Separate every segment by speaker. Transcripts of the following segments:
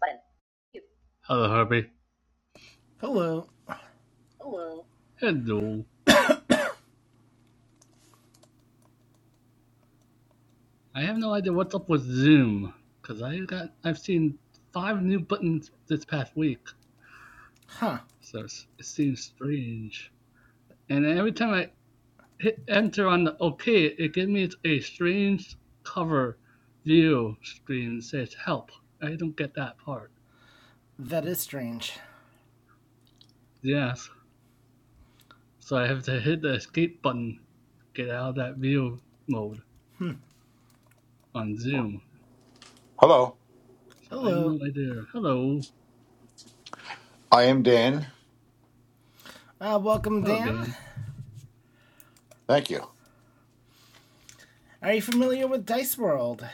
Speaker 1: But you. Hello, Herbie.
Speaker 2: Hello.
Speaker 1: Hello. Hello. I have no idea what's up with Zoom, cause I got I've seen five new buttons this past week, so it's, it seems strange. And every time I hit enter on the OK, it gives me a strange cover view screen that says help. I don't get that part.
Speaker 2: That is strange.
Speaker 1: Yes, so I have to hit the escape button, to get out of that view mode on Zoom.
Speaker 3: Hello,
Speaker 1: So I have
Speaker 2: Hello.
Speaker 1: no idea. Hello,
Speaker 3: I am Dan.
Speaker 2: Uh, welcome,
Speaker 1: hello,
Speaker 2: Dan.
Speaker 1: Dan.
Speaker 3: Thank you.
Speaker 2: Are you familiar with Dice World?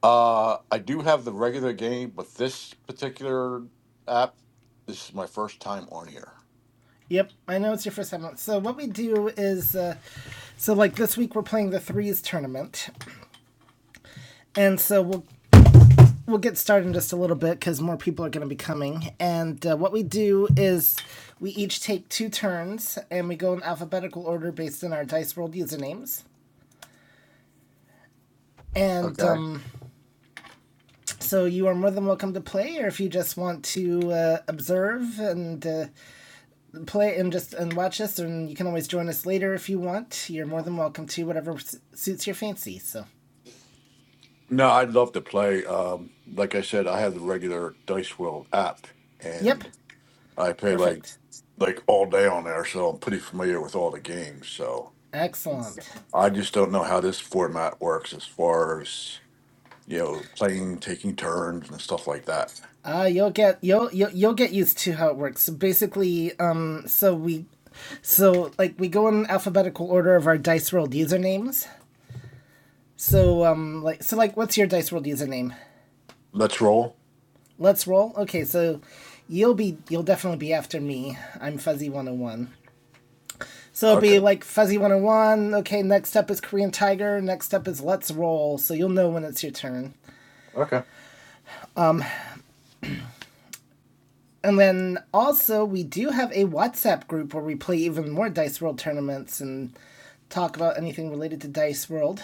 Speaker 3: Uh, I do have the regular game, but this particular app, this is my first time on here.
Speaker 2: Yep, I know it's your first time. So, what we do is. Uh, so, like this week, we're playing the Threes tournament. And so, we'll. We'll get started in just a little bit because more people are going to be coming. And uh, what we do is we each take two turns and we go in alphabetical order based on our Dice World usernames. And
Speaker 3: Okay.
Speaker 2: um, So you are more than welcome to play, or if you just want to uh, observe and uh, play and just and watch us, and you can always join us later if you want. You're more than welcome to whatever s- suits your fancy. So,
Speaker 3: No, I'd love to play. Um, like I said, I have the regular Dice World app,
Speaker 2: yep,
Speaker 3: and I play like
Speaker 2: perfect,
Speaker 3: like all day on there, so I'm pretty familiar with all the games. So
Speaker 2: excellent.
Speaker 3: I just don't know how this format works as far as you know, playing, taking turns, and stuff like that.
Speaker 2: Ah, Uh, you'll get you'll, you'll you'll get used to how it works. So basically, um, so we, so like we go in alphabetical order of our dice rolled usernames. So um, like so like, what's your dice rolled username?
Speaker 3: Let's roll.
Speaker 2: Let's roll. Okay, so you'll be you'll definitely be after me. I'm Fuzzy 101. So it'll be
Speaker 3: Okay.
Speaker 2: like Fuzzy 101. Okay, next up is Korean Tiger. Next up is Let's Roll. So you'll know when it's your turn.
Speaker 3: Okay.
Speaker 2: And then also we do have a WhatsApp group where we play even more Dice World tournaments and talk about anything related to Dice World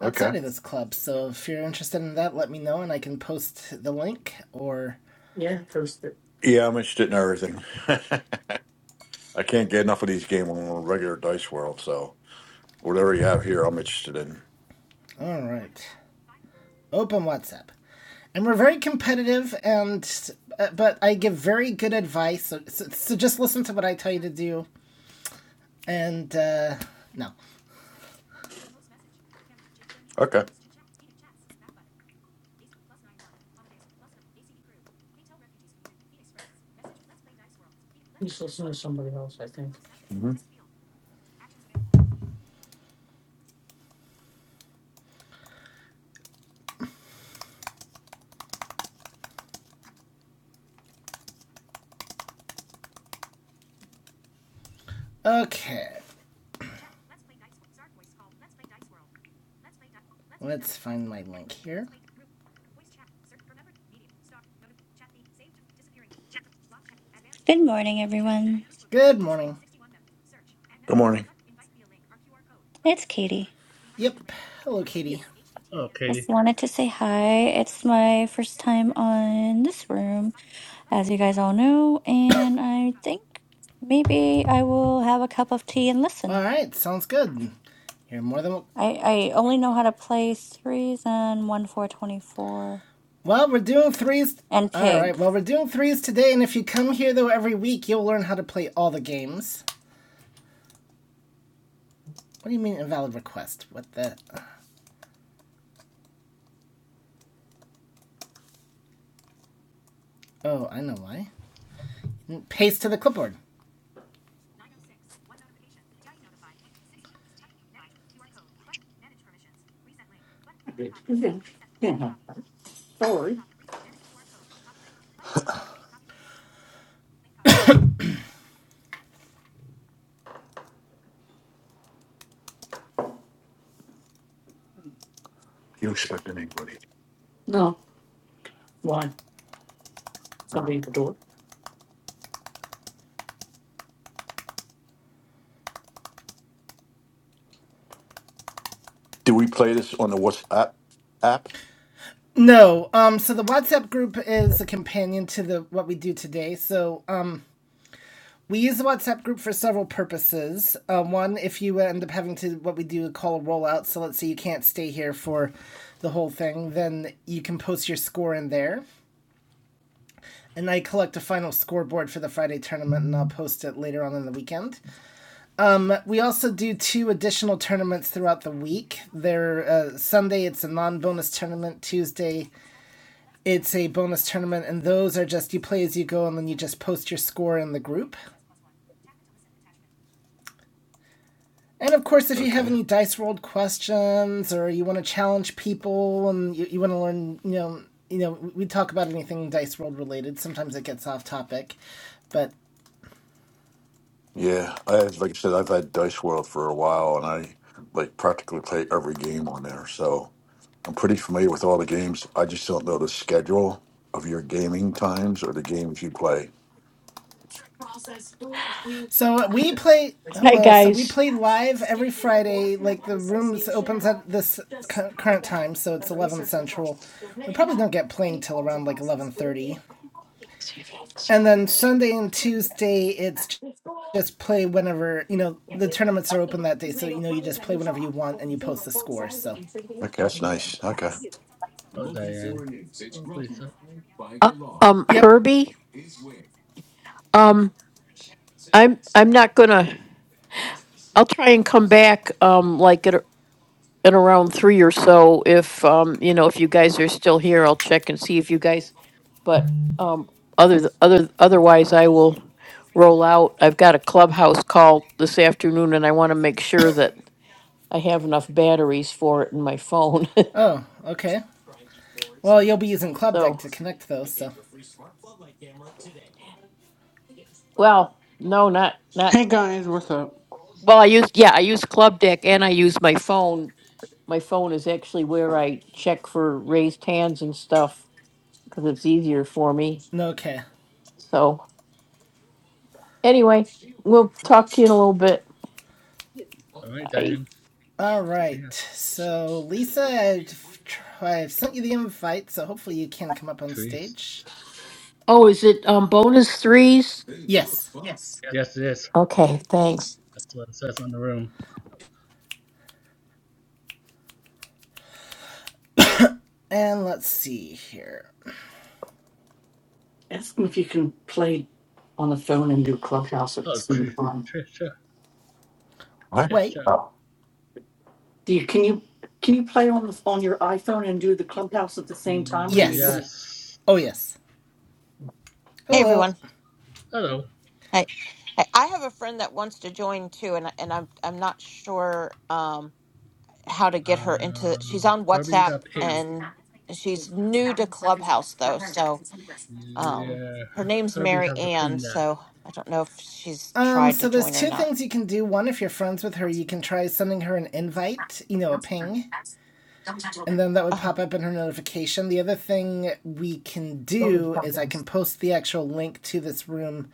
Speaker 3: Okay.
Speaker 2: outside of this club. So if you're interested in that, let me know and I can post the link or
Speaker 3: Yeah, post it. Yeah, I'm interested in everything. I can't get enough of these games on a regular dice world, so whatever you have here, I'm interested in.
Speaker 2: all right. open WhatsApp. And we're very competitive, and uh, but I give very good advice. So, so, so just listen to what I tell you to do. And uh, no,
Speaker 3: Okay. He's listening to somebody else, I think. hmm
Speaker 2: okay. Let's find my link here.
Speaker 4: Good morning, everyone.
Speaker 2: Good morning.
Speaker 3: Good morning.
Speaker 4: It's Katie.
Speaker 2: Yep. Hello, Katie.
Speaker 1: Oh, Katie.
Speaker 4: Just wanted to say hi. It's my first time on this room, as you guys all know, and I think maybe I will have a cup of tea and
Speaker 2: All
Speaker 4: listen.
Speaker 2: right. Sounds good. You're more than welcome.
Speaker 4: I, I only know how to play threes and one four twenty four
Speaker 2: Well, we're doing threes.
Speaker 4: and
Speaker 2: All right.
Speaker 4: pig.
Speaker 2: Well, we're doing threes today, and if you come here though every week, you'll learn how to play all the games. What do you mean invalid request? What the? Oh, I know why. Paste to the clipboard.
Speaker 3: Yeah. Yeah. Sorry. You expecting anybody? No. Why? No. Somebody at the door. Do we play this on the WhatsApp app?
Speaker 2: No. Um. So the WhatsApp group is a companion to the what we do today. So um, we use the WhatsApp group for several purposes. Uh, one, if you end up having to what we do call a rollout. So let's say you can't stay here for the whole thing, then you can post your score in there. and I collect a final scoreboard for the Friday tournament, and I'll post it later on in the weekend. But we also do two additional tournaments throughout the week. There, uh, Sunday it's a non-bonus tournament. Tuesday it's a bonus tournament, and those are just you play as you go, and then you just post your score in the group. And of course, if you have
Speaker 3: Okay.
Speaker 2: any dice World questions or you want to challenge people and you, you want to learn, you know, you know, we talk about anything dice World related. Sometimes it gets off topic, but
Speaker 3: Yeah, I like I said, I've had Dice World for a while, and I like practically play every game on there. So. I'm pretty familiar with all the games. I just don't know the schedule of your gaming times or the games you play.
Speaker 2: So we play
Speaker 5: Hi,
Speaker 2: hello. So we
Speaker 5: guys.
Speaker 2: play live every Friday. Like the rooms opens at this current time, so it's eleven central. We probably don't get playing till around like eleven thirty,
Speaker 5: Uh,
Speaker 2: and then Sunday and Tuesday it's just play whenever you know the tournaments are open that day. So you know you just play whenever you want and you post the score. So
Speaker 3: Okay, that's nice. Okay.
Speaker 1: Oh, Diane. Oh, Lisa.
Speaker 5: um,
Speaker 2: yep.
Speaker 5: Herbie, um, I'm I'm not gonna. I'll try and come back, um, like at, at around three or so. If um, you know, if you guys are still here, I'll check and see if you guys. But um, other th- other otherwise, I will roll out. I've got a clubhouse call this afternoon, and I want to make sure that I have enough batteries for it in my phone.
Speaker 2: Oh okay. Well, you'll be using Club Deck
Speaker 5: so,
Speaker 2: to connect though, so
Speaker 5: well, no, not not.
Speaker 6: Hey guys, what's up?
Speaker 5: Well, I use yeah, I use Club Deck and I use my phone. My phone is actually where I check for raised hands and stuff because it's easier for me.
Speaker 2: no okay.
Speaker 5: So anyway, we'll talk to you in a little bit.
Speaker 1: All right,
Speaker 5: Bye.
Speaker 1: Diane.
Speaker 2: All
Speaker 1: See ya.
Speaker 2: right. So, Lisa, I've, tr- I've sent you the invite, so hopefully you can come up on
Speaker 1: Trees.
Speaker 2: stage.
Speaker 5: Oh, is it um bonus threes?
Speaker 2: Yes.
Speaker 1: Yes, yes.
Speaker 5: Okay, thanks.
Speaker 1: That's what it says on the room.
Speaker 2: And let's see here.
Speaker 3: Ask them if you can play on the phone and do Clubhouse at the
Speaker 1: Oh,
Speaker 3: same
Speaker 1: tree.
Speaker 3: time.
Speaker 1: Trisha.
Speaker 3: What?
Speaker 2: Wait.
Speaker 1: Trisha.
Speaker 3: Oh. Do you can you can you play on the on your iPhone and do the Clubhouse at the same time, or you?
Speaker 2: Yes.
Speaker 1: Yes.
Speaker 2: Oh, yes.
Speaker 7: Hey
Speaker 1: Yes.
Speaker 2: Hello.
Speaker 7: everyone.
Speaker 1: Hello.
Speaker 7: Hey, hey, I have a friend that wants to join too, and I- and I'm I'm not sure um how to get her into. She's
Speaker 1: Uh,
Speaker 7: on
Speaker 1: Herbie
Speaker 7: WhatsApp
Speaker 1: got pinged.
Speaker 7: and she's new to Clubhouse though, so um
Speaker 1: Yeah.
Speaker 7: her name's
Speaker 1: Herbie
Speaker 7: Mary
Speaker 1: has to
Speaker 7: Ann.
Speaker 1: ping that.
Speaker 7: So I don't know if she's
Speaker 2: Um,
Speaker 7: tried
Speaker 2: so
Speaker 7: to
Speaker 2: there's
Speaker 7: join or
Speaker 2: two
Speaker 7: not.
Speaker 2: things you can do. One, if you're friends with her, you can try sending her an invite, you know, a ping, and then that would
Speaker 7: Uh,
Speaker 2: pop up in her notification. The other thing we can do is I can post the actual link to this room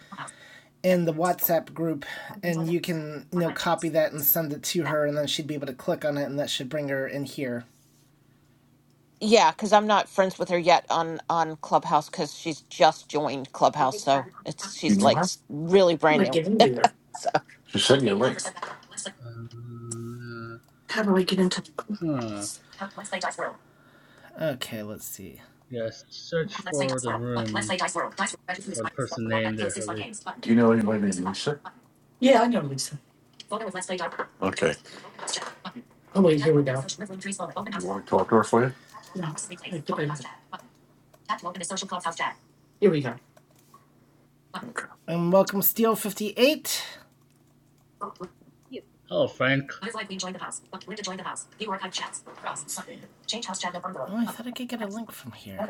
Speaker 2: in the WhatsApp group, and you can you know copy that and send it to her, and then she'd be able to click on it, and that should bring her in here.
Speaker 7: yeah, because I'm not friends with her yet on on Clubhouse because she's just joined Clubhouse, so it's she's like s- really brand new. So
Speaker 3: You sent me
Speaker 1: Uh,
Speaker 3: How do I get into? Do
Speaker 1: huh.
Speaker 2: Okay, let's see.
Speaker 1: Yes. Search for the room. What person named there, Herbie?
Speaker 3: know anybody Lisa? Yeah, I know Lisa. Okay. Oh wait, You want to talk to her for you? Here we go.
Speaker 2: And welcome Steel fifty eight.
Speaker 1: Hello, Frank.
Speaker 2: Oh, I thought I could get a link from here.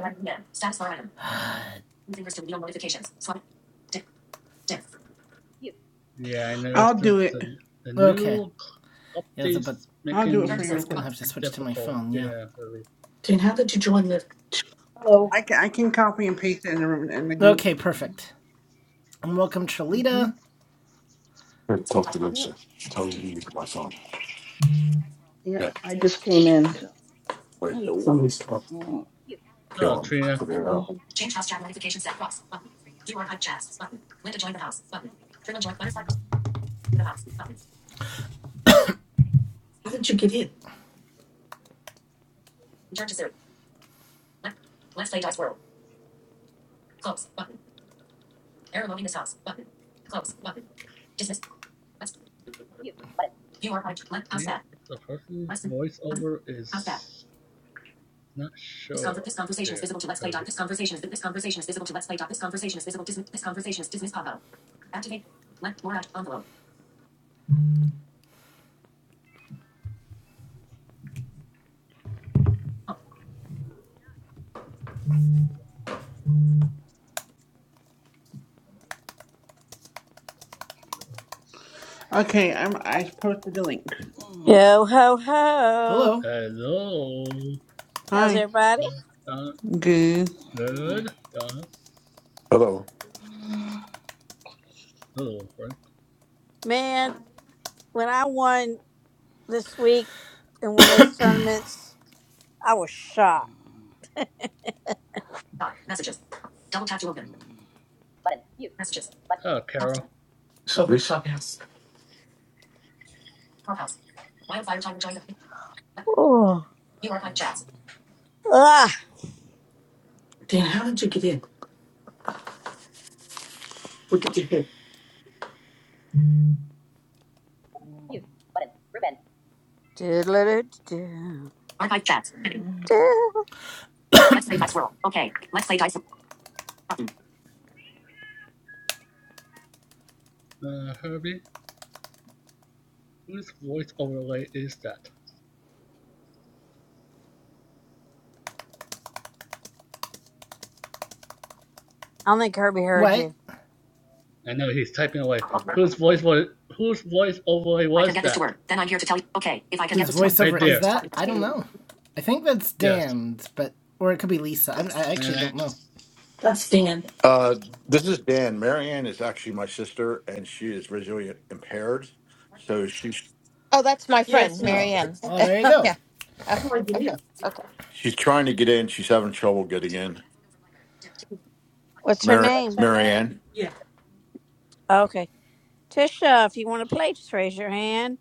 Speaker 1: Yes. Yeah, I
Speaker 6: I'll
Speaker 1: noticed that
Speaker 6: do it.
Speaker 1: the the
Speaker 2: Okay,
Speaker 1: new c-
Speaker 2: yeah, it's a, but
Speaker 1: updates
Speaker 6: I'll do it for
Speaker 1: making
Speaker 6: you
Speaker 2: it's
Speaker 6: real quick.
Speaker 2: gonna have to
Speaker 1: it
Speaker 2: switch to my
Speaker 1: difficult.
Speaker 2: phone. Yeah.
Speaker 1: Yeah, really.
Speaker 3: Dan, how did you join the
Speaker 8: Hello.
Speaker 6: I can I can copy and paste it in the room in the group.
Speaker 2: Okay,
Speaker 8: Mm,
Speaker 2: perfect. And welcome
Speaker 6: hmm
Speaker 2: Trelita.
Speaker 8: Yep.
Speaker 3: Tell me.
Speaker 8: Yeah.
Speaker 3: Yeah.
Speaker 8: I just came in. so-
Speaker 3: Wait.
Speaker 8: Hello.
Speaker 3: somebody's talking.
Speaker 8: Mm,
Speaker 1: Yes. Oh,
Speaker 3: Kill him.
Speaker 1: Trina,
Speaker 3: Figure it
Speaker 8: Hello.
Speaker 3: out.
Speaker 1: Yes. But the the person's voiceover is not sure. There, hurry.
Speaker 6: Okay,
Speaker 1: yes.
Speaker 6: I'm I posted the link.
Speaker 8: Mm,
Speaker 9: Yo ho ho!
Speaker 2: Hello.
Speaker 1: Hello,
Speaker 9: How's
Speaker 6: Hi,
Speaker 1: uh,
Speaker 9: everybody?
Speaker 1: Don,
Speaker 6: good.
Speaker 8: mm,
Speaker 1: good, Don,
Speaker 3: Hello.
Speaker 8: mm,
Speaker 1: hello, Frank.
Speaker 9: Man, when I won this week in one of those tournaments, I was shocked.
Speaker 8: mm, mm,
Speaker 1: Button. Yes. Button. Oh, Carol,
Speaker 3: This is Over Lisa.
Speaker 9: Oh, ah,
Speaker 3: Dan, how did you get in? What did you do?
Speaker 8: mm,
Speaker 1: Yes. Button. Ribbon.
Speaker 9: Doodle-doo-doo.
Speaker 8: mm.
Speaker 9: Doodle.
Speaker 1: uh, Herbie, whose voice overlay is that?
Speaker 9: I don't think Herbie heard
Speaker 2: What?
Speaker 9: you.
Speaker 1: I know he's typing away. Whose voice was whose voice over was that?
Speaker 2: Whose
Speaker 1: Right
Speaker 2: voiceover is
Speaker 1: there.
Speaker 2: that? I don't know. I think that's
Speaker 1: Yes.
Speaker 2: Dan's, but or it could be Lisa. I'm, I
Speaker 1: And
Speaker 2: actually
Speaker 1: I,
Speaker 2: don't know.
Speaker 3: That's Dan. Uh, this is Dan. Marianne is actually my sister, and she is visually impaired, so she's
Speaker 7: oh, that's my
Speaker 3: Yeah,
Speaker 7: friend
Speaker 3: it's me.
Speaker 7: Mary
Speaker 2: Oh,
Speaker 7: Ann.
Speaker 2: oh, there you go.
Speaker 7: yeah. Uh,
Speaker 3: How do I get in?
Speaker 7: Okay.
Speaker 3: she's trying to get in. She's having trouble getting in.
Speaker 9: What's her
Speaker 3: Mar-
Speaker 1: What's
Speaker 9: name?
Speaker 1: her name?
Speaker 3: Marianne. Yeah.
Speaker 9: Okay, Tisha. If you want to play, just raise your hand.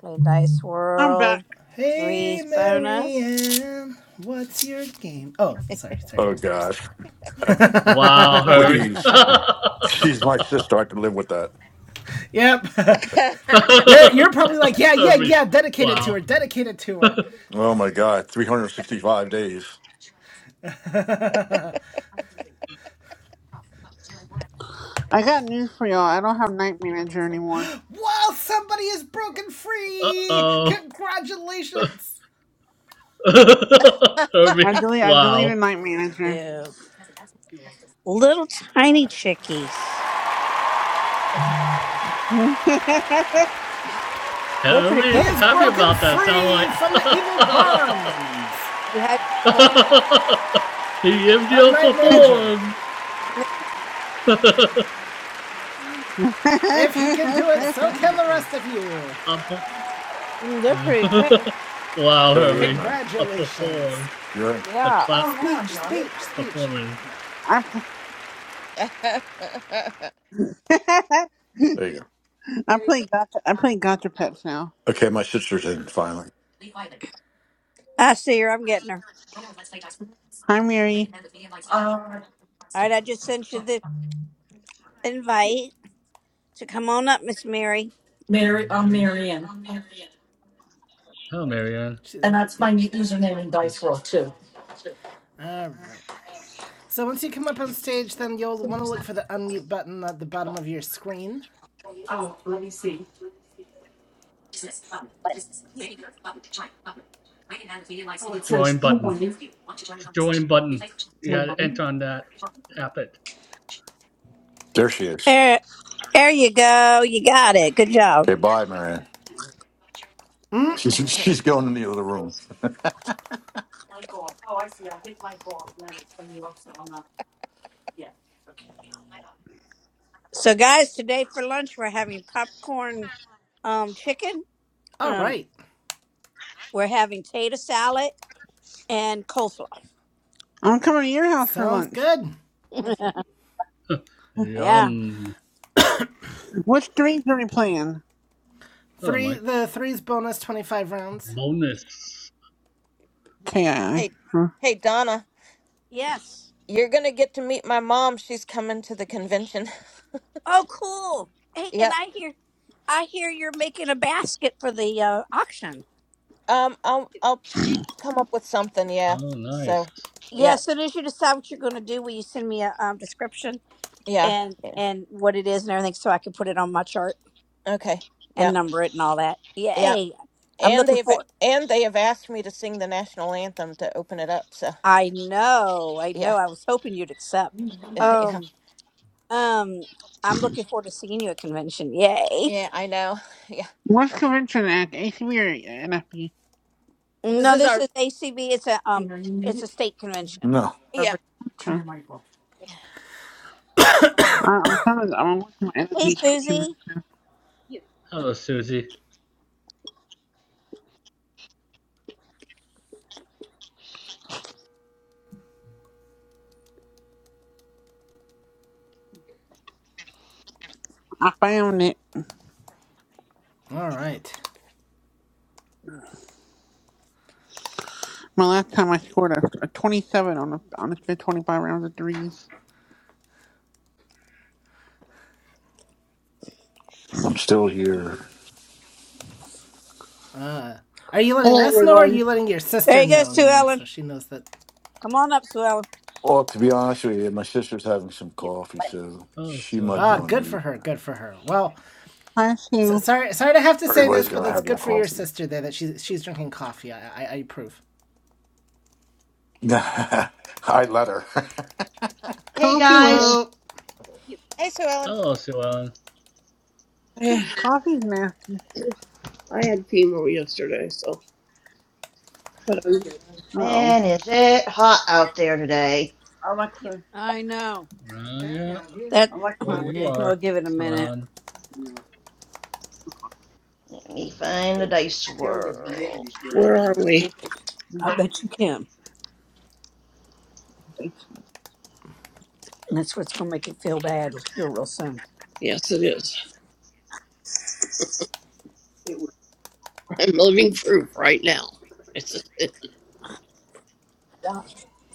Speaker 9: Play Dice
Speaker 6: I'm back.
Speaker 9: World.
Speaker 2: Hey,
Speaker 9: Threes bonus.
Speaker 2: Marianne, what's your game? Oh, sorry, sorry,
Speaker 3: Oh
Speaker 2: wrong person.
Speaker 3: gosh,
Speaker 1: wow, hurry.
Speaker 3: please. She's my sister. I can live with that.
Speaker 2: yep. You're, you're probably like, yeah, yeah,
Speaker 1: hurry.
Speaker 2: yeah, dedicate it to
Speaker 1: Wow.
Speaker 2: her, dedicate it to her.
Speaker 3: Oh my god, 365 days.
Speaker 6: I got news for y'all. I don't have Night Manager anymore.
Speaker 2: well, somebody is broken
Speaker 1: Uh
Speaker 2: free!
Speaker 1: oh.
Speaker 2: Congratulations!
Speaker 6: I
Speaker 1: hurry.
Speaker 6: delete I deleted
Speaker 1: Wow.
Speaker 6: Night Manager.
Speaker 9: You little tiny chickies. They're pretty
Speaker 2: He
Speaker 1: Hurry's
Speaker 9: good.
Speaker 2: is
Speaker 1: happy
Speaker 2: broken
Speaker 1: about that sound
Speaker 2: free
Speaker 1: like
Speaker 2: from the evil bonds
Speaker 9: You had before?
Speaker 1: He gives you
Speaker 2: of
Speaker 1: a
Speaker 2: Night Manager.
Speaker 1: perform.
Speaker 9: They're pretty.
Speaker 7: Okay.
Speaker 2: If he can do it, so can the rest of you.
Speaker 1: A
Speaker 9: mm, They're pretty good.
Speaker 1: wow,
Speaker 3: There, you're in,
Speaker 1: hurry.
Speaker 3: man.
Speaker 1: A
Speaker 2: Congratulations.
Speaker 1: perform.
Speaker 3: You're in.
Speaker 1: A
Speaker 9: Yeah.
Speaker 1: clap.
Speaker 2: Speech, speech, speech.
Speaker 1: performing.
Speaker 6: I pl-
Speaker 3: There you go.
Speaker 6: I play gotcha I play gotcha pets now.
Speaker 3: Okay, my sister's in finally.
Speaker 9: I see her. I'm getting her.
Speaker 6: Hi Mary,
Speaker 9: All right, I just sent you the
Speaker 1: Yeah.
Speaker 9: invite. So come on up, Miss Mary.
Speaker 3: Mary, I'm
Speaker 1: Mary.
Speaker 3: Marianne,
Speaker 1: Hello, Marianne.
Speaker 2: She's
Speaker 3: and
Speaker 2: not.
Speaker 3: that's
Speaker 2: Yep.
Speaker 3: my new username in Dice World too.
Speaker 2: All right. So once you come up on stage, then you'll want to look for the unmute button at the bottom of your screen.
Speaker 1: Button. Yeah. Join button. Join button. You gotta enter on that. Tap it.
Speaker 3: There she is.
Speaker 9: There, there you go. You got it. Good job.
Speaker 3: Okay, bye, Marianne. She's she's going in the other room. Yeah. Okay.
Speaker 9: So, guys, today for lunch we're having popcorn, um, chicken.
Speaker 2: All
Speaker 9: Um,
Speaker 2: right.
Speaker 9: we're having tater salad and coleslaw.
Speaker 6: I'm coming to your house for
Speaker 2: Sounds
Speaker 6: lunch.
Speaker 2: good.
Speaker 1: Yeah.
Speaker 9: yeah.
Speaker 1: Yum.
Speaker 6: Which threes are we playing?
Speaker 1: Hello,
Speaker 2: Three.
Speaker 1: Mike.
Speaker 2: The three's bonus twenty-five rounds.
Speaker 1: Bonus.
Speaker 6: Kii.
Speaker 7: Hey, hey, Donna,
Speaker 9: Yes.
Speaker 7: you're gonna get to meet my mom. She's coming to the convention.
Speaker 9: Oh, cool. Hey, and
Speaker 7: Yep.
Speaker 9: I hear, I hear you're making a basket for the uh, auction.
Speaker 7: Um, I'll I'll come up with something. Yeah.
Speaker 1: Oh, nice.
Speaker 7: So,
Speaker 9: Yeah.
Speaker 7: yeah,
Speaker 9: So, As soon as you decide what you're going to do, will you send me a um, description?
Speaker 7: yeah,
Speaker 9: and
Speaker 7: yeah.
Speaker 9: and what it is and everything so I can put it on my chart
Speaker 7: Okay.
Speaker 9: and
Speaker 7: Yeah,
Speaker 9: number it and all that.
Speaker 7: yeah.
Speaker 9: Yay. I'm
Speaker 7: And
Speaker 9: looking
Speaker 7: they've
Speaker 9: for
Speaker 7: and they have asked me to sing the national anthem to open it up. So,
Speaker 9: I know. I
Speaker 7: yeah,
Speaker 9: know. I was hoping you'd accept.
Speaker 7: yeah,
Speaker 9: Um um I'm looking forward to seeing you at convention. Yay.
Speaker 7: yeah. I know. Yeah.
Speaker 6: What's convention at? ACB or NFB?
Speaker 7: This
Speaker 9: No,
Speaker 7: is
Speaker 9: this
Speaker 7: our.
Speaker 9: is ACB. It's a um
Speaker 3: Are you
Speaker 9: it's a
Speaker 3: muted?
Speaker 9: state convention.
Speaker 3: No,
Speaker 9: for
Speaker 7: Yeah.
Speaker 9: Vir-
Speaker 3: Turn
Speaker 6: Okay.
Speaker 3: your mic off.
Speaker 7: yeah.
Speaker 6: I, I'm trying to, I'm looking at NFB
Speaker 9: Hey
Speaker 6: to get
Speaker 9: Susie.
Speaker 6: convention.
Speaker 1: Yeah. Hello, Susie.
Speaker 6: I found it.
Speaker 2: All right.
Speaker 6: My last time I scored a, a 27 on a, on a spit 25 rounds of threes.
Speaker 3: I'm still here.
Speaker 2: Uh, are you letting
Speaker 10: Hello,
Speaker 2: us know, or are
Speaker 10: everyone.
Speaker 2: you letting your
Speaker 9: There
Speaker 2: sister
Speaker 9: you go,
Speaker 2: know?
Speaker 9: Sue
Speaker 2: You know,
Speaker 9: Ellen.
Speaker 2: so she knows that.
Speaker 9: Come on up, Sue Ellen.
Speaker 3: Well, to be honest with you, my sister's having some
Speaker 1: Yeah.
Speaker 3: coffee,
Speaker 1: Button.
Speaker 3: so
Speaker 1: Hello,
Speaker 3: she
Speaker 1: Sue
Speaker 3: might be
Speaker 2: Ah,
Speaker 1: Ellen.
Speaker 3: on
Speaker 2: good for
Speaker 3: mute.
Speaker 2: her. Good for her. Well,
Speaker 6: I
Speaker 2: so,
Speaker 6: two.
Speaker 2: sorry, sorry to have to say
Speaker 3: Everybody's
Speaker 2: this, but
Speaker 3: gotta
Speaker 2: that's
Speaker 3: have their
Speaker 2: good for your
Speaker 3: coffee.
Speaker 2: sister there. That she's she's drinking coffee. I I, I approve.
Speaker 3: I let her.
Speaker 11: Hey
Speaker 6: Coffee's na-
Speaker 11: guys,
Speaker 2: Hello.
Speaker 1: Yeah.
Speaker 7: Hey, Sue Ellen.
Speaker 1: Hello, Sue Ellen.
Speaker 10: I,
Speaker 6: coffee's nasty.
Speaker 10: I had chemo yesterday, so. But um,
Speaker 7: Mm.
Speaker 6: Uh oh.
Speaker 11: man, is it hot out there today?
Speaker 1: Yeah.
Speaker 6: Alexa,
Speaker 9: I know.
Speaker 1: Well, yeah,
Speaker 9: That
Speaker 1: where
Speaker 6: Alexa.
Speaker 1: you
Speaker 9: we'll
Speaker 1: are,
Speaker 9: give it a
Speaker 1: Sue
Speaker 9: minute.
Speaker 1: Ellen.
Speaker 11: Let me find the dice world.
Speaker 10: where are we?
Speaker 9: I bet you can. And that's what's going to make it feel bad here real soon.
Speaker 10: Yes, it
Speaker 9: Yeah,
Speaker 10: is.
Speaker 9: it was
Speaker 10: I'm living proof right now. It's. It,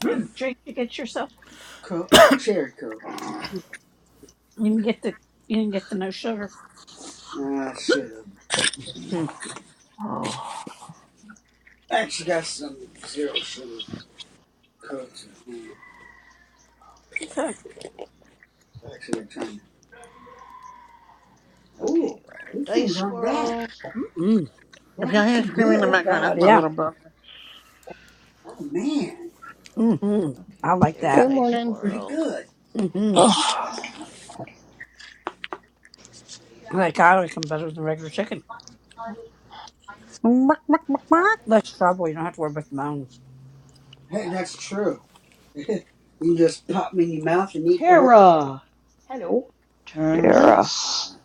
Speaker 9: Uh, Drink you get yourself. Coke, cherry Coke. You didn't get the you didn't get the no sugar. I should have. Hmm. I Actually, got some zero sugar Cokes at home. Okay. Actually, trying to.
Speaker 11: Okay,
Speaker 9: Oh,
Speaker 11: on to
Speaker 9: these things
Speaker 11: dice
Speaker 9: aren't bad.
Speaker 11: world.
Speaker 9: Mm-mm. They're
Speaker 6: If y'all hear
Speaker 9: actually
Speaker 6: screaming in
Speaker 9: good.
Speaker 6: the background, that's my
Speaker 9: Yeah.
Speaker 6: little brother.
Speaker 9: Oh man, Mm-hmm.
Speaker 11: Okay,
Speaker 9: I like
Speaker 11: there's
Speaker 12: Good
Speaker 9: that.
Speaker 11: dice
Speaker 12: morning.
Speaker 9: pretty
Speaker 11: world.
Speaker 9: good.
Speaker 10: oh,
Speaker 9: Mm-hmm. Like I like them better than regular chicken.
Speaker 6: Muck, muck, muck, muck.
Speaker 9: Less trouble. You don't have to worry about the bones. Hey, that's true. you just pop me in your mouth and eat the whole.
Speaker 8: Tara. Hello.
Speaker 10: Tara.
Speaker 11: Tournaments.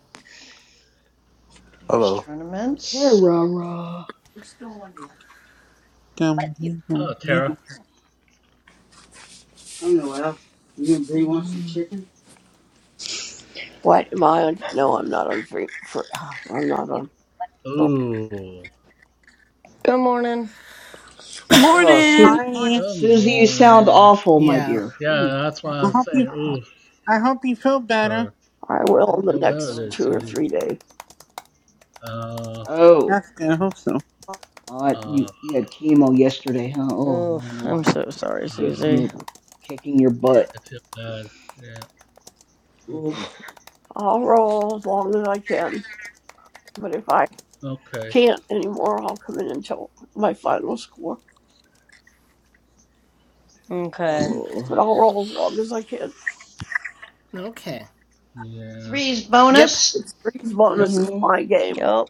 Speaker 11: There's
Speaker 3: Hello.
Speaker 11: tournaments.
Speaker 8: Tara.
Speaker 6: Dum,
Speaker 1: Button. Yeah.
Speaker 6: dum,
Speaker 1: Hello,
Speaker 6: dum,
Speaker 1: Tara.
Speaker 9: I don't know. Well, you and Bree want some
Speaker 8: Mm.
Speaker 9: chicken?
Speaker 10: What am I on? No, I'm not on free. For, I'm not
Speaker 1: Yeah.
Speaker 10: on.
Speaker 1: Button.
Speaker 10: no,
Speaker 1: Ooh.
Speaker 12: Good morning.
Speaker 8: Oh, Su-
Speaker 9: Morning.
Speaker 7: Morning.
Speaker 6: Hi.
Speaker 1: Good
Speaker 8: Susie, you sound
Speaker 1: morning.
Speaker 8: awful, my
Speaker 2: Yeah.
Speaker 8: dear. Ooh,
Speaker 1: Yeah, that's why I
Speaker 6: I
Speaker 1: was
Speaker 6: hope you,
Speaker 1: saying, ooh,
Speaker 6: I hope you feel better.
Speaker 1: for
Speaker 10: I
Speaker 8: I
Speaker 10: will in
Speaker 8: hope
Speaker 10: the
Speaker 8: you.
Speaker 1: feel better
Speaker 8: Oh
Speaker 10: next
Speaker 1: there,
Speaker 8: my
Speaker 10: two or
Speaker 8: God.
Speaker 10: three days.
Speaker 1: Uh,
Speaker 8: Oh,
Speaker 6: That's good. I hope so.
Speaker 8: uh,
Speaker 1: uh,
Speaker 8: you you had chemo yesterday, huh? Oh, no
Speaker 12: Oh,
Speaker 8: wonder why.
Speaker 12: I'm so sorry,
Speaker 8: kicking
Speaker 1: uh,
Speaker 12: Susie.
Speaker 8: your kicking your
Speaker 7: Yeah.
Speaker 8: butt.
Speaker 1: I feel bad. Yeah, oof.
Speaker 8: Oof.
Speaker 10: I'll roll as long as I can. But if I
Speaker 1: Okay.
Speaker 10: can't anymore, I'll come in and tell my final score.
Speaker 12: Okay.
Speaker 8: Oh.
Speaker 10: But I'll roll as long as I can.
Speaker 2: Okay.
Speaker 1: Yeah.
Speaker 11: Three's
Speaker 2: Yep.
Speaker 11: bonus.
Speaker 10: It's three's bonus
Speaker 1: Yep.
Speaker 10: is
Speaker 8: Mhm.
Speaker 10: my game.
Speaker 12: Yep.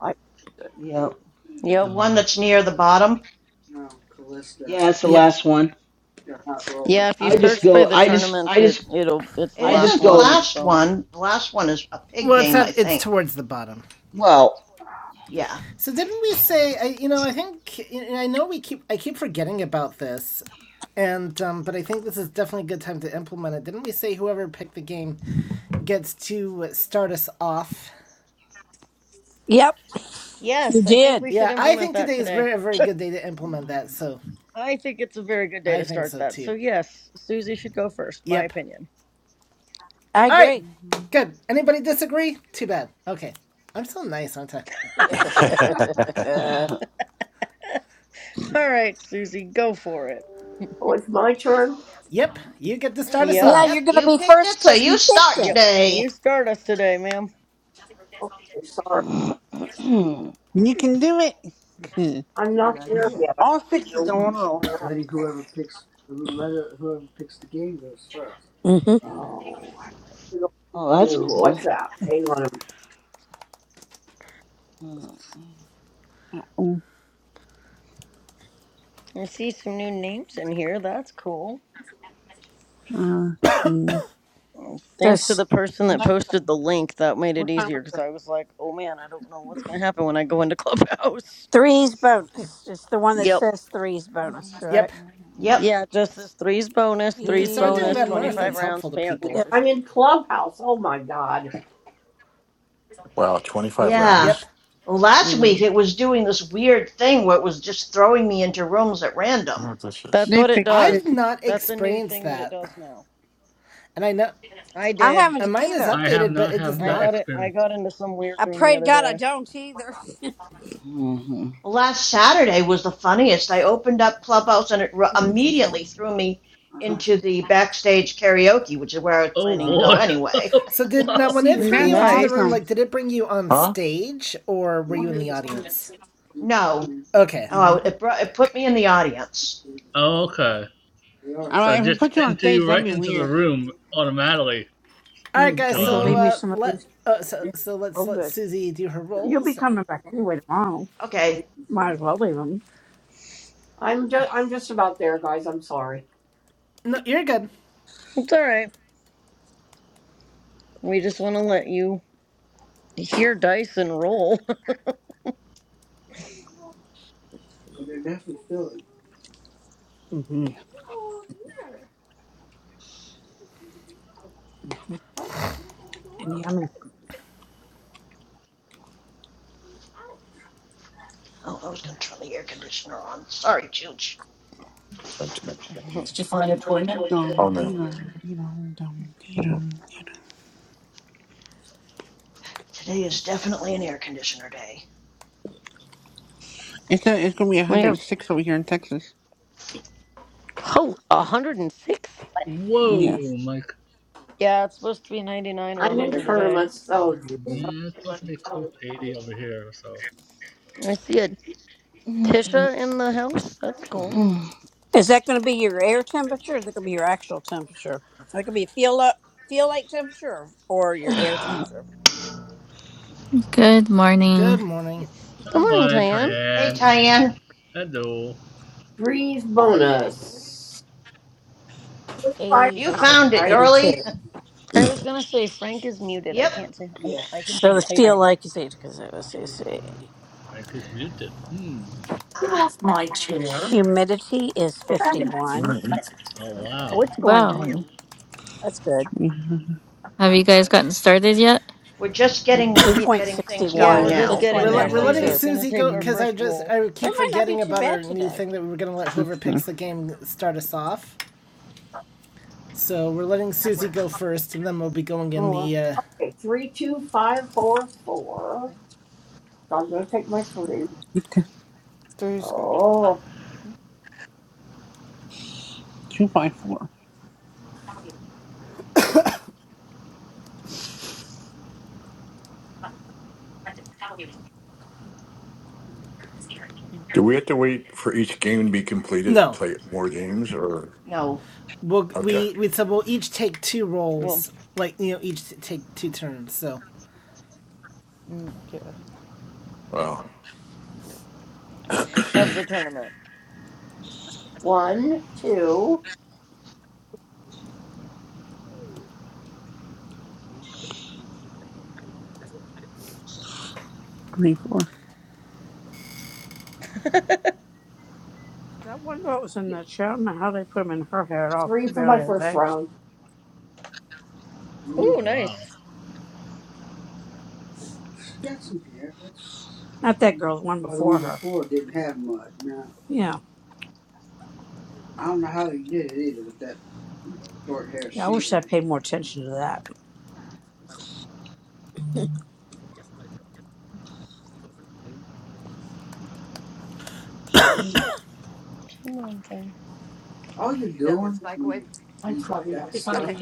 Speaker 10: I.
Speaker 8: Yep.
Speaker 11: The
Speaker 12: Yep.
Speaker 11: one
Speaker 1: Uh,
Speaker 11: that's near the bottom.
Speaker 9: No, Callista
Speaker 8: Yeah, that's the
Speaker 2: Yep.
Speaker 8: last one.
Speaker 9: got hot roll.
Speaker 12: Yeah, if you
Speaker 8: I just
Speaker 12: search by
Speaker 8: go.
Speaker 12: the
Speaker 8: I just.
Speaker 12: tournaments,
Speaker 8: I
Speaker 12: it
Speaker 8: just.
Speaker 12: it'll it's the
Speaker 11: It
Speaker 8: I
Speaker 12: last
Speaker 8: just
Speaker 11: isn't the
Speaker 12: one, three's
Speaker 8: go.
Speaker 11: last
Speaker 12: bonus.
Speaker 11: one. The last one is a pig
Speaker 2: Well, it's
Speaker 11: game, I
Speaker 2: not, it's
Speaker 11: think.
Speaker 2: towards the bottom.
Speaker 8: Well.
Speaker 11: Yeah.
Speaker 2: So didn't we say? I, you know, I think I know we keep I keep forgetting about this, and um, but I think this is definitely a good time to implement it. Didn't we say whoever picked the game gets to start us off?
Speaker 9: Yep, you
Speaker 12: Yes, I think
Speaker 9: did.
Speaker 12: we should
Speaker 2: Yeah, I
Speaker 12: implement
Speaker 2: think
Speaker 12: that
Speaker 2: today is a
Speaker 12: today.
Speaker 2: very very good day to implement that. So
Speaker 12: I think it's a very good day
Speaker 2: I
Speaker 12: to
Speaker 2: think
Speaker 12: start
Speaker 2: so
Speaker 12: that. So
Speaker 2: too.
Speaker 12: yes, Susie should go first, my
Speaker 2: Yep.
Speaker 12: opinion.
Speaker 9: I
Speaker 2: All right.
Speaker 9: agree.
Speaker 2: Good. Anybody disagree? Too bad. Okay. I'm so nice, aren't I?
Speaker 9: yeah, Hey,
Speaker 8: Mhm.
Speaker 12: All right, Susie, go for it.
Speaker 10: Oh, it's my turn.
Speaker 2: Yep. You get to start
Speaker 9: that's a
Speaker 2: us
Speaker 9: good.
Speaker 12: Yep.
Speaker 9: yeah,
Speaker 11: Yep,
Speaker 9: you're
Speaker 2: off.
Speaker 9: going to
Speaker 11: you
Speaker 9: be
Speaker 11: picked it,
Speaker 9: first
Speaker 11: so
Speaker 9: because
Speaker 11: you
Speaker 9: you
Speaker 11: start
Speaker 9: picked it.
Speaker 12: Yep.
Speaker 11: today.
Speaker 12: You start us today, ma'am.
Speaker 10: Okay, sorry.
Speaker 6: You can do it.
Speaker 9: That's
Speaker 10: I'm
Speaker 9: a good
Speaker 10: not there
Speaker 9: idea.
Speaker 10: yet. I
Speaker 6: All
Speaker 10: need to
Speaker 6: six
Speaker 10: know
Speaker 6: is
Speaker 10: what's
Speaker 6: on roll.
Speaker 10: on that.
Speaker 9: Letting whoever picks, let it- whoever picks the game goes first. Mm-hmm.
Speaker 10: Oh, I don't
Speaker 8: oh, that's
Speaker 10: do
Speaker 8: cool.
Speaker 10: WhatsApp. Hang on. a
Speaker 8: Oh,
Speaker 6: Oh,
Speaker 12: I see some new names in here. That's cool.
Speaker 6: uh, see.
Speaker 12: Thanks to
Speaker 9: There's
Speaker 12: the person that
Speaker 6: Alexa,
Speaker 12: posted the link. That made it
Speaker 6: what time
Speaker 12: easier
Speaker 6: is
Speaker 12: because I
Speaker 6: it?
Speaker 12: was like, oh man, I don't know what's going to happen when I go into Clubhouse.
Speaker 9: threes bonus. It's the one that
Speaker 12: Yep.
Speaker 9: says threes bonus, correct?
Speaker 2: Yep.
Speaker 11: Yep,
Speaker 12: Yeah, just this threes bonus,
Speaker 2: We can
Speaker 12: threes
Speaker 2: start doing
Speaker 12: bonus,
Speaker 2: that more if
Speaker 9: Yep.
Speaker 12: 25
Speaker 2: that's
Speaker 12: rounds,
Speaker 2: helpful to
Speaker 12: payout
Speaker 2: people.
Speaker 10: I'm
Speaker 12: 250.
Speaker 10: in Clubhouse. Oh my God.
Speaker 3: wow, 25
Speaker 11: Yeah.
Speaker 2: Yep.
Speaker 3: rounds?
Speaker 11: Well, last
Speaker 12: Mm.
Speaker 11: week it was doing this weird thing where it was just throwing me into rooms at
Speaker 3: I
Speaker 11: random.
Speaker 3: wonder what this
Speaker 12: That's
Speaker 3: is.
Speaker 6: They
Speaker 12: what it
Speaker 6: fixed it.
Speaker 12: does.
Speaker 2: I've not
Speaker 12: That's a new
Speaker 2: experienced
Speaker 12: thing that it
Speaker 2: that.
Speaker 12: does now.
Speaker 2: And I know
Speaker 12: I
Speaker 9: I
Speaker 12: did.
Speaker 9: haven't
Speaker 2: and mine is
Speaker 9: either.
Speaker 1: I have
Speaker 2: updated, but
Speaker 1: not
Speaker 2: it does
Speaker 1: had
Speaker 12: I
Speaker 1: that
Speaker 2: not
Speaker 12: got it. I
Speaker 1: experience.
Speaker 12: got into some weird
Speaker 9: I
Speaker 12: room the
Speaker 9: pray to
Speaker 12: other
Speaker 9: God I
Speaker 12: day.
Speaker 9: don't either.
Speaker 11: Well, Last Saturday was the funniest. I opened up Clubhouse and it ru-
Speaker 9: These things are filling.
Speaker 11: immediately threw me
Speaker 9: Uh-huh.
Speaker 11: into the backstage karaoke, which is where I was
Speaker 9: They
Speaker 1: Oh
Speaker 11: planning to
Speaker 9: are.
Speaker 1: boy.
Speaker 11: go anyway.
Speaker 2: so did now
Speaker 1: wow.
Speaker 2: when it threw
Speaker 6: That's
Speaker 2: you into the room,
Speaker 12: Nice.
Speaker 6: awesome.
Speaker 2: like did it bring you on
Speaker 3: Huh?
Speaker 2: stage or were
Speaker 3: Oh,
Speaker 9: Mm,
Speaker 2: you in the
Speaker 3: no.
Speaker 2: audience?
Speaker 9: mm,
Speaker 11: No.
Speaker 9: mm,
Speaker 2: Okay.
Speaker 11: Oh,
Speaker 9: Mhm.
Speaker 11: it, brought, it put me in the audience.
Speaker 9: mm.
Speaker 1: Okay.
Speaker 9: They are
Speaker 6: All
Speaker 1: So
Speaker 6: right,
Speaker 9: filling.
Speaker 6: if I
Speaker 1: just
Speaker 6: put you on
Speaker 1: enter
Speaker 6: stage,
Speaker 1: you
Speaker 9: Mm,
Speaker 6: that'd
Speaker 1: right
Speaker 6: be
Speaker 1: into the
Speaker 6: weird.
Speaker 1: room automatically,
Speaker 2: Alright
Speaker 9: mm. Are
Speaker 2: guys,
Speaker 9: you gonna
Speaker 2: so
Speaker 9: leave
Speaker 1: Joanne.
Speaker 9: me
Speaker 2: uh
Speaker 9: some of
Speaker 2: let
Speaker 9: these?
Speaker 2: oh so
Speaker 9: Yeah.
Speaker 2: so
Speaker 9: Oh,
Speaker 2: let's let
Speaker 9: good.
Speaker 2: Susie do her
Speaker 9: You'll be
Speaker 2: rolls.
Speaker 9: coming back anyway tomorrow.
Speaker 11: Okay.
Speaker 9: Might as well leave them.
Speaker 10: I'm just I'm just about there, guys. I'm sorry.
Speaker 2: No, you're good.
Speaker 12: It's all right. We just want to let you hear dice and roll.
Speaker 9: They're definitely filling. Mm-hmm.
Speaker 10: What?
Speaker 9: And yummy.
Speaker 11: Oh, I was going to turn the air conditioner on. Sorry, Chooch.
Speaker 6: Dum, dee, dum, dee, dum, dum, dee, dum.
Speaker 11: Today is definitely an air conditioner day.
Speaker 6: It's a, it's gonna be
Speaker 12: we have
Speaker 6: 106 over here in Texas.
Speaker 12: oh, 106?
Speaker 1: But Whoa,
Speaker 6: Yes.
Speaker 1: Mike.
Speaker 12: Yeah, it's supposed to be 99 or
Speaker 10: I'm in
Speaker 12: 100
Speaker 9: Everywhere.
Speaker 12: today.
Speaker 10: tournaments. Oh Jesus.
Speaker 1: Yeah, it's supposed to be close to 80 over here, so.
Speaker 12: I see a Tisha in the house. That's cool.
Speaker 9: Is that going to be your air temperature? Or is that going to be your actual temperature? That could be feel up, feel like temperature, or your air temperature.
Speaker 13: Good
Speaker 2: Good
Speaker 13: morning.
Speaker 1: you,
Speaker 2: morning.
Speaker 12: Good
Speaker 1: Come
Speaker 12: morning,
Speaker 1: on,
Speaker 12: Diane.
Speaker 11: Hey,
Speaker 1: Tyann.
Speaker 11: Tyann.
Speaker 1: Hello.
Speaker 10: Threes bonus. Five
Speaker 9: Eighty
Speaker 11: You
Speaker 9: feels
Speaker 10: rounds,
Speaker 9: like
Speaker 11: found it,
Speaker 10: right?
Speaker 9: eighty-two.
Speaker 11: girlie.
Speaker 12: I was gonna say Frank is muted. I
Speaker 11: yep.
Speaker 12: can't say I,
Speaker 9: Yeah.
Speaker 12: I can
Speaker 9: So
Speaker 12: say
Speaker 9: the
Speaker 12: hi to
Speaker 1: But
Speaker 9: feel
Speaker 12: him.
Speaker 9: like is eight because it was let see.
Speaker 1: Mic is muted. Hmm.
Speaker 11: Uh,
Speaker 3: Alright.
Speaker 9: Humidity is fifty one.
Speaker 1: button. Oh
Speaker 9: Oh,
Speaker 1: wow.
Speaker 9: it's going
Speaker 13: Well,
Speaker 9: down. That's good.
Speaker 13: have you guys
Speaker 9: Okay.
Speaker 13: gotten started yet?
Speaker 11: We're just
Speaker 9: Dew
Speaker 11: getting
Speaker 12: Yeah,
Speaker 9: point
Speaker 11: getting
Speaker 9: sixty
Speaker 11: things
Speaker 12: yeah,
Speaker 11: going
Speaker 12: we're
Speaker 9: one.
Speaker 12: just
Speaker 1: Just
Speaker 9: It's
Speaker 11: now.
Speaker 9: going
Speaker 12: getting
Speaker 2: We're, let,
Speaker 9: down
Speaker 12: there.
Speaker 9: a
Speaker 1: getting
Speaker 2: we're
Speaker 9: little
Speaker 2: letting
Speaker 1: there.
Speaker 9: too.
Speaker 12: Susie's gonna
Speaker 2: Susie
Speaker 12: take
Speaker 2: go
Speaker 12: our
Speaker 6: Mhm.
Speaker 2: because I
Speaker 12: first
Speaker 2: just
Speaker 12: roll.
Speaker 2: I
Speaker 9: So it
Speaker 2: keep
Speaker 9: might not be
Speaker 2: forgetting
Speaker 9: too
Speaker 2: about
Speaker 9: bad
Speaker 2: our new
Speaker 9: today.
Speaker 2: thing that we were gonna let
Speaker 6: Let's
Speaker 2: whoever picks the game start us off. So we're letting Susie go first, and then we'll be going in
Speaker 14: Oh
Speaker 2: the.
Speaker 14: well,
Speaker 2: Uh,
Speaker 10: Okay, three, two, five, four, four. So I'm gonna take my three.
Speaker 6: see.
Speaker 14: three's good.
Speaker 10: Oh,
Speaker 6: Two by four,
Speaker 3: Do we have to wait for each game to be completed to
Speaker 2: no,
Speaker 3: play more games or?
Speaker 11: No,
Speaker 2: we'll,
Speaker 3: Okay.
Speaker 2: we we so we'll each take two
Speaker 12: Well,
Speaker 2: rolls, like you know, each t- take two turns. So,
Speaker 14: Mm, yeah.
Speaker 3: Wow. Well,
Speaker 12: of the tournament.
Speaker 10: one, two,
Speaker 6: three four.
Speaker 9: I wonder what was in
Speaker 1: Mute.
Speaker 9: that show. I don't know how they put put 'em in her hair at all. She
Speaker 10: three for my
Speaker 9: barely had
Speaker 10: first
Speaker 9: there.
Speaker 10: round.
Speaker 12: Ooh,
Speaker 9: Mm.
Speaker 1: Oh wow.
Speaker 12: nice.
Speaker 9: She got some hair. That's Not that girl, the one oh, the one before one her. before didn't have much. No. Yeah. I don't know how he did it either with that short hair Yeah, I she wish I had. paid more attention to that.
Speaker 12: Come on, thing.
Speaker 9: all you're doing when
Speaker 3: I'm
Speaker 9: you
Speaker 3: trying to get
Speaker 9: that stuff,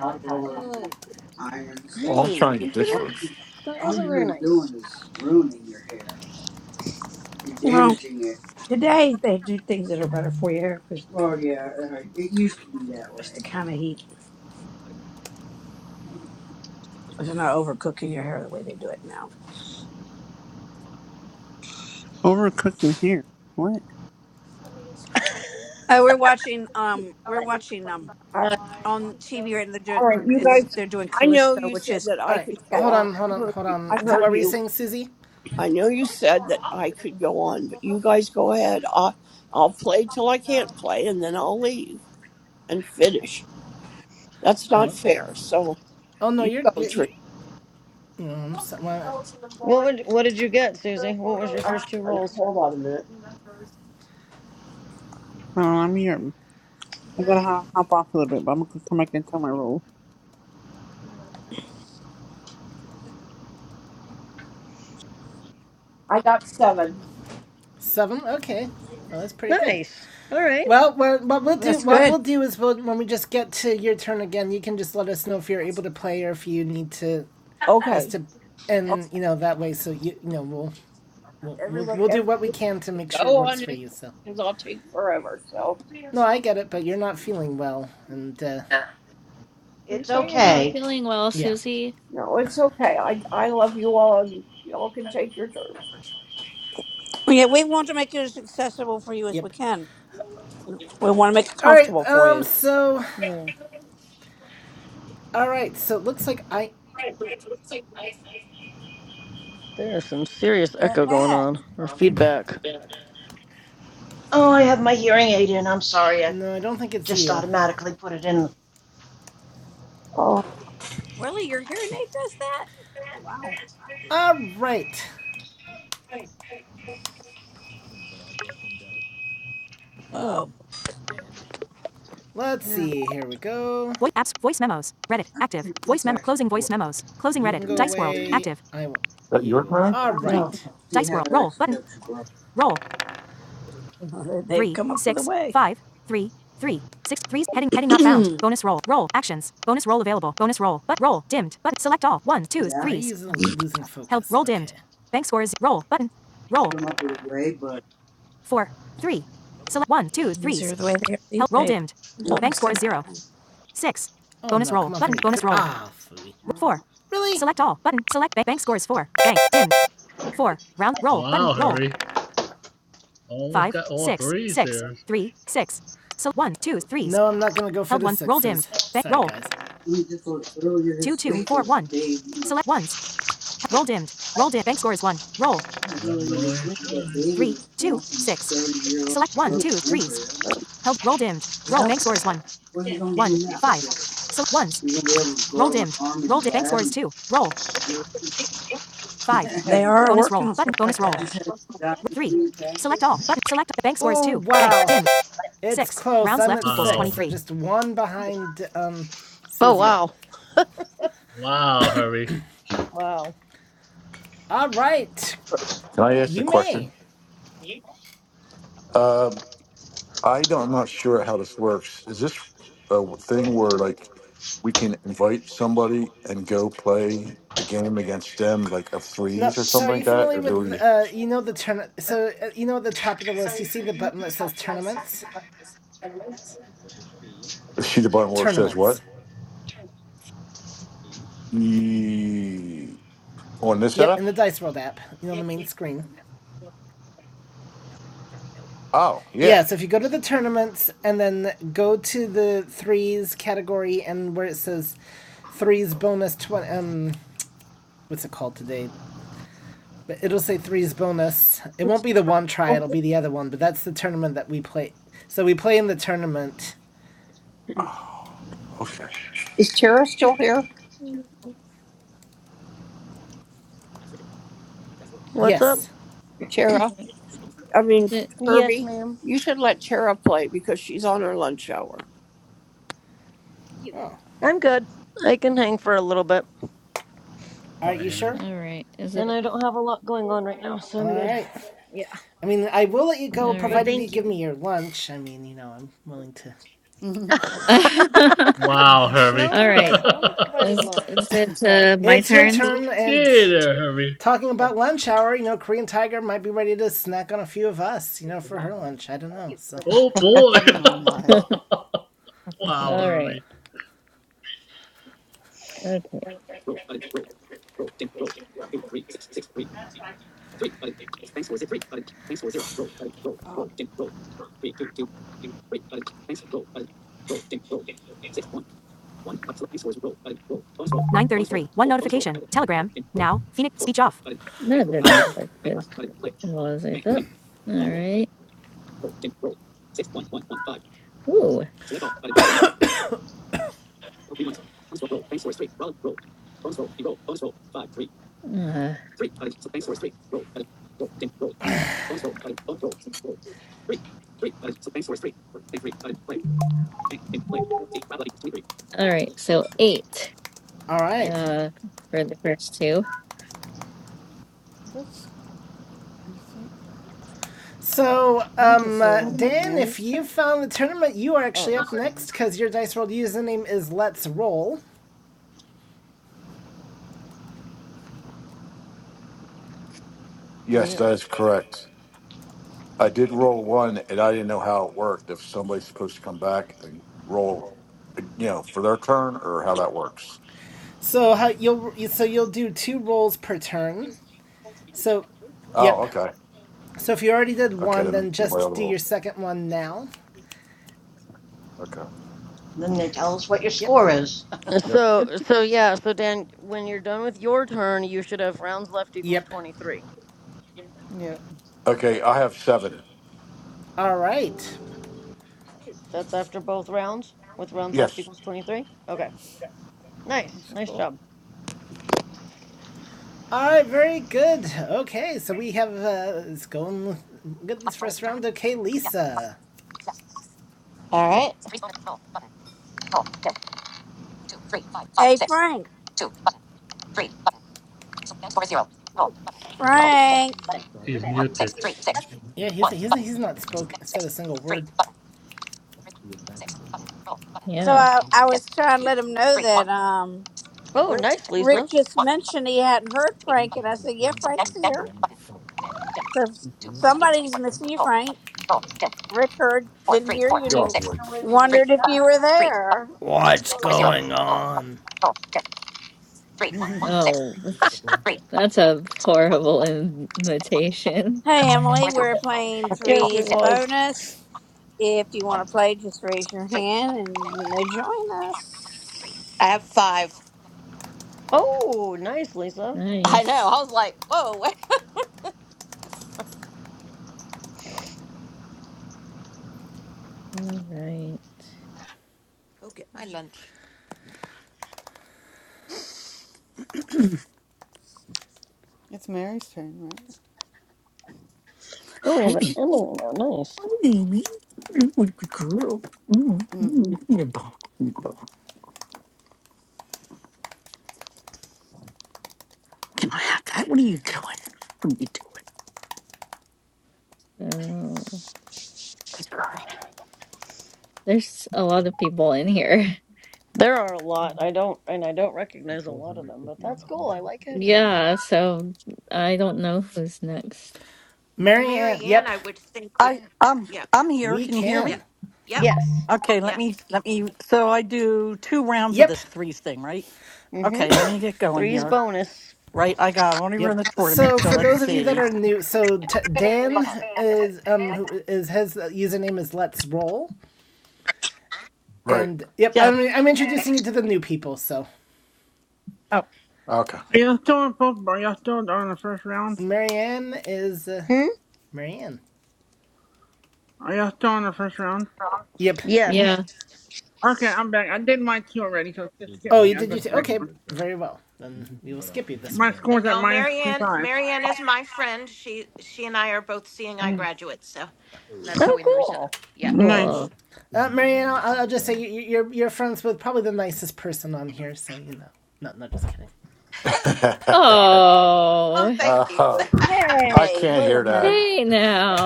Speaker 9: hot rollers and
Speaker 12: Oh, good.
Speaker 9: iron stuff,
Speaker 12: hey,
Speaker 3: this
Speaker 9: all,
Speaker 3: one.
Speaker 12: computer.
Speaker 3: Is
Speaker 12: That
Speaker 9: all
Speaker 12: wasn't
Speaker 9: you're
Speaker 12: very
Speaker 9: really
Speaker 12: nice.
Speaker 9: doing is ruining your hair. You're Well, damaging it. today they do things that are better for your hair because Well, yeah, uh, it used to be that it's the way. kind of heat. It's not overcooking your hair the way they do it now.
Speaker 6: Overcooking here. What?
Speaker 9: Oh, we're watching.
Speaker 1: Mute
Speaker 9: Um, we're
Speaker 1: button.
Speaker 9: watching. Um, on TV right now they're doing.
Speaker 10: All right, you
Speaker 9: It's
Speaker 10: guys.
Speaker 9: they're doing
Speaker 10: I know
Speaker 9: Callisto,
Speaker 10: you
Speaker 9: which
Speaker 10: said
Speaker 9: is.
Speaker 10: that
Speaker 2: all
Speaker 10: I
Speaker 2: right,
Speaker 10: could go
Speaker 2: hold
Speaker 10: on.
Speaker 2: on, hold
Speaker 10: I
Speaker 2: on,
Speaker 10: heard.
Speaker 2: hold
Speaker 10: you- I
Speaker 2: on. So,
Speaker 10: heard
Speaker 2: What were you
Speaker 10: you.
Speaker 2: saying, Susie?
Speaker 10: I know you said that I could go on, but you guys go ahead. I, I'll play till I can't play, and then I'll leave and finish. That's not
Speaker 2: Oh,
Speaker 10: fair. So
Speaker 2: oh no,
Speaker 10: you
Speaker 2: you're
Speaker 10: go,
Speaker 2: you're you're.
Speaker 10: Trina.
Speaker 2: No, I'm well,
Speaker 12: What would what did you get, Susie? What was your
Speaker 10: I'm
Speaker 12: first two
Speaker 10: sorry.
Speaker 12: rolls?
Speaker 10: Hold on a minute.
Speaker 6: Oh, I'm here. I gotta hop, hop off a little bit, but I'm gonna come back and tell my roll.
Speaker 10: I
Speaker 2: seven. Okay, well, that's pretty good.
Speaker 12: Nice. All right.
Speaker 2: Well, what what we'll do
Speaker 9: That's
Speaker 2: what
Speaker 9: good.
Speaker 2: we'll do is we'll, when we just get to your turn again, you can just let us know if you're able to play or if you need to us
Speaker 10: okay.
Speaker 2: to,
Speaker 10: okay
Speaker 2: and you know that way. So you you know we'll we'll, we'll
Speaker 10: everybody,
Speaker 2: we'll do what we
Speaker 10: everybody,
Speaker 2: can to make sure it
Speaker 10: go
Speaker 2: works
Speaker 10: on
Speaker 2: for
Speaker 10: and
Speaker 2: you. So
Speaker 10: because I'll take forever. So
Speaker 2: no, I get it, but you're not feeling well, and uh,
Speaker 13: I'm
Speaker 11: it's
Speaker 13: sorry you're not
Speaker 11: okay.
Speaker 13: feeling well,
Speaker 2: yeah,
Speaker 13: Susie.
Speaker 10: no, it's okay. I I love you all, and y'all can take your turn.
Speaker 9: Yeah, we want to make it as accessible for you as we
Speaker 2: yep.
Speaker 9: can. We want to make it
Speaker 2: All right,
Speaker 9: comfortable for
Speaker 2: um,
Speaker 9: you.
Speaker 2: so
Speaker 12: Yeah,
Speaker 2: all right, so it looks like I,
Speaker 12: there's some serious
Speaker 9: The
Speaker 12: echo going
Speaker 9: heck?
Speaker 12: on or
Speaker 2: yep.
Speaker 12: feedback.
Speaker 11: Oh, I have my hearing aid in. I'm sorry. I
Speaker 2: No, I don't think it's
Speaker 11: just
Speaker 2: you.
Speaker 11: automatically put it in.
Speaker 10: Oh,
Speaker 9: Really? Your hearing aid does that? Wow.
Speaker 2: All right,
Speaker 13: Oh,
Speaker 9: Oh.
Speaker 2: let's
Speaker 9: Yeah.
Speaker 2: see. Here we go.
Speaker 9: I think This actually works. They're matched in.
Speaker 2: I want
Speaker 3: that yours,
Speaker 2: you.
Speaker 3: man?
Speaker 2: All
Speaker 9: I'm gonna
Speaker 3: Can
Speaker 2: right.
Speaker 9: see how it actually helps you grow. Uh-huh. They've come up with a way. Things yeah,
Speaker 2: losing focus? Okay.
Speaker 9: they come up with a way, but Things are the way they are these days. You do almost anything.
Speaker 2: Ah, phooey. Really?
Speaker 1: Mute button. Wow, Harry. Almost got all threes there.
Speaker 2: I'm not gonna go for
Speaker 9: we just looked earlier this week. There was a baby. Well,
Speaker 1: Mute button. You have
Speaker 9: earlier
Speaker 1: no
Speaker 9: this
Speaker 1: any
Speaker 9: week, that
Speaker 1: choice.
Speaker 9: baby was born from a 30 year old frozen embryo. Yep. What are they gonna do now? You're gonna be able to grow an arm in the lab. And do it. They have They are doc- working on stuff like that, just actually. have doctor reattach it.
Speaker 2: Oh, wow. It's close. I'm
Speaker 1: Button.
Speaker 2: six, so
Speaker 1: Wow.
Speaker 2: So Just one behind um,
Speaker 12: Oh
Speaker 2: Susie.
Speaker 12: wow.
Speaker 1: Wow, Harry.
Speaker 12: wow.
Speaker 2: All right,
Speaker 3: I ask a
Speaker 2: you
Speaker 3: question?
Speaker 2: may.
Speaker 3: Um, I don't, I'm not sure how this works. Is this a thing where like we can invite somebody and go play a game against them, like a
Speaker 2: No,
Speaker 3: freeze or
Speaker 2: so
Speaker 3: something
Speaker 2: are you
Speaker 3: like that?
Speaker 2: familiar
Speaker 3: Or do
Speaker 2: with
Speaker 3: we?
Speaker 2: uh, you know the turn? So uh, you know at the top of the list, you see the button that says tournaments.
Speaker 3: She the button where it says what?
Speaker 2: Tournaments.
Speaker 3: E- on this
Speaker 2: Yep,
Speaker 3: app?
Speaker 2: in the Dice World app, you know on the main screen.
Speaker 3: Oh,
Speaker 2: Yeah,
Speaker 3: yeah.
Speaker 2: so if you go to the tournaments and then go to the threes category and where it says threes bonus twenty, um, what's it called today? But it'll say three's bonus. It won't
Speaker 10: it's
Speaker 2: be the one try,
Speaker 10: still-
Speaker 2: it'll be the other one, but that's the tournament that we play. So we play in the tournament.
Speaker 3: Oh, okay.
Speaker 10: is Tara still here?
Speaker 13: is
Speaker 12: What's up?
Speaker 2: Yes.
Speaker 10: Chera, I mean
Speaker 13: it
Speaker 12: Yes,
Speaker 10: Herbie,
Speaker 12: ma'am.
Speaker 10: you should let Chera play because she's on her lunch hour.
Speaker 1: Mute.
Speaker 2: Oh.
Speaker 12: I'm good. I can hang for a little bit.
Speaker 1: Oh
Speaker 2: Are you
Speaker 1: Anna.
Speaker 2: sure?
Speaker 13: all right? Is
Speaker 12: And
Speaker 13: it
Speaker 12: I don't have a lot going on right now, so I'm
Speaker 2: All
Speaker 12: good.
Speaker 2: right.
Speaker 12: Yeah.
Speaker 2: I mean, I will let you
Speaker 13: all
Speaker 2: go
Speaker 12: But
Speaker 13: right?
Speaker 2: provided you
Speaker 12: thank
Speaker 2: give
Speaker 12: you.
Speaker 2: me your lunch. I mean, you know, I'm willing to.
Speaker 13: all
Speaker 1: Wow, Harry.
Speaker 12: no, I
Speaker 13: right.
Speaker 12: thought
Speaker 1: okay
Speaker 12: Donna provided
Speaker 13: Is,
Speaker 12: lunch
Speaker 13: is
Speaker 12: on
Speaker 13: it uh, my
Speaker 2: It's
Speaker 12: Fridays.
Speaker 2: your
Speaker 13: turn?
Speaker 2: turn, and
Speaker 1: there, Harry.
Speaker 2: talking about lunch hour, you know, Korean Tiger might be ready to snack on a few of us, you know, for her lunch. I don't know.
Speaker 1: Mute.
Speaker 2: So,
Speaker 1: Oh boy.
Speaker 14: Mm, oh my,
Speaker 1: wow,
Speaker 13: All right.
Speaker 1: Harry.
Speaker 13: Okay.
Speaker 10: Uh,
Speaker 13: That didn't work. Good. Was it that? All right. Ooh. Uh, all right. So eight.
Speaker 2: all right.
Speaker 13: Uh, for the first two.
Speaker 14: that's. I think
Speaker 2: So,
Speaker 14: I think
Speaker 2: um,
Speaker 14: it's
Speaker 2: uh,
Speaker 14: uh
Speaker 7: Mhm.
Speaker 2: Dan, if
Speaker 14: Mary's
Speaker 2: you
Speaker 14: turn.
Speaker 2: found the tournament, you are actually
Speaker 14: Oh,
Speaker 2: up
Speaker 14: it's Dan.
Speaker 2: next because your Dice World username is Let's Roll.
Speaker 14: Oh
Speaker 3: Yes,
Speaker 14: yeah,
Speaker 3: that is correct. I did roll one, and I didn't know how it worked. If somebody's supposed to come back and roll, you know, for their turn, or how that works.
Speaker 2: So how you'll so you'll do two rolls per turn. So,
Speaker 3: Oh,
Speaker 2: yep.
Speaker 3: okay,
Speaker 2: So if you already did
Speaker 3: okay.
Speaker 2: one,
Speaker 3: Let me
Speaker 2: then
Speaker 3: get my
Speaker 2: just
Speaker 3: other
Speaker 2: do your
Speaker 3: roll.
Speaker 2: second one now.
Speaker 3: Okay.
Speaker 11: Then they tell us what your
Speaker 2: Yep.
Speaker 11: score is.
Speaker 3: Yep.
Speaker 12: So, so yeah, so Dan, when you're done with your turn, you should have rounds left equals
Speaker 2: Yep.
Speaker 12: 23.
Speaker 14: yeah.
Speaker 3: Okay, I have seven.
Speaker 2: All right.
Speaker 12: That's after both rounds, with rounds left
Speaker 3: Yes.
Speaker 12: equals 23? Okay. Nice.
Speaker 14: That's
Speaker 12: Nice
Speaker 14: cool.
Speaker 12: job.
Speaker 2: All right. Very good. Okay. So we have uh, it's going good this first round. Okay, Lisa.
Speaker 7: All right.
Speaker 9: Hey Frank, Frank.
Speaker 1: Button. He's Okay. muted.
Speaker 2: Yeah, he's he's he's not spoke said a single word.
Speaker 9: So
Speaker 13: Yeah.
Speaker 9: I, I was trying to let him know that um
Speaker 12: Oh,
Speaker 9: Rick
Speaker 12: nice,
Speaker 9: Rick
Speaker 12: Lisa.
Speaker 9: just mentioned he hadn't heard Frank, and I said, "Yeah, Frank's here." So if somebody's missing you, Frank. Rick heard, didn't hear you, and
Speaker 3: You're
Speaker 9: he
Speaker 3: welcome, Lloyd.
Speaker 9: wondered if you were there.
Speaker 2: What's going on?
Speaker 13: Oh, There's that's that's a horrible invitation.
Speaker 9: Hey Emily, we're playing
Speaker 12: Yes, it
Speaker 9: Threes
Speaker 12: was.
Speaker 9: Bonus. If you want to play, just raise your hand and you may join us.
Speaker 7: I have five.
Speaker 12: Oh, nice, Lisa.
Speaker 7: I know.
Speaker 13: Nice.
Speaker 7: I was like, whoa, wait,
Speaker 13: All right.
Speaker 7: go get my lunch.
Speaker 14: It's Mary's turn, right?
Speaker 12: Oh, we have an
Speaker 15: Baby,
Speaker 12: Emily now. Nice.
Speaker 15: baby. Ooh, good girl. Ooh,
Speaker 14: Mm.
Speaker 15: ooh, you're ball. Can I have that? What are you doing? What are you doing?
Speaker 13: So
Speaker 15: Good girl.
Speaker 13: there's a lot of people in here.
Speaker 12: There are a lot. I don't, and I don't recognize a lot of them, but that's cool. I like having new
Speaker 13: Yeah,
Speaker 12: people.
Speaker 13: so I don't know who's next.
Speaker 2: Marianne,
Speaker 7: Marianne,
Speaker 2: yep,
Speaker 7: I would think would
Speaker 15: I I'm
Speaker 7: yep,
Speaker 15: I'm here.
Speaker 2: we
Speaker 15: Can you hear
Speaker 7: yep,
Speaker 2: can.
Speaker 15: me?
Speaker 7: yep,
Speaker 12: Yes.
Speaker 15: Okay, let
Speaker 7: yep,
Speaker 15: me let me so I do two rounds of
Speaker 2: Yep,
Speaker 15: this threes thing, right?
Speaker 12: Mm-hmm.
Speaker 15: Okay, let me get going
Speaker 12: Three's
Speaker 15: here.
Speaker 12: bonus.
Speaker 15: Right, I got I only run
Speaker 2: yep.
Speaker 15: the tournament,
Speaker 2: So
Speaker 15: so
Speaker 2: for
Speaker 15: let's
Speaker 2: those of you that
Speaker 15: see.
Speaker 2: are new, so t- Dan is um who is his username is Let's Roll,
Speaker 3: Right.
Speaker 2: and yep,
Speaker 15: Yes.
Speaker 2: I'm I'm introducing you to the new people. So
Speaker 15: Oh.
Speaker 3: Okay.
Speaker 6: Are y'all still in football? Are y'all still during the first round?
Speaker 2: Marianne is uh,
Speaker 12: Hmm.
Speaker 2: Marianne.
Speaker 6: Are y'all still in the first round?
Speaker 2: Yep.
Speaker 12: Yes.
Speaker 13: Yeah,
Speaker 7: yep.
Speaker 6: Okay, I'm back. I did mine two already, so just skip
Speaker 2: Oh,
Speaker 6: me.
Speaker 2: you
Speaker 6: I'll
Speaker 2: did
Speaker 6: go
Speaker 2: you
Speaker 6: to
Speaker 2: say
Speaker 6: the next
Speaker 2: okay?
Speaker 6: one.
Speaker 2: Very well. Then we will skip you
Speaker 7: yep.
Speaker 2: this
Speaker 6: My
Speaker 2: one.
Speaker 6: score's
Speaker 7: And
Speaker 6: at
Speaker 7: y'all,
Speaker 6: minus
Speaker 7: Marianne,
Speaker 6: 25.
Speaker 7: Marianne is my friend. She she and I are both seeing eye graduates, so and that's how we know
Speaker 12: Oh,
Speaker 7: each other.
Speaker 12: cool.
Speaker 7: Yep.
Speaker 6: nice.
Speaker 13: cool.
Speaker 2: Uh, Marianne, I'll, I'll just say you, you're you're friends with probably the nicest person on here, so you know. No, no, just kidding.
Speaker 13: Oh,
Speaker 3: uh, I
Speaker 9: Hey,
Speaker 3: can't
Speaker 9: wait a
Speaker 3: hear that.
Speaker 9: minute.
Speaker 13: hey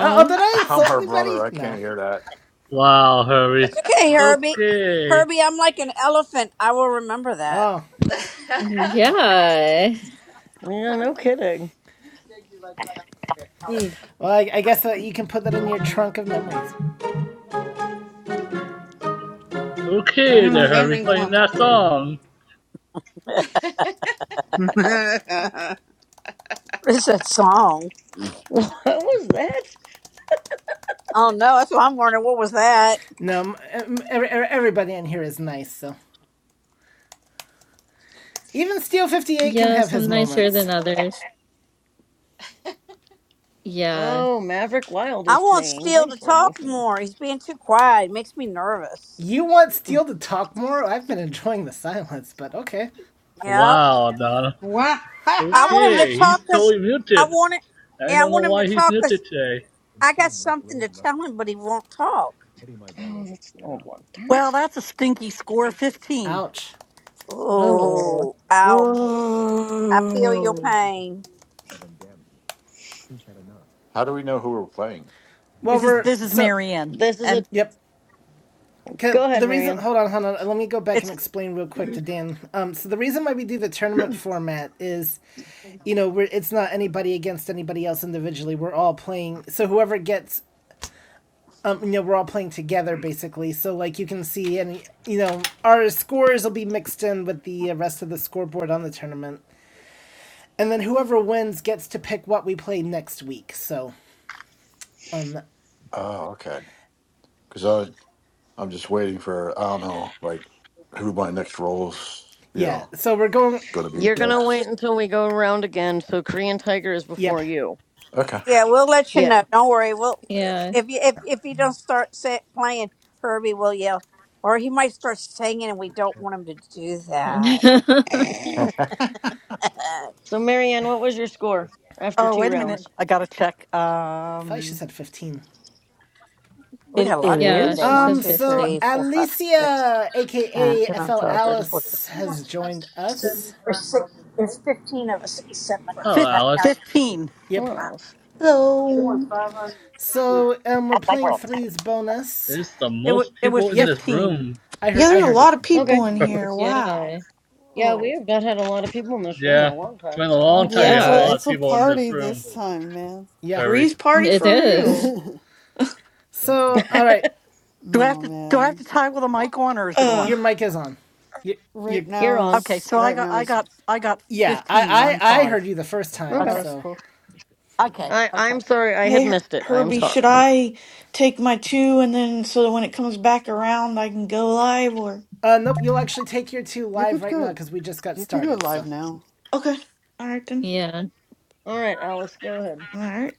Speaker 2: Uh, Oh, did I
Speaker 3: I'm
Speaker 2: insult
Speaker 3: her brother.
Speaker 2: anybody?
Speaker 3: I
Speaker 2: No.
Speaker 3: can't hear that.
Speaker 1: Wow,
Speaker 9: It's
Speaker 1: Herbie.
Speaker 9: okay, Herbie.
Speaker 1: Okay.
Speaker 9: Herbie, I'm like an elephant. I will remember that.
Speaker 2: Oh,
Speaker 13: Yeah.
Speaker 12: Yeah, no kidding.
Speaker 6: Dude,
Speaker 2: Well, I, I guess uh, you can put that in your trunk of
Speaker 13: Mhm.
Speaker 2: memories.
Speaker 6: I
Speaker 1: Okay
Speaker 6: haven't
Speaker 1: there,
Speaker 6: heard that
Speaker 1: Herbie,
Speaker 6: ring
Speaker 1: playing
Speaker 6: call.
Speaker 1: that song.
Speaker 9: What is that song?
Speaker 12: What was that?
Speaker 9: Oh no, that's what I'm wondering. What was that?
Speaker 2: No, every, everybody in here is nice, so. Even Steel 58 can
Speaker 13: Yeah,
Speaker 2: have
Speaker 13: some
Speaker 2: his
Speaker 13: nicer
Speaker 2: moments.
Speaker 13: than others. Yeah.
Speaker 12: Oh, Maverick Wild
Speaker 9: I
Speaker 12: is
Speaker 9: want
Speaker 12: playing
Speaker 9: Steele to
Speaker 12: Dice Hold
Speaker 9: talk
Speaker 12: with me.
Speaker 9: more. He's being too quiet. It makes me nervous.
Speaker 2: You want Steel to talk more? I've been enjoying the silence, but okay.
Speaker 9: Yep.
Speaker 1: Wow, Donna.
Speaker 6: what?
Speaker 9: I want him to
Speaker 1: Okay,
Speaker 9: talk
Speaker 1: he's
Speaker 9: us.
Speaker 1: totally
Speaker 9: I
Speaker 1: muted.
Speaker 9: want it.
Speaker 1: I
Speaker 9: Yeah, I
Speaker 1: don't know
Speaker 9: want him to
Speaker 1: why he's
Speaker 9: talk us.
Speaker 1: muted today.
Speaker 9: I got something to tell him, but he won't talk.
Speaker 12: Oh, that's an old one. Darn
Speaker 15: Well,
Speaker 12: it.
Speaker 15: that's a stinky score, fifteen.
Speaker 2: Ouch.
Speaker 13: Oh,
Speaker 9: Oh, ouch. I feel your
Speaker 15: Whoa.
Speaker 9: pain.
Speaker 3: How do we know who we're playing?
Speaker 2: Well,
Speaker 15: This is
Speaker 2: we're.
Speaker 12: This
Speaker 2: So,
Speaker 12: this is
Speaker 15: and
Speaker 12: a.
Speaker 2: Yep.
Speaker 12: Go ahead,
Speaker 2: The reason.
Speaker 12: Marion.
Speaker 2: Hold on, hold on. Let me go back
Speaker 15: it's
Speaker 2: and explain real quick to Dan. Um, so, the reason why we do the tournament format is you know, we're, it's not anybody against anybody else individually. We're all playing. So whoever gets um, you know, we're all playing together basically. So like you can see, and you know, our scores will be mixed in with the rest of the scoreboard on the tournament, and then whoever wins gets to pick what we play next week. So, um,
Speaker 3: Oh, okay. Because I I'm just waiting for I don't know like who my next roll's you
Speaker 2: yeah.
Speaker 3: know
Speaker 2: So we're going.
Speaker 3: going to be
Speaker 12: You're gonna
Speaker 9: Uh,
Speaker 3: next.
Speaker 9: we,
Speaker 12: wait until we go around again. So Korean Tiger is
Speaker 2: Yep.
Speaker 12: before you.
Speaker 3: Okay.
Speaker 9: yeah, we'll let you
Speaker 12: Yeah.
Speaker 9: know. Don't worry. We'll
Speaker 13: yeah.
Speaker 9: if you if, if you don't start set, playing, Herbie will yell, or he might start singing, and we don't want him to do that.
Speaker 12: So Marianne, what was your score after
Speaker 15: oh
Speaker 12: two
Speaker 15: wait a minute.
Speaker 12: rounds?
Speaker 15: I gotta check.
Speaker 2: I thought she
Speaker 15: Um
Speaker 2: said fifteen.
Speaker 9: We
Speaker 15: it
Speaker 9: got a lot in here
Speaker 13: Yeah,
Speaker 9: today.
Speaker 13: she
Speaker 15: is
Speaker 9: One,
Speaker 13: said
Speaker 2: Um.
Speaker 9: two,
Speaker 2: So
Speaker 9: three,
Speaker 13: 15.
Speaker 9: four, five, six,
Speaker 2: Alicia,
Speaker 9: nine,
Speaker 2: aka
Speaker 9: ten, eleven,
Speaker 2: FL
Speaker 9: twelve, thirteen, fourteen,
Speaker 2: Alice,
Speaker 9: fifteen,
Speaker 2: has joined
Speaker 9: sixteen.
Speaker 2: us.
Speaker 9: There's six. There's fifteen of us except for
Speaker 1: Oh,
Speaker 9: I'm not
Speaker 15: fif-
Speaker 1: Alice.
Speaker 9: counting Herbie.
Speaker 15: fifteen.
Speaker 2: Yep.
Speaker 12: Or
Speaker 9: Wow.
Speaker 12: else.
Speaker 16: Hello.
Speaker 2: So um, we're playing threes bonus.
Speaker 1: There's the
Speaker 15: It wa
Speaker 1: most
Speaker 15: it was
Speaker 1: people in
Speaker 2: Yep.
Speaker 1: this
Speaker 15: fifteen.
Speaker 1: room.
Speaker 2: I heard.
Speaker 16: Yeah,
Speaker 2: I
Speaker 16: there's a
Speaker 2: heard you.
Speaker 16: lot of people
Speaker 12: Okay.
Speaker 16: in here.
Speaker 12: Yes.
Speaker 16: Wow.
Speaker 13: Yeah.
Speaker 12: Yeah, we
Speaker 16: Whoa.
Speaker 12: have not had a lot of people in this room in a
Speaker 1: Yeah,
Speaker 12: long
Speaker 1: it's
Speaker 12: time,
Speaker 1: been a
Speaker 12: so I'm
Speaker 1: long
Speaker 12: liking
Speaker 1: time
Speaker 14: Yeah,
Speaker 1: you
Speaker 14: it's
Speaker 1: have
Speaker 12: this.
Speaker 1: a
Speaker 14: a
Speaker 13: Yeah,
Speaker 1: lot of
Speaker 14: it's a
Speaker 1: people in this
Speaker 14: party
Speaker 1: room,
Speaker 14: this time, man.
Speaker 2: Yeah.
Speaker 1: Herbie.
Speaker 16: Three's party
Speaker 13: it
Speaker 16: for
Speaker 13: is.
Speaker 16: real.
Speaker 2: So all right.
Speaker 15: Do I have
Speaker 14: Oh
Speaker 15: to do I have to
Speaker 14: man.
Speaker 15: tie with a mic on or is it
Speaker 2: y-
Speaker 15: on?
Speaker 2: your
Speaker 16: Uh,
Speaker 2: mic is on. You
Speaker 14: Right
Speaker 2: you
Speaker 12: You're
Speaker 14: now
Speaker 12: on.
Speaker 15: Okay,
Speaker 14: is
Speaker 15: so I
Speaker 14: right
Speaker 15: got
Speaker 14: now
Speaker 15: I
Speaker 14: is
Speaker 15: got I got
Speaker 2: yeah.
Speaker 15: fifteen,
Speaker 2: I,
Speaker 15: one
Speaker 2: I I
Speaker 15: five.
Speaker 2: heard you the first time,
Speaker 14: oh
Speaker 12: Okay.
Speaker 15: Okay.
Speaker 14: that's
Speaker 2: so
Speaker 14: cool.
Speaker 15: Okay.
Speaker 12: I
Speaker 15: Okay.
Speaker 12: I'm sorry I had
Speaker 16: hey, Her-
Speaker 12: missed it. I'm
Speaker 16: Herbie, should
Speaker 12: sorry.
Speaker 16: I take my two and then so that when it comes back around I can go live or?
Speaker 2: uh nope. You'll actually take your two
Speaker 14: You
Speaker 2: live
Speaker 14: could
Speaker 2: right now
Speaker 14: go,
Speaker 2: because we just got
Speaker 14: you could go
Speaker 2: started.
Speaker 14: live
Speaker 2: So
Speaker 14: now.
Speaker 16: Okay. All right then.
Speaker 13: Yeah.
Speaker 12: All right, Alice, go ahead.
Speaker 16: All right.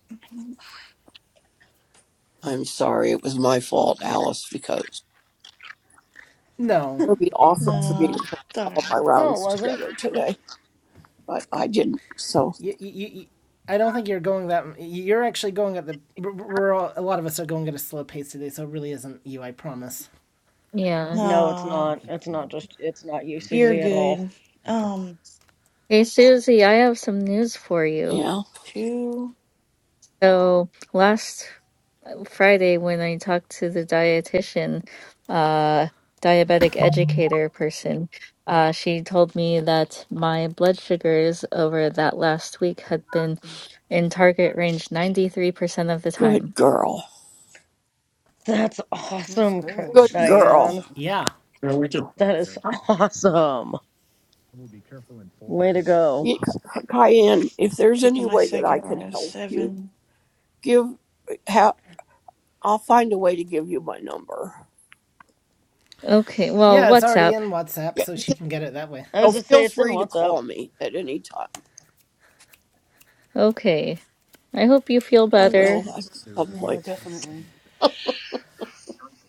Speaker 10: I'm sorry, it was my fault, Alice, because
Speaker 2: no,
Speaker 10: Herbie
Speaker 2: it,
Speaker 10: offered for me to
Speaker 16: No,
Speaker 10: play
Speaker 16: it's all
Speaker 10: all
Speaker 16: right.
Speaker 10: my
Speaker 12: No, it
Speaker 10: rounds
Speaker 12: wasn't.
Speaker 10: together today, but I didn't. So
Speaker 2: you, you, you, I don't think you're going that. You're actually going at the. We're all, a lot of us are going at a slow pace today, so it really isn't you. I promise.
Speaker 13: Yeah.
Speaker 12: No, it's
Speaker 16: No,
Speaker 12: not. It's not just. It's not you,
Speaker 16: you're
Speaker 12: Susie, at all.
Speaker 16: good. Um,
Speaker 13: Hey, Susie, I have some news for you.
Speaker 10: yeah,
Speaker 16: two,
Speaker 13: So last Friday when I talked to the dietitian, uh, diabetic educator person, uh, she told me that my blood sugars over that last week had been in target range 93% of the time.
Speaker 10: good girl,
Speaker 12: That's
Speaker 14: That's
Speaker 12: awesome, Cr-
Speaker 14: good.
Speaker 10: good
Speaker 14: That's
Speaker 10: girl.
Speaker 12: Diane.
Speaker 14: awesome.
Speaker 2: Yeah.
Speaker 3: Yeah, we do.
Speaker 12: That is awesome. Way to go.
Speaker 10: Y- Cayenne, if there's
Speaker 16: taking
Speaker 10: any
Speaker 16: my
Speaker 10: way that I
Speaker 16: second
Speaker 10: can
Speaker 16: roll,
Speaker 10: help you,
Speaker 16: seven.
Speaker 10: give. Ha- I'll find a way to give you my number.
Speaker 13: Okay, well,
Speaker 2: Yeah, it's
Speaker 13: what's
Speaker 2: already
Speaker 13: up?
Speaker 2: in WhatsApp, so she can get it that way.
Speaker 12: I was
Speaker 10: So
Speaker 12: just say
Speaker 10: feel
Speaker 12: it's in
Speaker 10: free to
Speaker 12: WhatsApp.
Speaker 10: call me at any time.
Speaker 13: Okay, I hope you feel
Speaker 10: I will
Speaker 13: better.
Speaker 10: at some
Speaker 14: Yeah,
Speaker 10: point.
Speaker 14: definitely.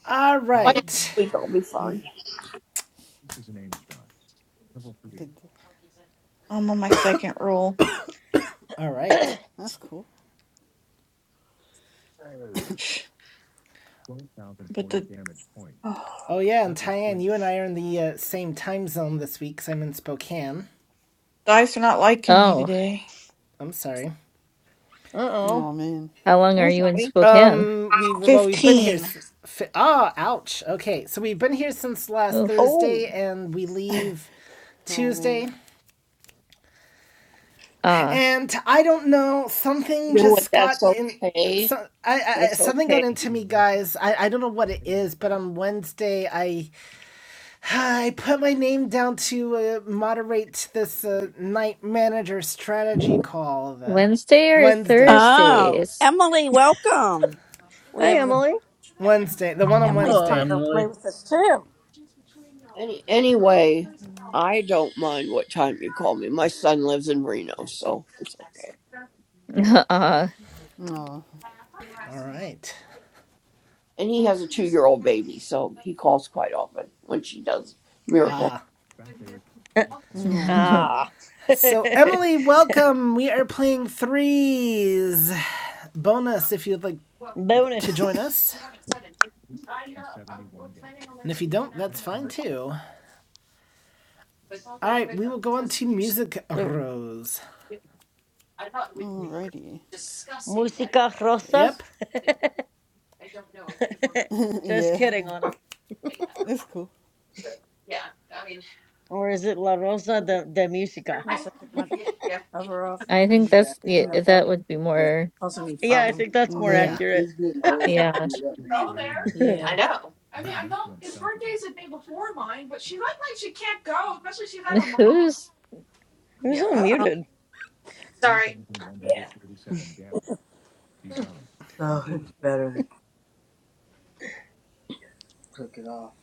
Speaker 2: All right.
Speaker 10: This week I'll be fine.
Speaker 16: I'm on my second roll,
Speaker 2: All right.
Speaker 14: That's cool.
Speaker 16: but the
Speaker 10: Oh,
Speaker 2: Oh, yeah, and Tyann, you and I are in the uh, same time zone this week, 'cause I'm in Spokane.
Speaker 16: dice are not liking me
Speaker 13: Oh,
Speaker 16: today.
Speaker 2: I'm sorry.
Speaker 12: Uh oh.
Speaker 14: Oh man.
Speaker 13: how long are
Speaker 12: Hey,
Speaker 13: you in
Speaker 12: sorry.
Speaker 13: Spokane?
Speaker 2: Um, we've well, we've been here.
Speaker 16: 15.
Speaker 2: s- fi- Ah, oh, ouch. Okay, so we've been here since last
Speaker 13: Oof.
Speaker 12: Oh.
Speaker 2: Thursday, and we leave
Speaker 14: Oh
Speaker 2: Tuesday.
Speaker 14: man.
Speaker 13: Ah.
Speaker 2: And I don't know, something
Speaker 10: you know what?
Speaker 2: just
Speaker 10: That's
Speaker 2: got in.
Speaker 10: okay.
Speaker 2: So, I, I I-
Speaker 10: That's
Speaker 2: something got
Speaker 10: okay.
Speaker 2: into me, guys. I, I don't know what it is, but on Wednesday I I put my name down to uh, moderate this uh, night manager strategy call. The
Speaker 13: Wednesday or
Speaker 2: Wednesday,
Speaker 9: Oh,
Speaker 13: Thursdays?
Speaker 9: Emily, welcome. We
Speaker 12: Hey,
Speaker 9: have.
Speaker 12: Emily.
Speaker 2: Wednesday, the one on
Speaker 9: Emily's
Speaker 1: Oh,
Speaker 9: come
Speaker 2: Wednesday.
Speaker 9: to play
Speaker 1: Emily.
Speaker 9: with us too.
Speaker 10: Any anyway, I don't mind what time you call me. My son lives in Reno, so it's okay.
Speaker 13: Uh,
Speaker 14: Oh.
Speaker 2: All right.
Speaker 10: And he has a two-year-old baby, so he calls quite often when she does miracle.
Speaker 14: No,
Speaker 12: Ah.
Speaker 2: So, Emily, welcome. We are playing threes. Bonus if you'd like
Speaker 14: but
Speaker 2: to join us.
Speaker 12: Bonus.
Speaker 2: And if you don't, that's fine too. All right, we will go on to Music
Speaker 12: So,
Speaker 2: Rose.
Speaker 14: alrighty.
Speaker 12: Musica Rosa?
Speaker 2: Yep.
Speaker 14: Let's.
Speaker 12: Just
Speaker 14: yeah,
Speaker 12: kidding, Anna.
Speaker 14: it's cool.
Speaker 12: Or is it La Rosa de, de Musica?
Speaker 9: Must have took my cover off.
Speaker 13: I think
Speaker 14: Mm,
Speaker 9: Yeah.
Speaker 13: that's
Speaker 9: It's
Speaker 13: yeah,
Speaker 9: In the way.
Speaker 13: that would be
Speaker 9: Yeah.
Speaker 13: more.
Speaker 9: Causing me
Speaker 12: Yeah, I
Speaker 9: problems.
Speaker 12: think that's more
Speaker 14: Yeah.
Speaker 2: Yeah.
Speaker 12: accurate.
Speaker 9: He's getting old and
Speaker 13: Yeah,
Speaker 9: screwed up anyway. Yeah.
Speaker 13: who's?
Speaker 12: Who's
Speaker 9: Uh oh.
Speaker 12: unmuted?
Speaker 9: Yeah. So it's better to cook it off.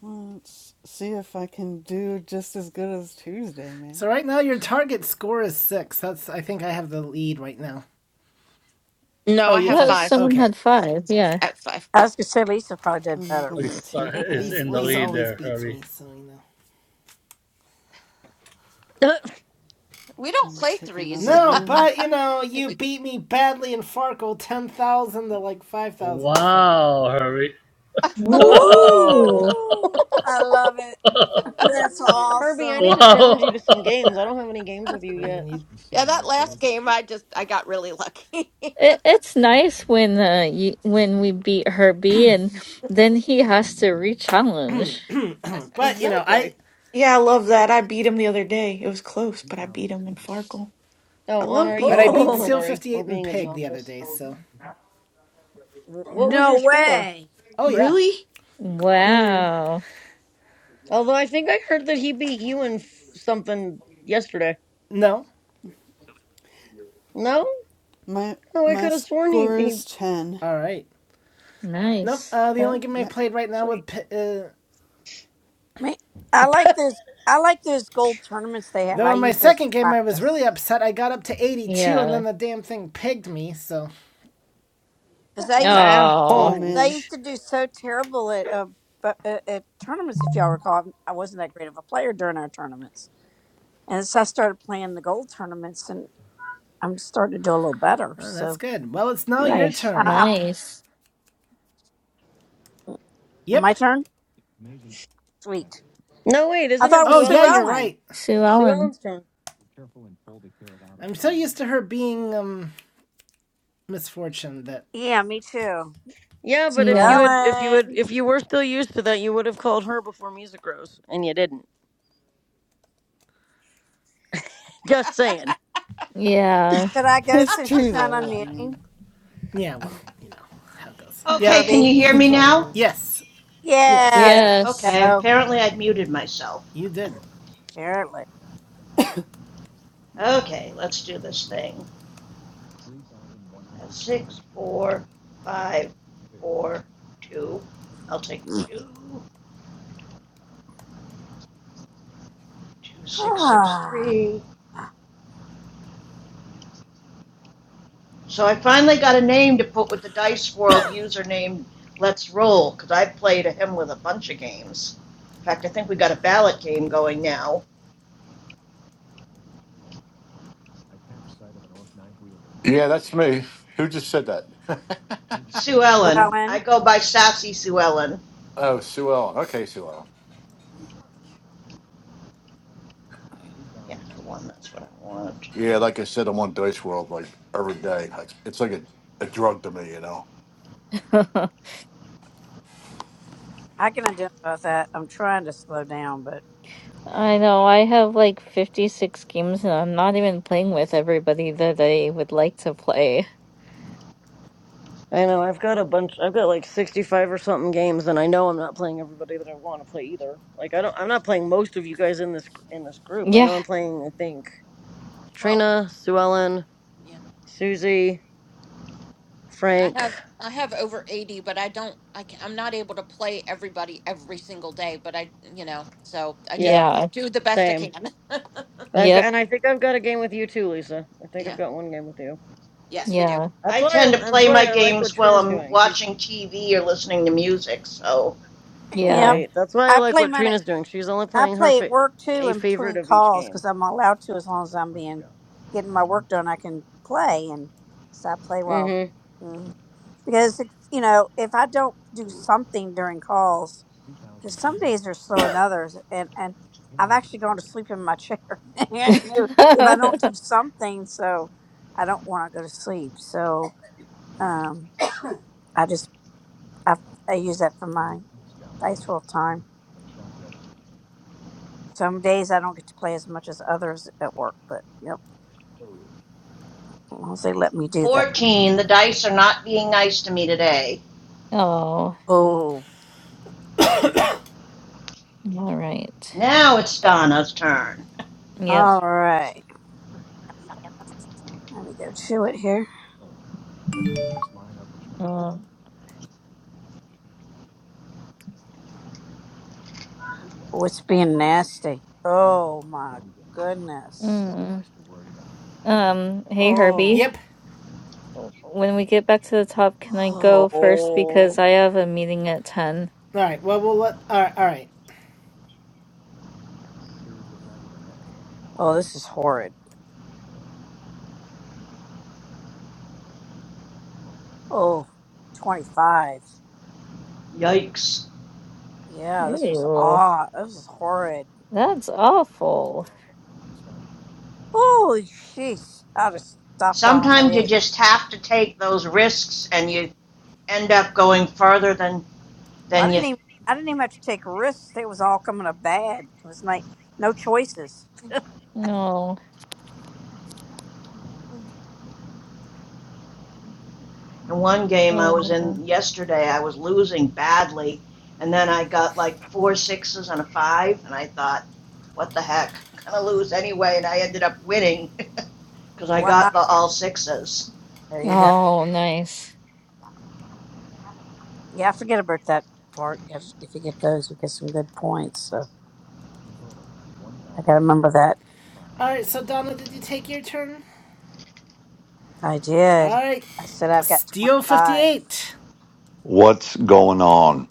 Speaker 14: Well, Let's see if I can do just as good as Tuesday, man.
Speaker 2: So, right now, your target score is six. That's, I think I have the lead right now.
Speaker 7: No,
Speaker 2: Oh,
Speaker 7: I
Speaker 2: you have
Speaker 7: have
Speaker 13: Well,
Speaker 2: five.
Speaker 7: five.
Speaker 13: someone
Speaker 2: Okay.
Speaker 13: had five. Yeah.
Speaker 7: I have five.
Speaker 9: I was gonna say Lisa probably did
Speaker 14: I'm
Speaker 9: better.
Speaker 1: Look,
Speaker 14: gonna
Speaker 1: it's
Speaker 14: take a
Speaker 2: Lisa,
Speaker 1: in the
Speaker 2: Lisa
Speaker 1: lead
Speaker 14: one.
Speaker 2: always
Speaker 1: there,
Speaker 2: beats
Speaker 1: Herbie.
Speaker 2: me, so you know.
Speaker 7: We
Speaker 14: i will
Speaker 7: don't play
Speaker 14: take another
Speaker 7: threes.
Speaker 2: No,
Speaker 14: one.
Speaker 2: but you know,
Speaker 7: If
Speaker 2: you beat me badly in Farkle 10,000 to like 5,000 or something.
Speaker 1: Wow, Herbie.
Speaker 12: Whoa!
Speaker 13: Woo!
Speaker 9: Woo! I love it. Oh, That's man.
Speaker 12: Herbie, I need
Speaker 9: awesome.
Speaker 12: to challenge you to
Speaker 1: wow.
Speaker 12: some games. I don't have any games with you
Speaker 2: More
Speaker 12: yet.
Speaker 2: than you.
Speaker 7: Yeah, that last game, I just I got really lucky.
Speaker 13: It, it's nice when uh you, when we beat Herbie and then he has to rechallenge.
Speaker 2: but you know,
Speaker 12: Exactly.
Speaker 2: I
Speaker 16: Yeah, I love that. I beat him the other day. It was close, but I beat him in Farkle. I
Speaker 12: Oh, Honor,
Speaker 16: love
Speaker 12: are you
Speaker 2: But
Speaker 16: beating
Speaker 2: I
Speaker 16: him in
Speaker 12: rolling?
Speaker 2: beat
Speaker 12: I'm
Speaker 9: Oh
Speaker 16: Farkle.
Speaker 2: Steel
Speaker 12: sorry. We're
Speaker 2: 58 and
Speaker 12: being
Speaker 2: Pig the other
Speaker 12: obnoxious.
Speaker 2: day, so.
Speaker 12: What was your
Speaker 9: no
Speaker 12: score?
Speaker 9: way.
Speaker 2: Oh, yeah.
Speaker 16: Really? Cool.
Speaker 13: Wow.
Speaker 12: Although I think I heard that he beat you in f- something yesterday.
Speaker 2: No.
Speaker 12: No?
Speaker 14: My
Speaker 12: Oh, I
Speaker 14: my
Speaker 12: could have sworn he.
Speaker 14: score
Speaker 12: he
Speaker 14: is ten.
Speaker 2: All right. Nope.
Speaker 13: Nice.
Speaker 2: Uh, the
Speaker 12: huh?
Speaker 2: only game I
Speaker 14: Yep.
Speaker 2: played right now
Speaker 12: Sweet.
Speaker 2: with. Uh,
Speaker 9: Me, I like those. I like those gold tournaments they have.
Speaker 2: though
Speaker 9: I
Speaker 2: in my
Speaker 9: use those to
Speaker 2: second game, I was really
Speaker 9: practice
Speaker 2: upset. I got up to 82, and then
Speaker 13: Yeah.
Speaker 2: the damn thing pigged me, so.
Speaker 9: because I used
Speaker 14: Oh
Speaker 13: Oh,
Speaker 9: I
Speaker 14: man,
Speaker 9: used
Speaker 12: Ouch.
Speaker 9: to do so terrible at uh, bu- uh, at tournaments. If y'all recall, I wasn't that great of a player during our tournaments, and so I started playing the gold tournaments, and I'm starting to do a little better.
Speaker 2: Oh, that's
Speaker 9: So,
Speaker 2: good. Well, it's now
Speaker 9: uh,
Speaker 2: your
Speaker 12: Nice.
Speaker 9: I, I,
Speaker 2: turn.
Speaker 13: nice.
Speaker 2: Yep.
Speaker 9: my turn. Sweet.
Speaker 12: No, wait,
Speaker 9: I
Speaker 12: isn't
Speaker 9: thought it
Speaker 12: it
Speaker 2: Oh,
Speaker 9: was
Speaker 12: Sue
Speaker 9: Sue
Speaker 2: yeah, you're
Speaker 12: Ellen's?
Speaker 9: Ellen.
Speaker 2: right.
Speaker 13: Sue
Speaker 12: Sue
Speaker 13: Ellen.
Speaker 12: Ellen's drawing.
Speaker 2: I'm so used to her being, um, misfortune that.
Speaker 9: Yeah, me too.
Speaker 12: Yeah, but
Speaker 9: Sue
Speaker 12: if you
Speaker 13: Yeah.
Speaker 12: had, if you had,
Speaker 9: Ellen.
Speaker 12: if you were still used to that, you would have called her before music rose, and you didn't. Just saying.
Speaker 13: Yeah.
Speaker 9: Should I go
Speaker 14: it's
Speaker 9: since she's
Speaker 14: true
Speaker 9: not
Speaker 14: though. I
Speaker 9: unmuting?
Speaker 14: mean,
Speaker 2: Yeah, well, you know how it goes.
Speaker 11: okay,
Speaker 2: Yep.
Speaker 11: can you
Speaker 9: Herbie.
Speaker 11: hear me
Speaker 14: it's all
Speaker 11: now?
Speaker 14: good.
Speaker 2: Yes,
Speaker 9: Yeah,
Speaker 14: Yes.
Speaker 9: there
Speaker 12: Yes.
Speaker 9: you
Speaker 13: Yes.
Speaker 11: Okay,
Speaker 9: go.
Speaker 11: apparently I'd muted myself.
Speaker 2: you did.
Speaker 9: Apparently.
Speaker 11: Okay, let's do this thing. That's Six, four, five, four, two. I'll take the two. Two, six, six, three.
Speaker 9: Sue
Speaker 11: So I finally got a name to put with the Dice World username Let's Roll, because I've played him with a bunch of games. In fact, I think we got a ballot game going now.
Speaker 3: Yeah, that's me. Who just said that?
Speaker 11: Sue Ellen. I
Speaker 9: Ellen.
Speaker 11: go by Sassy Sue Ellen.
Speaker 3: oh, Sue Ellen. Okay, Sue Ellen.
Speaker 11: Yeah, the one, that's what I want.
Speaker 3: Yeah, like I said, I'm on Dice World like every day. Like, It's like a, a drug to me, you know.
Speaker 13: I
Speaker 9: I can identify with that. I'm trying to slow down, but.
Speaker 13: know. I have like 56 games and I'm not even playing with everybody that I would like to play.
Speaker 12: I know. I've got a bunch. I've got like sixty-five or something games, and I know I'm not playing everybody that I want to play either. Like I don't. I'm not playing most of you guys in this in this group. I
Speaker 13: Yeah.
Speaker 12: know I'm playing. I think
Speaker 7: Well,
Speaker 12: Trina, Sue Ellen,
Speaker 7: yeah,
Speaker 12: Susie,
Speaker 7: I
Speaker 12: Frank.
Speaker 7: have I have over 80, but I don't I can, I'm not able to play everybody every single day, but I, you know, so I
Speaker 12: Yeah.
Speaker 13: Yeah.
Speaker 7: just do the best I
Speaker 12: Same.
Speaker 7: can.
Speaker 12: I've
Speaker 7: So,
Speaker 12: got,
Speaker 13: Yep.
Speaker 12: and I think I've got a game with you too, Lisa. I think I've
Speaker 7: yeah.
Speaker 12: got one game with you.
Speaker 7: Yes, we do.
Speaker 13: Yeah.
Speaker 12: That's
Speaker 11: I
Speaker 12: why.
Speaker 11: tend to
Speaker 12: I, that's
Speaker 11: play my
Speaker 12: why I like what
Speaker 11: games while
Speaker 12: Trina's
Speaker 11: I'm
Speaker 12: doing. She's
Speaker 11: watching TV or listening to music, so.
Speaker 13: Yeah.
Speaker 9: Yep.
Speaker 12: right. That's why I
Speaker 9: I
Speaker 12: like
Speaker 9: play
Speaker 12: what
Speaker 9: mine. At,
Speaker 12: Trina's doing. She's only
Speaker 9: I
Speaker 12: playing her
Speaker 9: play at
Speaker 12: fa-
Speaker 9: work too,
Speaker 12: a
Speaker 9: in
Speaker 12: favorite
Speaker 9: between
Speaker 12: of each
Speaker 9: calls,
Speaker 12: game.
Speaker 9: because I'm allowed to as long as I'm being getting my work done. I can play, and so I play well.
Speaker 12: Mm-hmm.
Speaker 9: Mm. Because it's, you know, if I don't do something during calls, because some days are slower than others, and and I've actually gone to sleep in my chair if I don't do something. So I don't want to go to sleep. So um, I just I, I use that for my dice roll time. Some days I don't get to play as much as others at work, but yep, as long as they let me do that.
Speaker 11: 14. The dice are not being nice to me today.
Speaker 13: Oh, all
Speaker 9: Oh,
Speaker 13: right.
Speaker 11: Now it's Donna's turn.
Speaker 13: Yep.
Speaker 9: all right. Let me go to it here.
Speaker 13: Um,
Speaker 9: Oh, it's being nasty. Oh my goodness.
Speaker 13: mm. Um, hey Herbie.
Speaker 9: Oh,
Speaker 2: Yep.
Speaker 13: when we get back to the top, can I go first
Speaker 9: oh,
Speaker 13: because I have a meeting at 10?
Speaker 2: All right. Well, we'll let. All right. All right.
Speaker 9: oh, this is horrid. Oh, 25.
Speaker 11: Yikes.
Speaker 9: Yeah, this was
Speaker 13: Ew,
Speaker 9: odd. This is horrid.
Speaker 13: that's awful.
Speaker 9: Holy jeez. I'll just stop while I'm
Speaker 11: Sometimes you
Speaker 9: ahead.
Speaker 11: just have to take those risks and you end up going further than
Speaker 9: I
Speaker 11: than you.
Speaker 9: didn't even I didn't even have to take risks. It was all coming up bad. It was like no choices.
Speaker 13: No.
Speaker 11: In one game I
Speaker 13: Oh
Speaker 11: was
Speaker 13: no.
Speaker 11: in yesterday, I was losing badly, and then I got like four sixes and a five, and I thought, what the heck, I'm gonna lose anyway, and I ended up winning because I
Speaker 9: Wow.
Speaker 11: got the all sixes.
Speaker 9: There you go.
Speaker 13: Oh, nice.
Speaker 9: Yeah, I forget about that part. If if you get those, you get some good points. So I gotta remember that.
Speaker 2: All right, so Donna, did you take your turn?
Speaker 9: I
Speaker 2: All
Speaker 9: did.
Speaker 2: right,
Speaker 9: I said I've got twenty
Speaker 2: Steel
Speaker 9: five.
Speaker 2: 58.
Speaker 17: What's going on?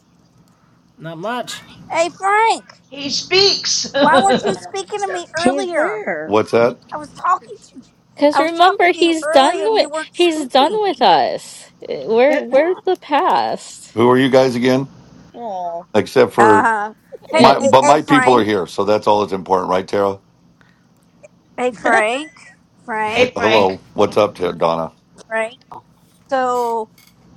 Speaker 2: Not much.
Speaker 9: Hey Frank,
Speaker 11: He speaks.
Speaker 9: why weren't you speaking to me
Speaker 12: He's
Speaker 9: earlier?
Speaker 12: there.
Speaker 17: What's that?
Speaker 9: I was talking to
Speaker 13: Cuz
Speaker 9: I was talking
Speaker 13: remember
Speaker 9: to you
Speaker 13: he's done
Speaker 9: earlier and you
Speaker 13: with
Speaker 9: weren't
Speaker 13: he's done
Speaker 9: speaking.
Speaker 13: with us. Eh, We're
Speaker 9: Uh
Speaker 13: we're the past.
Speaker 17: Who are you guys again?
Speaker 12: Aw.
Speaker 17: Except for
Speaker 9: huh. Hey,
Speaker 17: my,
Speaker 13: Eh,
Speaker 9: hey,
Speaker 17: but
Speaker 9: hey,
Speaker 17: my people are
Speaker 9: Frank.
Speaker 17: here, so that's all that's important, right, Tara?
Speaker 9: Hey, Frank.
Speaker 17: He-
Speaker 11: hey
Speaker 9: Frank.
Speaker 11: Frank,
Speaker 17: Hello, what's up, Tara Donna?
Speaker 9: Frank. So,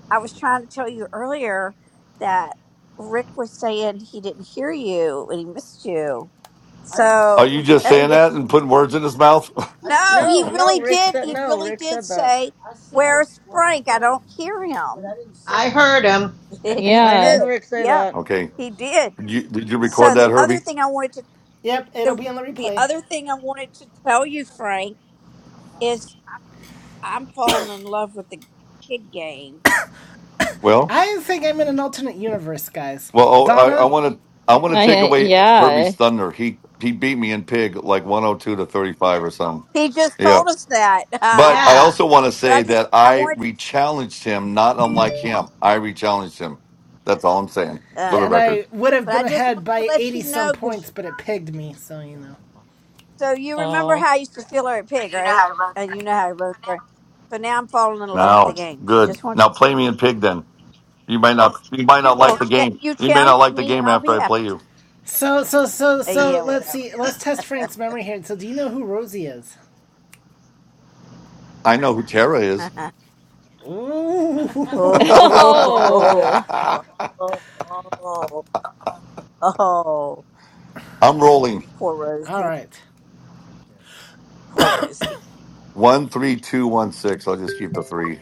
Speaker 9: I was trying to tell you earlier that Rick was saying he didn't hear you and he missed you. I didn't So
Speaker 17: Are you
Speaker 9: say
Speaker 17: just
Speaker 9: that.
Speaker 17: saying
Speaker 9: yes,
Speaker 17: that and
Speaker 9: you-
Speaker 17: putting words in his mouth?
Speaker 9: I didn't no, say he
Speaker 12: No,
Speaker 9: say-
Speaker 12: no.
Speaker 9: really
Speaker 12: Rick
Speaker 9: did.
Speaker 12: said
Speaker 9: He
Speaker 12: no.
Speaker 9: really
Speaker 12: Rick
Speaker 9: did
Speaker 12: said that.
Speaker 9: say, I said- "Where's well, Frank? I don't hear him." But I didn't say.
Speaker 11: I heard him.
Speaker 9: I- he
Speaker 12: I
Speaker 13: yeah.
Speaker 12: heard
Speaker 9: did.
Speaker 12: Rick say
Speaker 9: Yeah,
Speaker 12: that.
Speaker 17: Okay,
Speaker 9: he did.
Speaker 17: you, did you record
Speaker 9: So the
Speaker 17: that,
Speaker 9: other
Speaker 17: Herbie?
Speaker 9: thing I wanted to
Speaker 2: Yep, it'll
Speaker 9: the
Speaker 2: be on the
Speaker 9: the
Speaker 2: replay.
Speaker 9: other thing I wanted to tell you, Frank, is I'm falling in love with the kid game.
Speaker 17: Well,
Speaker 2: I think I'm in an alternate universe, guys.
Speaker 17: well, oh, I
Speaker 2: Donna?
Speaker 17: want to, I want to
Speaker 13: I
Speaker 17: take
Speaker 13: I-
Speaker 17: away
Speaker 13: yeah.
Speaker 17: Herbie's thunder. He he beat me in pig like one hundred two to thirty five or something.
Speaker 9: He just
Speaker 17: Yeah.
Speaker 9: told us that,
Speaker 17: But
Speaker 9: uh,
Speaker 17: I
Speaker 11: yeah.
Speaker 17: also want to
Speaker 9: but I
Speaker 17: say
Speaker 9: just
Speaker 17: that
Speaker 9: I
Speaker 17: I
Speaker 9: wanted to.
Speaker 17: rechallenged him, not unlike him. I rechallenged him. That's all I'm saying
Speaker 9: uh,
Speaker 17: for the
Speaker 2: Yeah, and
Speaker 17: record.
Speaker 2: I would have
Speaker 9: But I
Speaker 2: been
Speaker 9: just
Speaker 2: ahead
Speaker 9: wanted to
Speaker 2: by
Speaker 9: let
Speaker 2: 80
Speaker 9: you
Speaker 2: some
Speaker 9: know,
Speaker 2: points,
Speaker 9: cause
Speaker 2: but it pigged me, so you know.
Speaker 9: so you remember
Speaker 13: Oh.
Speaker 9: how I used to feel her at Pig, right? And you know how I wrote her. But now I'm falling in love with the
Speaker 17: No,
Speaker 9: game. So
Speaker 17: good.
Speaker 9: just want to,
Speaker 17: Now play me in pig. Then you might not. You might not
Speaker 9: well,
Speaker 17: like the
Speaker 9: ch-
Speaker 17: game.
Speaker 9: you
Speaker 17: You may not
Speaker 9: challenge
Speaker 17: like the
Speaker 9: me and
Speaker 17: game
Speaker 9: I'll
Speaker 17: after
Speaker 9: be
Speaker 17: I
Speaker 9: happy.
Speaker 17: play you.
Speaker 2: So, so, so,
Speaker 9: Uh, yeah,
Speaker 2: so, let's
Speaker 9: whatever.
Speaker 2: see. Let's test Frank's memory here. So, do you know who Rosie is?
Speaker 17: I know who Tara is.
Speaker 9: oh,
Speaker 2: Ooh.
Speaker 9: oh,
Speaker 13: Oh.
Speaker 17: I'm
Speaker 9: oh, oh, oh,
Speaker 17: rolling
Speaker 9: poor
Speaker 2: All
Speaker 9: Rosie.
Speaker 2: right.
Speaker 9: Poor Rosie.
Speaker 17: one three two one six. I'll just keep the three.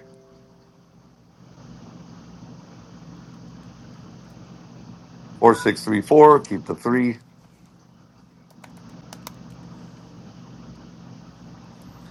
Speaker 17: Four, six, three, four. Keep the three.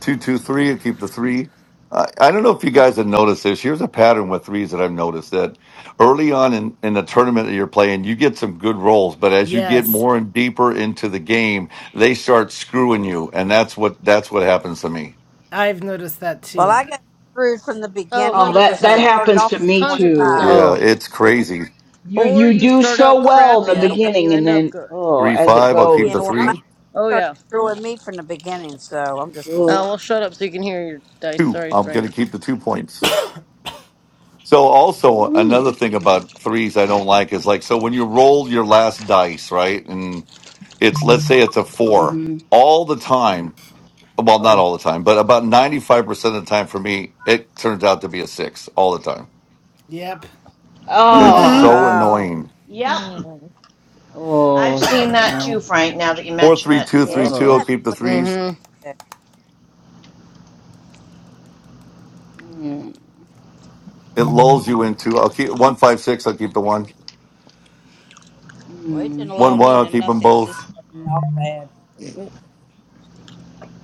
Speaker 17: Two, two, three. I keep the three. I, I don't know if you guys have noticed this. Here's a pattern with threes that I've noticed that early on in, in the tournament that you're playing, you get some good rolls, but as you get
Speaker 2: Yes,
Speaker 17: more and deeper into the game, they start screwing you, and that's what that's what happens to me.
Speaker 2: I've noticed that
Speaker 9: Well,
Speaker 2: too.
Speaker 9: I got screwed from the
Speaker 12: Oh,
Speaker 9: beginning
Speaker 12: 100
Speaker 8: that
Speaker 9: because I
Speaker 8: that
Speaker 12: percent.
Speaker 9: started
Speaker 8: happens to
Speaker 9: off with
Speaker 8: me
Speaker 12: one Hundred
Speaker 8: too.
Speaker 9: 25.
Speaker 12: percent.
Speaker 8: Oh.
Speaker 17: Yeah, it's crazy.
Speaker 8: You
Speaker 12: Or
Speaker 8: you
Speaker 12: you
Speaker 8: do
Speaker 12: start out
Speaker 8: so well in
Speaker 9: Yeah,
Speaker 8: the
Speaker 12: crappy
Speaker 9: well,
Speaker 12: and you
Speaker 8: beginning, and
Speaker 12: end up
Speaker 8: then
Speaker 12: good.
Speaker 8: oh,
Speaker 17: Three,
Speaker 8: as it
Speaker 17: five. I'll keep
Speaker 9: yeah,
Speaker 17: the
Speaker 8: goes,
Speaker 9: well, mine
Speaker 8: ugh,
Speaker 17: three.
Speaker 12: Oh
Speaker 9: started
Speaker 12: yeah.
Speaker 9: screwing me from the beginning. So I'm just going to say,
Speaker 12: Oh
Speaker 8: ugh.
Speaker 12: well, shut up so you can hear your dice.
Speaker 17: Two.
Speaker 8: Sorry.
Speaker 12: Sorry,
Speaker 17: I'm going
Speaker 12: Frank.
Speaker 17: to keep the two points. So also
Speaker 8: Ooh,
Speaker 17: another thing
Speaker 8: nice.
Speaker 17: about threes I don't like is like so when you roll your last dice, right? And it's let's say it's a four
Speaker 8: Mm-hmm.
Speaker 17: all the time well, not
Speaker 8: Ugh.
Speaker 17: all the time, but about 95% of the time for me, it turns out to be a six all the time.
Speaker 2: Yep.
Speaker 17: It's
Speaker 2: That,
Speaker 12: Mm.
Speaker 11: Mm-hmm.
Speaker 2: that
Speaker 8: Oh,
Speaker 17: so
Speaker 2: is
Speaker 9: wow.
Speaker 2: annoying.
Speaker 17: annoying.
Speaker 11: Yep.
Speaker 13: Mm.
Speaker 9: Yeah,
Speaker 11: I've
Speaker 8: oh,
Speaker 11: seen
Speaker 8: I
Speaker 11: that too,
Speaker 8: know.
Speaker 11: Frank. Now that you
Speaker 17: Four,
Speaker 11: mention
Speaker 17: three,
Speaker 11: it.
Speaker 17: two,
Speaker 9: yeah,
Speaker 17: three,
Speaker 9: it's
Speaker 17: two. I'll
Speaker 8: Ugh.
Speaker 9: messing
Speaker 17: keep the
Speaker 9: with me.
Speaker 17: threes.
Speaker 12: Mm-hmm.
Speaker 9: too.
Speaker 8: Mm,
Speaker 17: It lulls you into, I'll keep one, five, six. I'll keep the one.
Speaker 9: Well, it didn't
Speaker 8: mm,
Speaker 9: allow
Speaker 17: One,
Speaker 9: me
Speaker 17: one. I'll
Speaker 9: into
Speaker 17: keep them
Speaker 9: nothing because this
Speaker 17: both.
Speaker 9: started off bad. It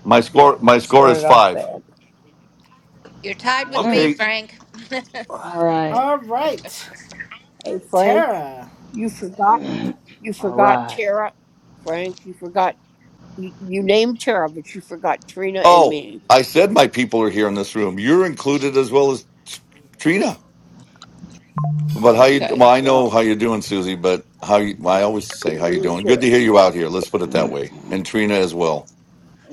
Speaker 17: My score, my
Speaker 9: it
Speaker 17: score is
Speaker 9: started off
Speaker 17: five.
Speaker 9: bad.
Speaker 7: You're tied with me,
Speaker 8: mm.
Speaker 17: Okay.
Speaker 7: Frank.
Speaker 8: All right.
Speaker 2: All right.
Speaker 10: Hey Frank,
Speaker 2: Tara,
Speaker 10: you forgot you
Speaker 8: All
Speaker 10: forgot
Speaker 8: right.
Speaker 10: Tara. Frank, you forgot you, you named Tara, but you forgot Trina and
Speaker 17: Oh,
Speaker 10: me.
Speaker 17: I said my people are here in this room. You're included as well as T- Trina. But how you?
Speaker 10: Okay.
Speaker 17: Well, I
Speaker 8: Yeah.
Speaker 17: know how you're doing, Susie. But how you? I always say
Speaker 10: You
Speaker 17: how you
Speaker 10: named
Speaker 17: doing. Good
Speaker 10: Tara.
Speaker 17: to hear you out here. Let's put it that way. And Trina as well.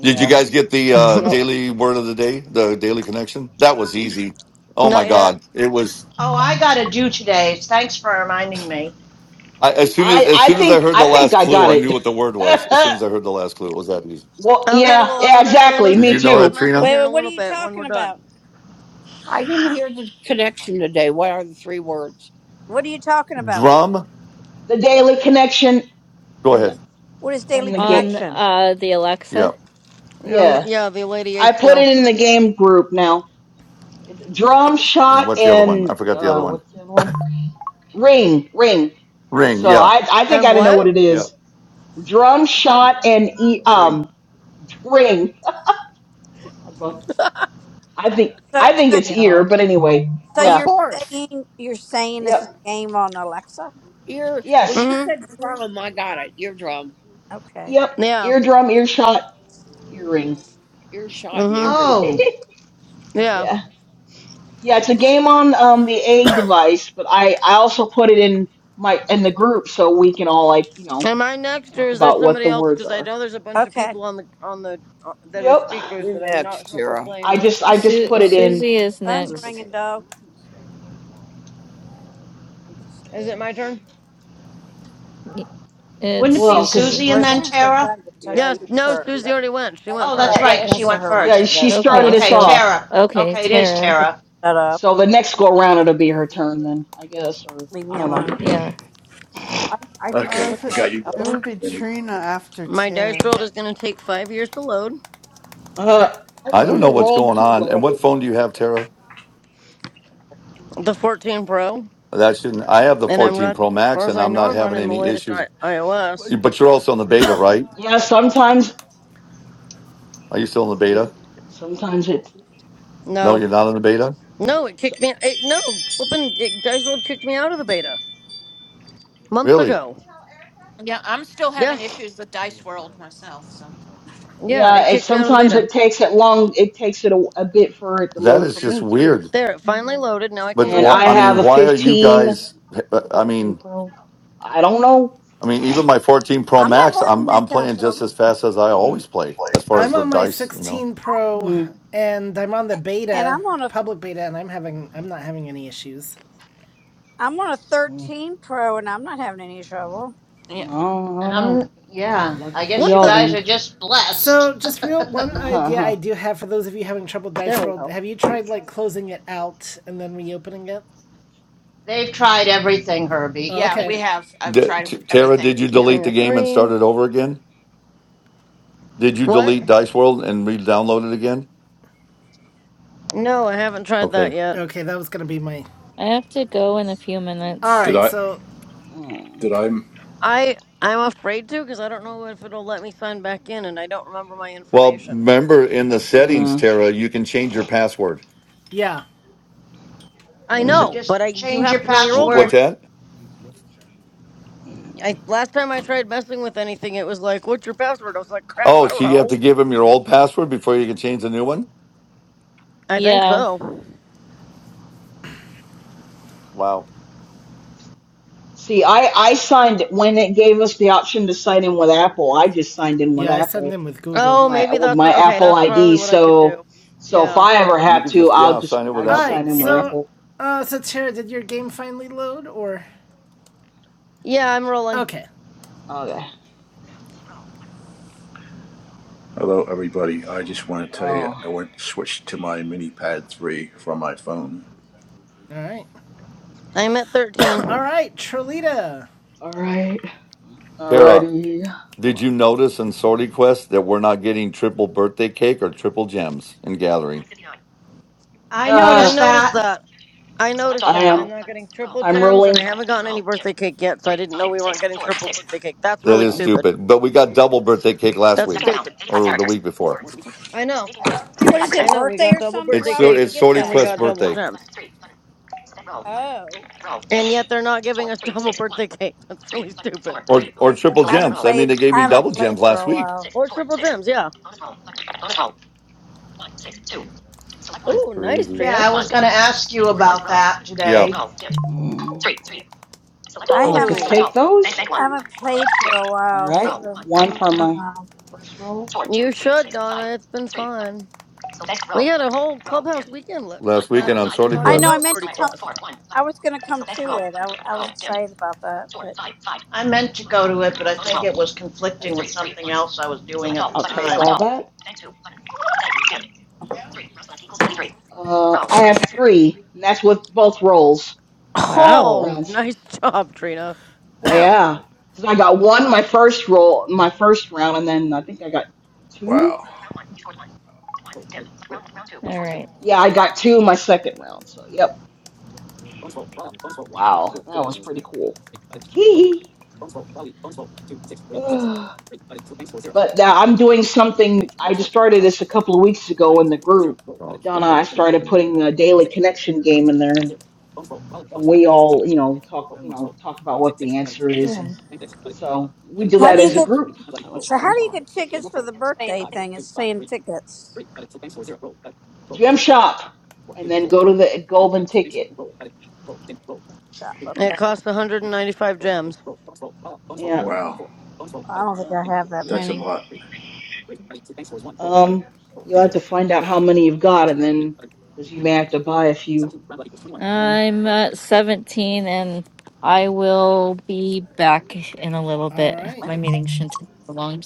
Speaker 17: Did you guys get the uh,
Speaker 8: Yep.
Speaker 17: daily word of the day, the daily connection? That was easy. Oh my
Speaker 12: Not yet.
Speaker 17: god, it was.
Speaker 11: Oh, I gotta do today. Thanks for reminding me.
Speaker 17: I, as soon as
Speaker 8: I
Speaker 17: as
Speaker 8: I
Speaker 17: soon as I
Speaker 8: think
Speaker 17: heard
Speaker 8: I
Speaker 17: the
Speaker 8: think
Speaker 17: last
Speaker 8: I
Speaker 17: clue,
Speaker 8: got
Speaker 17: I knew
Speaker 8: it.
Speaker 17: what the word was. As soon as I heard the last clue, it was that easy.
Speaker 8: well,
Speaker 12: Okay,
Speaker 8: yeah.
Speaker 12: well, I'm
Speaker 8: Yeah.
Speaker 12: gonna go
Speaker 8: Exactly.
Speaker 12: listen
Speaker 17: Did
Speaker 12: to
Speaker 8: Me
Speaker 17: you know
Speaker 12: Trina's
Speaker 17: that,
Speaker 8: too.
Speaker 12: message
Speaker 17: Trina?
Speaker 9: Wait,
Speaker 12: here in
Speaker 9: wait,
Speaker 12: a
Speaker 9: what are
Speaker 12: little
Speaker 9: you
Speaker 12: bit when
Speaker 9: talking
Speaker 12: we're done.
Speaker 9: about?
Speaker 10: I didn't hear the connection today. What are the three words?
Speaker 9: What are you talking about?
Speaker 17: Drum.
Speaker 8: The Daily Connection
Speaker 17: Go
Speaker 8: and the,
Speaker 17: ahead.
Speaker 9: What is daily
Speaker 8: and the game.
Speaker 13: On
Speaker 9: connection?
Speaker 13: uh the
Speaker 17: Yeah.
Speaker 13: Alexa.
Speaker 12: Um,
Speaker 8: Yeah,
Speaker 12: yeah, the Lady A
Speaker 8: I put
Speaker 12: skill.
Speaker 8: it in the game group now. Drum
Speaker 17: And
Speaker 8: shot
Speaker 17: what's the other one? I
Speaker 8: and
Speaker 17: forgot the
Speaker 8: uh,
Speaker 17: other one.
Speaker 8: what's the other one? Ring, ring.
Speaker 17: Ring.
Speaker 8: So
Speaker 17: Yeah.
Speaker 8: I I think
Speaker 12: And
Speaker 8: I know
Speaker 12: what?
Speaker 8: what it
Speaker 17: Yeah.
Speaker 8: is. Drum shot and e
Speaker 17: Ring.
Speaker 8: um ring. I was about- I think
Speaker 9: So,
Speaker 8: I think
Speaker 9: so,
Speaker 8: it's ear,
Speaker 13: Yeah.
Speaker 8: but anyway,
Speaker 9: so
Speaker 10: Of
Speaker 8: yeah,
Speaker 9: you're
Speaker 10: course.
Speaker 9: saying you're saying this is
Speaker 8: yep,
Speaker 9: a game on Alexa?
Speaker 10: Ear. When you
Speaker 8: yes,
Speaker 12: Mm
Speaker 10: said drum, I got it. Eardrum,
Speaker 9: Okay,
Speaker 8: yep.
Speaker 12: hmm. Yeah.
Speaker 8: Eardrum, earshot, earring.
Speaker 10: earshot, and
Speaker 12: Mm
Speaker 10: earring.
Speaker 11: Oh,
Speaker 12: hmm. Yeah.
Speaker 8: yeah. Yeah, it's a game on um the A device, but I I also put it in my in the group so we can all like, you know,
Speaker 12: Am I next, or
Speaker 8: talk
Speaker 12: is there
Speaker 8: about what
Speaker 12: somebody
Speaker 8: the
Speaker 12: else?
Speaker 8: words
Speaker 12: Because I
Speaker 8: are.
Speaker 12: know there's a bunch of
Speaker 9: okay.
Speaker 12: people on the on the uh, that are
Speaker 8: Yep.
Speaker 12: speakers
Speaker 10: You're
Speaker 12: that I'm not
Speaker 10: next,
Speaker 12: sure if we're
Speaker 10: Tara.
Speaker 8: I
Speaker 12: playing
Speaker 8: just
Speaker 12: the
Speaker 8: I
Speaker 12: game
Speaker 8: just
Speaker 13: Su-
Speaker 8: put it
Speaker 12: tournament.
Speaker 8: in
Speaker 13: Susie is
Speaker 8: the
Speaker 9: Phone's
Speaker 8: group a
Speaker 13: next.
Speaker 9: ringing,
Speaker 8: bit.
Speaker 9: dog.
Speaker 12: Is it my turn?
Speaker 13: Y- It's
Speaker 11: wouldn't it be
Speaker 8: Well, cuz
Speaker 13: Susie.
Speaker 11: Susie and then
Speaker 9: Roseanne's gonna try
Speaker 11: Tara?
Speaker 9: to get in touch
Speaker 10: Yeah,
Speaker 9: with
Speaker 12: Yes.
Speaker 9: him,
Speaker 10: you.
Speaker 9: I'm
Speaker 12: No,
Speaker 9: sure.
Speaker 12: Susie
Speaker 9: So
Speaker 12: already went. She went
Speaker 11: Oh, that's
Speaker 12: first.
Speaker 11: right, 'cause she
Speaker 9: answer
Speaker 11: went
Speaker 9: her when
Speaker 8: yeah,
Speaker 9: she
Speaker 11: first.
Speaker 8: she
Speaker 9: does
Speaker 8: started
Speaker 13: Okay,
Speaker 8: us
Speaker 9: call.
Speaker 11: Okay,
Speaker 13: so
Speaker 8: off.
Speaker 11: Tara.
Speaker 13: okay,
Speaker 11: Okay, it is
Speaker 13: Tara.
Speaker 9: Just
Speaker 11: Tara.
Speaker 9: shut up.
Speaker 8: So the next go around it'll be her turn then, I guess or
Speaker 9: Leave
Speaker 8: I
Speaker 9: me
Speaker 8: don't know.
Speaker 9: alone.
Speaker 13: Yeah.
Speaker 10: I, I,
Speaker 14: No,
Speaker 3: Okay,
Speaker 10: look,
Speaker 14: if
Speaker 3: I
Speaker 14: it
Speaker 3: got you
Speaker 10: I've
Speaker 14: it
Speaker 3: guys.
Speaker 10: only
Speaker 14: would be
Speaker 3: in my mini
Speaker 14: Trina after
Speaker 12: My dice
Speaker 14: Tara.
Speaker 12: roll is gonna take five years to load.
Speaker 8: Uh
Speaker 10: I've
Speaker 17: I don't
Speaker 8: mm,
Speaker 17: know
Speaker 10: only
Speaker 17: what's
Speaker 10: rolled
Speaker 17: going
Speaker 10: two
Speaker 17: on. And what
Speaker 10: rolls.
Speaker 17: phone do you have, Tara?
Speaker 12: The 14 Pro,
Speaker 17: That shouldn't. I have the
Speaker 12: and I'm
Speaker 17: 14
Speaker 12: run.
Speaker 17: Pro
Speaker 12: As far
Speaker 17: Max,
Speaker 12: as
Speaker 17: and
Speaker 12: I
Speaker 17: I'm
Speaker 12: know,
Speaker 17: not
Speaker 12: I'm
Speaker 17: having
Speaker 12: running the
Speaker 17: any
Speaker 12: latest
Speaker 17: issues.
Speaker 12: I- iOS.
Speaker 17: But you're also in the beta, right?
Speaker 8: yeah,
Speaker 11: And,
Speaker 8: sometimes
Speaker 17: Are you still in the beta?
Speaker 8: sometimes it
Speaker 17: No,
Speaker 12: No,
Speaker 17: you're not in the beta.
Speaker 12: No, it
Speaker 8: so,
Speaker 12: kicked me. It, no, flipping it, Dice World kicked me out of the beta months
Speaker 17: Really?
Speaker 12: ago.
Speaker 7: Yeah, I'm still
Speaker 12: Yeah,
Speaker 7: having issues with Dice World myself. So
Speaker 12: yeah, it
Speaker 8: yeah, it
Speaker 12: kicked me out of the
Speaker 8: sometimes
Speaker 12: beta.
Speaker 8: it takes it long it takes it a, a bit for it to
Speaker 17: That
Speaker 8: load
Speaker 17: is
Speaker 8: for
Speaker 17: just
Speaker 8: me too.
Speaker 17: weird.
Speaker 12: There, it finally loaded. Now I can
Speaker 17: But
Speaker 12: go
Speaker 8: And
Speaker 12: to
Speaker 17: well,
Speaker 8: I
Speaker 17: I
Speaker 8: have
Speaker 17: mean,
Speaker 8: a
Speaker 12: tournaments.
Speaker 17: why are you
Speaker 8: 15
Speaker 17: guys? I
Speaker 8: 14
Speaker 17: mean,
Speaker 8: Pro. I don't know.
Speaker 17: I mean, even my 14 Pro
Speaker 9: I'm not
Speaker 17: Max,
Speaker 9: having
Speaker 17: I'm
Speaker 9: that
Speaker 17: I'm
Speaker 9: kind of
Speaker 17: playing just
Speaker 9: trouble.
Speaker 17: as fast as I always play,
Speaker 3: play.
Speaker 17: as far as
Speaker 2: I'm
Speaker 17: the
Speaker 2: on my
Speaker 17: dice. You know,
Speaker 2: 16 Pro
Speaker 8: Hmm.
Speaker 2: and I'm on the
Speaker 9: And
Speaker 2: beta,
Speaker 9: I'm on a
Speaker 2: public beta, and I'm having I'm not having any issues.
Speaker 9: I'm on a
Speaker 8: Hmm.
Speaker 9: 13 Pro, and I'm not having any trouble.
Speaker 8: I
Speaker 7: yeah,
Speaker 8: don't, I
Speaker 11: and
Speaker 8: don't know.
Speaker 11: I'm, yeah, I
Speaker 8: Lucky for
Speaker 11: guess
Speaker 12: What
Speaker 11: you
Speaker 8: y'all
Speaker 12: the?
Speaker 11: guys
Speaker 8: then.
Speaker 11: are just blessed.
Speaker 2: So just real one idea I
Speaker 8: Uh-huh.
Speaker 2: do have for those of you having trouble
Speaker 12: There
Speaker 2: Dice
Speaker 12: we
Speaker 2: World,
Speaker 12: go.
Speaker 2: have you tried like closing it out and then reopening it?
Speaker 11: They've tried everything, Herbie.
Speaker 2: Oh,
Speaker 7: yeah,
Speaker 2: okay.
Speaker 7: we have. I've
Speaker 17: D-
Speaker 7: tried
Speaker 17: T- Tara,
Speaker 7: everything.
Speaker 17: did you
Speaker 7: Yeah,
Speaker 17: delete
Speaker 12: Keeping
Speaker 17: the
Speaker 12: a
Speaker 17: game and start
Speaker 12: three.
Speaker 17: it over again? Did you
Speaker 12: What?
Speaker 17: delete Dice World and re-download it again?
Speaker 12: No, I haven't tried that
Speaker 17: Okay.
Speaker 12: yet.
Speaker 2: Okay, that was gonna be my
Speaker 13: I have to go in a few minutes.
Speaker 3: Did
Speaker 2: Alright,
Speaker 3: I?
Speaker 2: so
Speaker 8: Mm,
Speaker 3: Did I?
Speaker 12: I I'm afraid to because I don't know if it'll let me sign back in, and I don't remember my
Speaker 17: Well,
Speaker 12: information.
Speaker 17: remember in the settings,
Speaker 8: mm.
Speaker 17: Tara, you can change your password.
Speaker 2: yeah.
Speaker 12: I
Speaker 11: so
Speaker 12: know,
Speaker 11: just
Speaker 12: but I you
Speaker 11: change
Speaker 12: have
Speaker 11: your
Speaker 12: to know your
Speaker 17: Wh-
Speaker 12: old
Speaker 17: what's
Speaker 12: one.
Speaker 11: password.
Speaker 17: that?
Speaker 12: I last time I tried messing with anything, it was like, "What's your password?" I was like, "Crap, I
Speaker 17: Oh,
Speaker 12: don't
Speaker 17: so you have
Speaker 12: know."
Speaker 17: to give them your old password before you can change the new one.
Speaker 12: I think
Speaker 13: Yeah.
Speaker 12: so.
Speaker 17: Wow.
Speaker 8: See, I I signed when it gave us the option to sign in with Apple. I just signed in with
Speaker 2: Yeah, I send
Speaker 8: Apple
Speaker 2: them with Google.
Speaker 12: Oh,
Speaker 8: my
Speaker 12: maybe
Speaker 8: with
Speaker 12: that's
Speaker 8: my
Speaker 12: okay.
Speaker 8: Apple
Speaker 12: That's probably
Speaker 8: ID.
Speaker 12: what I could
Speaker 8: So
Speaker 12: do.
Speaker 8: so if
Speaker 12: Yeah.
Speaker 8: I ever
Speaker 17: You
Speaker 8: have
Speaker 17: could
Speaker 8: to,
Speaker 17: just
Speaker 8: I'll
Speaker 17: yeah
Speaker 8: just
Speaker 17: sign it
Speaker 8: I
Speaker 17: with
Speaker 8: just sign
Speaker 17: Apple.
Speaker 2: Alright,
Speaker 8: in
Speaker 17: I
Speaker 8: with
Speaker 17: mean,
Speaker 2: so
Speaker 8: Apple.
Speaker 2: uh so Tara, did your game finally load or
Speaker 12: Yeah, I'm rolling.
Speaker 2: Okay.
Speaker 8: Okay.
Speaker 3: Hello, everybody. I just want to tell you, I
Speaker 8: Oh,
Speaker 3: went switched to my mini pad three from my phone.
Speaker 2: Alright.
Speaker 12: I'm at 13.
Speaker 2: Alright, Trolita.
Speaker 8: all right.
Speaker 17: Tara.
Speaker 8: Alrighty. Hold
Speaker 17: Did
Speaker 8: on.
Speaker 17: you notice in Sorty Quest that we're not getting triple birthday cake or triple gems in Gathering?
Speaker 11: I
Speaker 12: I
Speaker 11: noticed
Speaker 8: Ah,
Speaker 12: noticed
Speaker 11: that.
Speaker 12: that. I
Speaker 8: Select
Speaker 12: noticed
Speaker 8: all. I
Speaker 12: that.
Speaker 8: am. Roll.
Speaker 12: I'm not
Speaker 8: Button.
Speaker 12: getting
Speaker 8: Roll.
Speaker 12: triple
Speaker 8: I'm Button.
Speaker 12: gems
Speaker 8: rolling.
Speaker 12: and I haven't gotten any birthday cake yet, so I didn't know we weren't getting triple birthday cake. That's
Speaker 17: That
Speaker 8: Hold
Speaker 12: really
Speaker 17: is
Speaker 8: on.
Speaker 12: stupid.
Speaker 17: stupid. But we got double birthday cake
Speaker 8: Come
Speaker 17: last
Speaker 8: on.
Speaker 12: That's
Speaker 17: week
Speaker 8: Second amount.
Speaker 12: stupid.
Speaker 8: 85
Speaker 17: or the
Speaker 8: characters.
Speaker 17: week before.
Speaker 12: I know.
Speaker 9: What is
Speaker 12: I
Speaker 9: it,
Speaker 12: know. We
Speaker 9: birthday
Speaker 12: got
Speaker 9: or
Speaker 12: double
Speaker 9: something?
Speaker 17: It's
Speaker 12: birthday
Speaker 9: Why
Speaker 17: so
Speaker 9: would you
Speaker 12: cake
Speaker 17: it's
Speaker 9: get
Speaker 17: Sorty
Speaker 12: and
Speaker 9: that?
Speaker 12: we
Speaker 17: Quest
Speaker 12: got double
Speaker 17: birthday
Speaker 12: gems.
Speaker 9: Oh,
Speaker 12: And yet they're not giving us double birthday cake. That's really stupid.
Speaker 17: or or triple
Speaker 9: I haven't
Speaker 17: gems. I mean,
Speaker 9: played.
Speaker 17: they gave
Speaker 9: I
Speaker 17: me
Speaker 9: haven't
Speaker 17: double
Speaker 9: played
Speaker 17: gems
Speaker 9: for
Speaker 17: last
Speaker 9: a
Speaker 17: week.
Speaker 9: while.
Speaker 12: Or triple gems, yeah.
Speaker 17: That's
Speaker 12: Ooh, nice,
Speaker 17: crazy.
Speaker 11: Yeah,
Speaker 12: Trina.
Speaker 11: I was going to ask you about that
Speaker 17: Yeah,
Speaker 11: today.
Speaker 8: Mm. Three. Three. Select all.
Speaker 9: I
Speaker 8: I'll Button. just
Speaker 9: haven't.
Speaker 8: Select
Speaker 12: Ooh.
Speaker 8: take all. those. Bank, bank
Speaker 9: I
Speaker 8: one.
Speaker 9: haven't
Speaker 8: Button.
Speaker 9: played for a
Speaker 8: All
Speaker 9: while,
Speaker 8: right. Roll.
Speaker 9: so I
Speaker 8: One One
Speaker 9: don't
Speaker 8: for my
Speaker 9: know.
Speaker 8: first roll. Four, two,
Speaker 12: You
Speaker 8: three,
Speaker 12: should,
Speaker 8: six, five.
Speaker 12: Donna. It's been fun. We had a whole clubhouse weekend left
Speaker 17: last weekend
Speaker 12: last
Speaker 17: on
Speaker 12: weekend
Speaker 17: Sorty
Speaker 9: I
Speaker 12: talking
Speaker 9: know
Speaker 17: Quest.
Speaker 9: I
Speaker 12: about
Speaker 9: meant to
Speaker 12: Sorty
Speaker 9: come.
Speaker 12: Quest.
Speaker 9: I was going to come to it. I, I was excited about that. But
Speaker 11: I meant to go to it, but I think it was conflicting with something else I was doing
Speaker 8: Select
Speaker 11: at
Speaker 8: all.
Speaker 11: the
Speaker 8: I'll Button. take
Speaker 11: time.
Speaker 8: Select all all. that. Uh, Roll. I have three. And that's with both rolls. Both
Speaker 13: Wow.
Speaker 12: Oh,
Speaker 8: rounds.
Speaker 12: nice job, Trina.
Speaker 3: Wow,
Speaker 8: Yeah. Because I got one my first roll, my first round, and then I think I got two.
Speaker 3: wow,
Speaker 13: All right.
Speaker 8: Yeah, I got two my second round. So, yep. Wow, that was pretty cool. Hee hee. But now I'm doing something. I just started this a couple of weeks ago in the group.
Speaker 17: Don't
Speaker 8: Donna,
Speaker 17: spoil
Speaker 8: I
Speaker 17: us the
Speaker 8: started
Speaker 17: boomer.
Speaker 8: putting the daily connection game in there, and, we all, you know, talk, you know, talk about what the answer is,
Speaker 13: Yeah.
Speaker 8: and so we
Speaker 17: You
Speaker 8: do
Speaker 9: how
Speaker 8: that
Speaker 9: do
Speaker 17: gave
Speaker 9: you
Speaker 8: as
Speaker 17: the
Speaker 8: a
Speaker 9: get?
Speaker 17: answer.
Speaker 8: group. So it's
Speaker 9: So how
Speaker 8: fun.
Speaker 17: Come
Speaker 9: do you
Speaker 17: on.
Speaker 9: get tickets for the birthday thing? It's saying tickets
Speaker 8: Gem shop, and then go to the golden ticket.
Speaker 9: shop.
Speaker 12: It
Speaker 9: Okay.
Speaker 12: cost 195 gems.
Speaker 8: Yeah,
Speaker 3: wow.
Speaker 9: I don't think I
Speaker 8: yeah.
Speaker 9: have that
Speaker 3: That's a
Speaker 9: many.
Speaker 3: lot.
Speaker 8: Um, you'll have to find out how many you've got, and then because you may have to buy a few.
Speaker 13: I'm at 17 and I will be back in a little bit.
Speaker 2: Alright.
Speaker 13: My meeting shouldn't take so long.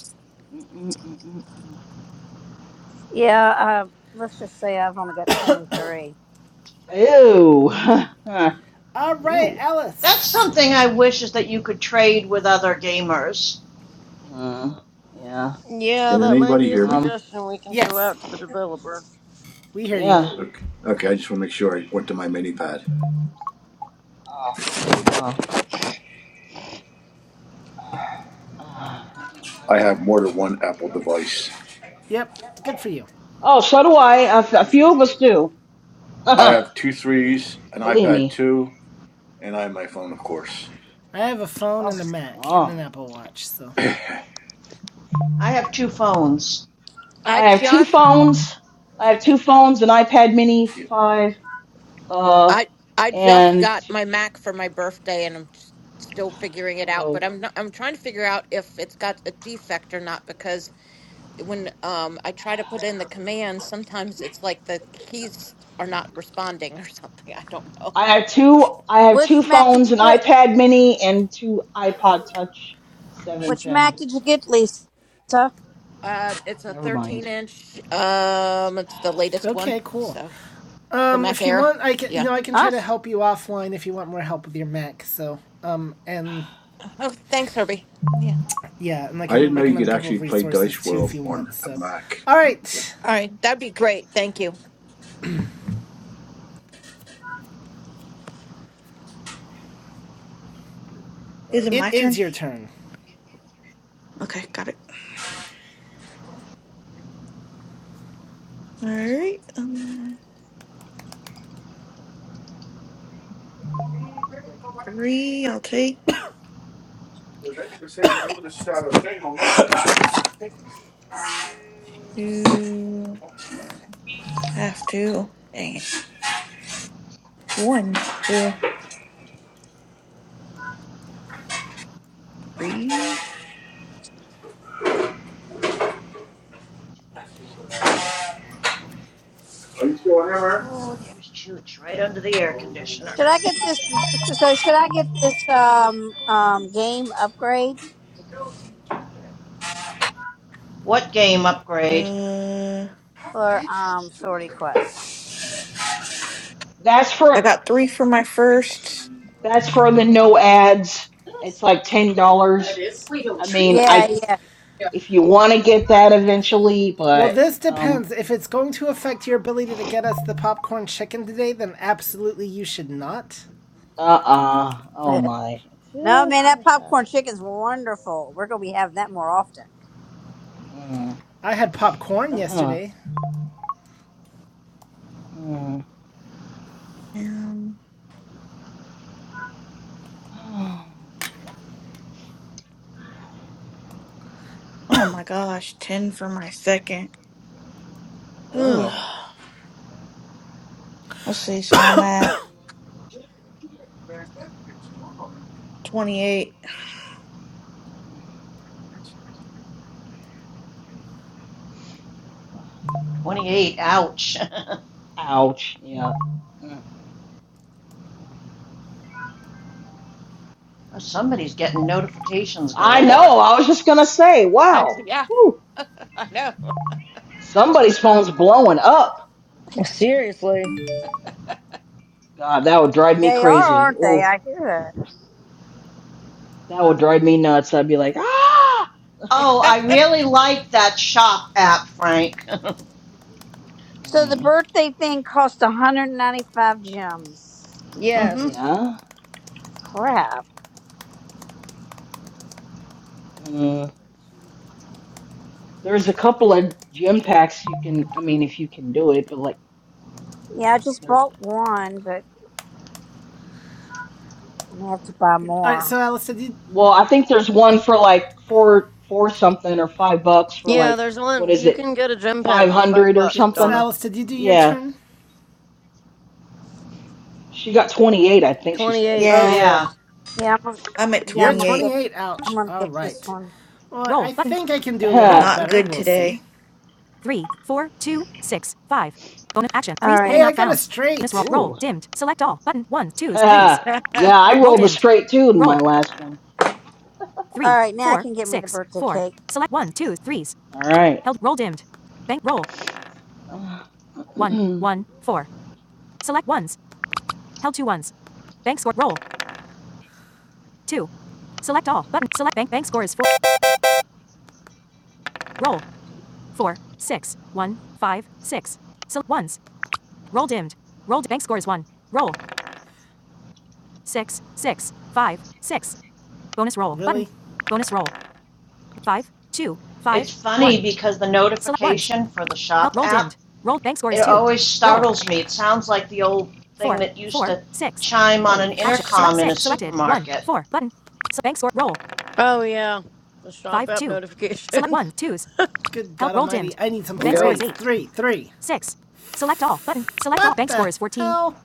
Speaker 8: Mm, mm, mm, mm,
Speaker 9: Yeah. Uh, let's just say I've only got 23.
Speaker 8: mm. Ew.
Speaker 2: All right,
Speaker 8: Ew.
Speaker 11: That's
Speaker 2: Alice.
Speaker 11: something I wish is that you could trade with other gamers
Speaker 8: Uh, yeah.
Speaker 12: Yeah,
Speaker 3: Can
Speaker 12: that might
Speaker 3: anybody
Speaker 12: be a
Speaker 3: hear me?
Speaker 8: Um.
Speaker 12: suggestion we can throw
Speaker 2: Yes,
Speaker 12: out to the developer.
Speaker 2: we hear you.
Speaker 8: Yeah.
Speaker 3: Okay. Okay, I just want to make sure I went to my mini pad.
Speaker 8: Oh. Uh,
Speaker 3: I have more than one Apple device.
Speaker 2: Yep, good for you.
Speaker 8: oh. So do I. A, f- a few of us do.
Speaker 3: I have two threes, an
Speaker 8: Believe
Speaker 3: iPad
Speaker 8: me.
Speaker 3: 2, and I have my phone, of course.
Speaker 2: I have a phone and a
Speaker 12: Oh,
Speaker 2: Mac and
Speaker 8: Oh.
Speaker 2: an Apple Watch, so
Speaker 11: I have two phones.
Speaker 7: I
Speaker 8: I have two
Speaker 7: just
Speaker 8: phones. I have two phones, an iPad Mini
Speaker 3: Yeah.
Speaker 8: five. Uh.
Speaker 7: I I just
Speaker 8: And
Speaker 7: got
Speaker 8: t-
Speaker 7: my Mac for my birthday, and I'm s- still figuring it out. But
Speaker 8: hello.
Speaker 7: I'm not, I'm trying to figure out if it's got a defect or not because when um I try to put in the command, sometimes it's like the keys are not responding or something. I don't know.
Speaker 8: I have two. I have two
Speaker 9: Which Mac did
Speaker 8: phones,
Speaker 9: you
Speaker 8: an
Speaker 9: get?
Speaker 8: iPad Mini, and two iPod Touch seven
Speaker 9: Which
Speaker 8: gen.
Speaker 9: Mac did you get, Lisa?
Speaker 7: Um,
Speaker 8: Oh,
Speaker 7: it's a
Speaker 8: never
Speaker 7: 13
Speaker 8: mind.
Speaker 7: inch. Um, it's the latest one.
Speaker 2: okay, cool.
Speaker 7: So for
Speaker 2: Um,
Speaker 7: Mac
Speaker 2: if you
Speaker 7: Air.
Speaker 2: want, I can, you
Speaker 7: Yeah.
Speaker 2: know, I can
Speaker 9: Huh?
Speaker 2: try to help you offline if you want more help with your Mac. So, um, and
Speaker 7: Oh, thanks, Herbie. Yeah.
Speaker 2: yeah, and I
Speaker 3: I
Speaker 2: can
Speaker 3: didn't know
Speaker 7: Yeah.
Speaker 3: you
Speaker 2: recommend a
Speaker 3: could
Speaker 2: couple
Speaker 3: actually
Speaker 2: of
Speaker 3: play
Speaker 2: resources
Speaker 3: Dice
Speaker 2: too
Speaker 3: World
Speaker 2: if you
Speaker 3: on
Speaker 2: want.
Speaker 3: a
Speaker 2: So,
Speaker 3: Mac.
Speaker 2: all right,
Speaker 7: All right. That'd be great. Thank you.
Speaker 16: Is it
Speaker 2: it
Speaker 16: my
Speaker 2: is
Speaker 16: turn?
Speaker 2: your turn.
Speaker 16: Okay, got it. All right. Um, three, I'll take. Two, have to. Dang it. One, cool. Three.
Speaker 11: Oh, there's Chooch right under the air
Speaker 9: Should
Speaker 11: conditioner.
Speaker 9: I get this? So should I get this um um game upgrade
Speaker 11: what game upgrade?
Speaker 16: Uh,
Speaker 9: for um Sorty Quest?
Speaker 8: That's
Speaker 16: I
Speaker 8: for
Speaker 16: got three for my first.
Speaker 8: that's for the no ads. It's like ten dollars. I mean,
Speaker 9: Yeah,
Speaker 8: I
Speaker 9: yeah.
Speaker 8: if you want to get that eventually,
Speaker 2: Well,
Speaker 8: but
Speaker 2: this
Speaker 8: um,
Speaker 2: depends. If it's going to affect your ability to get us the popcorn chicken today, then absolutely you should not.
Speaker 8: uh, uh oh
Speaker 9: no,
Speaker 8: my.
Speaker 9: man, that popcorn chicken's wonderful. We're gonna be having that more often.
Speaker 8: Mm,
Speaker 2: I had popcorn
Speaker 8: uh-huh.
Speaker 2: yesterday.
Speaker 8: Mm.
Speaker 16: Um, oh my gosh, ten for my second.
Speaker 8: Oh.
Speaker 16: Ugh. Let's see. So I'm at 28.
Speaker 11: 28, ouch.
Speaker 8: Ouch. Yeah. Mm.
Speaker 11: Somebody's getting notifications
Speaker 8: I know.
Speaker 11: galore.
Speaker 8: I was just gonna say. Wow. Whew. Somebody's phone's blowing up.
Speaker 12: seriously?
Speaker 8: God, that would drive me
Speaker 9: They are,
Speaker 2: Yeah.
Speaker 8: crazy.
Speaker 9: aren't they?
Speaker 8: Oh,
Speaker 9: I hear that.
Speaker 8: that would drive me nuts. I'd be like, ah.
Speaker 11: Oh, I really like that shop app, Frank. mm
Speaker 9: So the
Speaker 8: Mm,
Speaker 9: birthday thing cost 195 gems.
Speaker 11: hmm
Speaker 12: Yes.
Speaker 8: yeah.
Speaker 9: Crap.
Speaker 8: Mm. There's a couple of gym packs you can. I mean, if you can do it, but like,
Speaker 9: Yeah, I just
Speaker 8: there's.
Speaker 9: bought one, but I'm gonna have to buy
Speaker 2: All right,
Speaker 9: more.
Speaker 2: so Alice, did you?
Speaker 8: Well, I think there's one for like four, four something or five bucks for
Speaker 12: Yeah,
Speaker 8: like
Speaker 12: there's
Speaker 8: what
Speaker 12: one.
Speaker 8: is
Speaker 12: You
Speaker 8: it,
Speaker 12: can get a gem pack
Speaker 8: five
Speaker 12: for five
Speaker 8: hundred or
Speaker 12: bucks,
Speaker 2: Yep. So
Speaker 8: something.
Speaker 12: Donna.
Speaker 2: Alice, did you do your
Speaker 8: Yeah,
Speaker 2: turn?
Speaker 8: she got twenty eight. I think she said.
Speaker 12: 28, so
Speaker 16: Yeah,
Speaker 2: Okay.
Speaker 11: Yeah,
Speaker 12: yes.
Speaker 9: Yeah, I'm gonna,
Speaker 16: I'm at
Speaker 9: yeah,
Speaker 2: You're
Speaker 9: I'm
Speaker 2: at
Speaker 9: gonna
Speaker 16: 28.
Speaker 9: get,
Speaker 2: 28. Ouch.
Speaker 9: I'm gonna
Speaker 2: All
Speaker 9: get this
Speaker 2: right.
Speaker 9: one.
Speaker 2: Well, I think I can do a little bit
Speaker 16: Not
Speaker 2: better.
Speaker 16: good
Speaker 2: We'll see.
Speaker 16: today.
Speaker 9: All
Speaker 2: Hey,
Speaker 9: right,
Speaker 2: I got a straight.
Speaker 8: yeah, I rolled a straight two in my last one.
Speaker 9: all right. Now I can get me the birthday cake.
Speaker 8: All right. you
Speaker 2: Really?
Speaker 11: it's funny because the notification for the shop app, it always startles me. It sounds like the old thing that used to chime on an
Speaker 2: Holy shit. Action.
Speaker 11: intercom in a supermarket.
Speaker 12: Oh, yeah. The shop app notifications.
Speaker 2: Good God I need some threes.
Speaker 12: Yep.
Speaker 2: Three, three. what all. hell?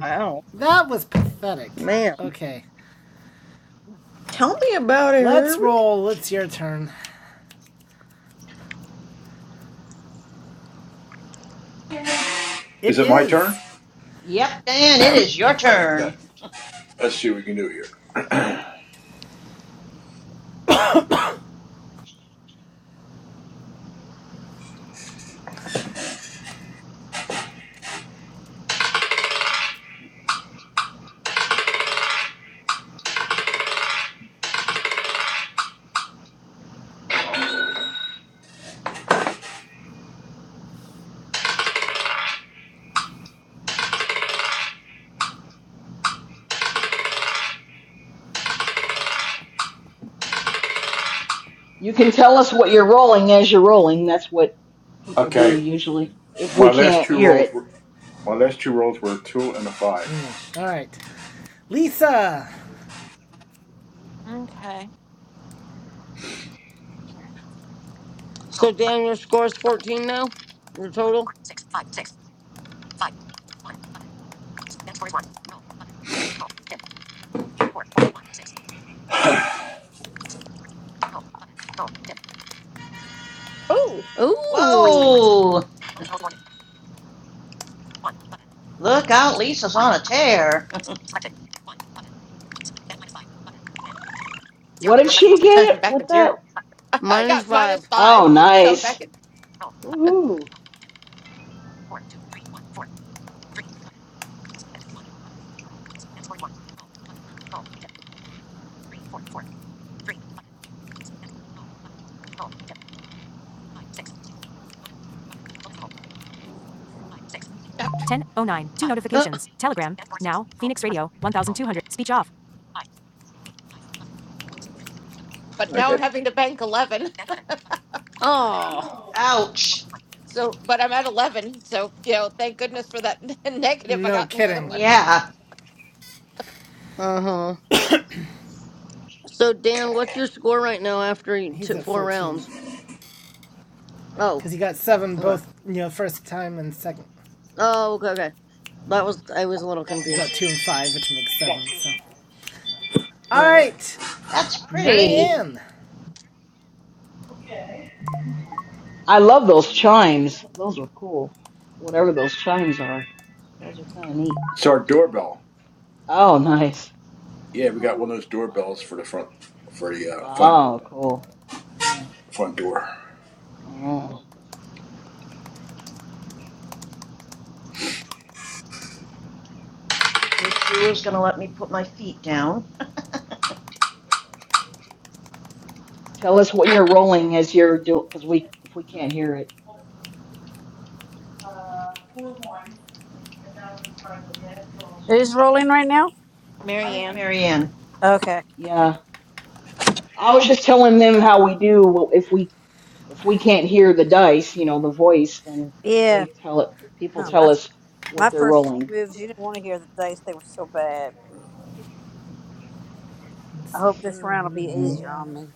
Speaker 12: Wow.
Speaker 2: That was pathetic.
Speaker 12: Man.
Speaker 2: Okay.
Speaker 16: Tell me about it,
Speaker 2: Let's
Speaker 16: Herbie.
Speaker 2: roll. It's your turn.
Speaker 3: Is
Speaker 2: It
Speaker 3: it my turn?
Speaker 2: is.
Speaker 11: Yep, Dan, it is your
Speaker 3: Okay.
Speaker 11: turn.
Speaker 3: Let's see what we can do here.
Speaker 8: can tell us what you're rolling as you're rolling. That's what people
Speaker 3: Okay.
Speaker 8: do usually if we
Speaker 3: My last
Speaker 8: can't
Speaker 3: two
Speaker 8: hear
Speaker 3: rolls
Speaker 8: it.
Speaker 3: were my last two rolls were a two and a five.
Speaker 2: Yeah. All right. Lisa.
Speaker 12: So, Dan, your score's 14 now? Your total?
Speaker 7: Oh,
Speaker 12: Ooh.
Speaker 11: Whoa! Look out, Lisa's on a tear.
Speaker 7: zero.
Speaker 8: What did she
Speaker 7: oh, I'm
Speaker 8: get
Speaker 7: back
Speaker 8: with
Speaker 7: at zero.
Speaker 8: that?
Speaker 7: I
Speaker 12: Minus
Speaker 7: got
Speaker 12: five.
Speaker 7: minus
Speaker 8: Oh,
Speaker 7: five. So I'm
Speaker 8: nice.
Speaker 7: back
Speaker 8: Woohoo.
Speaker 7: at,
Speaker 12: Uh,
Speaker 7: but now I'm
Speaker 3: Okay.
Speaker 7: having to bank 11.
Speaker 12: oh.
Speaker 11: Ouch.
Speaker 7: So, but I'm at 11. So, you know, thank goodness for that negative. I
Speaker 2: No
Speaker 7: got in the other
Speaker 2: kidding.
Speaker 7: one.
Speaker 11: Yeah,
Speaker 12: Uh huh. So Dan, what's your score right now after you
Speaker 2: He's
Speaker 12: took
Speaker 2: at
Speaker 12: four
Speaker 2: 14.
Speaker 12: rounds? Oh.
Speaker 2: Because he got seven
Speaker 12: Okay.
Speaker 2: both, you know, first time and second.
Speaker 12: Oh. Okay. Okay. That was. I was a little
Speaker 2: Because he
Speaker 12: confused.
Speaker 2: got two and five, which makes seven, so. All
Speaker 12: Right.
Speaker 2: right.
Speaker 11: that's pretty.
Speaker 2: Marianne.
Speaker 8: I love those chimes. Those are cool. Whatever those chimes are, those are kind of neat.
Speaker 3: It's our doorbell.
Speaker 8: Oh, nice.
Speaker 3: Yeah, we got one of those doorbells for the front for the uh, front
Speaker 8: Oh, cool. Nice.
Speaker 3: front door.
Speaker 8: Oh.
Speaker 11: Well, Good Shula's gonna let me put my feet down.
Speaker 8: Tell us what you're rolling as you're doing, because we if we can't hear it.
Speaker 9: It is rolling right now.
Speaker 7: Marianne.
Speaker 11: Marianne.
Speaker 9: Okay.
Speaker 8: Yeah, I was just telling them how we do. well, If we if we can't hear the dice, you know, the voice, then
Speaker 9: Yeah.
Speaker 8: they tell it. People
Speaker 9: Oh, my
Speaker 8: tell us
Speaker 9: my
Speaker 8: what they're
Speaker 9: first two
Speaker 8: rolling.
Speaker 9: moves. You didn't want to hear the dice. They were so bad.
Speaker 2: In
Speaker 9: I hope this round will be
Speaker 8: Mm.
Speaker 9: easier on
Speaker 2: suburbia.
Speaker 9: me.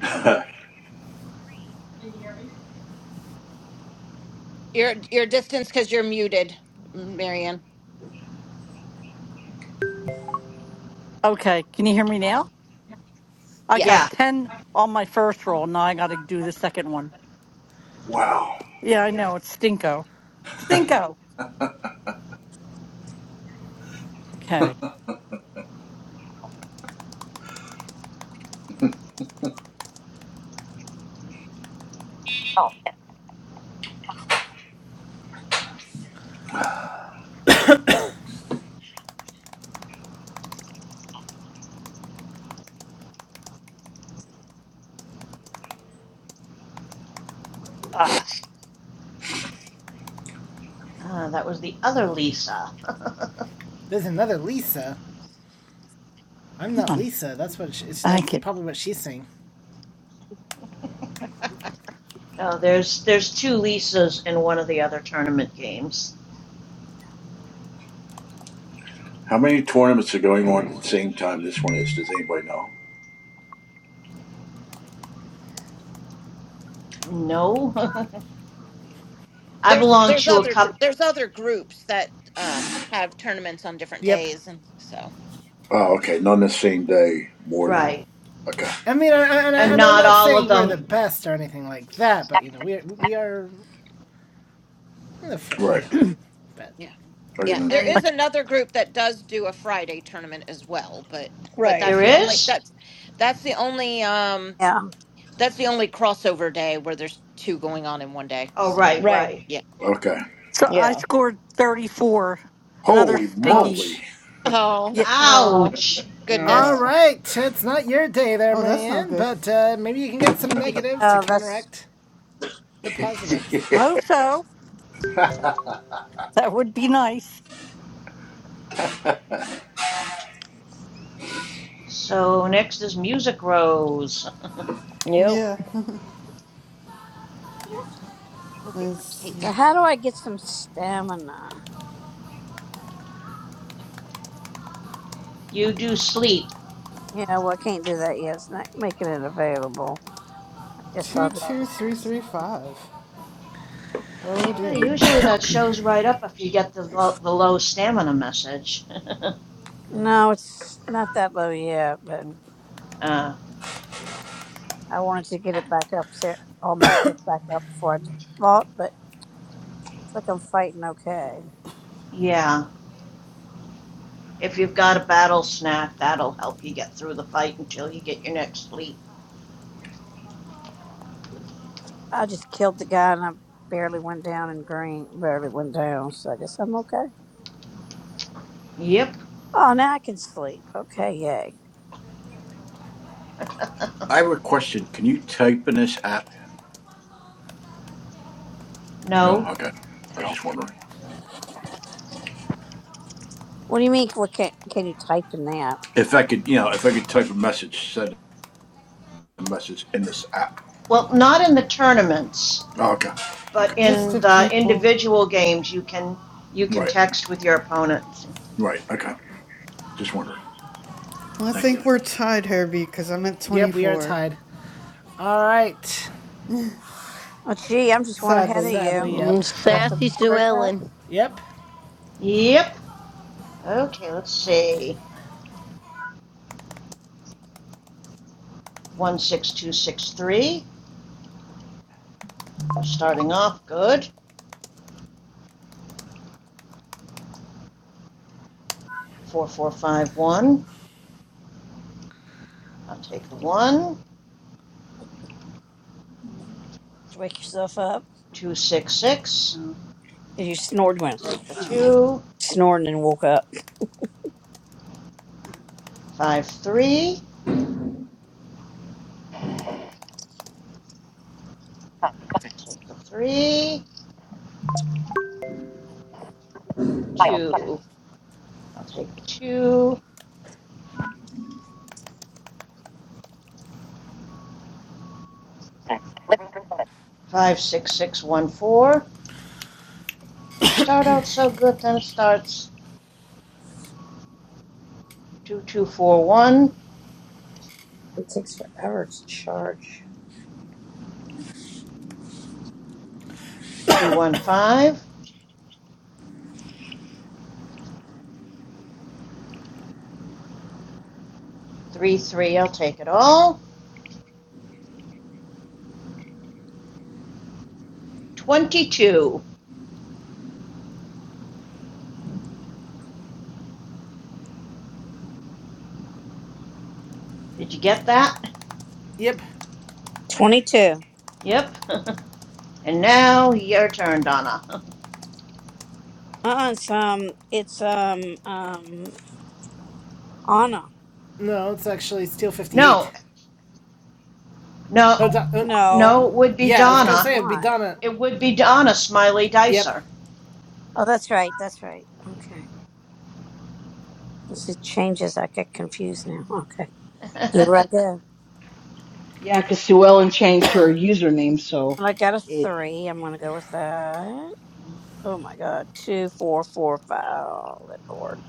Speaker 7: Your your distance because you're muted, Marianne.
Speaker 15: Okay. Can you hear me now? I got
Speaker 11: Yeah,
Speaker 7: Yes.
Speaker 15: ten on my first roll. Now I gotta do the second one.
Speaker 3: wow.
Speaker 15: Yeah, I know, it's stinko. Stinko. Okay. Ah,
Speaker 11: uh, that was the other Lisa.
Speaker 2: There's another Lisa. I'm
Speaker 15: come
Speaker 2: not
Speaker 15: on.
Speaker 2: Lisa. That's what she,
Speaker 15: Thank
Speaker 2: that's
Speaker 15: you.
Speaker 2: probably what she's saying.
Speaker 11: oh, there's there's two Lisas in one of the other tournament games.
Speaker 3: How many tournaments are going on at the same time this one is? Does anybody know?
Speaker 11: No, I
Speaker 7: There's
Speaker 11: belong
Speaker 7: there's
Speaker 11: to a
Speaker 7: other
Speaker 11: couple.
Speaker 7: there's other groups that um have tournaments on different
Speaker 2: Yep.
Speaker 7: days and so
Speaker 3: Oh, okay. Not on the same day, more than one.
Speaker 11: Right,
Speaker 3: Okay.
Speaker 2: I mean, and, I, and,
Speaker 3: I
Speaker 2: I,
Speaker 11: and
Speaker 3: was
Speaker 2: and I'm
Speaker 11: not
Speaker 2: not
Speaker 11: all of
Speaker 2: saying we're the
Speaker 11: them.
Speaker 2: best or anything like that, but you know, we are, we are the fir-
Speaker 7: yeah.
Speaker 2: you
Speaker 3: right.
Speaker 2: know, but
Speaker 7: Yeah.
Speaker 3: I
Speaker 7: Yeah.
Speaker 3: didn't
Speaker 7: There
Speaker 3: understand.
Speaker 11: And
Speaker 7: is another group that does do a Friday tournament as well, but but
Speaker 12: Right.
Speaker 7: that's
Speaker 11: there
Speaker 7: the only
Speaker 11: is.
Speaker 7: that's that's the only um
Speaker 9: Yeah.
Speaker 7: that's the only crossover day where there's two going on in one day.
Speaker 11: Oh,
Speaker 7: So
Speaker 11: right,
Speaker 12: Right.
Speaker 11: right.
Speaker 7: yeah.
Speaker 3: Okay.
Speaker 15: So I
Speaker 12: Yeah.
Speaker 15: scored 34. Another
Speaker 3: Holy
Speaker 15: stinky.
Speaker 3: moly.
Speaker 2: ouch.
Speaker 7: Oh,
Speaker 15: Yeah,
Speaker 7: oh
Speaker 11: Ouch.
Speaker 2: All
Speaker 12: Uh,
Speaker 7: goodness.
Speaker 2: right, it's not your day there,
Speaker 14: Oh, that's not
Speaker 2: Marianne,
Speaker 14: good.
Speaker 2: but uh, maybe you can get some negatives to
Speaker 9: Yeah. That's.
Speaker 2: counteract the
Speaker 3: I
Speaker 2: positives.
Speaker 15: I hope so. That would be nice.
Speaker 11: So next is Music Rose.
Speaker 12: yep.
Speaker 14: Yeah. Let's
Speaker 9: So
Speaker 14: see.
Speaker 9: how do I get some stamina?
Speaker 11: you do sleep.
Speaker 9: Yeah. Well, I can't do that yet. It's not making it available. I guess I'll. Just,
Speaker 14: 22335. Oh
Speaker 11: Hey,
Speaker 14: dear.
Speaker 11: usually that shows right up if you get the low, the low stamina message.
Speaker 9: no, it's not that low yet. but.
Speaker 14: Nope.
Speaker 11: uh,
Speaker 9: I wanted to get it back up, there, all my stuff back up before I fought, but looks like I'm fighting okay.
Speaker 11: yeah, if you've got a battle snack, that'll help you get through the fight until you get your next sleep.
Speaker 9: I just killed the guy and I barely went down in green, barely went down, so I guess I'm okay.
Speaker 11: Yep.
Speaker 9: Oh, now I can sleep. Okay, yay.
Speaker 3: have a question. Can you type in this app? No?
Speaker 11: No.
Speaker 3: Okay. I was just wondering.
Speaker 9: What do you mean? What can can you type in that?
Speaker 3: If I could, you know, if I could type a message, send a message in this app.
Speaker 11: Well, not in the tournaments,
Speaker 3: Oh, okay. Okay.
Speaker 11: but
Speaker 14: Just
Speaker 11: in
Speaker 14: to
Speaker 11: the
Speaker 14: people.
Speaker 11: individual games, you can you can
Speaker 3: Right.
Speaker 11: text with your opponent.
Speaker 3: Right. Okay. Just wondering.
Speaker 14: I
Speaker 3: Thank you.
Speaker 14: think we're tied, Herbie, because I'm at
Speaker 2: Yep, we are
Speaker 14: 24.
Speaker 2: tied. All right.
Speaker 9: Oh, gee, I'm just one ahead of
Speaker 14: Sadly.
Speaker 2: Sadly,
Speaker 9: you.
Speaker 2: yep.
Speaker 12: Mm,
Speaker 9: Should I feel
Speaker 12: sassy
Speaker 9: good
Speaker 12: Sue
Speaker 9: about that?
Speaker 12: Ellen.
Speaker 2: Yep.
Speaker 11: Yep. Okay, let's see. One six two six three. We're starting off good. 4451, I'll take the 1.
Speaker 9: To wake yourself up?
Speaker 11: 266,
Speaker 9: No, 'Cause you snored
Speaker 11: I'll
Speaker 9: when
Speaker 11: take the 2.
Speaker 9: snored and woke up.
Speaker 11: Five three. take the 3. 2, I'll take the 2. 56614, start out so good, then it starts. 2241,
Speaker 9: it takes forever to charge.
Speaker 11: 215, 33, I'll take it all. 22, did you get that?
Speaker 2: Yep.
Speaker 9: Twenty-two.
Speaker 11: Yep. and now your turn, Donna.
Speaker 9: Uh-uh, it's um, it's um, um, Anna.
Speaker 2: No, it's actually Steel 58.
Speaker 11: No, no,
Speaker 2: Oh, Don- oh,
Speaker 9: No,
Speaker 11: No, it would be
Speaker 2: yeah, I
Speaker 9: it
Speaker 2: was gonna
Speaker 9: is
Speaker 11: Donna.
Speaker 2: say it'd be
Speaker 9: not.
Speaker 2: Donna.
Speaker 11: It would be Donna Smiley
Speaker 2: Yep.
Speaker 11: Dicer.
Speaker 9: Oh, that's right. That's right. Okay. This is changes. I get confused now. Okay. Here I go.
Speaker 8: Yeah, because Sue Ellen changed her username, so
Speaker 9: And I got a
Speaker 8: it.
Speaker 9: three. I'm gonna go with that. Oh my God. Two, four, four, five. Oh, good Lord.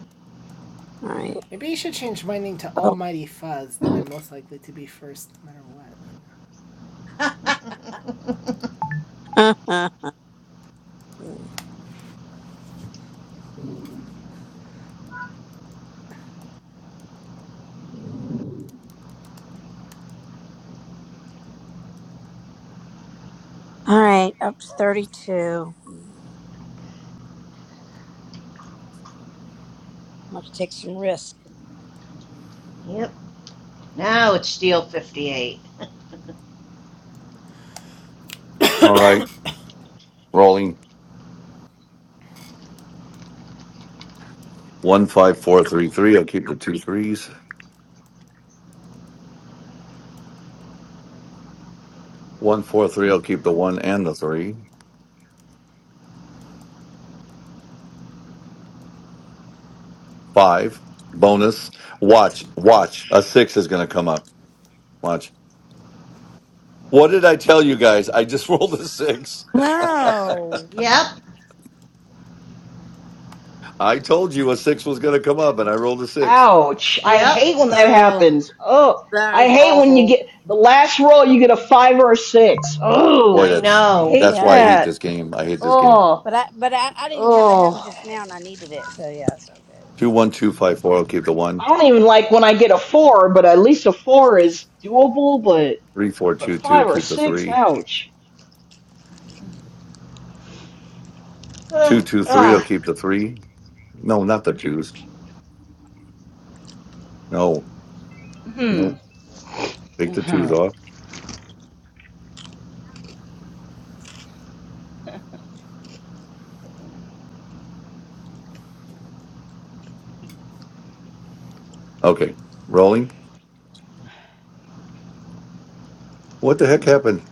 Speaker 9: All right.
Speaker 2: Maybe you should change my name to Almighty Fuzz. Then I'm most likely to be first, no matter what. You know?
Speaker 9: All right, up to thirty-two. Mm, I'm gonna take some risk.
Speaker 11: yep. Now it's Steel 58.
Speaker 17: All right, rolling one five four three three. I'll keep the two threes. One four three. I'll keep the one and the three. Five. Bonus. Watch. Watch. A six is going to come up. Watch. What did I tell you guys? I just rolled a six.
Speaker 15: No.
Speaker 11: Yep.
Speaker 17: I told you a six was going to come up, and I rolled a six.
Speaker 8: Ouch! I
Speaker 11: Yep.
Speaker 8: hate when that
Speaker 12: Oh,
Speaker 8: happens. Oh,
Speaker 12: that
Speaker 8: I
Speaker 12: is
Speaker 8: hate when you
Speaker 12: awful.
Speaker 8: get the last roll, you get a five or a six.
Speaker 17: Boy,
Speaker 8: Oh,
Speaker 11: I
Speaker 17: that's
Speaker 8: I
Speaker 11: know.
Speaker 8: hate
Speaker 17: that's
Speaker 9: Yeah,
Speaker 17: why I
Speaker 9: no,
Speaker 17: hate
Speaker 8: that.
Speaker 17: this game. I hate this game.
Speaker 9: but I but I, I didn't have that happen
Speaker 8: Oh,
Speaker 9: just now, and I needed it. So yeah, that's all good.
Speaker 17: Two one two five four. I'll keep the one.
Speaker 8: I don't even like when I get a four, but at least a four is doable. But
Speaker 17: Three four
Speaker 8: but
Speaker 17: two two.
Speaker 8: five or
Speaker 17: Keep the
Speaker 8: six,
Speaker 17: three.
Speaker 8: ouch.
Speaker 17: Two
Speaker 11: Ugh,
Speaker 17: two three. I'll
Speaker 11: ugh.
Speaker 17: keep the three. No, not the twos. No,
Speaker 8: Hmm.
Speaker 17: no. Take
Speaker 8: Uh
Speaker 17: the twos
Speaker 8: huh.
Speaker 17: off. Okay, rolling. What the heck happened?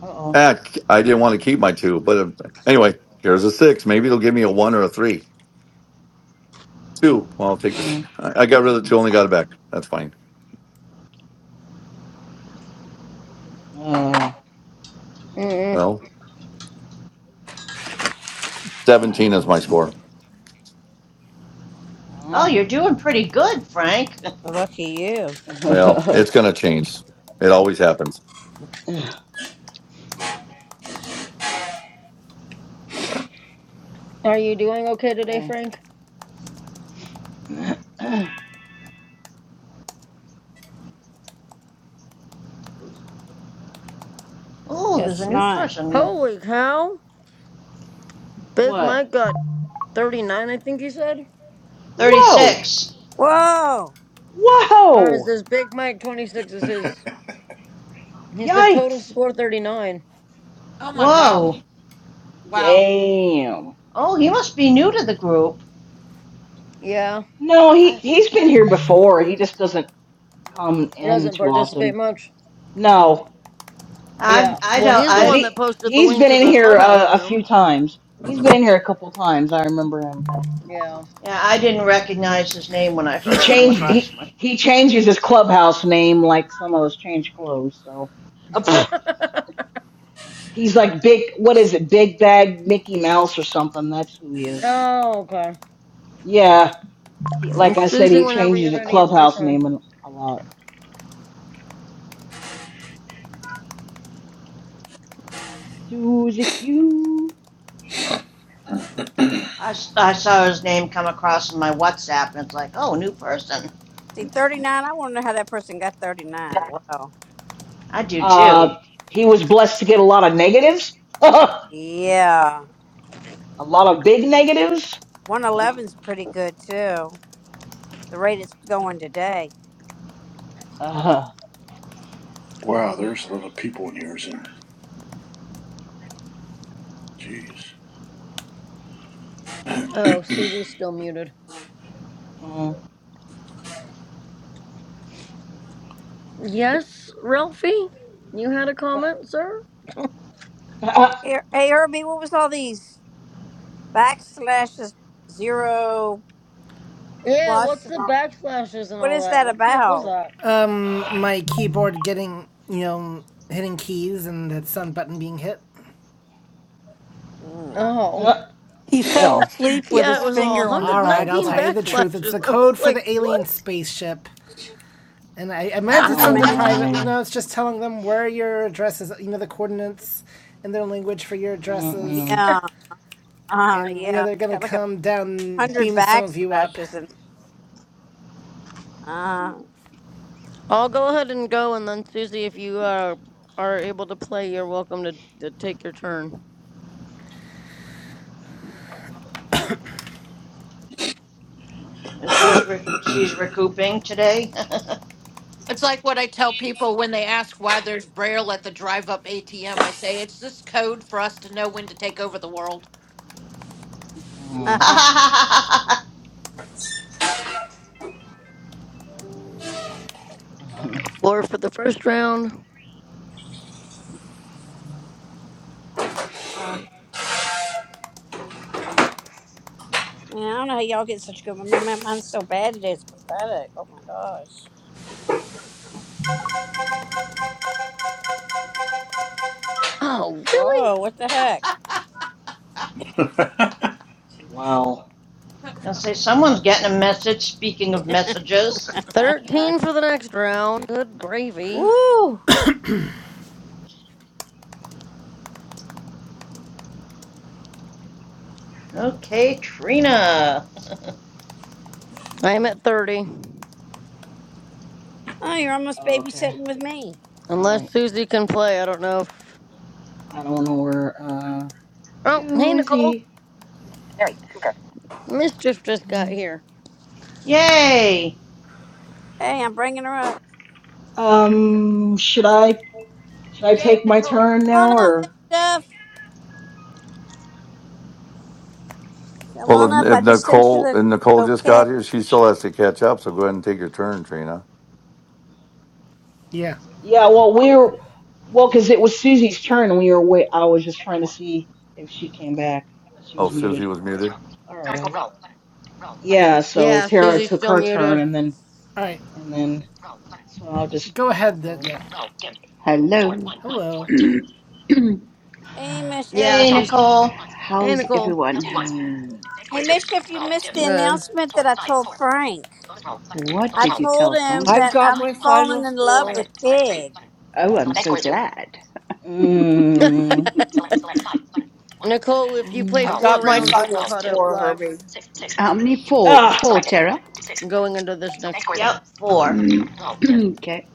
Speaker 8: Uh oh.
Speaker 17: Ah, I didn't want to keep my two, but uh, anyway, here's a six. Maybe it'll give me a one or a three. Two. Well, I'll take this.
Speaker 8: Mm.
Speaker 17: I I got rid of the two, only got it back. That's fine.
Speaker 8: Uh.
Speaker 12: Mm-mm.
Speaker 17: Well, 17 is my
Speaker 8: Mm.
Speaker 17: score.
Speaker 11: oh,
Speaker 8: Oh.
Speaker 11: you're doing pretty good, Frank.
Speaker 9: Well, lucky you.
Speaker 17: Well, it's going to change. It always happens.
Speaker 12: Are you doing okay today,
Speaker 8: okay.
Speaker 12: Frank?
Speaker 11: Oh, there's
Speaker 9: Guess
Speaker 11: a new
Speaker 9: not.
Speaker 11: person.
Speaker 12: Holy cow! Big
Speaker 8: what?
Speaker 12: Mike got thirty nine. I think he said.
Speaker 8: Whoa!
Speaker 11: 36.
Speaker 9: Whoa.
Speaker 12: Or is
Speaker 8: Whoa!
Speaker 12: this Big Mike twenty six? Is his? He's the total
Speaker 8: Yikes!
Speaker 12: score 39.
Speaker 7: Oh my god.
Speaker 11: Whoa.
Speaker 7: Wow.
Speaker 8: Damn!
Speaker 11: Oh, he must be new to the group.
Speaker 12: Yeah,
Speaker 8: No, he
Speaker 11: I,
Speaker 8: he's been here before. He just doesn't come
Speaker 12: he
Speaker 8: in
Speaker 12: doesn't
Speaker 8: too often.
Speaker 12: participate much.
Speaker 8: No,
Speaker 11: I,
Speaker 12: Yeah.
Speaker 11: I
Speaker 12: Well,
Speaker 11: don't.
Speaker 12: he's the
Speaker 8: because
Speaker 12: one
Speaker 11: I,
Speaker 12: that
Speaker 8: he
Speaker 12: posted the
Speaker 8: he's
Speaker 12: link
Speaker 8: been
Speaker 12: to
Speaker 8: in
Speaker 12: the
Speaker 8: here
Speaker 12: clubhouse
Speaker 8: uh, a few
Speaker 12: room.
Speaker 8: times. He's been in here a couple times. I remember him.
Speaker 12: Yeah.
Speaker 11: yeah, I didn't recognize his name when I
Speaker 8: He
Speaker 11: heard it come
Speaker 8: changed
Speaker 11: across
Speaker 8: he
Speaker 11: my
Speaker 8: he changes his clubhouse name like some of us change clothes. So Uh, pff, he's like big. What is it? Big Bag Mickey Mouse or something? That's who he is.
Speaker 12: oh, okay.
Speaker 8: Yeah, he, like I said,
Speaker 12: Susie,
Speaker 8: he
Speaker 12: whenever
Speaker 8: changes
Speaker 12: you're
Speaker 8: the
Speaker 12: ready, it's your
Speaker 8: clubhouse
Speaker 12: turn.
Speaker 8: name a a lot. Suzy Q.
Speaker 11: I I saw his name come across in my WhatsApp, and it's like, oh, new person.
Speaker 9: See, thirty-nine. I want to know how that person got thirty-nine. Wow.
Speaker 11: I do too.
Speaker 8: Uh, he was blessed to get a lot of negatives, a
Speaker 9: Yeah,
Speaker 8: lot of big negatives.
Speaker 9: one eleven's pretty good too. The rate it's going today.
Speaker 8: Uh,
Speaker 3: Wow,
Speaker 8: uh, uh,
Speaker 3: there's a lot of people in here, isn't there? Jeez.
Speaker 12: Oh, Susie's still muted.
Speaker 8: mm,
Speaker 12: Yes, Ralphie? You had a
Speaker 8: uh,
Speaker 12: comment, sir?
Speaker 8: uh,
Speaker 9: Hey, hey, Herbie, what was all these backslashes, zero
Speaker 12: Yeah,
Speaker 9: plus?
Speaker 12: what's
Speaker 9: And
Speaker 12: the
Speaker 9: all?
Speaker 12: backslashes and
Speaker 9: What
Speaker 12: all
Speaker 9: is
Speaker 12: that?
Speaker 9: that
Speaker 12: What the heck was
Speaker 9: about?
Speaker 12: that?
Speaker 2: my keyboard getting, you know, hitting keys and that sun button being hit.
Speaker 9: Mm.
Speaker 12: Oh.
Speaker 8: uh,
Speaker 15: He fell
Speaker 8: well,
Speaker 15: asleep with
Speaker 12: Yeah, it
Speaker 15: his
Speaker 12: was all
Speaker 15: finger on the
Speaker 2: All right, I'll
Speaker 12: 119
Speaker 2: tell you
Speaker 15: backslash
Speaker 2: the
Speaker 15: key.
Speaker 2: truth. It's
Speaker 12: backslashes.
Speaker 2: the
Speaker 12: I was
Speaker 2: code for
Speaker 12: like,
Speaker 2: the
Speaker 12: what?
Speaker 2: alien spaceship. And I, I meant
Speaker 9: I'm
Speaker 2: to
Speaker 8: oh
Speaker 2: send it
Speaker 9: amazed.
Speaker 2: privately. You
Speaker 8: my.
Speaker 2: know, it's just telling them where your address is, you know, the coordinates in their language for your addresses.
Speaker 8: Mm-mm,
Speaker 9: Yeah. Uh
Speaker 2: And, you know,
Speaker 9: yeah.
Speaker 2: they're going
Speaker 9: Got
Speaker 2: to
Speaker 9: like a
Speaker 2: come down and
Speaker 9: hundred
Speaker 2: beam some of you up.
Speaker 9: backslashes and uh,
Speaker 12: I'll go ahead and go, and then Susie, if you uh, are able to play, you're welcome to, to take your turn.
Speaker 8: mm-mm,
Speaker 11: And she's re- she's recouping today.
Speaker 7: It's like what I tell people when they ask why there's Braille at the drive up ATM. I say it's this code for us to know when to take over the world.
Speaker 8: mm.
Speaker 9: uh,
Speaker 11: I'll
Speaker 12: Four for the first round.
Speaker 9: man, I don't know how y'all get such good one. my, my mine's so bad today it's pathetic. Oh my gosh.
Speaker 12: Oh, really?
Speaker 9: Whoa, what the heck?
Speaker 8: Wow.
Speaker 11: say someone's getting a message. Speaking of messages,
Speaker 12: Thirteen for the next round. Good gravy.
Speaker 9: Woo!
Speaker 11: okay, Trina.
Speaker 12: I am at thirty.
Speaker 9: Oh, you're almost
Speaker 8: Okay.
Speaker 9: babysitting with me.
Speaker 8: All
Speaker 12: Unless
Speaker 8: right.
Speaker 12: Susie can play, I don't know if.
Speaker 8: I don't know where uh
Speaker 12: Oh, hey Nicole,
Speaker 8: Susie.
Speaker 12: mischief just got here.
Speaker 11: Yay!
Speaker 9: Hey, I'm bringing her up.
Speaker 8: Um should I Should I
Speaker 7: Yeah,
Speaker 8: take my
Speaker 7: Nicole.
Speaker 8: turn
Speaker 9: Come
Speaker 8: now,
Speaker 9: on up, Miss
Speaker 8: or?
Speaker 9: Stuff. Come
Speaker 17: Well,
Speaker 9: on up.
Speaker 17: if,
Speaker 9: I
Speaker 17: if
Speaker 9: just sent you
Speaker 17: Nicole
Speaker 9: the
Speaker 17: and Nicole just
Speaker 9: okay.
Speaker 17: got here, she still has to catch up. So go ahead and take your turn, Trina.
Speaker 2: Yeah.
Speaker 8: Yeah, well, we're well because it was Susie's turn, and we were away. I was just trying to see if she came back because she
Speaker 17: Oh,
Speaker 8: was
Speaker 17: Susie
Speaker 8: muted.
Speaker 17: was
Speaker 8: But,
Speaker 17: muted.
Speaker 8: all right. Yeah, so
Speaker 12: Yeah,
Speaker 8: Tara
Speaker 12: Susie's
Speaker 8: took
Speaker 12: still
Speaker 8: her turn,
Speaker 12: muted.
Speaker 8: and then
Speaker 2: All right.
Speaker 8: and then so I'll just
Speaker 2: Go
Speaker 8: I'll
Speaker 2: ahead
Speaker 8: go.
Speaker 2: then. Yeah.
Speaker 18: Hello.
Speaker 2: Hello.
Speaker 9: Hey, Miss
Speaker 12: Yeah,
Speaker 9: Stuff.
Speaker 11: Hey,
Speaker 12: she's.
Speaker 11: Nicole.
Speaker 18: How
Speaker 12: Hey
Speaker 18: is
Speaker 12: Nicole.
Speaker 18: everyone?
Speaker 8: Mm,
Speaker 9: Hey, Miss Stuff. you missed the
Speaker 12: Good.
Speaker 9: announcement that I told Frank.
Speaker 18: What
Speaker 9: I
Speaker 18: did you
Speaker 9: told
Speaker 18: tell
Speaker 9: him
Speaker 10: I've
Speaker 18: Frank?
Speaker 9: that
Speaker 10: got
Speaker 9: I'm
Speaker 10: my
Speaker 9: falling
Speaker 10: final
Speaker 9: in love
Speaker 10: score.
Speaker 9: with Pig.
Speaker 18: Oh, I'm so glad.
Speaker 8: mm, mm,
Speaker 12: Nicole, if you play
Speaker 10: I've
Speaker 8: no.
Speaker 12: four
Speaker 10: got my
Speaker 12: rounds, you'll be
Speaker 10: final
Speaker 12: caught up
Speaker 10: score,
Speaker 12: live
Speaker 10: Herbie.
Speaker 18: How many? Four.
Speaker 8: Ah.
Speaker 18: Four, Tara.
Speaker 12: going into this next.
Speaker 11: Yep, four.
Speaker 18: okay.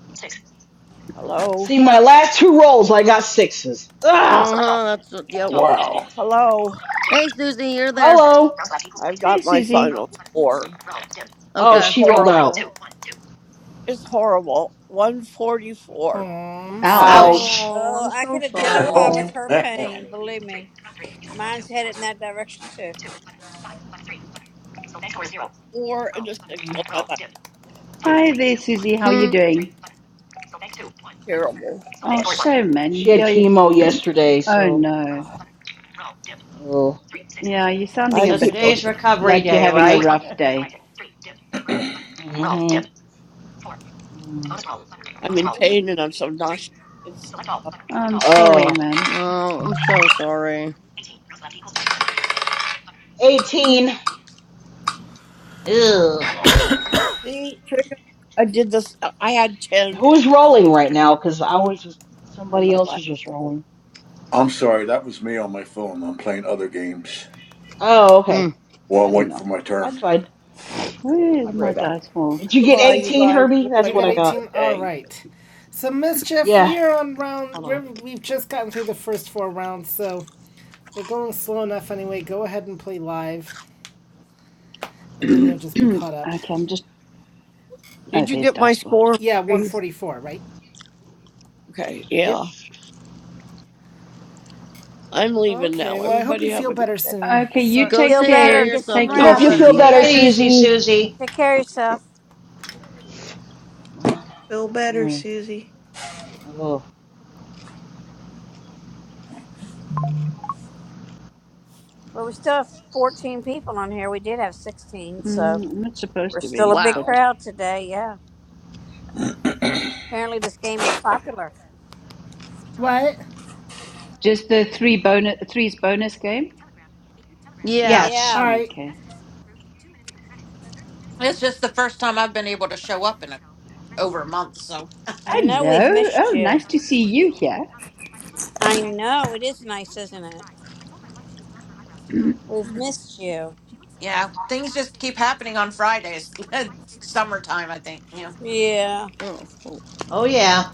Speaker 10: Hello.
Speaker 8: See, my last two rolls, I got sixes. Ah.
Speaker 12: Uh huh. That's yep.
Speaker 3: Wow.
Speaker 10: Hello.
Speaker 12: Hey, Susie, you're there.
Speaker 8: Hello.
Speaker 10: I've
Speaker 18: Hey,
Speaker 10: got my
Speaker 18: Susie.
Speaker 10: final score.
Speaker 8: Oh,
Speaker 10: It's
Speaker 12: Okay.
Speaker 8: she rolled out.
Speaker 10: horrible. It's horrible.
Speaker 2: Oh,
Speaker 10: 144.
Speaker 2: I'm sorry.
Speaker 18: Ouch.
Speaker 8: Ouch.
Speaker 11: Ouch.
Speaker 12: Oh,
Speaker 9: Oh,
Speaker 12: I'm
Speaker 9: I
Speaker 12: so
Speaker 9: can identify
Speaker 8: Oh.
Speaker 12: sorry.
Speaker 3: Oh,
Speaker 9: with
Speaker 8: Mm.
Speaker 9: her
Speaker 3: man.
Speaker 9: pain. Believe me, mine's headed in that direction too.
Speaker 10: Four and a six on my last two.
Speaker 18: Hi there, Susie. How are
Speaker 12: Hmm.
Speaker 18: you doing?
Speaker 10: terrible.
Speaker 18: Oh,
Speaker 10: But
Speaker 18: shame, man.
Speaker 8: She had
Speaker 18: You're...
Speaker 8: chemo yesterday,
Speaker 18: Oh,
Speaker 8: so.
Speaker 18: no.
Speaker 8: Oh.
Speaker 18: Yeah, you're
Speaker 10: I
Speaker 18: sounding a
Speaker 11: So
Speaker 18: bit
Speaker 10: keep on.
Speaker 11: today's recovery
Speaker 18: like you're
Speaker 11: day,
Speaker 18: having a
Speaker 11: right?
Speaker 18: rough day.
Speaker 8: Mhm. Mm.
Speaker 10: I'm in pain and I'm so nauseous. It's uh,
Speaker 18: I'm sorry,
Speaker 8: Oh.
Speaker 18: man.
Speaker 12: Oh, I'm so sorry.
Speaker 8: 18.
Speaker 11: Ew.
Speaker 10: see, trigger. I did this. I had ten
Speaker 8: Who's rolling right now? Because I was just.
Speaker 10: on
Speaker 8: Somebody
Speaker 10: my
Speaker 8: else
Speaker 10: last
Speaker 8: was just
Speaker 10: roll.
Speaker 8: rolling.
Speaker 3: I'm sorry, that was me on my phone. I'm playing other games
Speaker 8: Oh,
Speaker 12: Hmm.
Speaker 8: okay.
Speaker 3: while
Speaker 8: I
Speaker 3: I'm
Speaker 8: didn't
Speaker 3: waiting
Speaker 8: know.
Speaker 3: for my
Speaker 8: That's
Speaker 3: turn.
Speaker 8: fine.
Speaker 18: Where is
Speaker 8: I'll be
Speaker 18: my
Speaker 8: right back.
Speaker 18: dice world?
Speaker 8: Did you get
Speaker 10: Goodbye, you
Speaker 8: 18,
Speaker 10: guys.
Speaker 8: Herbie? That's
Speaker 2: You
Speaker 10: Everybody
Speaker 8: what
Speaker 2: got
Speaker 8: I
Speaker 10: have a
Speaker 8: got.
Speaker 10: good
Speaker 2: 18? All
Speaker 10: day.
Speaker 2: right. So, Mischief,
Speaker 8: Yeah.
Speaker 2: we are on round.
Speaker 8: Hold
Speaker 2: We're,
Speaker 8: on.
Speaker 2: we've just gotten through the first four rounds, so we're going slow enough anyway. Go ahead and play live, and then you'll just be caught up.
Speaker 18: okay, I'm just. Oh,
Speaker 10: Did you
Speaker 18: there's
Speaker 10: get my
Speaker 18: dice world.
Speaker 10: score?
Speaker 2: Yeah,
Speaker 10: Marie?
Speaker 2: 144, right?
Speaker 10: Okay,
Speaker 2: Yep.
Speaker 10: yeah. I'm leaving
Speaker 2: Okay,
Speaker 10: now.
Speaker 2: well, I hope you
Speaker 10: Everybody have
Speaker 2: feel
Speaker 10: a
Speaker 2: better soon.
Speaker 18: Okay, you
Speaker 2: Sorry.
Speaker 12: Go
Speaker 18: take
Speaker 9: Feel
Speaker 12: take care of
Speaker 9: better.
Speaker 18: care.
Speaker 9: Get
Speaker 12: yourself
Speaker 9: some
Speaker 18: Take
Speaker 12: and
Speaker 18: care,
Speaker 12: feel
Speaker 8: Hope you
Speaker 12: better,
Speaker 8: feel
Speaker 9: rest.
Speaker 18: Susie.
Speaker 11: Take
Speaker 8: better,
Speaker 11: it
Speaker 12: Susie.
Speaker 11: easy,
Speaker 8: Susie.
Speaker 11: Susie.
Speaker 9: Take care of yourself.
Speaker 8: Uh,
Speaker 16: Feel better,
Speaker 8: Oh,
Speaker 16: Susie.
Speaker 8: oh,
Speaker 9: But we still have 14 people on here. We did have 16,
Speaker 18: Mm,
Speaker 9: so
Speaker 18: I'm not
Speaker 9: we're
Speaker 18: supposed to
Speaker 9: still a
Speaker 18: be,
Speaker 9: big
Speaker 18: but
Speaker 12: Wow.
Speaker 9: crowd today. Yeah. Apparently, this game is popular.
Speaker 2: What?
Speaker 18: just the three bonus threes bonus game.
Speaker 12: Yeah.
Speaker 11: Yes.
Speaker 2: All
Speaker 9: Yeah.
Speaker 2: right.
Speaker 18: Okay.
Speaker 7: It's just the first time I've been able to show up in a, over a month. So,
Speaker 9: I know we've
Speaker 18: Hello.
Speaker 9: missed
Speaker 18: Oh,
Speaker 9: you.
Speaker 18: nice to see you here.
Speaker 9: I know. It is nice, isn't it? We've
Speaker 7: mm,
Speaker 9: missed you.
Speaker 7: yeah, things just keep happening on Fridays. It's summertime, I think. Yeah,
Speaker 9: Yeah.
Speaker 12: Oh, cool.
Speaker 11: Oh yeah.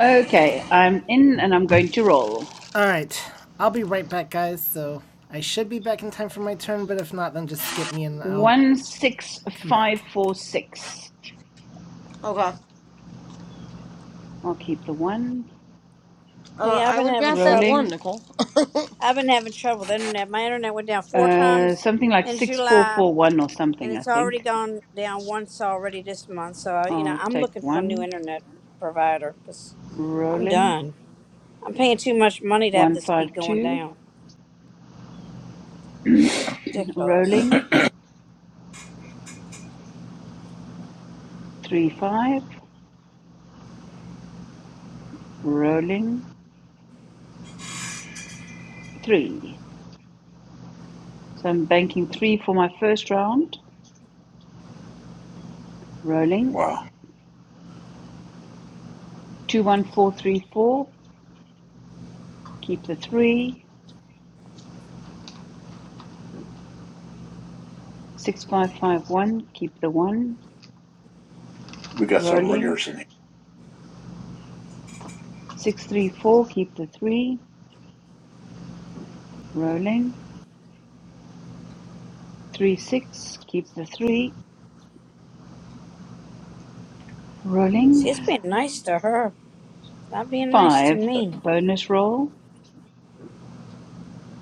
Speaker 18: Okay, I'm in and I'm going to roll.
Speaker 2: All right, I'll be right back, guys. So I should be back in time for my turn, but if not, then just skip me and I'll
Speaker 18: One six
Speaker 2: come
Speaker 18: five
Speaker 2: back.
Speaker 18: four six.
Speaker 12: okay.
Speaker 18: I'll keep the one
Speaker 12: Uh,
Speaker 9: Yeah, I've
Speaker 12: I
Speaker 9: been
Speaker 12: would
Speaker 9: having
Speaker 12: draft that
Speaker 9: trouble.
Speaker 12: one,
Speaker 18: rolling.
Speaker 12: Nicole.
Speaker 9: I've been having trouble with the internet. My internet went down four
Speaker 18: Uh,
Speaker 9: times
Speaker 18: something like
Speaker 9: in
Speaker 18: six four
Speaker 9: July,
Speaker 18: four one or
Speaker 9: and
Speaker 18: something. I
Speaker 9: it's already
Speaker 18: think
Speaker 9: gone down once already this month. So uh, you know,
Speaker 18: I'll
Speaker 9: I'm
Speaker 18: take
Speaker 9: looking for a new
Speaker 18: one
Speaker 9: internet provider because I'm
Speaker 18: rolling.
Speaker 9: done. I'm paying too much money to have
Speaker 18: One
Speaker 9: this
Speaker 18: five
Speaker 9: keep going
Speaker 18: two
Speaker 9: down. Ridiculous.
Speaker 18: rolling. Three five. Rolling three. So I'm banking three for my first round. Rolling.
Speaker 3: Wow,
Speaker 18: Two one four three four. Keep the three. Six five five one. Keep the one.
Speaker 3: we got some
Speaker 18: Rolling.
Speaker 3: ringers in here.
Speaker 18: Six three four. Keep the three. Rolling. Three six. Keep the three. Rolling.
Speaker 9: See, it's been nice to her, not being nice to
Speaker 18: Five.
Speaker 9: me.
Speaker 18: Bonus roll.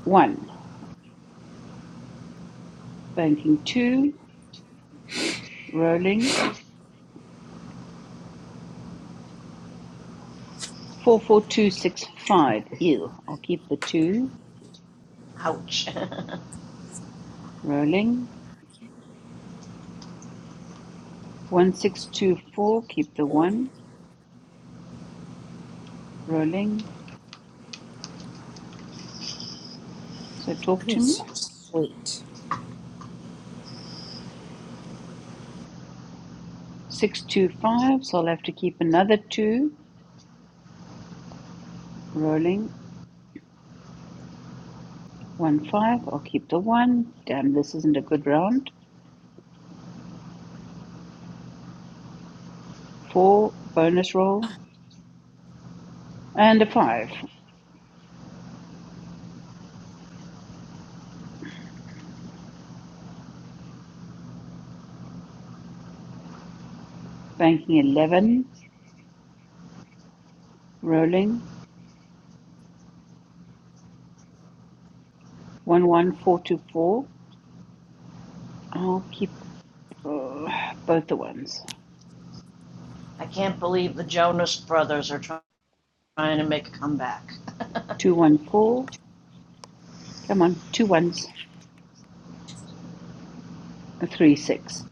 Speaker 18: One. Banking two. Rolling. Four four two six five. Ew. I'll keep the two.
Speaker 11: Ouch.
Speaker 18: Rolling. One six two four, keep the one rolling. So talk
Speaker 9: I
Speaker 18: to
Speaker 9: need
Speaker 18: me.
Speaker 9: something sweet.
Speaker 18: Six two five, so I'll have to keep another two rolling. One five, I'll keep the one. Damn, this isn't a good round. Four bonus roll and a five. Banking eleven, rolling. One one four two four. I'll keep uh, both the ones.
Speaker 11: I can't believe the Jonas Brothers are trying to make a comeback.
Speaker 18: Two one four. Come on, two ones. A three six.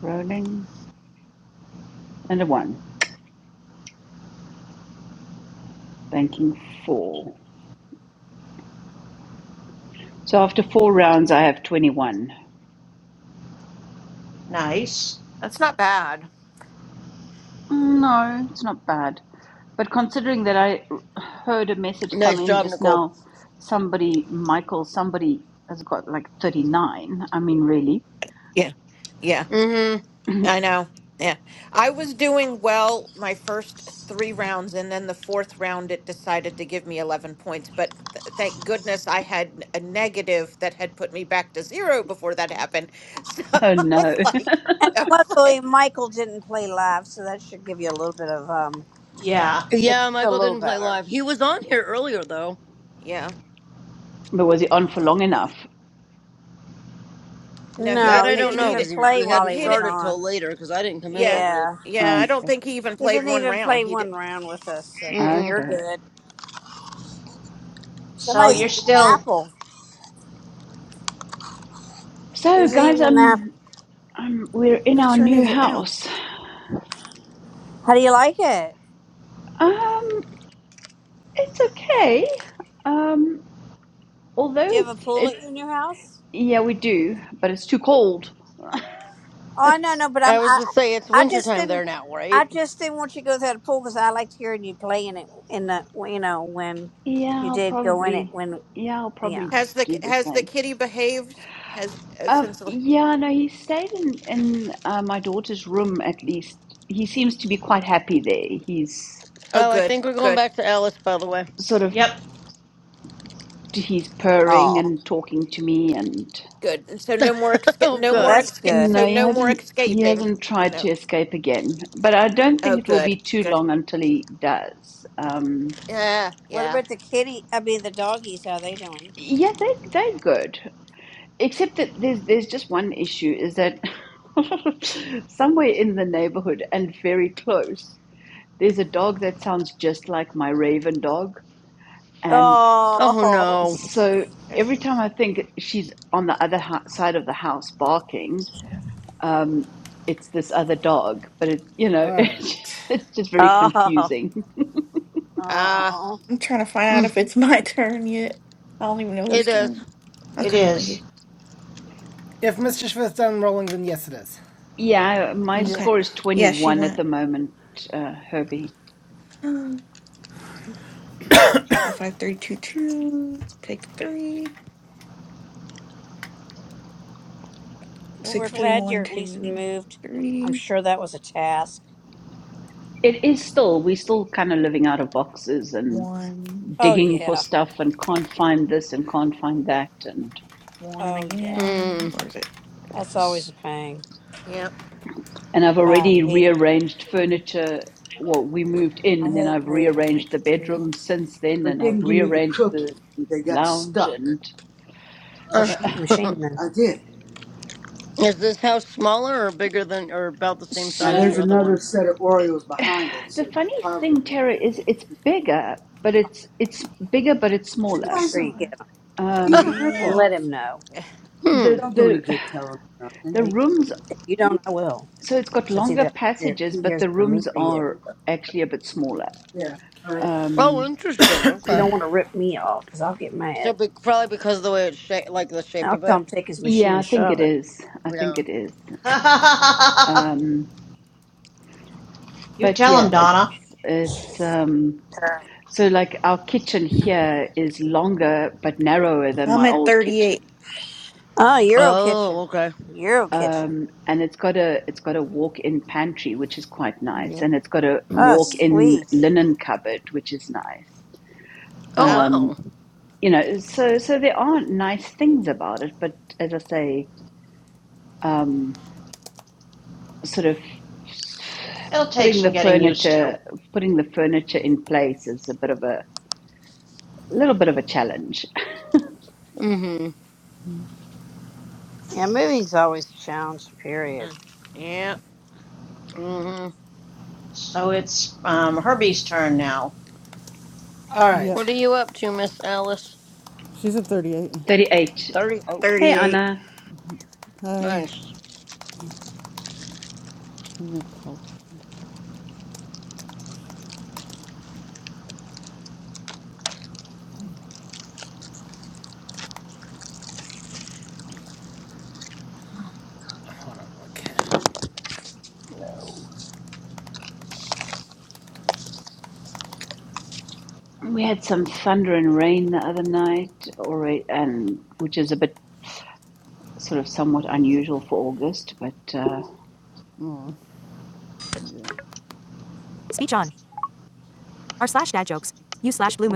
Speaker 18: Rolling and a one. Banking four. So after four rounds, I have 21.
Speaker 11: nice.
Speaker 7: that's not bad.
Speaker 18: No, it's not bad. But considering that I heard a message come
Speaker 12: nice
Speaker 18: in
Speaker 12: job,
Speaker 18: just
Speaker 12: Nicole.
Speaker 18: now, somebody, Michael, somebody has got like 39. I mean, really?
Speaker 7: Yeah.
Speaker 12: Mm-hmm.
Speaker 7: I know. Yeah. I was doing well my first three rounds, and then the fourth round, it decided to give me 11 points. But th- thank goodness I had a negative that had put me back to zero before that happened. So
Speaker 18: Oh
Speaker 7: I was
Speaker 18: no.
Speaker 7: like,
Speaker 9: And
Speaker 7: I was
Speaker 9: luckily,
Speaker 7: like-
Speaker 9: Michael didn't play live, so that should give you a little bit of um,
Speaker 7: yeah.
Speaker 11: Yeah.
Speaker 9: make you
Speaker 12: Yeah,
Speaker 9: feel a
Speaker 12: Michael
Speaker 9: little
Speaker 12: didn't play
Speaker 9: better.
Speaker 12: live. He was on here earlier, though.
Speaker 7: yeah.
Speaker 18: But was he on for long enough?
Speaker 7: No, he
Speaker 12: That
Speaker 9: No,
Speaker 7: didn't
Speaker 12: I
Speaker 9: he
Speaker 7: take
Speaker 12: don't
Speaker 7: it.
Speaker 9: didn't
Speaker 12: know,
Speaker 7: He
Speaker 9: even
Speaker 7: didn't.
Speaker 12: because
Speaker 9: play
Speaker 12: we
Speaker 7: He
Speaker 9: while
Speaker 12: hadn't
Speaker 9: he
Speaker 7: he
Speaker 9: was
Speaker 7: didn't.
Speaker 12: started till
Speaker 9: on.
Speaker 12: later, because I didn't come in
Speaker 7: Yeah.
Speaker 12: till late.
Speaker 9: Yeah.
Speaker 7: Yeah. I don't
Speaker 18: Okay.
Speaker 7: think he even
Speaker 9: He
Speaker 7: played
Speaker 9: didn't
Speaker 7: one
Speaker 9: even
Speaker 7: round.
Speaker 9: play
Speaker 7: He
Speaker 9: one
Speaker 7: didn't.
Speaker 9: round with us, so
Speaker 7: Yeah.
Speaker 12: Mm-mm.
Speaker 9: you're
Speaker 18: Okay.
Speaker 7: Yeah.
Speaker 9: good.
Speaker 11: So
Speaker 9: Somebody's
Speaker 11: you're
Speaker 9: eating an
Speaker 11: still.
Speaker 9: apple.
Speaker 18: So,
Speaker 9: Who's
Speaker 18: guys,
Speaker 9: eating an
Speaker 18: um,
Speaker 9: apple?
Speaker 18: um, we're in
Speaker 16: Whose
Speaker 18: our
Speaker 16: turn
Speaker 18: new
Speaker 16: is it now?
Speaker 18: house.
Speaker 9: How do you like it?
Speaker 18: Um, it's okay. Um,
Speaker 9: Do
Speaker 18: although
Speaker 9: you have a
Speaker 18: it's,
Speaker 9: pool at in
Speaker 18: it's,
Speaker 9: your house?
Speaker 18: yeah, we do, but it's too cold.
Speaker 9: Oh, no,
Speaker 18: It's.
Speaker 9: no, but I'm
Speaker 12: I was
Speaker 9: I,
Speaker 12: to say, it's
Speaker 9: I just
Speaker 12: wintertime
Speaker 9: didn't
Speaker 12: there now, right?
Speaker 9: I just didn't want you to go through the pool because I liked hearing you play in it in the you know when
Speaker 18: Yeah,
Speaker 9: you
Speaker 18: I'll
Speaker 9: did go in it
Speaker 18: probably
Speaker 9: when
Speaker 18: yeah, I'll
Speaker 9: yeah.
Speaker 18: probably
Speaker 7: Has the ki-
Speaker 18: do the
Speaker 7: has the
Speaker 18: same.
Speaker 7: kitty behaved? Has uh,
Speaker 18: Um,
Speaker 7: since? the-
Speaker 18: yeah, no, he stayed in in uh, my daughter's room at least. He seems to be quite happy there. He's
Speaker 7: Oh,
Speaker 12: Oh, I
Speaker 7: good.
Speaker 12: think we're going
Speaker 7: Good.
Speaker 12: back to Alice, by the way.
Speaker 18: sort of
Speaker 11: Yep,
Speaker 18: he's purring
Speaker 9: Oh,
Speaker 18: and talking to me, and
Speaker 7: Good. And so no more exca-
Speaker 12: Oh,
Speaker 7: no
Speaker 9: well,
Speaker 7: more
Speaker 12: good.
Speaker 9: that's
Speaker 7: exca-
Speaker 9: good.
Speaker 7: so
Speaker 18: no, he
Speaker 7: no more
Speaker 18: hasn't he
Speaker 7: escaping.
Speaker 18: hasn't tried to
Speaker 7: No.
Speaker 18: escape again. But I don't
Speaker 7: Oh,
Speaker 18: think it will
Speaker 7: good.
Speaker 18: be too
Speaker 7: Good.
Speaker 18: long until he does. Um,
Speaker 7: Yeah.
Speaker 9: What
Speaker 7: Yeah.
Speaker 9: about the kitty? I mean, the doggies. How they doing?
Speaker 18: yeah, they they're good. Except that there's there's just one issue is that somewhere in the neighborhood and very close, there's a dog that sounds just like my raven dog. And
Speaker 12: Oh,
Speaker 9: Oh,
Speaker 12: no.
Speaker 18: so every time I think she's on the other ho side of the house barking, um, it's this other dog. But it, you know,
Speaker 2: All right.
Speaker 18: it's just very
Speaker 9: oh,
Speaker 18: confusing.
Speaker 7: Ah.
Speaker 9: oh.
Speaker 16: I'm trying to find out if
Speaker 12: Mm,
Speaker 16: it's my turn yet. I don't even know
Speaker 12: It
Speaker 16: whose
Speaker 12: is.
Speaker 16: turn.
Speaker 11: it
Speaker 16: Okay, thank
Speaker 11: is.
Speaker 16: you.
Speaker 2: If Mr. Smith's done rolling, then yes, it is.
Speaker 18: Yeah, my
Speaker 14: Yep.
Speaker 16: Okay.
Speaker 18: score is
Speaker 16: Yeah, she
Speaker 18: 21 at
Speaker 16: went.
Speaker 18: the moment, uh, Herbie.
Speaker 16: Hmm. Five, five, three, two, two. Take three.
Speaker 9: Well, we're
Speaker 16: Six, three,
Speaker 9: glad you're
Speaker 16: one,
Speaker 9: at least
Speaker 16: two,
Speaker 9: moved. I'm
Speaker 16: three.
Speaker 9: sure that was a task.
Speaker 18: It is still, we're still kind of living out of boxes and
Speaker 16: One.
Speaker 9: Oh
Speaker 18: digging for
Speaker 9: yeah.
Speaker 18: stuff and can't find this and can't find that and
Speaker 16: One
Speaker 9: Oh yeah.
Speaker 16: again.
Speaker 12: Mm.
Speaker 16: Where is it?
Speaker 9: That's always
Speaker 16: It's-
Speaker 9: a pain.
Speaker 7: yeah.
Speaker 18: and I've
Speaker 9: I
Speaker 18: already
Speaker 9: hate
Speaker 18: rearranged furniture. Well, we moved in
Speaker 9: I
Speaker 18: and then
Speaker 9: hate
Speaker 18: I've
Speaker 9: moving.
Speaker 18: rearranged
Speaker 16: Take
Speaker 18: the
Speaker 16: the
Speaker 18: bedroom
Speaker 16: two.
Speaker 18: since then
Speaker 9: But it
Speaker 18: and I've
Speaker 9: didn't give me the
Speaker 18: rearranged
Speaker 9: cookie.
Speaker 18: the
Speaker 9: They got
Speaker 18: lounge
Speaker 9: stuck.
Speaker 18: and
Speaker 9: Well shoot the machine then. I did.
Speaker 12: is this house smaller or bigger than, or about the same
Speaker 9: Now
Speaker 12: size as
Speaker 9: there's
Speaker 18: so
Speaker 12: your other one?
Speaker 9: another set of Oreos behind it,
Speaker 18: the
Speaker 9: so you
Speaker 18: funny
Speaker 9: probably
Speaker 18: thing,
Speaker 9: won't
Speaker 18: Tara, is
Speaker 9: get.
Speaker 18: it's bigger, but it's it's bigger but it's
Speaker 9: That Make
Speaker 18: smaller.
Speaker 9: guy's sure a- you
Speaker 16: Five,
Speaker 9: get them. he's a
Speaker 18: Um,
Speaker 9: And ripoff.
Speaker 16: three.
Speaker 9: let him know.
Speaker 7: Yeah.
Speaker 9: It
Speaker 12: Hmm.
Speaker 18: the
Speaker 9: don't do any
Speaker 18: the
Speaker 9: good telling him nothing.
Speaker 18: the
Speaker 9: Well,
Speaker 18: rooms
Speaker 9: if you don't I will.
Speaker 18: so it's got
Speaker 9: So it's
Speaker 18: longer
Speaker 9: either he
Speaker 18: passages, but
Speaker 9: hears
Speaker 18: the
Speaker 9: from me
Speaker 18: rooms
Speaker 9: or
Speaker 18: are
Speaker 9: you.
Speaker 18: actually a bit smaller.
Speaker 9: Yeah. All right.
Speaker 12: Oh,
Speaker 18: Um,
Speaker 12: interesting.
Speaker 9: You don't
Speaker 12: Okay.
Speaker 9: want to rip me off because I'll get
Speaker 12: So
Speaker 9: mad.
Speaker 12: be- probably because of the way it's shaped, like the
Speaker 9: And
Speaker 12: shape
Speaker 9: I'll
Speaker 12: of
Speaker 9: tell
Speaker 12: it.
Speaker 9: him to take his machine
Speaker 18: yeah,
Speaker 9: and
Speaker 18: I think it
Speaker 9: shove it.
Speaker 18: is. I think
Speaker 12: Yeah.
Speaker 18: it is. Um,
Speaker 11: you
Speaker 18: but
Speaker 11: tell
Speaker 18: yeah,
Speaker 11: him,
Speaker 18: it's
Speaker 11: Donna.
Speaker 18: it's um, so like our kitchen here is longer but narrower than
Speaker 16: I'm
Speaker 18: my
Speaker 16: at
Speaker 18: old kitchen,
Speaker 16: 38.
Speaker 9: Oh, Euro
Speaker 12: Oh,
Speaker 9: Kitchen.
Speaker 12: okay.
Speaker 9: Euro Kitchen.
Speaker 18: um, and it's got a it's got a walk-in pantry which is quite nice,
Speaker 14: Yep.
Speaker 18: and it's got a
Speaker 9: Oh,
Speaker 18: walk-in
Speaker 9: sweet.
Speaker 18: linen cupboard which is nice.
Speaker 12: Oh,
Speaker 7: Ah.
Speaker 18: Um,
Speaker 12: wow.
Speaker 18: you know, so so there are nice things about it, but as I say, um, sort of
Speaker 11: It'll take
Speaker 18: putting the
Speaker 11: some getting used to.
Speaker 18: furniture putting the furniture in place is a bit of a little bit of a challenge.
Speaker 12: Mm-hmm.
Speaker 9: Yeah, moving's always a challenge, period.
Speaker 7: mm, Yeah.
Speaker 12: Mm-hmm.
Speaker 11: So it's um, Herbie's turn now.
Speaker 2: All
Speaker 14: Yep.
Speaker 2: right.
Speaker 12: What are you up to, Miss Alice?
Speaker 14: She's at 38.
Speaker 18: 38.
Speaker 12: Thirty. Oh,
Speaker 18: Hey
Speaker 16: 38.
Speaker 18: Anna,
Speaker 14: Hi,
Speaker 12: nice.
Speaker 14: Nicole.
Speaker 2: Hold on. Okay.
Speaker 18: we had some thunder and rain the other night, already, and which is a bit sort of somewhat unusual for August. But uh,
Speaker 14: Oh, yeah.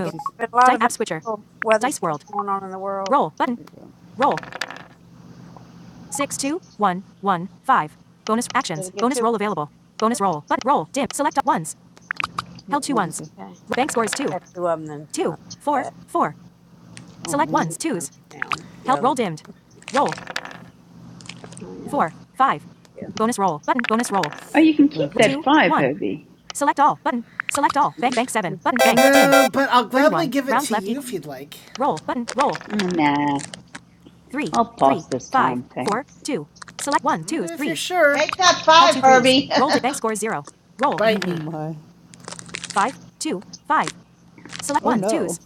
Speaker 9: Yeah, there's been a lot of unusual weather stuff going on in the world.
Speaker 14: There you go.
Speaker 9: Did it get two?
Speaker 14: Yeah, One two.
Speaker 9: Okay. Got two of them then. Uh, uh,
Speaker 14: Oh, man.
Speaker 9: leave one now. The other one. Oh, yeah. Yeah.
Speaker 18: oh, you can keep
Speaker 9: Okay.
Speaker 18: that five, Herbie.
Speaker 2: uh, Uh, but I'll gladly give it
Speaker 9: Yeah.
Speaker 2: to you if you'd like,
Speaker 18: Mm, Nah, I'll pass this time, thanks.
Speaker 2: if you're sure.
Speaker 11: Take that five, Herbie.
Speaker 14: Oh,
Speaker 2: Bite me.
Speaker 14: my. Oh, no.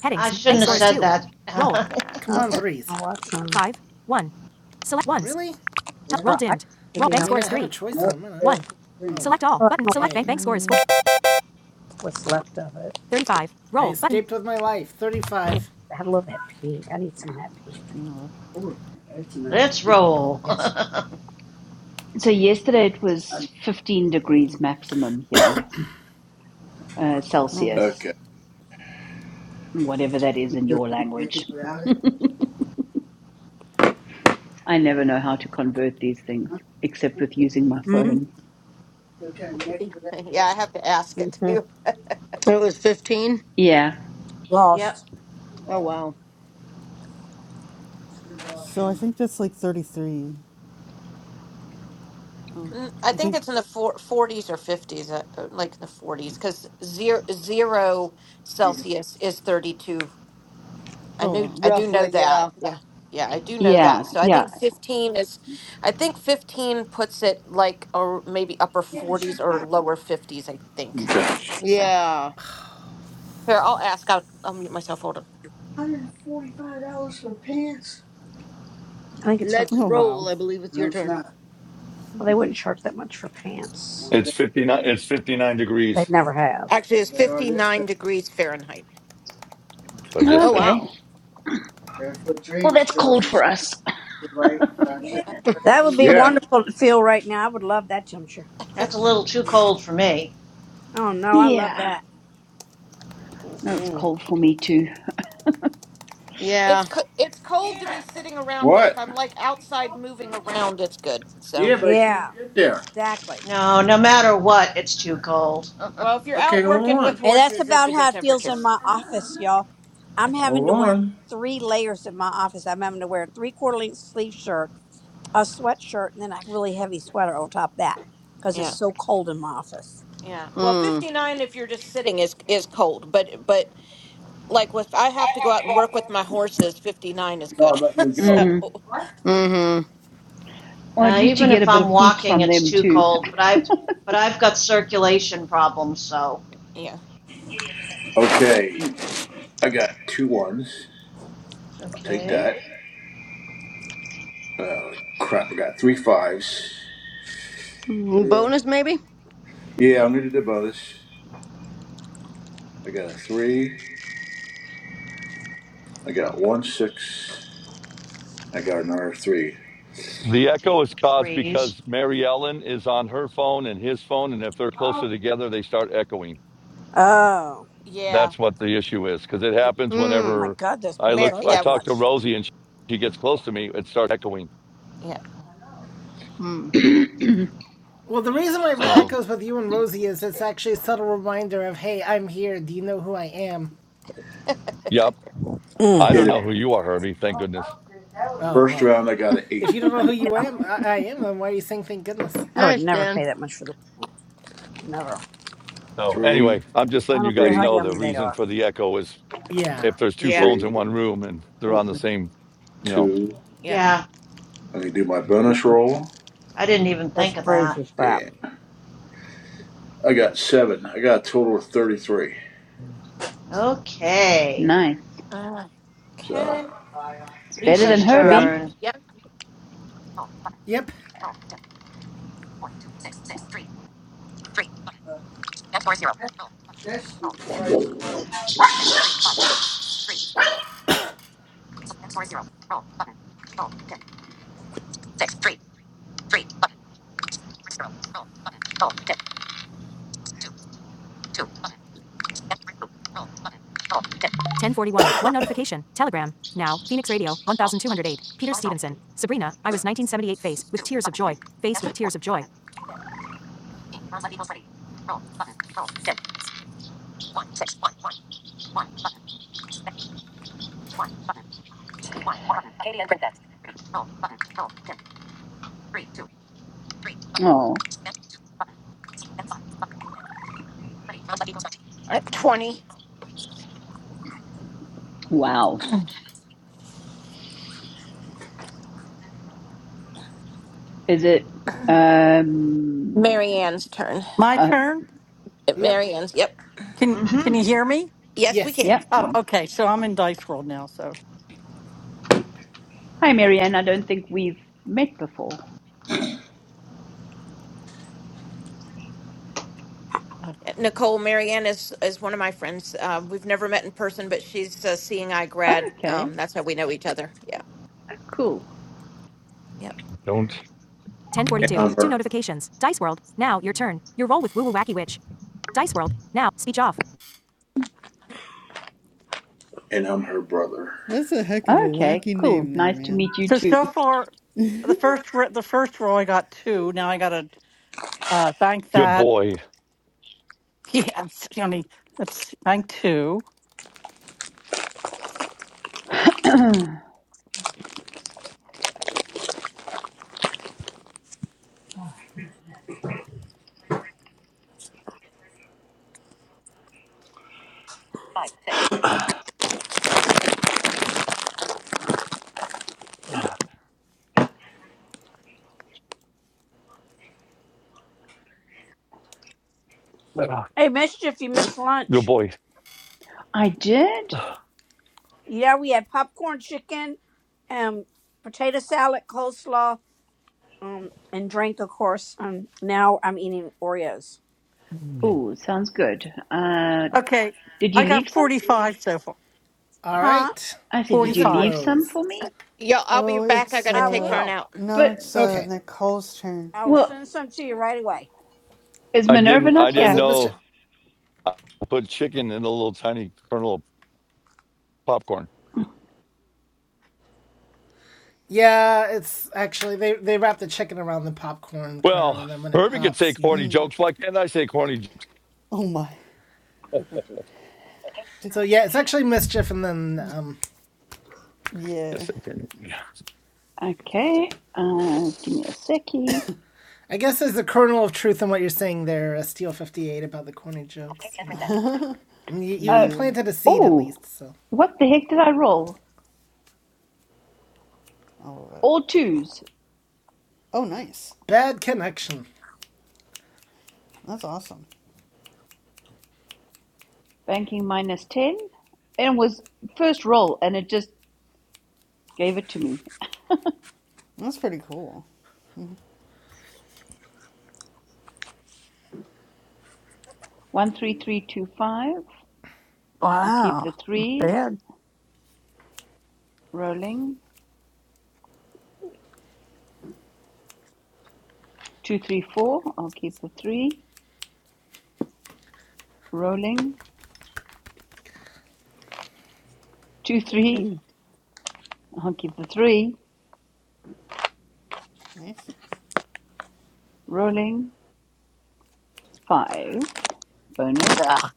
Speaker 11: I shouldn't have
Speaker 2: All right.
Speaker 11: said that.
Speaker 2: two. Come on,
Speaker 9: Okay.
Speaker 2: threes.
Speaker 9: I'll watch them.
Speaker 2: Really?
Speaker 9: Yeah. Or I should be on.
Speaker 2: mean, three. I have three. a choice
Speaker 9: Nope.
Speaker 2: in a minute.
Speaker 9: That's the
Speaker 2: Oh.
Speaker 9: Well, I'm going
Speaker 2: Dang.
Speaker 9: to watch that, what's left of it.
Speaker 2: I escaped button. with my life.
Speaker 9: I
Speaker 2: 35.
Speaker 9: love that pig. I need some of that pig.
Speaker 14: No.
Speaker 9: Oh, that's a nice.
Speaker 11: Let's roll.
Speaker 9: Yes. that's
Speaker 18: So yesterday it
Speaker 9: I'm
Speaker 18: was 15
Speaker 9: for it.
Speaker 18: degrees maximum here, uh,
Speaker 14: Oh, man.
Speaker 18: Celsius,
Speaker 3: Okay.
Speaker 18: whatever that is
Speaker 9: You
Speaker 18: in
Speaker 9: feel
Speaker 18: your
Speaker 9: kind of naked
Speaker 18: language.
Speaker 9: without it,
Speaker 18: I never know how to convert these things
Speaker 9: huh?
Speaker 18: except with using my
Speaker 9: Mm. You
Speaker 18: phone.
Speaker 9: feel kind of naked without your
Speaker 7: Yeah. I have to ask it
Speaker 9: Mhm.
Speaker 7: too.
Speaker 12: It was fifteen.
Speaker 18: Yeah,
Speaker 11: yep,
Speaker 9: Lost. you
Speaker 12: Oh,
Speaker 9: lost.
Speaker 12: wow.
Speaker 9: You're lost.
Speaker 14: So I think that's like 33.
Speaker 7: Mm, I
Speaker 14: I
Speaker 7: think
Speaker 14: think.
Speaker 7: it's in the four, 40s or 50s, uh, uh, like in the 40s, because zero, zero
Speaker 9: you did
Speaker 7: Celsius is thirty two. I
Speaker 14: Oh,
Speaker 7: knew
Speaker 14: wow.
Speaker 7: I do know
Speaker 12: Roughly,
Speaker 7: that.
Speaker 12: yeah.
Speaker 7: Yeah. Yeah, I do know
Speaker 18: yeah,
Speaker 7: that. So I
Speaker 18: yeah.
Speaker 7: think 15 is I think 15 puts it like or maybe upper 40s or lower 50s, I think.
Speaker 3: Okay.
Speaker 7: So
Speaker 12: Yeah.
Speaker 7: here, I'll ask out I'll mute myself. Hold on.
Speaker 9: $145 for pants? I think it's for the.
Speaker 12: Let's
Speaker 14: Oh,
Speaker 9: Well,
Speaker 14: wow.
Speaker 12: roll. I believe it's
Speaker 9: No,
Speaker 12: your
Speaker 9: it's
Speaker 12: turn.
Speaker 9: not. Well, they wouldn't charge that much for pants. Well,
Speaker 17: It's
Speaker 9: they
Speaker 17: 59. It's 59
Speaker 9: They
Speaker 17: degrees.
Speaker 9: never have.
Speaker 7: Actually,
Speaker 9: Well,
Speaker 7: it's
Speaker 9: they are this time.
Speaker 7: 59 degrees Fahrenheit.
Speaker 17: I just
Speaker 12: Oh,
Speaker 17: said.
Speaker 18: Okay.
Speaker 12: wow.
Speaker 9: Barefoot
Speaker 18: Well,
Speaker 9: Dreams,
Speaker 18: that's cold
Speaker 9: Cozy
Speaker 18: for us.
Speaker 9: That would be
Speaker 3: Yeah.
Speaker 9: wonderful to feel right now. I would love that, Jimshire.
Speaker 11: that's a little too cold for me.
Speaker 9: Oh no, I love
Speaker 18: Yeah.
Speaker 9: that.
Speaker 18: No, it's
Speaker 9: Mm-mm.
Speaker 18: cold for me too.
Speaker 7: It's
Speaker 12: Yeah.
Speaker 7: co- it's cold to be sitting around, but if
Speaker 3: What?
Speaker 7: I'm like outside moving around, it's good. So,
Speaker 3: Yeah, but I
Speaker 9: Yeah,
Speaker 3: can't get there.
Speaker 9: exactly.
Speaker 11: No, no matter what, it's too cold.
Speaker 7: well, if you're
Speaker 3: Okay,
Speaker 7: out
Speaker 3: hold
Speaker 7: working with
Speaker 3: on.
Speaker 9: And that's
Speaker 7: horses, it's
Speaker 9: about
Speaker 7: a
Speaker 9: how
Speaker 7: good
Speaker 9: it feels
Speaker 7: temperature.
Speaker 9: in my office, y'all. I'm having
Speaker 3: Hold
Speaker 9: to wear
Speaker 3: on.
Speaker 9: three layers in my office. I'm having to wear a three quarter length sleeve shirt, a sweatshirt, and then a really heavy sweater on top of that because it's
Speaker 7: Yeah.
Speaker 9: so cold in my office.
Speaker 7: Yeah. Well,
Speaker 12: Mm.
Speaker 7: 59 if you're just sitting is is cold, but but like with I have to go out and work with my horses, 59 is
Speaker 3: No,
Speaker 7: good.
Speaker 3: let me
Speaker 7: so,
Speaker 3: go.
Speaker 18: Mm.
Speaker 12: Mm-hmm.
Speaker 18: Well, at
Speaker 11: Uh,
Speaker 18: least you
Speaker 11: even
Speaker 18: get
Speaker 11: if
Speaker 18: a bit
Speaker 11: I'm
Speaker 18: of heat
Speaker 11: walking,
Speaker 18: from
Speaker 11: it's
Speaker 18: them
Speaker 11: too
Speaker 18: too.
Speaker 11: cold. But I've but I've got circulation problems, so
Speaker 7: yeah.
Speaker 3: Okay, I got two ones. I'll take
Speaker 11: okay.
Speaker 3: that. Oh, crap, I got three fives.
Speaker 12: Mm,
Speaker 3: Yeah,
Speaker 12: Bonus maybe?
Speaker 3: yeah I'm going to do the bonus. I got a three. I got one six. I got another three.
Speaker 17: The echo
Speaker 11: Take
Speaker 17: is
Speaker 11: the
Speaker 17: caused
Speaker 11: threes.
Speaker 17: because Mary Ellen is on her phone and his phone, and if they're closer together, they start echoing.
Speaker 9: Oh
Speaker 7: Yeah.
Speaker 17: That's what the issue is because it
Speaker 7: Y-
Speaker 17: happens
Speaker 9: my
Speaker 12: Mm.
Speaker 17: whenever
Speaker 9: God, those
Speaker 17: I
Speaker 9: pants
Speaker 17: look.
Speaker 7: Mar-
Speaker 9: are
Speaker 17: I
Speaker 7: yeah.
Speaker 9: that
Speaker 17: talk to
Speaker 9: much.
Speaker 17: Rosie and she, she gets close to me. It starts echoing.
Speaker 7: Yeah.
Speaker 12: Mm.
Speaker 2: Well, the reason why it
Speaker 17: So,
Speaker 2: echoes with you and Rosie is it's actually a subtle reminder of, hey, I'm here. Do you know who I am?
Speaker 17: yep. I
Speaker 9: Mm.
Speaker 3: Okay,
Speaker 17: don't know
Speaker 3: the
Speaker 17: who you are, Herbie. Thank goodness.
Speaker 2: Oh,
Speaker 3: first
Speaker 2: well.
Speaker 3: round I got an eight.
Speaker 2: If you don't know who you
Speaker 9: Yeah,
Speaker 2: am, I, I am, then why are you saying thank goodness?
Speaker 9: I would
Speaker 12: Nice,
Speaker 9: never
Speaker 12: Dan.
Speaker 9: pay that much for those. Never.
Speaker 17: So,
Speaker 3: three,
Speaker 17: anyway, I'm just
Speaker 9: I
Speaker 17: letting you
Speaker 9: don't care
Speaker 17: guys
Speaker 9: how
Speaker 3: three,
Speaker 17: know the
Speaker 9: yummy they
Speaker 17: reason
Speaker 9: are.
Speaker 17: for the echo is if
Speaker 2: Yeah.
Speaker 17: there's two
Speaker 7: Yeah.
Speaker 17: phones in
Speaker 3: three,
Speaker 17: one room and they're on the
Speaker 9: Mm-mm.
Speaker 17: same, you know,
Speaker 3: two.
Speaker 7: Yeah.
Speaker 11: Yeah,
Speaker 3: I can do my bonus
Speaker 9: Mm-mm.
Speaker 3: roll.
Speaker 11: I didn't even
Speaker 9: That's
Speaker 11: think of
Speaker 9: crazy
Speaker 11: that.
Speaker 9: crap.
Speaker 3: Damn. I got seven. I got a total of thirty-three.
Speaker 11: Okay,
Speaker 18: nice.
Speaker 7: Okay.
Speaker 3: So
Speaker 18: It's better than
Speaker 9: Mm.
Speaker 11: Lisa's
Speaker 9: Yep.
Speaker 18: Herbie.
Speaker 11: turn.
Speaker 7: Yep.
Speaker 2: Yep.
Speaker 15: Katie, unprint that.
Speaker 18: Oh,
Speaker 7: At 20.
Speaker 18: wow. Is it? Um.
Speaker 7: Marianne's turn.
Speaker 15: My
Speaker 18: Uh,
Speaker 15: turn?
Speaker 7: At
Speaker 2: Yep.
Speaker 7: Marianne's. Yep.
Speaker 15: Can can
Speaker 11: Mm-hmm.
Speaker 15: you hear me?
Speaker 7: Yes, we
Speaker 2: Yes.
Speaker 7: can.
Speaker 18: yeah.
Speaker 15: Oh, okay. So I'm in dice world now, so
Speaker 18: Hi, Marianne. I don't think we've met before.
Speaker 15: uh,
Speaker 7: Uh, Nicole, Marianne is is one of my friends. Uh, we've never met in person, but she's a seeing I grad.
Speaker 18: Okay.
Speaker 7: Um, that's how we know each other. Yeah.
Speaker 18: Cool.
Speaker 7: Yep.
Speaker 17: don't.
Speaker 3: and I'm her and I'm her brother.
Speaker 14: That's a heck of a
Speaker 18: Okay.
Speaker 14: wacky name
Speaker 18: Cool.
Speaker 14: there,
Speaker 18: Nice to
Speaker 14: man.
Speaker 18: meet you
Speaker 15: so
Speaker 18: too.
Speaker 15: so far the first ro- the first roll I got two. Now I got to uh bank
Speaker 17: Good
Speaker 15: that.
Speaker 17: boy.
Speaker 15: Yes, Johnny. Let's see, bank two.
Speaker 18: I
Speaker 9: Hey, mischief, you missed
Speaker 17: Good
Speaker 9: lunch.
Speaker 17: boy.
Speaker 18: did.
Speaker 9: Yeah, we had popcorn chicken, um, potato salad, coleslaw, um, and drink, of course. Um, now I'm eating Oreos.
Speaker 18: Oh, sounds good. Uh,
Speaker 15: Okay.
Speaker 18: did
Speaker 15: I
Speaker 18: you
Speaker 15: got
Speaker 18: leave some for me?
Speaker 15: 45 so far.
Speaker 2: All
Speaker 9: Huh?
Speaker 2: right.
Speaker 18: I said, did you
Speaker 2: Music
Speaker 18: leave
Speaker 15: 45.
Speaker 18: some
Speaker 2: Rose.
Speaker 18: for me?
Speaker 7: Yo, I'll be
Speaker 14: Oh,
Speaker 7: back. I
Speaker 14: it's
Speaker 7: got to
Speaker 9: I
Speaker 7: take
Speaker 14: uh
Speaker 7: Vern
Speaker 9: will.
Speaker 7: out.
Speaker 14: no,
Speaker 18: But
Speaker 14: it's uh
Speaker 2: Okay.
Speaker 14: Nicole's turn.
Speaker 9: I will
Speaker 18: well.
Speaker 9: send some to you right away.
Speaker 18: Is
Speaker 17: I
Speaker 18: Minerva
Speaker 17: didn't. I
Speaker 18: not
Speaker 2: Oh, is
Speaker 17: didn't
Speaker 18: here?
Speaker 2: it
Speaker 17: know.
Speaker 2: Mr.
Speaker 17: I put chicken in a little tiny kernel of popcorn.
Speaker 2: Yeah, it's actually they they wrap the chicken around the popcorn kernel,
Speaker 17: Well,
Speaker 2: and then when it
Speaker 17: Herbie could say
Speaker 2: pops, you know.
Speaker 17: corny jokes. Why can't I say corny
Speaker 14: Oh my. D-
Speaker 2: So yeah, it's actually mischief, and then um,
Speaker 14: yeah.
Speaker 17: Yes, I can.
Speaker 18: Okay, uh, just give me a seckie.
Speaker 2: I guess there's a kernel of truth in what you're saying there, uh, Steel Fifty Eight, about the corny jokes. You know, I mean, you, you you
Speaker 18: Uh,
Speaker 14: Yeah.
Speaker 2: planted a seed at
Speaker 18: oh,
Speaker 2: least, so
Speaker 18: what the heck did I roll?
Speaker 14: All of it.
Speaker 18: All twos,
Speaker 14: Oh, nice.
Speaker 2: bad connection.
Speaker 14: That's awesome.
Speaker 18: banking minus 10. And it was first roll, and it just gave it to me.
Speaker 14: That's pretty cool.
Speaker 18: 13325, I'll keep
Speaker 15: Wow.
Speaker 18: the
Speaker 15: Not
Speaker 18: threes,
Speaker 15: bad.
Speaker 18: rolling. 234, I'll keep the three, rolling. Two, three. I'll keep the three,
Speaker 14: Nice.
Speaker 18: rolling. Five, bonus,
Speaker 15: Ugh.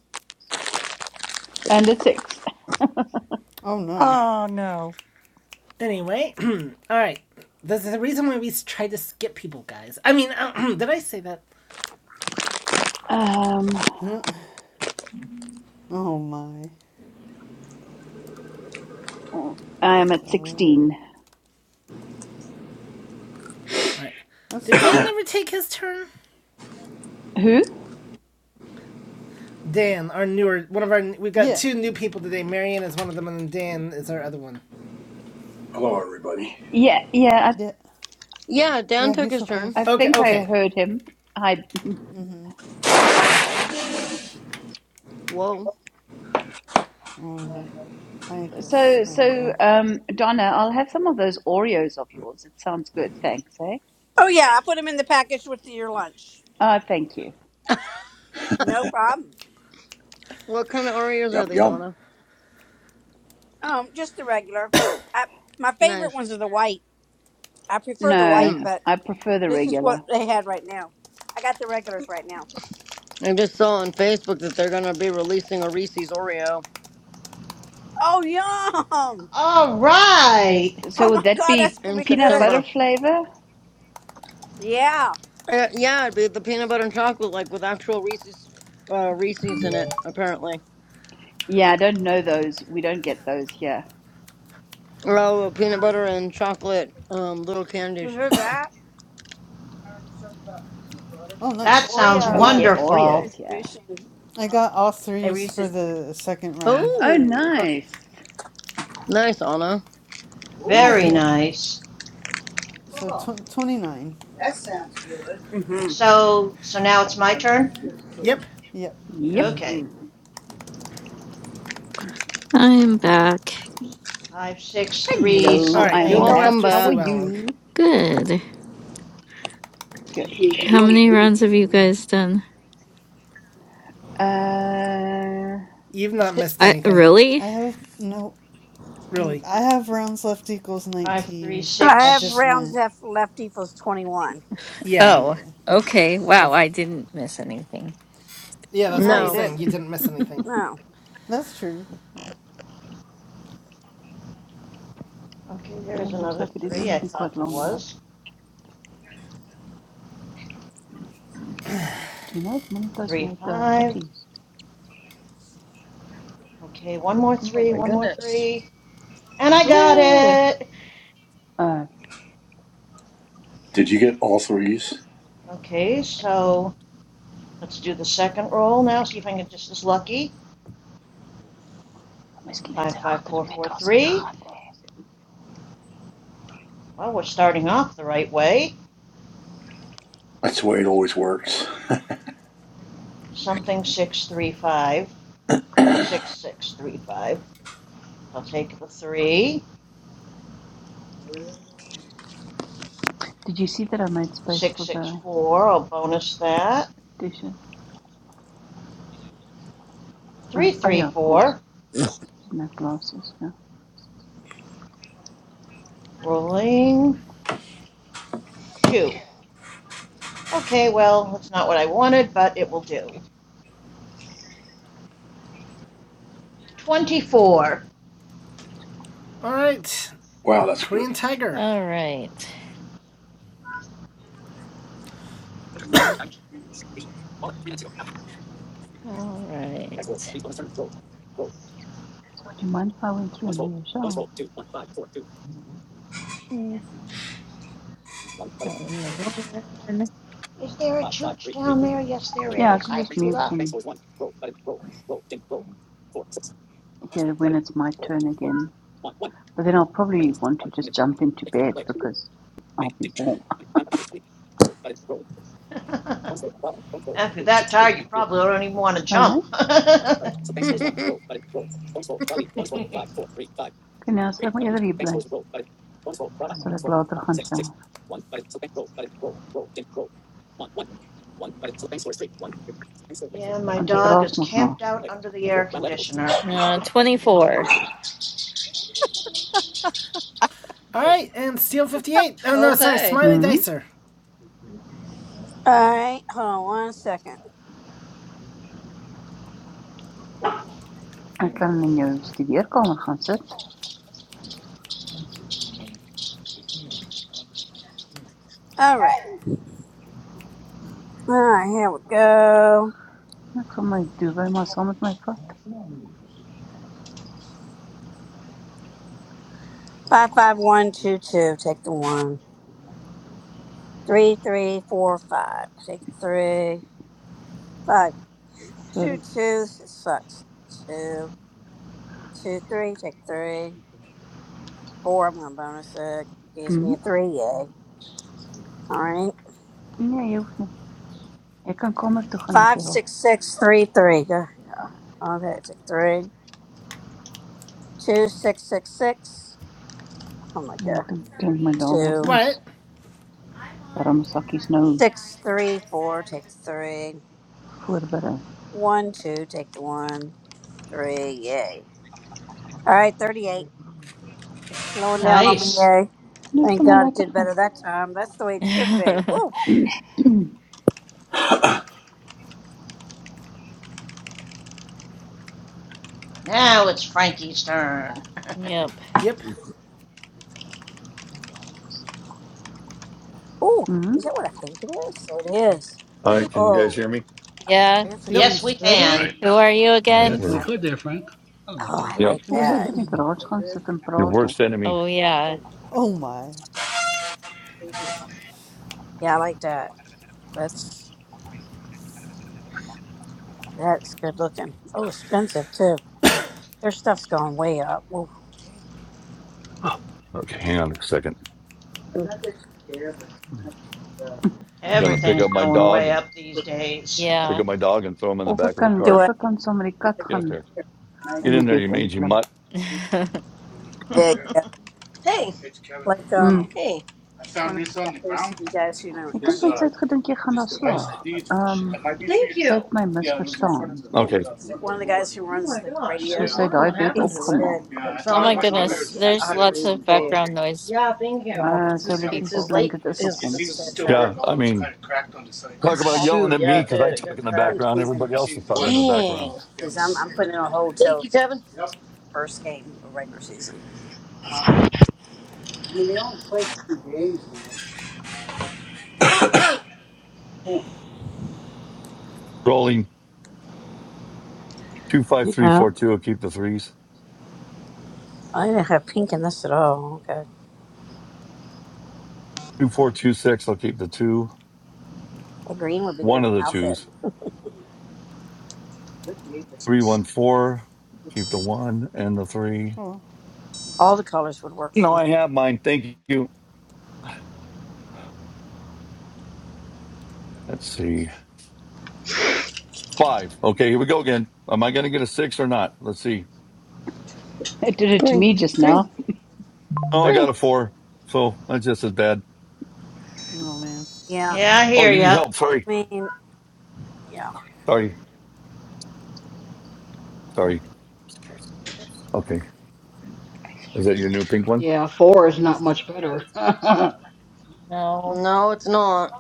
Speaker 18: and a six.
Speaker 14: Oh no.
Speaker 15: Oh no.
Speaker 2: Anyway, all right. There's the reason why we try to skip people, guys. I mean, did I say that?
Speaker 18: Um,
Speaker 14: oh my.
Speaker 18: Uh, I am at
Speaker 14: So
Speaker 18: 16.
Speaker 2: All right.
Speaker 14: that's
Speaker 2: Did Dan
Speaker 14: good.
Speaker 2: never take his turn?
Speaker 18: Who?
Speaker 2: Dan, our newer one of our we've got
Speaker 14: Yeah.
Speaker 2: two new people today. Marion is one of them, and Dan is our other one.
Speaker 3: Hello everybody.
Speaker 18: Yeah, yeah,
Speaker 14: Yeah.
Speaker 12: Yeah, Dan
Speaker 14: Yeah,
Speaker 12: took
Speaker 14: he's
Speaker 12: his turn.
Speaker 18: I, I
Speaker 14: focused.
Speaker 2: Okay,
Speaker 18: think I
Speaker 2: okay,
Speaker 18: heard him. Hi.
Speaker 12: Whoa.
Speaker 14: All right. I guess
Speaker 18: So,
Speaker 14: I
Speaker 18: so,
Speaker 14: will.
Speaker 18: um, Donna, I'll have some of those Oreos of yours. It sounds good. Thanks, eh?
Speaker 9: Oh yeah, I put them in the package with your lunch.
Speaker 18: Ah, thank you.
Speaker 9: No problem.
Speaker 12: What kind of Oreos are
Speaker 3: Yum
Speaker 12: they,
Speaker 3: yum.
Speaker 12: Donna?
Speaker 9: Um, just the regular. I, my favorite
Speaker 12: Nice.
Speaker 9: ones are the white. I prefer the
Speaker 18: No,
Speaker 9: white,
Speaker 12: Mm.
Speaker 9: but
Speaker 18: I prefer the
Speaker 9: this is what
Speaker 18: regular.
Speaker 9: they had right now. I got the regulars right now.
Speaker 12: I just saw on Facebook that they're gonna be releasing a Reese's Oreo
Speaker 9: Oh yum!
Speaker 11: All right.
Speaker 18: So
Speaker 9: Oh
Speaker 18: would
Speaker 9: my
Speaker 18: that
Speaker 9: god, that's
Speaker 18: be
Speaker 9: gonna
Speaker 12: in
Speaker 9: be
Speaker 18: peanut
Speaker 9: good.
Speaker 18: butter
Speaker 12: September.
Speaker 18: flavor?
Speaker 9: Yeah.
Speaker 12: Uh, yeah, it'd be the peanut butter and chocolate, like with actual Reese's uh, Reese's in it, apparently.
Speaker 18: Yeah, I don't know those. We don't get those here,
Speaker 12: Oh, peanut butter and chocolate um, little
Speaker 9: You
Speaker 12: candies.
Speaker 9: hear that? heard something about peanut butter.
Speaker 14: Oh, nice.
Speaker 11: That sounds
Speaker 14: I
Speaker 18: but we
Speaker 9: Oreo
Speaker 14: got
Speaker 18: get
Speaker 9: is
Speaker 11: wonderful.
Speaker 18: Oreos here.
Speaker 9: introducing
Speaker 14: I
Speaker 9: Uh-huh.
Speaker 14: got all
Speaker 9: a
Speaker 14: threes for
Speaker 9: Reese's
Speaker 14: the second round.
Speaker 18: Oh,
Speaker 12: Oh,
Speaker 9: cookie.
Speaker 18: nice.
Speaker 12: nice, Anna.
Speaker 11: Very
Speaker 9: Ooh,
Speaker 14: yep.
Speaker 11: nice.
Speaker 14: So
Speaker 9: oh,
Speaker 14: tw- 29.
Speaker 9: that sounds good. Mm-hmm.
Speaker 11: So so now it's my
Speaker 9: I
Speaker 11: turn.
Speaker 9: really feel
Speaker 2: yep.
Speaker 14: Yep.
Speaker 18: Yep.
Speaker 11: Okay.
Speaker 9: mm-hmm.
Speaker 13: I'm back.
Speaker 11: Five six
Speaker 9: Must
Speaker 11: three
Speaker 9: be on the
Speaker 2: All
Speaker 18: Hello, I
Speaker 2: right, you'll
Speaker 18: am
Speaker 9: lookout.
Speaker 11: something.
Speaker 2: go
Speaker 12: Welcome
Speaker 18: back.
Speaker 2: after
Speaker 18: How are
Speaker 12: back.
Speaker 2: Sue Ellen.
Speaker 18: you?
Speaker 13: Good.
Speaker 18: Good,
Speaker 9: You can't
Speaker 13: How
Speaker 18: good.
Speaker 9: go wrong with
Speaker 13: many rounds have you
Speaker 9: anything.
Speaker 13: guys done?
Speaker 18: Uh,
Speaker 2: You've not
Speaker 18: si it
Speaker 2: missed
Speaker 13: I
Speaker 2: anything,
Speaker 13: really?
Speaker 14: I have no. I
Speaker 2: really.
Speaker 14: have rounds left equals
Speaker 11: Five three
Speaker 14: 19.
Speaker 9: Reese. I
Speaker 14: I
Speaker 9: have
Speaker 11: six.
Speaker 14: just
Speaker 9: rounds
Speaker 14: went.
Speaker 9: F left equals 21.
Speaker 2: Yeah,
Speaker 13: Oh,
Speaker 14: Yeah.
Speaker 13: okay. Wow,
Speaker 2: that's
Speaker 13: I didn't miss anything.
Speaker 2: yeah. That's
Speaker 9: No,
Speaker 2: what I
Speaker 9: you
Speaker 2: was
Speaker 12: No.
Speaker 2: saying.
Speaker 9: didn't.
Speaker 2: You didn't miss anything.
Speaker 9: No.
Speaker 14: That's true. Yeah.
Speaker 11: Okay, there is
Speaker 18: looks
Speaker 11: another
Speaker 18: like it is
Speaker 11: three.
Speaker 18: going to
Speaker 11: I
Speaker 18: be
Speaker 11: thought
Speaker 18: quite
Speaker 11: there
Speaker 18: long, love.
Speaker 11: was
Speaker 18: Do you know if Monica's
Speaker 11: three
Speaker 18: made the
Speaker 11: five.
Speaker 18: hotties?
Speaker 11: Okay, one more
Speaker 12: Oh
Speaker 11: three,
Speaker 12: my
Speaker 11: one more
Speaker 12: goodness.
Speaker 11: three, and I
Speaker 13: Woo!
Speaker 11: got
Speaker 13: All
Speaker 11: it.
Speaker 18: Oh,
Speaker 3: Did you get all threes?
Speaker 11: Okay, so let's do the second roll now. See if I can get just as lucky.
Speaker 18: miskien het
Speaker 11: Five,
Speaker 18: sy
Speaker 11: five,
Speaker 18: agter die
Speaker 11: four, four,
Speaker 18: petros
Speaker 11: three.
Speaker 18: gegaan lê.
Speaker 11: Well, we're starting off the right way.
Speaker 3: That's the way it always works.
Speaker 11: Something six, three, five, six, six, three, five. I'll take the three.
Speaker 9: Yeah.
Speaker 18: Did you see that I made space
Speaker 11: Six,
Speaker 18: for
Speaker 11: six,
Speaker 18: the
Speaker 11: four. I'll bonus that.
Speaker 18: dishes? Oh,
Speaker 11: Three,
Speaker 18: oh
Speaker 11: three,
Speaker 18: yeah, of course.
Speaker 11: four.
Speaker 18: Didn't have glasses. Yeah.
Speaker 11: Rolling two. Okay, well, that's not what I wanted, but it will do. Twenty-four.
Speaker 2: All right,
Speaker 3: Wow, that's good.
Speaker 2: Korean Tiger.
Speaker 13: right. All right.
Speaker 18: So would you mind if I went through another shower?
Speaker 13: Mm, One,
Speaker 11: Is there a church down there? Yes, there
Speaker 18: Yeah, I can just mute and hear when it's my turn again. But then I'll probably want to just jump into bed because I'll be warm.
Speaker 11: After that tire, you probably don't even want to jump.
Speaker 18: Alright.
Speaker 12: okay.
Speaker 18: Okay, nou sal ek my eerder hier bly. Sal ek later gaan shower.
Speaker 11: yeah, my
Speaker 18: Want ek
Speaker 11: dog
Speaker 18: raas
Speaker 11: is
Speaker 18: mos maar.
Speaker 11: camped out under the air conditioner.
Speaker 13: uh, 24.
Speaker 2: All right, and Steel Fifty Eight. Oh no, sorry, Smiley
Speaker 18: Mhm.
Speaker 2: Dicer.
Speaker 9: All right. Hold on one second.
Speaker 18: Ek kan in jou studeerkamer gaan sit.
Speaker 9: All right. All right. Here we go.
Speaker 18: Ek gaan my duvet maar saam met my vat.
Speaker 9: Five, five, one, two, two. Take the one. Three, three, four, five, six, three, five, two,
Speaker 18: Sorry.
Speaker 9: two, six, sucks. Two, two, three, take three, four. I'm gonna bonus it. Gives me
Speaker 18: Mhm.
Speaker 9: a three, yay. All right.
Speaker 18: Nee, jy hoef nie. Jy kan kamer toe gaan as
Speaker 9: Five,
Speaker 18: jy wil.
Speaker 9: six, six, three, three. Go- go. Okay, take three, two, six, six, six. Oh my
Speaker 18: Maar
Speaker 9: god.
Speaker 18: ek dink
Speaker 9: Take
Speaker 18: klink my
Speaker 9: a
Speaker 18: daar word
Speaker 9: two,
Speaker 18: ons
Speaker 2: What?
Speaker 18: warm sakkies nou
Speaker 9: six, three, four. Take the three,
Speaker 18: voorberei.
Speaker 9: one, two. Take the one, three, yay. All right, thirty-eight. It's slowing down on me,
Speaker 11: Nice.
Speaker 9: yay.
Speaker 18: Nee, ek
Speaker 9: Thank
Speaker 18: sal maar
Speaker 9: God it did
Speaker 18: later gaan.
Speaker 9: better that time. That's the way it should be. Whoa,
Speaker 11: Now it's Frankie's turn.
Speaker 13: Yep.
Speaker 2: Yep.
Speaker 9: ooh,
Speaker 18: Mhm.
Speaker 9: is that what I think it is? So it is.
Speaker 17: All right, can you guys
Speaker 9: Oh,
Speaker 17: hear me?
Speaker 9: a
Speaker 13: Yeah.
Speaker 9: beer for
Speaker 2: Nope.
Speaker 11: yes, we
Speaker 9: dreams
Speaker 17: All
Speaker 9: hoodie?
Speaker 11: can.
Speaker 17: right.
Speaker 13: Who are you
Speaker 17: All right.
Speaker 13: again?
Speaker 1: yes, we
Speaker 14: Yes.
Speaker 9: I,
Speaker 17: We're,
Speaker 1: could there, Frank. That was a
Speaker 9: oh,
Speaker 1: goal.
Speaker 9: I
Speaker 17: yep.
Speaker 9: like
Speaker 18: Of sit
Speaker 9: that.
Speaker 18: in die garage gaan sit en
Speaker 17: Your
Speaker 18: praat of
Speaker 17: worst enemy.
Speaker 13: Oh, yeah.
Speaker 14: Oh my.
Speaker 9: Yeah, I like that. That's that's good looking. Oh, expensive too. Their stuff's gone way up. Ooh.
Speaker 17: Oh, Okay. Hang on a second. Gonna pick
Speaker 11: Everything's
Speaker 17: up my
Speaker 11: going
Speaker 17: dog
Speaker 11: way
Speaker 17: and
Speaker 11: up these days.
Speaker 17: pick
Speaker 13: Yeah.
Speaker 17: up my dog and throw him in the
Speaker 18: of
Speaker 17: back
Speaker 18: ek
Speaker 17: of the
Speaker 18: kan
Speaker 9: Do
Speaker 17: cart.
Speaker 18: of
Speaker 9: it.
Speaker 18: ek kan saam met die kat
Speaker 17: Get up
Speaker 18: gaan
Speaker 17: there.
Speaker 18: in
Speaker 17: Get
Speaker 18: die
Speaker 17: in there, you
Speaker 18: bed
Speaker 17: mangy
Speaker 18: inklim.
Speaker 17: mutt.
Speaker 9: Yeah, yeah.
Speaker 12: Hey.
Speaker 9: Like um,
Speaker 18: Mhm.
Speaker 12: Um, Hey.
Speaker 9: one of the gu- guys who know
Speaker 18: Ek dink
Speaker 9: runs
Speaker 18: want sy
Speaker 9: the
Speaker 18: het gedink jy gaan daar
Speaker 17: Ugh.
Speaker 18: slaap. Ehm um,
Speaker 12: That might be Thank
Speaker 18: sy
Speaker 12: you.
Speaker 18: het my misverstaan.
Speaker 9: uh,
Speaker 17: Okay.
Speaker 9: one of the guys who
Speaker 12: Oh
Speaker 9: runs
Speaker 12: my
Speaker 9: the
Speaker 12: gosh. I was
Speaker 9: radio.
Speaker 18: Soos
Speaker 12: yeah.
Speaker 18: hy
Speaker 12: wondering
Speaker 18: daai
Speaker 12: what
Speaker 18: bed
Speaker 9: He
Speaker 12: happened to it.
Speaker 9: said,
Speaker 18: opgemaak.
Speaker 12: Yeah, Couldn't tell
Speaker 13: Oh
Speaker 12: that it it
Speaker 13: my
Speaker 12: was
Speaker 9: uh
Speaker 13: goodness.
Speaker 9: yeah, "I
Speaker 13: There's
Speaker 9: have to
Speaker 13: lots
Speaker 9: read
Speaker 13: of
Speaker 9: it
Speaker 12: might
Speaker 9: to
Speaker 12: on
Speaker 9: you."
Speaker 12: us.
Speaker 13: background noise
Speaker 12: Yeah, thank
Speaker 13: from
Speaker 12: you.
Speaker 18: Uh
Speaker 12: It's
Speaker 18: sy
Speaker 13: multiple
Speaker 12: his yeah, it's
Speaker 18: elektriese
Speaker 12: his
Speaker 13: people.
Speaker 12: late
Speaker 18: blanket
Speaker 12: It's,
Speaker 18: is op
Speaker 12: his, it
Speaker 18: hom.
Speaker 9: He
Speaker 12: seems his, to
Speaker 9: says,
Speaker 12: still
Speaker 9: uh,
Speaker 17: Yeah.
Speaker 12: work,
Speaker 17: I
Speaker 12: although it's kind
Speaker 17: mean,
Speaker 12: of cracked on the side.
Speaker 9: "He
Speaker 12: Oh
Speaker 17: talk
Speaker 9: said
Speaker 17: about
Speaker 9: I,
Speaker 17: yelling
Speaker 12: shoot,
Speaker 9: I
Speaker 17: at
Speaker 12: yeah
Speaker 17: me
Speaker 9: hate
Speaker 12: it
Speaker 17: because I
Speaker 9: the
Speaker 12: did. It
Speaker 17: talk
Speaker 12: got
Speaker 17: in the
Speaker 9: the
Speaker 12: cracked.
Speaker 17: background.
Speaker 9: season."
Speaker 12: But
Speaker 17: Everybody
Speaker 12: it
Speaker 17: else is
Speaker 12: seems to work.
Speaker 17: talking in the
Speaker 12: Dang.
Speaker 17: background.
Speaker 9: He
Speaker 12: Yep.
Speaker 9: says, "I'm I'm putting in a hold
Speaker 12: Thank
Speaker 9: till
Speaker 12: you, Kevin.
Speaker 9: first game of regular season." Uh, I mean, they only play two games now.
Speaker 17: Rolling 25342
Speaker 9: Yeah,
Speaker 17: three
Speaker 9: Yeah.
Speaker 17: four will keep the threes.
Speaker 9: I didn't have pink in this at all. Okay,
Speaker 17: 2426 I'll keep the two.
Speaker 9: the green would be good
Speaker 17: One
Speaker 9: for
Speaker 17: of the
Speaker 9: my outfit.
Speaker 17: twos. 314, keep the one and the three.
Speaker 14: Oh.
Speaker 9: All the colors would work for
Speaker 17: No,
Speaker 9: me.
Speaker 17: I have mine. Thank you. Let's see. Five. Okay, here we go again. Am I going to get a six or not? Let's see.
Speaker 18: It did it to
Speaker 12: Three.
Speaker 18: me just
Speaker 12: Three.
Speaker 18: now.
Speaker 17: Oh, I got
Speaker 12: Three.
Speaker 17: a four. So that's just as bad.
Speaker 14: Oh man.
Speaker 9: Yeah,
Speaker 11: Yeah, I
Speaker 17: Oh,
Speaker 11: hear
Speaker 17: you need
Speaker 11: ya.
Speaker 17: help. Sorry.
Speaker 9: I mean,
Speaker 17: Sorry. Sorry. Okay. Is that your new pink one?
Speaker 8: yeah, four is not much better. I
Speaker 13: No.
Speaker 12: No, it's not.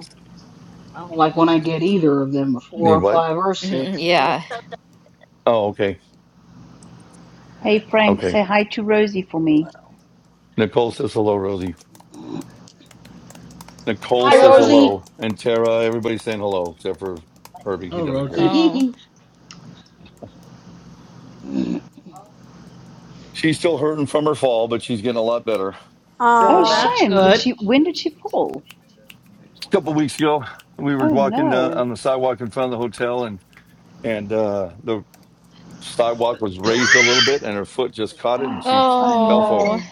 Speaker 8: don't like when I get either of them, a four
Speaker 17: Need
Speaker 8: or
Speaker 17: what?
Speaker 8: five or six. Ugh.
Speaker 13: Yeah.
Speaker 17: Oh, okay.
Speaker 18: Hey Frank,
Speaker 17: Okay.
Speaker 18: say hi to Rosie for me.
Speaker 17: Nicole says hello, Rosie. Nicole
Speaker 8: Hi,
Speaker 12: Hello,
Speaker 17: says
Speaker 12: Rosie.
Speaker 8: Rosie.
Speaker 17: hello. And Tara, everybody's saying hello except for Herbie. He
Speaker 1: Oh,
Speaker 17: doesn't care.
Speaker 1: Rosie.
Speaker 13: Oh.
Speaker 17: She's still hurting from her fall, but she's getting a lot better. A
Speaker 18: Oh
Speaker 11: Well,
Speaker 9: yeah.
Speaker 12: Good.
Speaker 11: that's
Speaker 18: shame, did
Speaker 11: good.
Speaker 18: she when did she fall?
Speaker 17: couple weeks ago, we were
Speaker 18: Oh
Speaker 17: walking uh,
Speaker 18: no.
Speaker 17: on the sidewalk in front of the hotel and and uh, the sidewalk was raised a little bit and her foot just caught it and she
Speaker 18: Oh
Speaker 17: fell forward.
Speaker 13: Oh.
Speaker 18: no.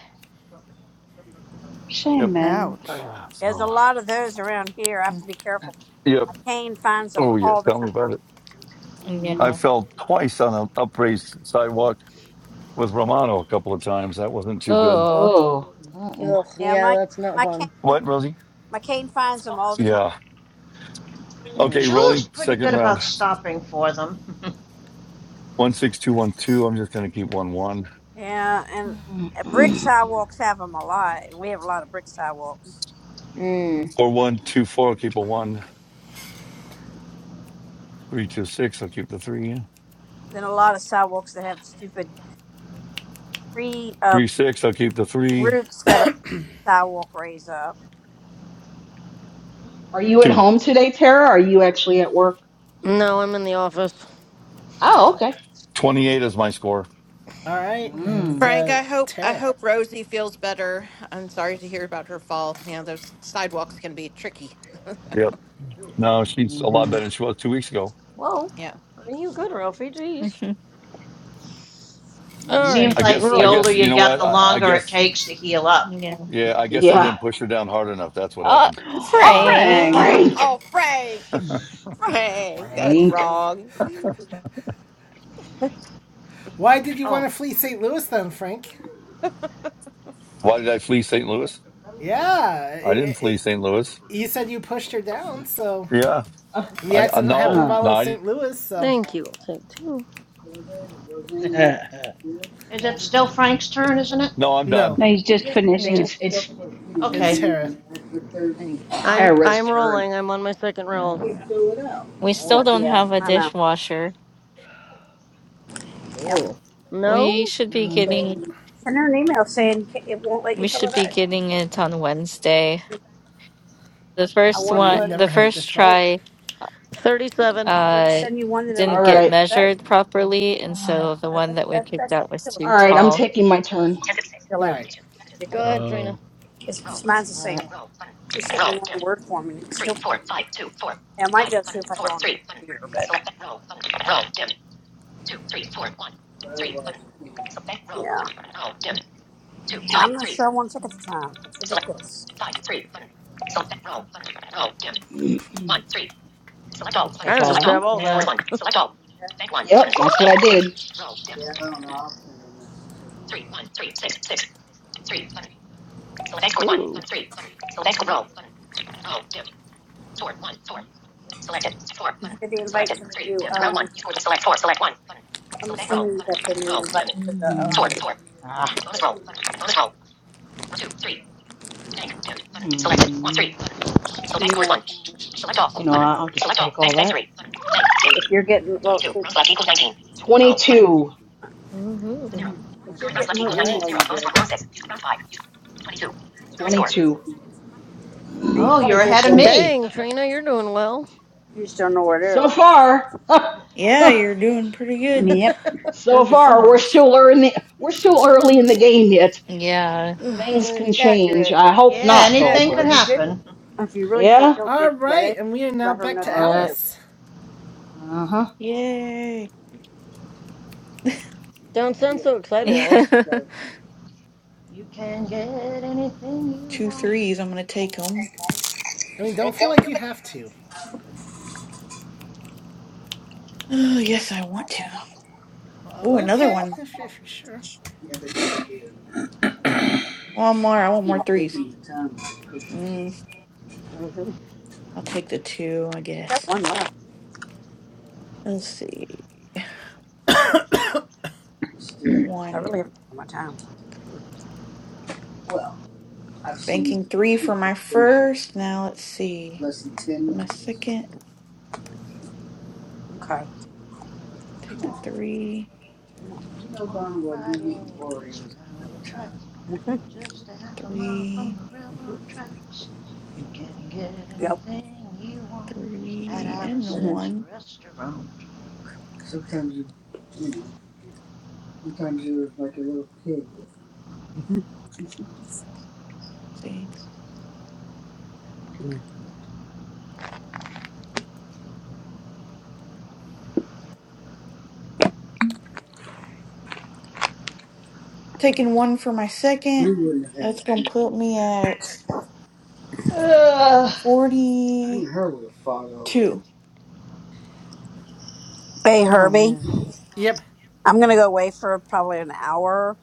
Speaker 18: Shame
Speaker 17: Yep.
Speaker 18: man.
Speaker 14: Ouch.
Speaker 17: Ah,
Speaker 9: There's a
Speaker 17: so
Speaker 9: lot of those around here. I have to be careful.
Speaker 17: Yep.
Speaker 9: My cane finds them
Speaker 17: Oh, yeah.
Speaker 9: all the
Speaker 17: Tell me about
Speaker 9: time.
Speaker 17: it. I
Speaker 13: Yeah.
Speaker 8: Mhm.
Speaker 17: fell twice on an upraised sidewalk with Romano a couple of times. That wasn't too good.
Speaker 13: Oh,
Speaker 8: Oh. Uh-uh.
Speaker 12: Ugh,
Speaker 9: Yeah,
Speaker 12: yeah,
Speaker 9: my
Speaker 12: that's not
Speaker 9: my
Speaker 12: fun.
Speaker 9: cane
Speaker 17: What, Rosie?
Speaker 9: my cane finds them all the time.
Speaker 17: Yeah.
Speaker 12: Mm.
Speaker 17: Okay,
Speaker 11: Jule's
Speaker 17: rolling
Speaker 11: pretty
Speaker 17: second
Speaker 11: good about
Speaker 17: round.
Speaker 11: stopping for them.
Speaker 17: 16212. I'm just going to keep 1 1.
Speaker 9: Yeah, and
Speaker 8: Mm.
Speaker 9: uh, brick sidewalks have them a lot. We have a lot of brick sidewalks.
Speaker 12: Mm.
Speaker 17: 4124. I'll keep a 1. 326. I'll keep the 3.
Speaker 9: Then a lot of sidewalks that have stupid tree uh,
Speaker 17: 36. I'll keep the 3.
Speaker 9: roots that are sidewalk raise up.
Speaker 8: Are you at
Speaker 17: 2.
Speaker 8: home today, Tara? Are you actually at work?
Speaker 12: No, I'm in the office.
Speaker 8: Oh, okay.
Speaker 17: 28 is my score.
Speaker 2: All right, and
Speaker 8: Mm.
Speaker 7: Frank,
Speaker 2: uh,
Speaker 7: I hope I
Speaker 2: Tara.
Speaker 7: hope Rosie feels better. I'm sorry to hear about her fall. You know, those sidewalks can be tricky.
Speaker 17: Yep. No, she's a lot
Speaker 8: hmm
Speaker 17: better than she was two weeks ago.
Speaker 12: Whoa,
Speaker 7: Yeah.
Speaker 12: are you good, Ralphie? Jeez.
Speaker 13: mhm,
Speaker 12: All right,
Speaker 11: Seems
Speaker 8: Mm.
Speaker 17: I
Speaker 11: like
Speaker 17: guess,
Speaker 11: the
Speaker 17: I
Speaker 12: rolling.
Speaker 11: older
Speaker 17: guess, you
Speaker 11: you
Speaker 17: know
Speaker 11: get,
Speaker 17: what?
Speaker 11: the
Speaker 17: I, I
Speaker 11: longer it
Speaker 17: guess,
Speaker 11: takes to heal up.
Speaker 13: yeah.
Speaker 17: yeah, I guess I
Speaker 8: Yeah.
Speaker 17: didn't push her down hard enough. That's what
Speaker 13: oh
Speaker 17: happened.
Speaker 8: Oh,
Speaker 2: Yeah.
Speaker 18: Frank.
Speaker 13: Frank.
Speaker 9: Uh huh.
Speaker 8: Frank!
Speaker 7: oh, Frank. Frank, that's
Speaker 8: Frank.
Speaker 7: wrong.
Speaker 2: Why did you
Speaker 11: Oh,
Speaker 2: want to flee St. Louis then, Frank?
Speaker 17: Why did I flee St. Louis?
Speaker 2: Yeah,
Speaker 17: I didn't
Speaker 2: it,
Speaker 17: flee
Speaker 2: it,
Speaker 17: St. Louis.
Speaker 2: you said you pushed her down, so
Speaker 17: Yeah,
Speaker 2: and the
Speaker 17: I, I
Speaker 2: accident happened
Speaker 17: no,
Speaker 8: Uh-huh.
Speaker 2: while
Speaker 17: no,
Speaker 2: in
Speaker 17: I,
Speaker 2: St. Louis. So
Speaker 12: Thank you. I'll take two.
Speaker 8: I
Speaker 11: Is it still Frank's turn, isn't it?
Speaker 17: no, I'm
Speaker 2: no,
Speaker 17: done.
Speaker 18: No, he's just
Speaker 9: Yeah.
Speaker 8: think
Speaker 18: finished.
Speaker 13: Yeah.
Speaker 8: it's it's
Speaker 2: it's
Speaker 11: Okay.
Speaker 2: Tara.
Speaker 8: I think
Speaker 12: I'm
Speaker 8: Tara's
Speaker 12: I'm
Speaker 8: turn.
Speaker 12: rolling. I'm on my second
Speaker 13: Uh,
Speaker 12: roll.
Speaker 13: we still
Speaker 8: Oh,
Speaker 13: don't
Speaker 9: Yeah,
Speaker 13: have a
Speaker 9: I know.
Speaker 13: dishwasher.
Speaker 9: Yep.
Speaker 8: cool.
Speaker 13: We
Speaker 12: No,
Speaker 13: should be
Speaker 8: Mm,
Speaker 13: getting
Speaker 9: Um, Send her an email saying "Ca- it won't let you
Speaker 13: we
Speaker 9: fill
Speaker 13: should
Speaker 9: it
Speaker 13: be
Speaker 9: out.
Speaker 13: getting it on Wednesday. The
Speaker 9: I
Speaker 13: first
Speaker 9: want to fill
Speaker 13: one,
Speaker 9: it
Speaker 2: We've
Speaker 9: in.
Speaker 8: mm.
Speaker 9: It
Speaker 13: the
Speaker 2: never had a
Speaker 13: first
Speaker 2: dishwasher.
Speaker 9: won't
Speaker 13: try
Speaker 9: let me. Yeah. Tell
Speaker 12: thirty-seven.
Speaker 9: her to
Speaker 13: uh
Speaker 9: send you one that'll let
Speaker 8: All
Speaker 13: didn't
Speaker 9: you
Speaker 13: get
Speaker 8: right.
Speaker 9: fill it out.
Speaker 13: measured properly, and
Speaker 8: Uh,
Speaker 9: No,
Speaker 13: so the one
Speaker 9: that,
Speaker 13: that we
Speaker 9: that,
Speaker 13: picked
Speaker 9: that's
Speaker 13: out was
Speaker 9: ridiculous.
Speaker 8: All
Speaker 13: too
Speaker 9: Sending
Speaker 8: right. I'm
Speaker 9: me
Speaker 13: tall.
Speaker 8: taking my
Speaker 9: something
Speaker 8: turn.
Speaker 9: to fill
Speaker 2: All
Speaker 9: out.
Speaker 2: right,
Speaker 9: That's just
Speaker 12: Go
Speaker 9: ridiculous.
Speaker 12: ahead,
Speaker 1: Oh,
Speaker 12: Trina.
Speaker 9: It's just mine's the
Speaker 8: All
Speaker 9: same
Speaker 8: right.
Speaker 9: way. She sent me one in Word form and it still can't fill it out. I might be able to see if I go on the computer, but yeah,
Speaker 8: Two, five,
Speaker 9: I'm not
Speaker 8: three,
Speaker 9: sure I want to take it the time. It's ridiculous.
Speaker 8: Mm. one, three. Select all. take
Speaker 12: I'll
Speaker 8: all
Speaker 12: just
Speaker 8: Select all.
Speaker 12: grab
Speaker 8: that.
Speaker 12: all
Speaker 8: Bank score
Speaker 13: Yeah.
Speaker 12: that.
Speaker 8: one. Select all. Bank one. Yep, that's what I did.
Speaker 9: Yeah, I don't know. i often in this
Speaker 12: Ooh.
Speaker 9: too. Did the invite to the new, um, I'm assuming that the new
Speaker 8: Roll. Dim.
Speaker 9: invite for the,
Speaker 8: Mm.
Speaker 9: um,
Speaker 8: Four. Four. Ah. Selected. One, three.
Speaker 9: new uh, email thing. to
Speaker 8: just
Speaker 9: her. If you're getting, well, if,
Speaker 8: 22.
Speaker 13: Ooh.
Speaker 9: if you're
Speaker 8: Okay.
Speaker 9: getting her
Speaker 2: all
Speaker 9: email,
Speaker 2: right,
Speaker 9: you did. And you
Speaker 8: 22.
Speaker 11: Oh,
Speaker 9: probably
Speaker 11: you're
Speaker 9: did
Speaker 11: ahead of
Speaker 9: get it.
Speaker 11: me.
Speaker 12: Dang, Trina, you're doing well.
Speaker 9: You just don't know where it
Speaker 8: so
Speaker 9: is.
Speaker 8: far,
Speaker 16: Yeah, you're doing pretty good.
Speaker 18: Yep.
Speaker 8: so
Speaker 16: Heard to some
Speaker 8: far,
Speaker 16: of
Speaker 8: we're
Speaker 16: us.
Speaker 8: still early. We're still early in the game yet.
Speaker 13: Yeah.
Speaker 16: Ugh.
Speaker 8: Things
Speaker 12: You're
Speaker 8: can change.
Speaker 12: accurate.
Speaker 8: I hope
Speaker 11: Yeah,
Speaker 8: not, though.
Speaker 11: anything could
Speaker 8: But
Speaker 9: If you
Speaker 12: Accurate.
Speaker 9: didn't,
Speaker 11: happen.
Speaker 9: if you really for
Speaker 8: yeah.
Speaker 9: real
Speaker 2: all
Speaker 9: didn't get
Speaker 2: right,
Speaker 9: it,
Speaker 2: and we are now
Speaker 9: let her
Speaker 2: back
Speaker 9: know
Speaker 8: All
Speaker 2: to
Speaker 9: that
Speaker 8: right.
Speaker 9: too.
Speaker 2: Alice.
Speaker 8: Uh huh.
Speaker 16: Yay.
Speaker 12: Don't sound
Speaker 9: Yeah,
Speaker 12: so excited,
Speaker 9: you
Speaker 12: Alice.
Speaker 9: gotta
Speaker 11: You can get anything you
Speaker 16: Two
Speaker 11: want.
Speaker 16: threes. I'm going to take them.
Speaker 2: I mean, don't feel like you have to.
Speaker 16: Oh, yes, I want to. Oh,
Speaker 2: Oh,
Speaker 16: another
Speaker 2: Okay,
Speaker 16: one.
Speaker 2: if you're sure.
Speaker 9: yabba dabba do.
Speaker 16: One more. I want more
Speaker 9: You're
Speaker 16: threes.
Speaker 9: taking the time with your cookies
Speaker 16: Mm,
Speaker 9: Mm-hmm.
Speaker 16: I'll take the two, I
Speaker 9: Got
Speaker 16: guess.
Speaker 9: one left.
Speaker 16: Let's see.
Speaker 9: still. So I
Speaker 16: One.
Speaker 9: really have to take my time. Well. I've seen you
Speaker 16: Banking three
Speaker 9: do
Speaker 16: for
Speaker 9: those
Speaker 16: my
Speaker 9: things in
Speaker 16: first. Now let's see.
Speaker 9: less than ten
Speaker 16: For my
Speaker 9: minutes.
Speaker 16: second,
Speaker 9: Okay.
Speaker 16: take
Speaker 9: Come
Speaker 16: the
Speaker 9: on.
Speaker 16: three,
Speaker 9: You know
Speaker 11: Walk
Speaker 9: darn well you
Speaker 11: right in.
Speaker 9: eating
Speaker 11: It's
Speaker 9: Oreos in no
Speaker 11: around the tracks.
Speaker 9: time.
Speaker 11: Just a half a mile from
Speaker 16: three,
Speaker 11: the railroad tracks. You can get
Speaker 9: Yep.
Speaker 11: anything you want at
Speaker 16: three, and the
Speaker 9: hmm
Speaker 11: Alice's
Speaker 16: one.
Speaker 11: restaurant.
Speaker 9: Sometimes you, you know, sometimes you're like a little pig. hmm
Speaker 16: Let's see. taking one for my
Speaker 9: We
Speaker 16: second.
Speaker 9: wouldn't have had a
Speaker 16: That's gonna
Speaker 9: kid.
Speaker 16: put me at
Speaker 11: Ugh.
Speaker 9: You
Speaker 16: forty-two.
Speaker 9: and her would have fought over. it. Hey
Speaker 14: Oh
Speaker 9: Herbie,
Speaker 14: man.
Speaker 2: Yep.
Speaker 9: I'm gonna go away for probably an hour.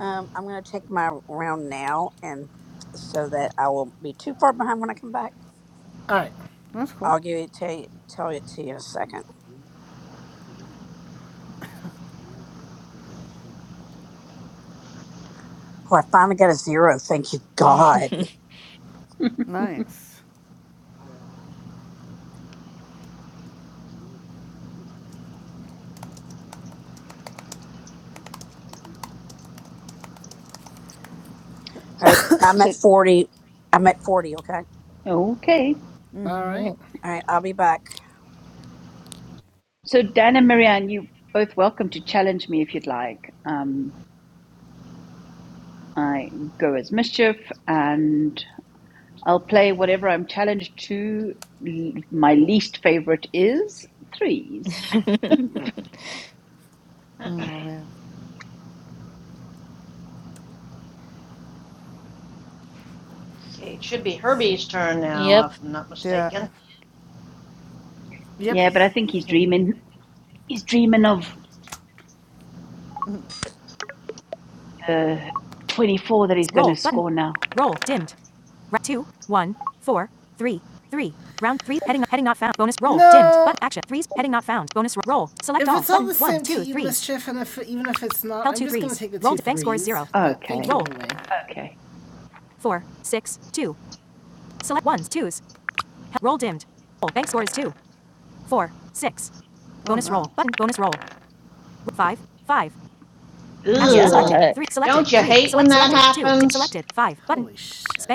Speaker 9: Um, I'm gonna take my round now, and so that I will be too far behind when I come back.
Speaker 2: All right.
Speaker 14: That's cool.
Speaker 9: I'll give it to you, tell it to you in a second. Oh, I finally got a zero. Thank you, God.
Speaker 14: Nice.
Speaker 9: All right, I'm at
Speaker 18: So
Speaker 9: 40. I'm at 40, okay?
Speaker 18: okay.
Speaker 2: All
Speaker 13: Yeah.
Speaker 2: right.
Speaker 9: All right, I'll be back.
Speaker 18: So Dan and Marianne, you both welcome to challenge me if you'd like. Um I go as mischief and I'll play whatever I'm challenged to. L- My least favorite is threes.
Speaker 14: Mm, Oh
Speaker 11: okay,
Speaker 14: man.
Speaker 11: it should be
Speaker 14: Shit.
Speaker 11: Herbie's turn now,
Speaker 13: Yep.
Speaker 11: if I'm not
Speaker 14: Yeah.
Speaker 11: mistaken.
Speaker 2: Yep.
Speaker 18: Yeah, but I
Speaker 14: It's
Speaker 18: think he's
Speaker 14: hitting me.
Speaker 18: dreaming. He's dreaming of the 24 that he's going to score now.
Speaker 2: mischief, and if even if it's not, gonna threes. But thank
Speaker 18: Okay,
Speaker 2: anyway.
Speaker 18: okay.
Speaker 14: Oh no. Oh no.
Speaker 11: Ugh.
Speaker 13: Yuck.
Speaker 11: Don't you hate when that happens?
Speaker 2: shit!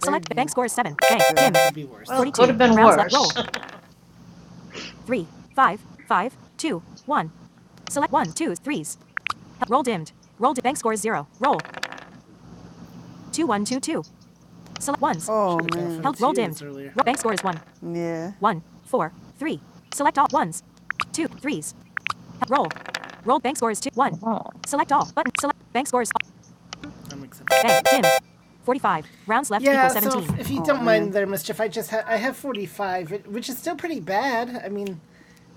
Speaker 14: There you go.
Speaker 2: Could be worse.
Speaker 11: Well, it could have been worse.
Speaker 2: Should
Speaker 14: Oh
Speaker 2: have gone for
Speaker 14: man. Yeah.
Speaker 2: I'm accepting. Yeah, so if, if you
Speaker 14: Oh
Speaker 2: don't mind
Speaker 14: man.
Speaker 2: their mischief, I just ha- I have 45, which is still pretty bad. I mean,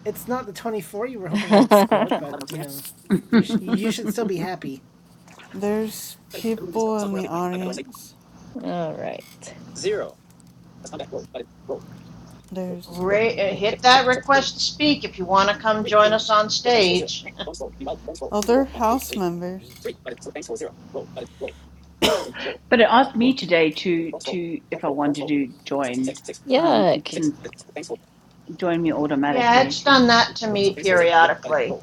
Speaker 2: it's not the 24 you were hoping I'd
Speaker 13: All
Speaker 2: score, but you know, you sh- you should still be happy.
Speaker 14: There's people in the audience.
Speaker 13: right.
Speaker 14: There's
Speaker 11: Ra-
Speaker 14: um,
Speaker 11: uh, hit that request to speak if you want to come join us on stage.
Speaker 14: other house members.
Speaker 18: But it asked me today to to if I wanted to join. Um, it
Speaker 13: Yuck.
Speaker 18: didn't join me
Speaker 11: yeah,
Speaker 18: automatically.
Speaker 11: it's done that to me periodically.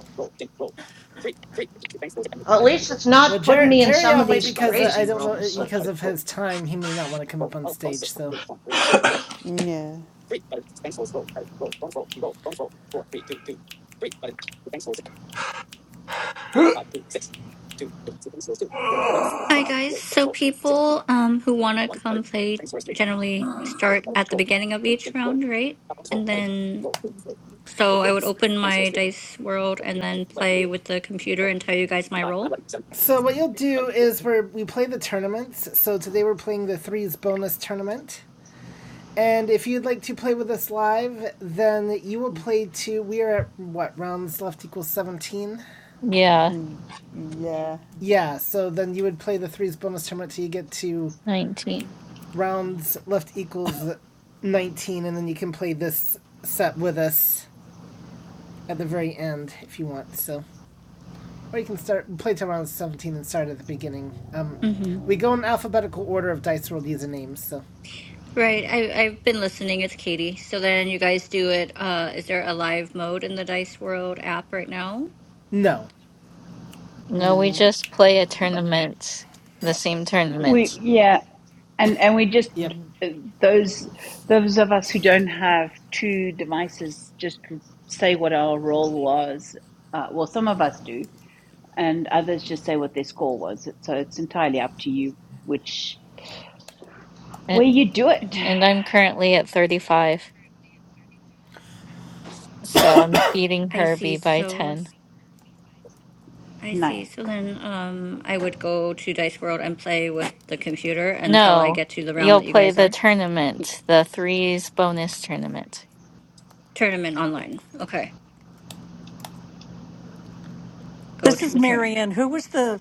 Speaker 11: Well, At least it's
Speaker 2: Well,
Speaker 11: not putting
Speaker 2: Jer-
Speaker 11: me in
Speaker 2: Jerry
Speaker 11: some of
Speaker 2: will wait
Speaker 11: these
Speaker 2: because uh,
Speaker 11: crazy
Speaker 2: I don't know uh,
Speaker 11: rooms.
Speaker 2: because of his time, he may not want to come up on stage. So,
Speaker 14: Yeah.
Speaker 4: Hi guys. So people um who wanna come play generally start at the beginning of each round, right? And then So I would open my dice world and then play with the computer and tell you guys my role.
Speaker 2: so what you'll do is we we play the tournaments. So today we're playing the threes bonus tournament. And if you'd like to play with us live, then you will play to. We are at what rounds left equals seventeen.
Speaker 13: Yeah,
Speaker 14: Mm, Yeah.
Speaker 2: Yeah, so then you would play the threes bonus tournament till you get to
Speaker 13: 19.
Speaker 2: rounds left equals nineteen, and then you can play this set with us at the very end if you want. So, or you can start play to round seventeen and start at the beginning. Um,
Speaker 4: hmm
Speaker 2: we go in alphabetical order of dice World usernames. So
Speaker 4: Right. I, I've been listening. It's Katie. So then you guys do it. Uh, is there a live mode in the Dice World app right now?
Speaker 2: no.
Speaker 13: No, we
Speaker 14: Nah.
Speaker 13: just play a tournament, the same
Speaker 18: We
Speaker 13: tournament.
Speaker 18: yeah, and and we just
Speaker 2: Yep.
Speaker 18: those those of us who don't have two devices just say what our role was. Uh, well, some of us do, and others just say what their score was. So it's entirely up to you which
Speaker 13: And,
Speaker 18: where you do it.
Speaker 4: hmm
Speaker 13: and I'm currently at 35, so I'm beating
Speaker 4: I see.
Speaker 13: Herbie by
Speaker 4: So
Speaker 13: 10.
Speaker 4: I
Speaker 18: Nice
Speaker 4: see. So then um, I would go to Dice World and play with the computer until I
Speaker 13: No,
Speaker 4: get to the round
Speaker 13: you'll
Speaker 4: that you
Speaker 13: play
Speaker 4: guys
Speaker 13: the
Speaker 4: are.
Speaker 13: tournament, the threes bonus tournament.
Speaker 4: Tournament online. Okay. Go
Speaker 15: This
Speaker 4: to
Speaker 15: is
Speaker 4: the tournament.
Speaker 15: Marianne. Who was the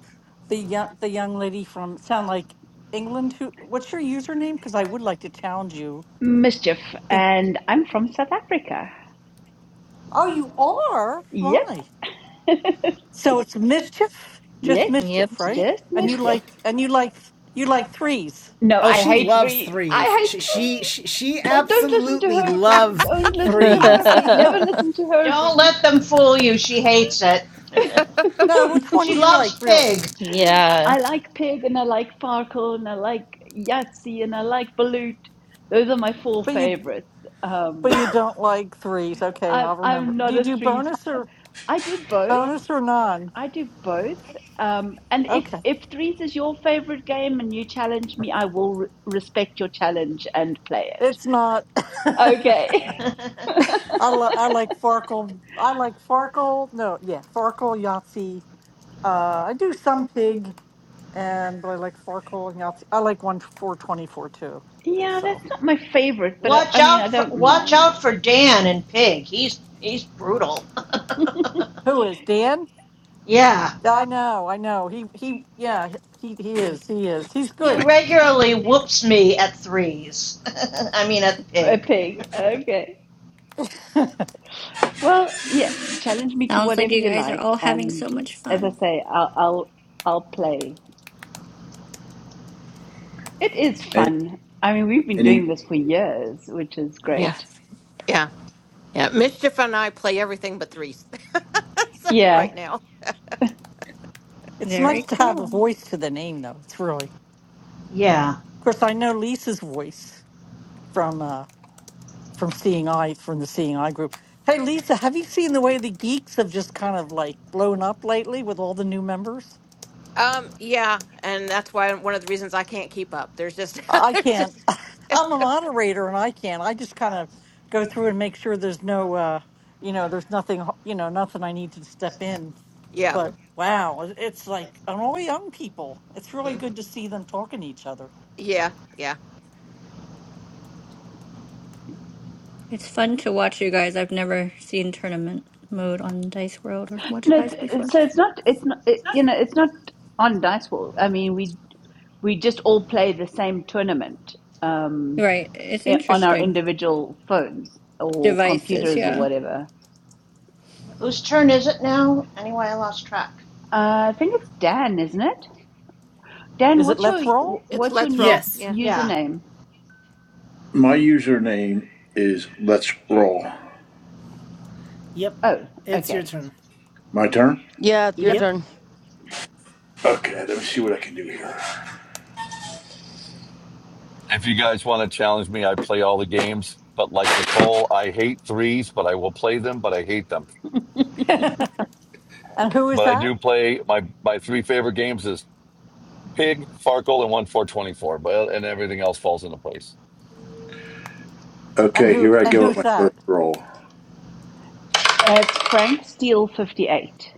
Speaker 15: the young the young lady from sound like England? Who what's your username? Because I would like to challenge you.
Speaker 18: mischief,
Speaker 15: Think
Speaker 18: and I'm from South Africa.
Speaker 15: oh you are?
Speaker 18: Yep,
Speaker 15: Why? So it's mischief? Just
Speaker 18: yes,
Speaker 13: Yep.
Speaker 15: mischief, right?
Speaker 18: just
Speaker 15: And you
Speaker 2: Yep.
Speaker 18: mischief.
Speaker 15: like and you like you like threes.
Speaker 18: No,
Speaker 2: Oh,
Speaker 18: I
Speaker 2: she
Speaker 18: hate
Speaker 2: loves
Speaker 18: three.
Speaker 2: threes.
Speaker 18: I
Speaker 2: She,
Speaker 18: hate
Speaker 2: she
Speaker 18: three.
Speaker 2: she she
Speaker 18: No, don't listen to
Speaker 2: absolutely
Speaker 18: Herbie.
Speaker 2: loves
Speaker 18: Don't listen to
Speaker 2: threes.
Speaker 18: Herbie. Never listen to
Speaker 11: Don't
Speaker 18: Herbie.
Speaker 11: let them fool you. She hates it.
Speaker 15: No, which one
Speaker 11: she
Speaker 15: do you like
Speaker 11: loves
Speaker 15: really?
Speaker 11: Pig.
Speaker 13: yeah.
Speaker 18: I like Pig and I like Farkle and I like Yahtzee and I like Balut. Those are my four
Speaker 15: But you
Speaker 18: favorites.
Speaker 15: but
Speaker 18: Um,
Speaker 15: you don't like threes. Okay,
Speaker 18: I'm
Speaker 15: I'll remember.
Speaker 18: I'm
Speaker 15: Do
Speaker 18: not
Speaker 15: you
Speaker 18: a
Speaker 15: do
Speaker 18: threes.
Speaker 15: bonus or
Speaker 18: I do both.
Speaker 15: bonus or non?
Speaker 18: I do both. Um, and if
Speaker 15: Okay.
Speaker 18: if threes is your favorite game and you challenge me, I will re respect your challenge and play it.
Speaker 15: It's not
Speaker 18: Okay.
Speaker 15: I, li- I like Farkle. I like Farkle. No, yeah, Farkle, Yahtzee. Uh, I do some pig, and but I like Farkle and Yahtzee. I like one four twenty four too. uh,
Speaker 18: Yeah, that's
Speaker 15: So
Speaker 18: not my favorite, but I,
Speaker 11: watch
Speaker 18: I mean, I
Speaker 11: out for
Speaker 18: don't
Speaker 11: watch
Speaker 18: mind.
Speaker 11: out for Dan and Pig. He's he's brutal.
Speaker 15: who is Dan?
Speaker 11: yeah.
Speaker 15: Yeah, I know, I know. He he, yeah, he he is, he is. He's
Speaker 11: He
Speaker 15: good.
Speaker 11: regularly whoops me at threes. I mean, at
Speaker 18: A
Speaker 11: pig.
Speaker 18: pig. Okay. Well, yeah, challenge me to
Speaker 4: Sounds like
Speaker 18: whatever
Speaker 4: you
Speaker 18: you
Speaker 4: guys are
Speaker 18: like,
Speaker 4: all having
Speaker 18: and
Speaker 4: so much
Speaker 18: as I
Speaker 4: fun.
Speaker 18: say, I'll I'll I'll play. It is
Speaker 3: and,
Speaker 18: fun. I mean, we've been
Speaker 3: and
Speaker 18: doing
Speaker 3: he,
Speaker 18: this for years, which is great.
Speaker 7: Yeah. Yeah. Mischief and I play everything but threes So,
Speaker 18: Yeah.
Speaker 7: right now.
Speaker 15: It's
Speaker 4: Very
Speaker 15: nice to have a
Speaker 4: cool.
Speaker 15: voice to the name, though. It's really. Of
Speaker 11: yeah.
Speaker 15: course, I know Lisa's voice from uh from Seeing Eye from the Seeing Eye group. Hey, Lisa, have you seen the way the geeks have just kind of like blown up lately with all the new members?
Speaker 7: Um, yeah, and that's why one of the reasons I can't keep up. There's just
Speaker 15: I
Speaker 7: there's
Speaker 15: can't.
Speaker 7: just
Speaker 15: I'm a moderator and I can't. I just kind of go through and make sure there's no, uh, you know, there's nothing, h- you know, nothing I need to step in.
Speaker 7: yeah.
Speaker 15: But wow, it- it's like, and all young people. It's really
Speaker 7: mm,
Speaker 15: good to see them talking to each other.
Speaker 7: Yeah, yeah.
Speaker 4: It's fun to watch you guys. I've never seen tournament mode on Dice World or watched
Speaker 18: No,
Speaker 4: you
Speaker 18: it's,
Speaker 4: guys before.
Speaker 18: it's- so it's not it's not it, you know, it's not on Dice Wall. I mean, we we just all play the same tournament um
Speaker 4: Right. It's
Speaker 18: i- on our
Speaker 4: interesting.
Speaker 18: individual phones or
Speaker 4: Devices,
Speaker 18: computers or
Speaker 4: yeah.
Speaker 18: whatever.
Speaker 11: Whose turn is it now? Anyway, I lost track.
Speaker 18: Uh, I think it's Dan, isn't it? Dan,
Speaker 15: Is it
Speaker 18: what's your
Speaker 15: Let's
Speaker 7: It's,
Speaker 15: Roll?
Speaker 7: it's
Speaker 18: what's your
Speaker 7: let's
Speaker 18: new
Speaker 7: roll.
Speaker 2: Yes.
Speaker 7: Yeah.
Speaker 11: Yeah.
Speaker 18: username?
Speaker 3: my username is Let's Roll.
Speaker 2: Yep.
Speaker 18: Oh,
Speaker 2: It's your
Speaker 18: okay.
Speaker 2: turn.
Speaker 3: My turn?
Speaker 12: Yeah, it's your
Speaker 18: Yep.
Speaker 2: Yep.
Speaker 12: turn.
Speaker 3: Okay, let me see what I can do here.
Speaker 17: If you guys want to challenge me, I play all the games. But like Nicole, I hate threes, but I will play them, but I hate them.
Speaker 15: and who is
Speaker 17: But I
Speaker 15: that?
Speaker 17: do play my my three favorite games is Pig, Farkle, and one four twenty four. But and everything else falls into place.
Speaker 15: And
Speaker 3: Okay,
Speaker 15: who,
Speaker 3: here I
Speaker 15: and
Speaker 3: go with
Speaker 15: who's
Speaker 3: my
Speaker 15: that?
Speaker 3: first roll.
Speaker 18: Uh, it's Frank Steele 58.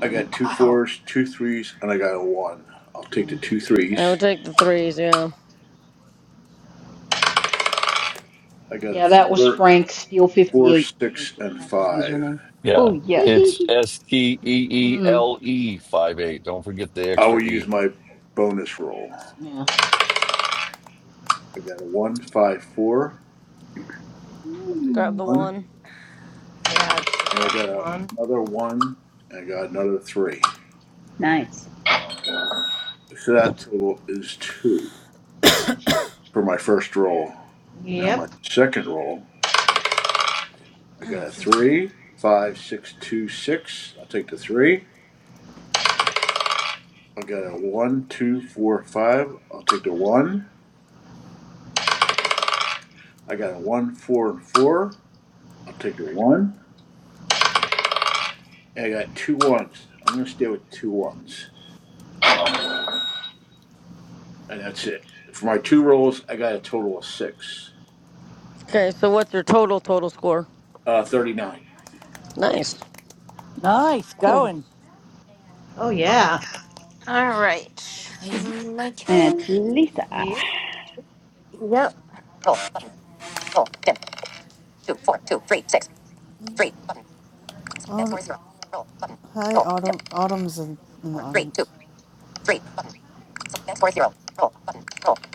Speaker 3: I got two
Speaker 15: Wow,
Speaker 3: fours, two threes, and I got a one. I'll take the
Speaker 8: Mm.
Speaker 3: two
Speaker 12: I
Speaker 3: threes.
Speaker 12: would take the threes. Yeah.
Speaker 3: I got a
Speaker 8: Yeah, that was
Speaker 3: four,
Speaker 8: Frank Steel
Speaker 3: four,
Speaker 8: 58.
Speaker 3: six,
Speaker 8: AK
Speaker 3: and
Speaker 8: That's his
Speaker 3: five.
Speaker 8: username.
Speaker 17: Yeah,
Speaker 18: Oh, yuck.
Speaker 17: it's S T E E
Speaker 8: mm.
Speaker 17: L E five eight. Don't forget the
Speaker 3: I will
Speaker 17: extra E.
Speaker 3: use my bonus roll.
Speaker 8: Yeah.
Speaker 3: I got a one, five, four. I'll take the
Speaker 12: Grab the
Speaker 8: Mm.
Speaker 3: one.
Speaker 12: one.
Speaker 11: Yeah, I'd
Speaker 3: And I
Speaker 11: grab the
Speaker 3: got a-
Speaker 11: one.
Speaker 3: another one, and I got another three.
Speaker 18: Nice.
Speaker 3: So that total is two for my first roll. Now
Speaker 11: Yep.
Speaker 3: my second roll, I got a
Speaker 7: Excuse me.
Speaker 3: three, five, six, two, six. I'll take the three. I got a one, two, four, five. I'll take the one. I got a one, four, and four. I'll take the one. And I got two ones. I'm gonna stay with two ones, and that's it. For my two rolls, I got a total of six.
Speaker 12: Okay, so what's your total total score?
Speaker 3: Uh, thirty-nine.
Speaker 12: Nice.
Speaker 15: nice
Speaker 18: Cool.
Speaker 15: going.
Speaker 11: Oh, yeah.
Speaker 18: So then it's Lisa.
Speaker 11: Yep.
Speaker 14: Aut- Hi, Autumn. Autumn's in, in the audience.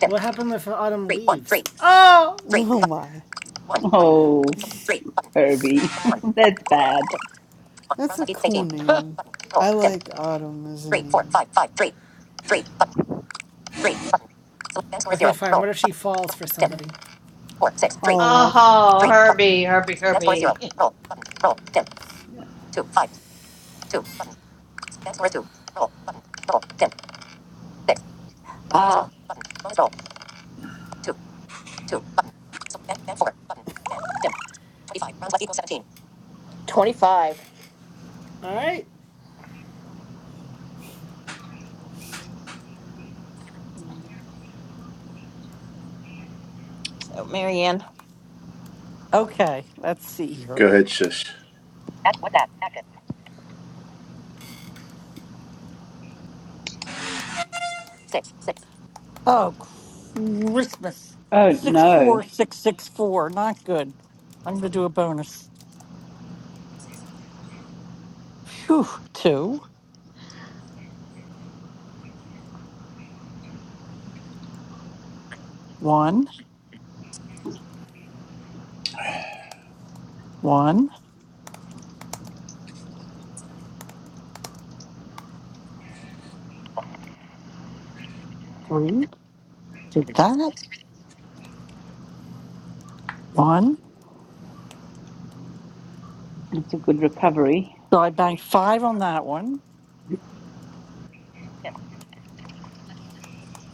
Speaker 2: What happened if Autumn leaves? Oh,
Speaker 14: Oh
Speaker 2: okay.
Speaker 14: my.
Speaker 18: Oh, Herbie. That's bad.
Speaker 14: That's a cool name. I like Autumn as a name.
Speaker 2: Okay, fine. What if she falls for somebody?
Speaker 14: Oh.
Speaker 11: Oh, Herbie, Herbie, Herbie.
Speaker 14: Yeah.
Speaker 15: Ah,
Speaker 7: 25.
Speaker 2: All right.
Speaker 7: So, Marianne.
Speaker 15: okay. Let's see here.
Speaker 3: Go ahead, sis.
Speaker 15: Oh, Christmas.
Speaker 18: Oh, no.
Speaker 15: 64664. Not good. I'm going to do a bonus. Phew. Two, one, one, three. Did that. One.
Speaker 18: It's a good recovery.
Speaker 15: So I banked five on that one.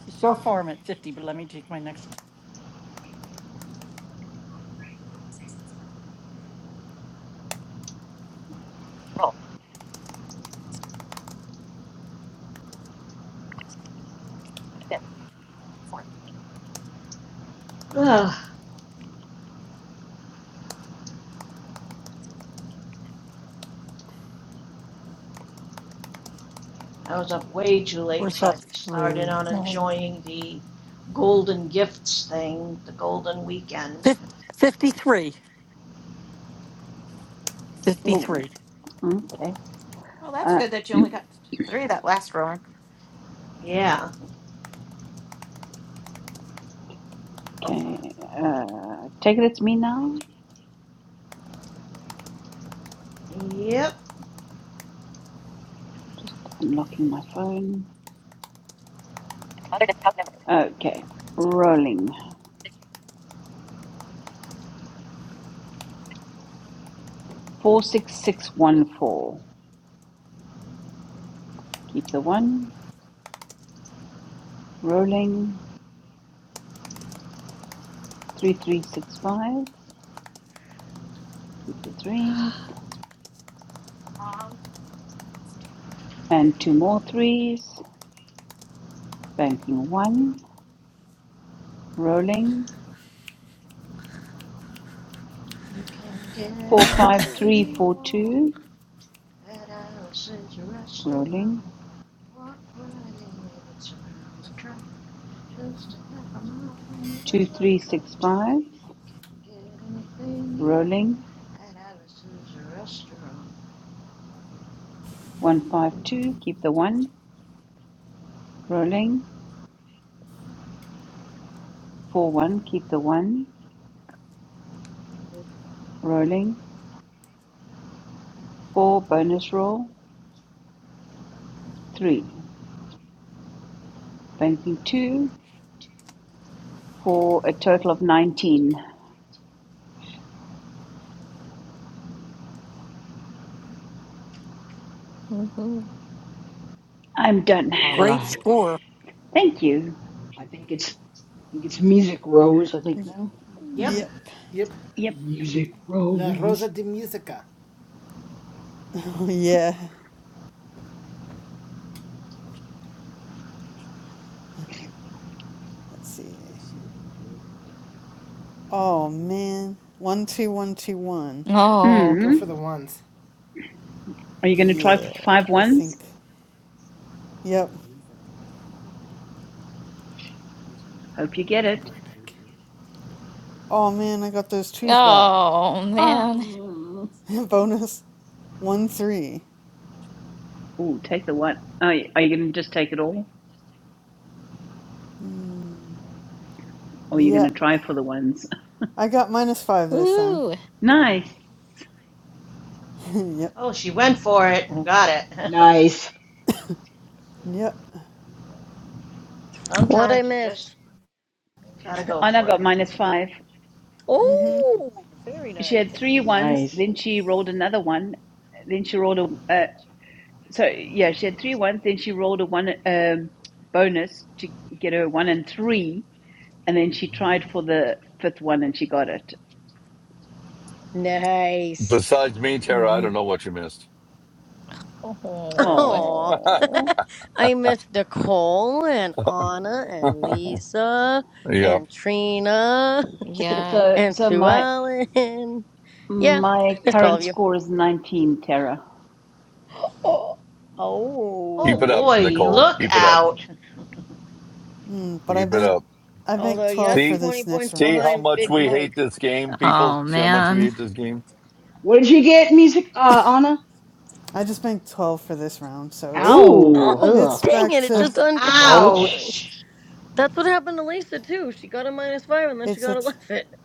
Speaker 15: So far I'm at 50, but let me take my next.
Speaker 11: Ugh. I was up way too late
Speaker 15: Where's
Speaker 11: so I
Speaker 15: that?
Speaker 11: could start in
Speaker 15: Three.
Speaker 11: on
Speaker 15: No.
Speaker 11: enjoying the golden gifts thing, the golden weekend.
Speaker 15: Fif- 53.
Speaker 18: Oh,
Speaker 15: 53.
Speaker 18: okay. Uh,
Speaker 11: Yeah.
Speaker 18: okay. Uh, take it, it's me now.
Speaker 11: Yep.
Speaker 18: Just unlocking my phone. Okay. Rolling. 46614. Keep the one, rolling, three, three, six, five, keep the threes, and two more threes, banking one, rolling,
Speaker 11: You can get
Speaker 18: four, five,
Speaker 11: anything
Speaker 18: three,
Speaker 11: you
Speaker 18: four,
Speaker 11: want.
Speaker 18: two,
Speaker 11: That house is a
Speaker 18: rolling,
Speaker 11: restaurant. Walk right in, if it's around the track. Just a half a mile from the
Speaker 18: two,
Speaker 11: railroad
Speaker 18: three,
Speaker 11: track.
Speaker 18: six, five,
Speaker 11: Get anything you want.
Speaker 18: rolling,
Speaker 11: At Alice's restaurant.
Speaker 18: one, five, two, keep the one, rolling, four, one, keep the one, rolling, four, bonus roll, three, banking two, for a total of 19.
Speaker 13: hmm
Speaker 18: I'm done.
Speaker 8: All
Speaker 15: Great
Speaker 8: right.
Speaker 15: score.
Speaker 18: Thank you.
Speaker 8: I think it's I think it's Music Rose, I think
Speaker 14: Y-
Speaker 8: now.
Speaker 11: Yep.
Speaker 13: Yep.
Speaker 14: Yep.
Speaker 2: Yep.
Speaker 18: Yep.
Speaker 8: Music
Speaker 2: La Rosa
Speaker 8: Rose.
Speaker 2: de Musica.
Speaker 14: yeah. Let's see. Oh man. One two one two one.
Speaker 13: Oh.
Speaker 2: Go
Speaker 18: Mm.
Speaker 2: for the ones.
Speaker 18: Are you going to try
Speaker 14: Yeah,
Speaker 18: five
Speaker 14: I
Speaker 18: ones?
Speaker 14: think. Yep.
Speaker 18: Hope you get
Speaker 2: I'll be
Speaker 18: it.
Speaker 2: right back.
Speaker 14: Oh man, I got those twos back.
Speaker 13: Oh man.
Speaker 18: Oh,
Speaker 14: Bonus. One three.
Speaker 18: Ooh, take the one. Are you, are you going to just take it all? Or are you going
Speaker 14: Yeah,
Speaker 18: to try for the ones?
Speaker 14: I got minus five this time.
Speaker 13: Ooh.
Speaker 18: Nice.
Speaker 14: yep,
Speaker 11: Oh, she went for it and got it.
Speaker 8: Nice.
Speaker 14: yep.
Speaker 12: what I
Speaker 11: Sometimes you
Speaker 12: miss?
Speaker 11: just gotta go
Speaker 18: Anna
Speaker 11: for
Speaker 18: got
Speaker 11: it.
Speaker 18: minus five.
Speaker 12: Oh, very
Speaker 18: She
Speaker 12: nice.
Speaker 18: had three ones,
Speaker 8: Nice.
Speaker 18: then she rolled another one. Then she rolled a. Uh, so, yeah, she had three ones, then she rolled a one um, bonus to get her one and three. And then she tried for the fifth one and she got it.
Speaker 12: Nice.
Speaker 17: Besides me, Tara, I don't know what you missed.
Speaker 13: Oh.
Speaker 12: Oh,
Speaker 18: Oh.
Speaker 12: I miss Nicole and Anna and Lisa
Speaker 17: yep.
Speaker 12: and Trina
Speaker 13: Yeah.
Speaker 18: So,
Speaker 12: and
Speaker 18: so
Speaker 12: Sue
Speaker 18: my
Speaker 12: Ellen. Yeah, I
Speaker 18: My
Speaker 12: missed all of
Speaker 18: current
Speaker 12: you.
Speaker 18: score is 19, Tara.
Speaker 12: Oh,
Speaker 11: Oh
Speaker 17: Keep it up,
Speaker 12: oh.
Speaker 11: boy,
Speaker 17: Nicole.
Speaker 11: look
Speaker 17: Keep it up.
Speaker 11: out.
Speaker 14: Mm, but I
Speaker 17: Keep it
Speaker 14: banked,
Speaker 17: up.
Speaker 14: I banked
Speaker 12: although yeah,
Speaker 14: twelve
Speaker 12: that's
Speaker 14: for
Speaker 17: See?
Speaker 12: 20
Speaker 14: this next
Speaker 12: points
Speaker 17: See
Speaker 14: round,
Speaker 17: how
Speaker 12: behind
Speaker 14: so I
Speaker 17: much
Speaker 12: Big
Speaker 17: we
Speaker 14: didn't.
Speaker 12: Mike.
Speaker 17: hate this game, people?
Speaker 13: Oh
Speaker 17: See how much we
Speaker 13: man.
Speaker 17: hate this game?
Speaker 8: What did you get, Music uh Anna?
Speaker 14: I just banked twelve for this round, so it's
Speaker 8: Oh,
Speaker 18: Ow!
Speaker 12: Oh,
Speaker 8: ugh.
Speaker 14: it's
Speaker 12: dang
Speaker 14: back
Speaker 12: it. It
Speaker 14: to
Speaker 12: just undo.
Speaker 8: Ouch.
Speaker 12: Oh.
Speaker 11: Ouch.
Speaker 12: That's what happened to Lisa, too. She got a minus five and then she
Speaker 14: it's
Speaker 12: got
Speaker 14: at
Speaker 12: 11.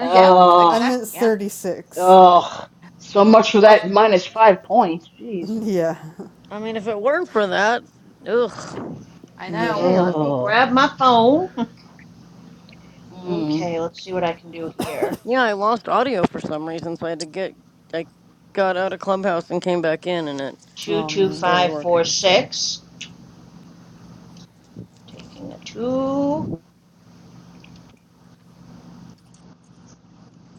Speaker 8: Ugh.
Speaker 14: I'm at thirty six.
Speaker 8: Ugh. So much for that minus five points. Jesus.
Speaker 14: yeah,
Speaker 12: I mean, if it weren't for that, ugh.
Speaker 11: Okay,
Speaker 14: yeah.
Speaker 11: let me
Speaker 8: Ugh.
Speaker 11: grab my phone.
Speaker 8: Mm.
Speaker 11: Okay, let's see what I can do here.
Speaker 12: Yeah, I lost audio for some reason, so I had to get. I got out of Clubhouse and came back in, and it
Speaker 14: Oh man,
Speaker 12: started working. So
Speaker 11: 22546. Taking a two,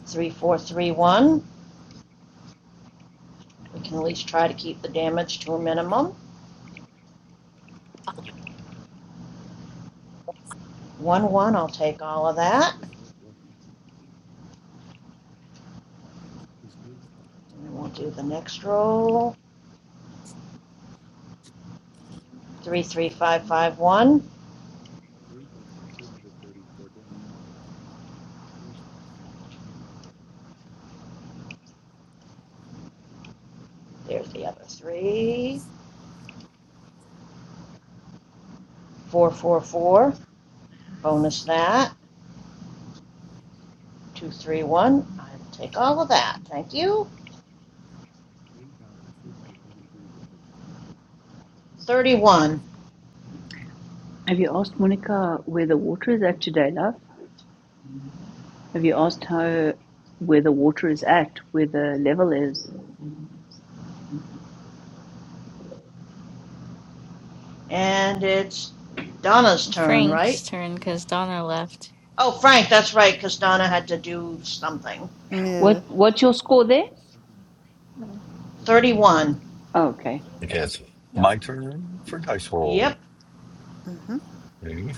Speaker 11: three, four, three, one. We can at least try to keep the damage to a minimum. One, one, I'll take all of that. And then we'll do the next roll. Three, three, five, five, one. There's the other three. Four, four, four. Bonus that. Two, three, one. I'll take all of that. Thank you. Thirty-one.
Speaker 18: Have you asked Monica where the water is at today, love? Have you asked her where the water is at, where the level is?
Speaker 11: And it's Donna's turn, right?
Speaker 13: Frank's turn because Donna left.
Speaker 11: Oh, Frank, that's right, because Donna had to do something.
Speaker 14: yeah.
Speaker 18: What what's your score there?
Speaker 13: No,
Speaker 11: Thirty-one.
Speaker 18: Oh, okay.
Speaker 17: Okay, it's
Speaker 13: no,
Speaker 17: my turn for Dice World.
Speaker 11: Yep.
Speaker 14: hmm
Speaker 17: Okay.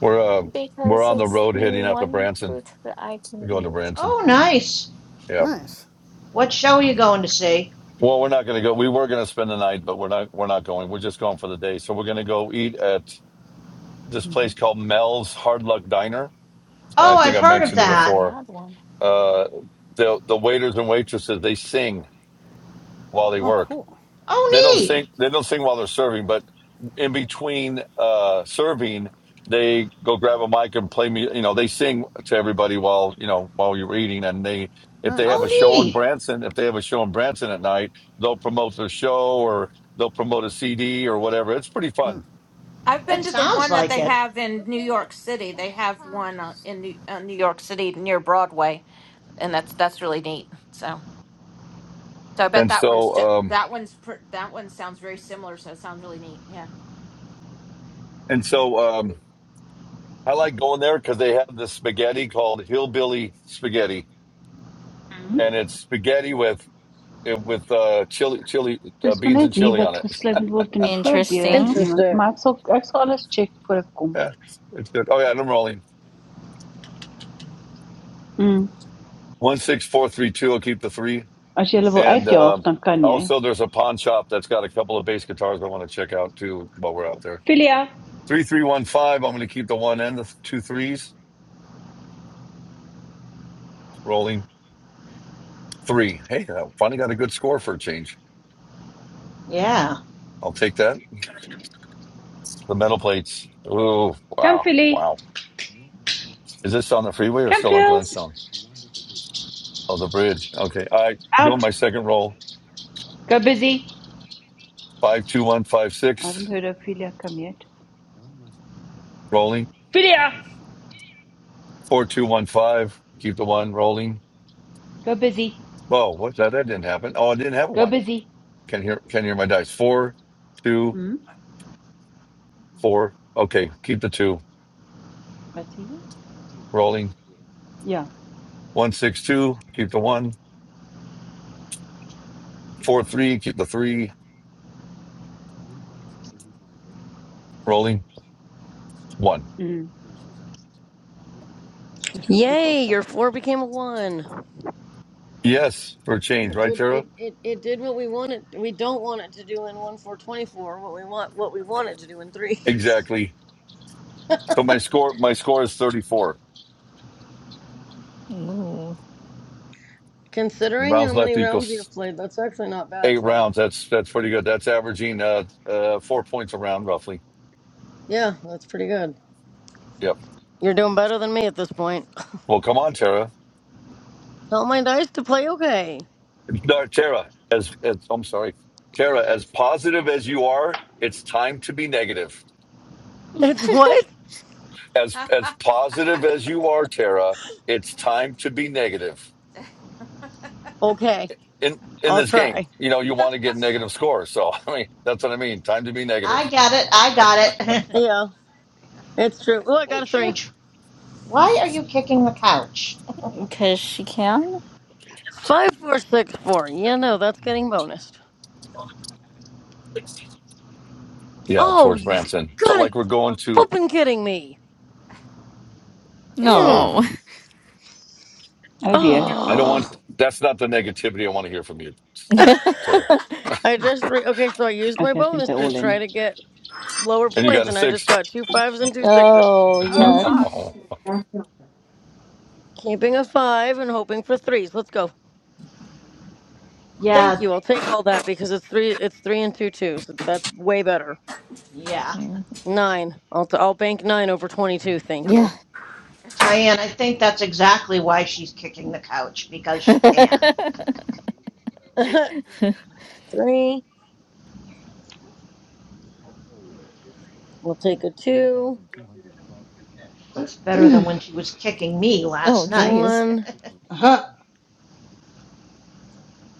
Speaker 17: We're uh, we're
Speaker 13: because
Speaker 17: on the
Speaker 13: it's
Speaker 17: road
Speaker 13: the
Speaker 17: heading up to
Speaker 13: one
Speaker 17: Branson.
Speaker 13: fruit that I can
Speaker 17: We're going to
Speaker 13: eat.
Speaker 17: Branson.
Speaker 11: Oh, nice.
Speaker 17: Yeah.
Speaker 14: Nice.
Speaker 11: What show are you going to see?
Speaker 17: Well, we're not going to go. We were going to spend the night, but we're not. We're not going. We're just going for the day. So we're going to go eat at this
Speaker 14: hmm
Speaker 17: place called Mel's Hard Luck Diner. And
Speaker 11: Oh,
Speaker 17: I
Speaker 11: I've
Speaker 17: think I
Speaker 11: heard of
Speaker 17: mentioned it
Speaker 13: You
Speaker 11: that.
Speaker 13: already
Speaker 17: before
Speaker 13: had one.
Speaker 17: Uh, the the waiters and waitresses they sing while they
Speaker 14: Oh,
Speaker 17: work.
Speaker 14: cool.
Speaker 17: They
Speaker 11: Oh,
Speaker 17: don't sing.
Speaker 11: neat.
Speaker 17: They don't sing while they're serving, but in between uh, serving, they go grab a mic and play me. You know, they sing to everybody while you know while you're eating. And they if they have
Speaker 11: Oh,
Speaker 17: a
Speaker 14: Nice.
Speaker 17: show in
Speaker 11: neat.
Speaker 17: Branson, if they have a show in Branson at night, they'll promote their show or they'll promote a CD or whatever. It's pretty fun.
Speaker 7: I've been
Speaker 11: It
Speaker 7: to the
Speaker 11: sounds
Speaker 7: one that
Speaker 11: like
Speaker 7: they
Speaker 11: it.
Speaker 7: have in New York City. They have one uh, in New, uh, New York City near Broadway, and that's that's really neat. So, so I bet
Speaker 17: And
Speaker 7: that one's
Speaker 17: so
Speaker 7: ju-
Speaker 17: um,
Speaker 7: that one's pr- that one sounds very similar. So it sounds really neat. Yeah.
Speaker 17: and so um, I like going there because they have this spaghetti called hillbilly spaghetti and it's spaghetti with eh, with uh, chili, chili uh,
Speaker 18: Dis maar
Speaker 17: beans and
Speaker 18: net hier
Speaker 17: chili on
Speaker 18: wat
Speaker 17: it.
Speaker 18: gesluimerd word in die voordeur,
Speaker 13: Interesting.
Speaker 18: niemand.
Speaker 12: interesting.
Speaker 18: Maar ek sal ek sal alles check voor ek kom.
Speaker 17: Yeah, it's good. Oh yeah, and I'm rolling
Speaker 18: Mm.
Speaker 17: one six four three two. I'll keep the three,
Speaker 18: As jy hulle wil
Speaker 17: and
Speaker 18: uitjaag,
Speaker 17: um,
Speaker 18: dan kan jy.
Speaker 17: also there's a pawn shop that's got a couple of bass guitars I want to check out too while we're out there.
Speaker 18: Philia,
Speaker 17: Three three one five. I'm going to keep the one and the two threes. Rolling three. Hey, I finally got a good score for a change.
Speaker 11: Yeah.
Speaker 17: I'll take that. The metal plates. Ooh,
Speaker 18: come
Speaker 17: wow,
Speaker 18: Philly.
Speaker 17: wow. Is this on the freeway or
Speaker 18: Come
Speaker 17: still on
Speaker 18: Phils.
Speaker 17: Glenstone? Oh, the bridge. Okay, I go
Speaker 18: Out.
Speaker 17: my second roll.
Speaker 18: Go busy. I
Speaker 17: 52156,
Speaker 18: haven't heard of Philia come yet.
Speaker 17: rolling.
Speaker 18: Philia.
Speaker 17: 4215, keep the one rolling.
Speaker 18: Go busy.
Speaker 17: Oh, what? That, that didn't happen. Oh, I didn't have a
Speaker 18: Go
Speaker 17: one.
Speaker 18: busy.
Speaker 17: Can hear, can hear my dice. Four, two,
Speaker 18: Mm?
Speaker 17: four. Okay, keep the two
Speaker 18: What see you?
Speaker 17: rolling.
Speaker 18: Yeah.
Speaker 17: 162, keep the one. Four, three, keep the three rolling. One.
Speaker 18: Mm. So
Speaker 12: Yay! Your four became a one.
Speaker 17: Yes, for a change,
Speaker 12: It
Speaker 17: right,
Speaker 12: did.
Speaker 17: Tara?
Speaker 12: It, it, it did what we wanted. We don't want it to do in one four twenty four. What we want. What we want it to do in threes.
Speaker 17: Exactly. So my score, my score is 34.
Speaker 13: Ooh,
Speaker 12: Considering how
Speaker 17: Rounds
Speaker 12: many
Speaker 17: left
Speaker 12: rounds
Speaker 17: equals
Speaker 12: you've played, that's actually not bad,
Speaker 17: eight
Speaker 12: Frank.
Speaker 17: rounds. That's, that's pretty good. That's averaging, uh, uh, four points a round roughly.
Speaker 12: Yeah, that's pretty good.
Speaker 17: Yep.
Speaker 12: You're doing better than me at this point.
Speaker 17: Well, come on, Tara.
Speaker 12: Tell my dice to play okay.
Speaker 17: No, Tara, as, as I'm sorry, Tara, as positive as you are, it's time to be negative.
Speaker 12: It's what?
Speaker 17: As as positive as you are, Tara, it's time to be negative
Speaker 12: Okay,
Speaker 17: in in
Speaker 12: I'll
Speaker 17: this game.
Speaker 12: try.
Speaker 17: You know, you want to get negative scores, so I mean, that's what I mean. Time to be
Speaker 11: I
Speaker 17: negative.
Speaker 11: got it. I got it.
Speaker 12: Yeah, it's true. Oh, I
Speaker 11: hey,
Speaker 12: got a three.
Speaker 11: Chooch, why are you kicking the couch?
Speaker 13: because she can?
Speaker 12: Five, four, six, four. Yeah, no, that's getting bonus.
Speaker 17: Yeah,
Speaker 12: Oh,
Speaker 17: towards
Speaker 12: you
Speaker 17: Branson. So
Speaker 12: gotta
Speaker 17: like we're going to.
Speaker 12: flipping kidding me.
Speaker 17: Uh
Speaker 13: No.
Speaker 17: oh,
Speaker 12: Mm.
Speaker 18: Oh dear.
Speaker 17: I don't want.
Speaker 12: Oh,
Speaker 17: That's not the negativity I want to hear from you, Tara.
Speaker 12: I just re- okay. So I used my
Speaker 18: Okay, I think
Speaker 12: bonus
Speaker 18: they're
Speaker 12: to
Speaker 18: all in.
Speaker 12: try to get lower
Speaker 17: And you got
Speaker 12: points,
Speaker 17: a
Speaker 12: and I just
Speaker 17: six.
Speaker 12: got two fives and two sixes.
Speaker 13: oh,
Speaker 7: Oh
Speaker 13: yuck.
Speaker 7: gosh.
Speaker 12: Keeping a five and hoping for threes. Let's go. Thank
Speaker 11: yeah.
Speaker 12: you. I'll take all that because it's three. It's three and two twos. That's way better.
Speaker 11: Yeah.
Speaker 13: Mm.
Speaker 12: Nine. I'll t- I'll bank nine over twenty two. Thank you.
Speaker 13: Yeah.
Speaker 11: Diane, I think that's exactly why she's kicking the couch, because she can.
Speaker 12: three We'll take a two,
Speaker 11: It's better than when she
Speaker 8: uh-huh.
Speaker 11: was kicking me
Speaker 13: oh,
Speaker 11: last night.
Speaker 13: geez,
Speaker 12: one,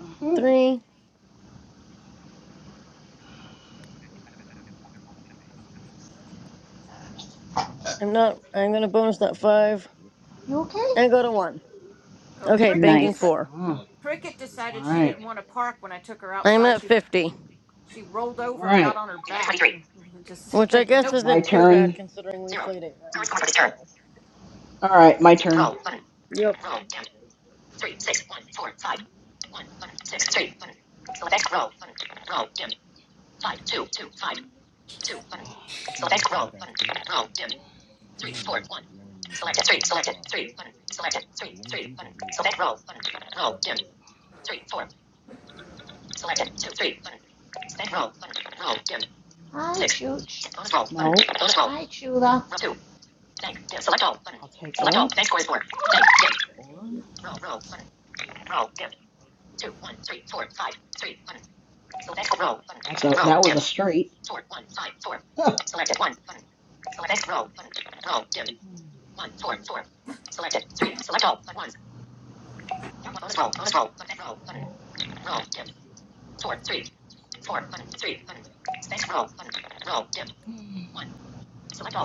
Speaker 8: Uh-huh.
Speaker 12: three. I'm not, I'm going to bonus that five
Speaker 11: you okay?
Speaker 12: and go to one.
Speaker 7: Oh,
Speaker 12: Okay,
Speaker 7: cricket
Speaker 12: banking
Speaker 7: dis-
Speaker 18: Nice.
Speaker 12: four.
Speaker 8: Wow.
Speaker 7: cricket
Speaker 8: All
Speaker 7: decided she didn't
Speaker 8: right.
Speaker 7: want to park when I took her
Speaker 12: I'm
Speaker 7: outside.
Speaker 12: at
Speaker 7: She
Speaker 12: 50,
Speaker 7: she rolled
Speaker 8: All
Speaker 7: over and got
Speaker 8: right,
Speaker 7: on her back. and Just
Speaker 12: which I
Speaker 7: said
Speaker 12: guess
Speaker 7: nope.
Speaker 8: my
Speaker 12: isn't too
Speaker 8: turn.
Speaker 12: bad considering we played eight rounds, but still.
Speaker 8: All right, my turn.
Speaker 12: Yep.
Speaker 11: Hi, Chooch.
Speaker 8: No.
Speaker 11: Hi, Chula.
Speaker 8: I'll take that. Four. That's that was a straight.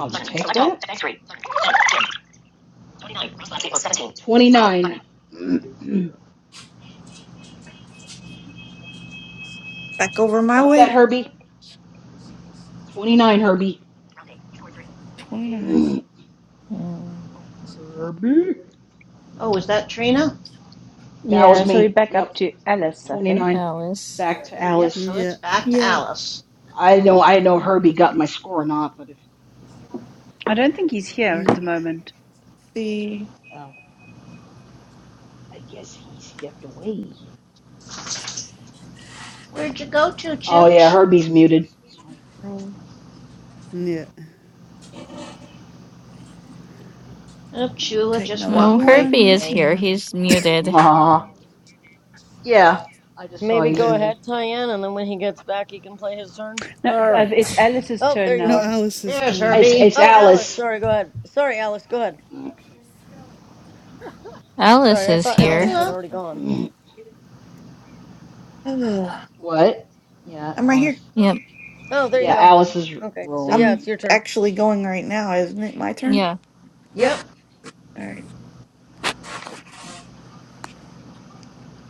Speaker 8: I'll take that. that. 29.
Speaker 16: Back over my
Speaker 8: Got that,
Speaker 16: way.
Speaker 8: Herbie? 29, Herbie.
Speaker 16: Twenty-nine.
Speaker 8: Mm,
Speaker 13: Mm,
Speaker 11: Oh, is that Trina?
Speaker 8: That
Speaker 18: Yeah,
Speaker 8: was
Speaker 18: so we're
Speaker 8: me.
Speaker 18: back up
Speaker 8: Yep,
Speaker 18: to
Speaker 11: Okay.
Speaker 18: Alice, I think.
Speaker 8: 29.
Speaker 13: Alice.
Speaker 8: Back to
Speaker 11: Yep,
Speaker 8: Alice.
Speaker 11: so it's
Speaker 14: Yeah.
Speaker 11: back to
Speaker 16: Yep.
Speaker 11: Alice.
Speaker 8: I know I know Herbie got my score or not, but if
Speaker 18: I don't think he's here at the
Speaker 14: Mm.
Speaker 18: moment.
Speaker 16: See,
Speaker 8: Oh, I guess he stepped away.
Speaker 11: Where'd you go to,
Speaker 8: Oh yeah,
Speaker 11: Chooch?
Speaker 8: Herbie's muted.
Speaker 16: roll.
Speaker 14: Yeah.
Speaker 11: Oh, Chula
Speaker 16: Take
Speaker 11: just
Speaker 16: another
Speaker 13: Oh,
Speaker 11: walked away
Speaker 13: Herbie
Speaker 11: from
Speaker 16: one.
Speaker 13: is
Speaker 16: Come
Speaker 11: me.
Speaker 13: here.
Speaker 16: on.
Speaker 13: He's muted.
Speaker 8: Aw, yeah, I just saw
Speaker 12: Maybe
Speaker 8: he's
Speaker 12: go
Speaker 14: The
Speaker 8: muted.
Speaker 12: ahead, Tyann, and then when he gets back, he can play his turn.
Speaker 18: No,
Speaker 2: All
Speaker 18: uh,
Speaker 2: right.
Speaker 18: it's Alice's
Speaker 12: Oh, there
Speaker 18: turn
Speaker 12: you
Speaker 14: no
Speaker 18: now.
Speaker 12: are.
Speaker 14: Alice is
Speaker 11: There's
Speaker 14: going.
Speaker 8: It's
Speaker 11: Herbie.
Speaker 8: it's
Speaker 12: Oh, Alice,
Speaker 8: Alice.
Speaker 12: sorry, go ahead. Sorry, Alice, go ahead.
Speaker 13: Alice
Speaker 12: Sorry, I
Speaker 13: is
Speaker 12: thought
Speaker 11: Hi,
Speaker 2: Hold
Speaker 16: Take
Speaker 2: on,
Speaker 12: Alice
Speaker 13: here.
Speaker 16: that.
Speaker 12: had
Speaker 2: guys.
Speaker 11: Chula.
Speaker 12: already gone.
Speaker 16: Ugh.
Speaker 8: What? Yeah,
Speaker 16: I'm right here.
Speaker 8: Alice.
Speaker 13: Yep.
Speaker 12: Oh, there you
Speaker 8: Yeah,
Speaker 11: Yep,
Speaker 12: go.
Speaker 8: Alice is
Speaker 12: Okay, so yeah,
Speaker 8: rolling.
Speaker 12: it's
Speaker 16: I'm
Speaker 12: your turn.
Speaker 16: actually going right now, isn't it? My turn.
Speaker 13: Yeah.
Speaker 12: Yep.
Speaker 11: yep.
Speaker 16: All right.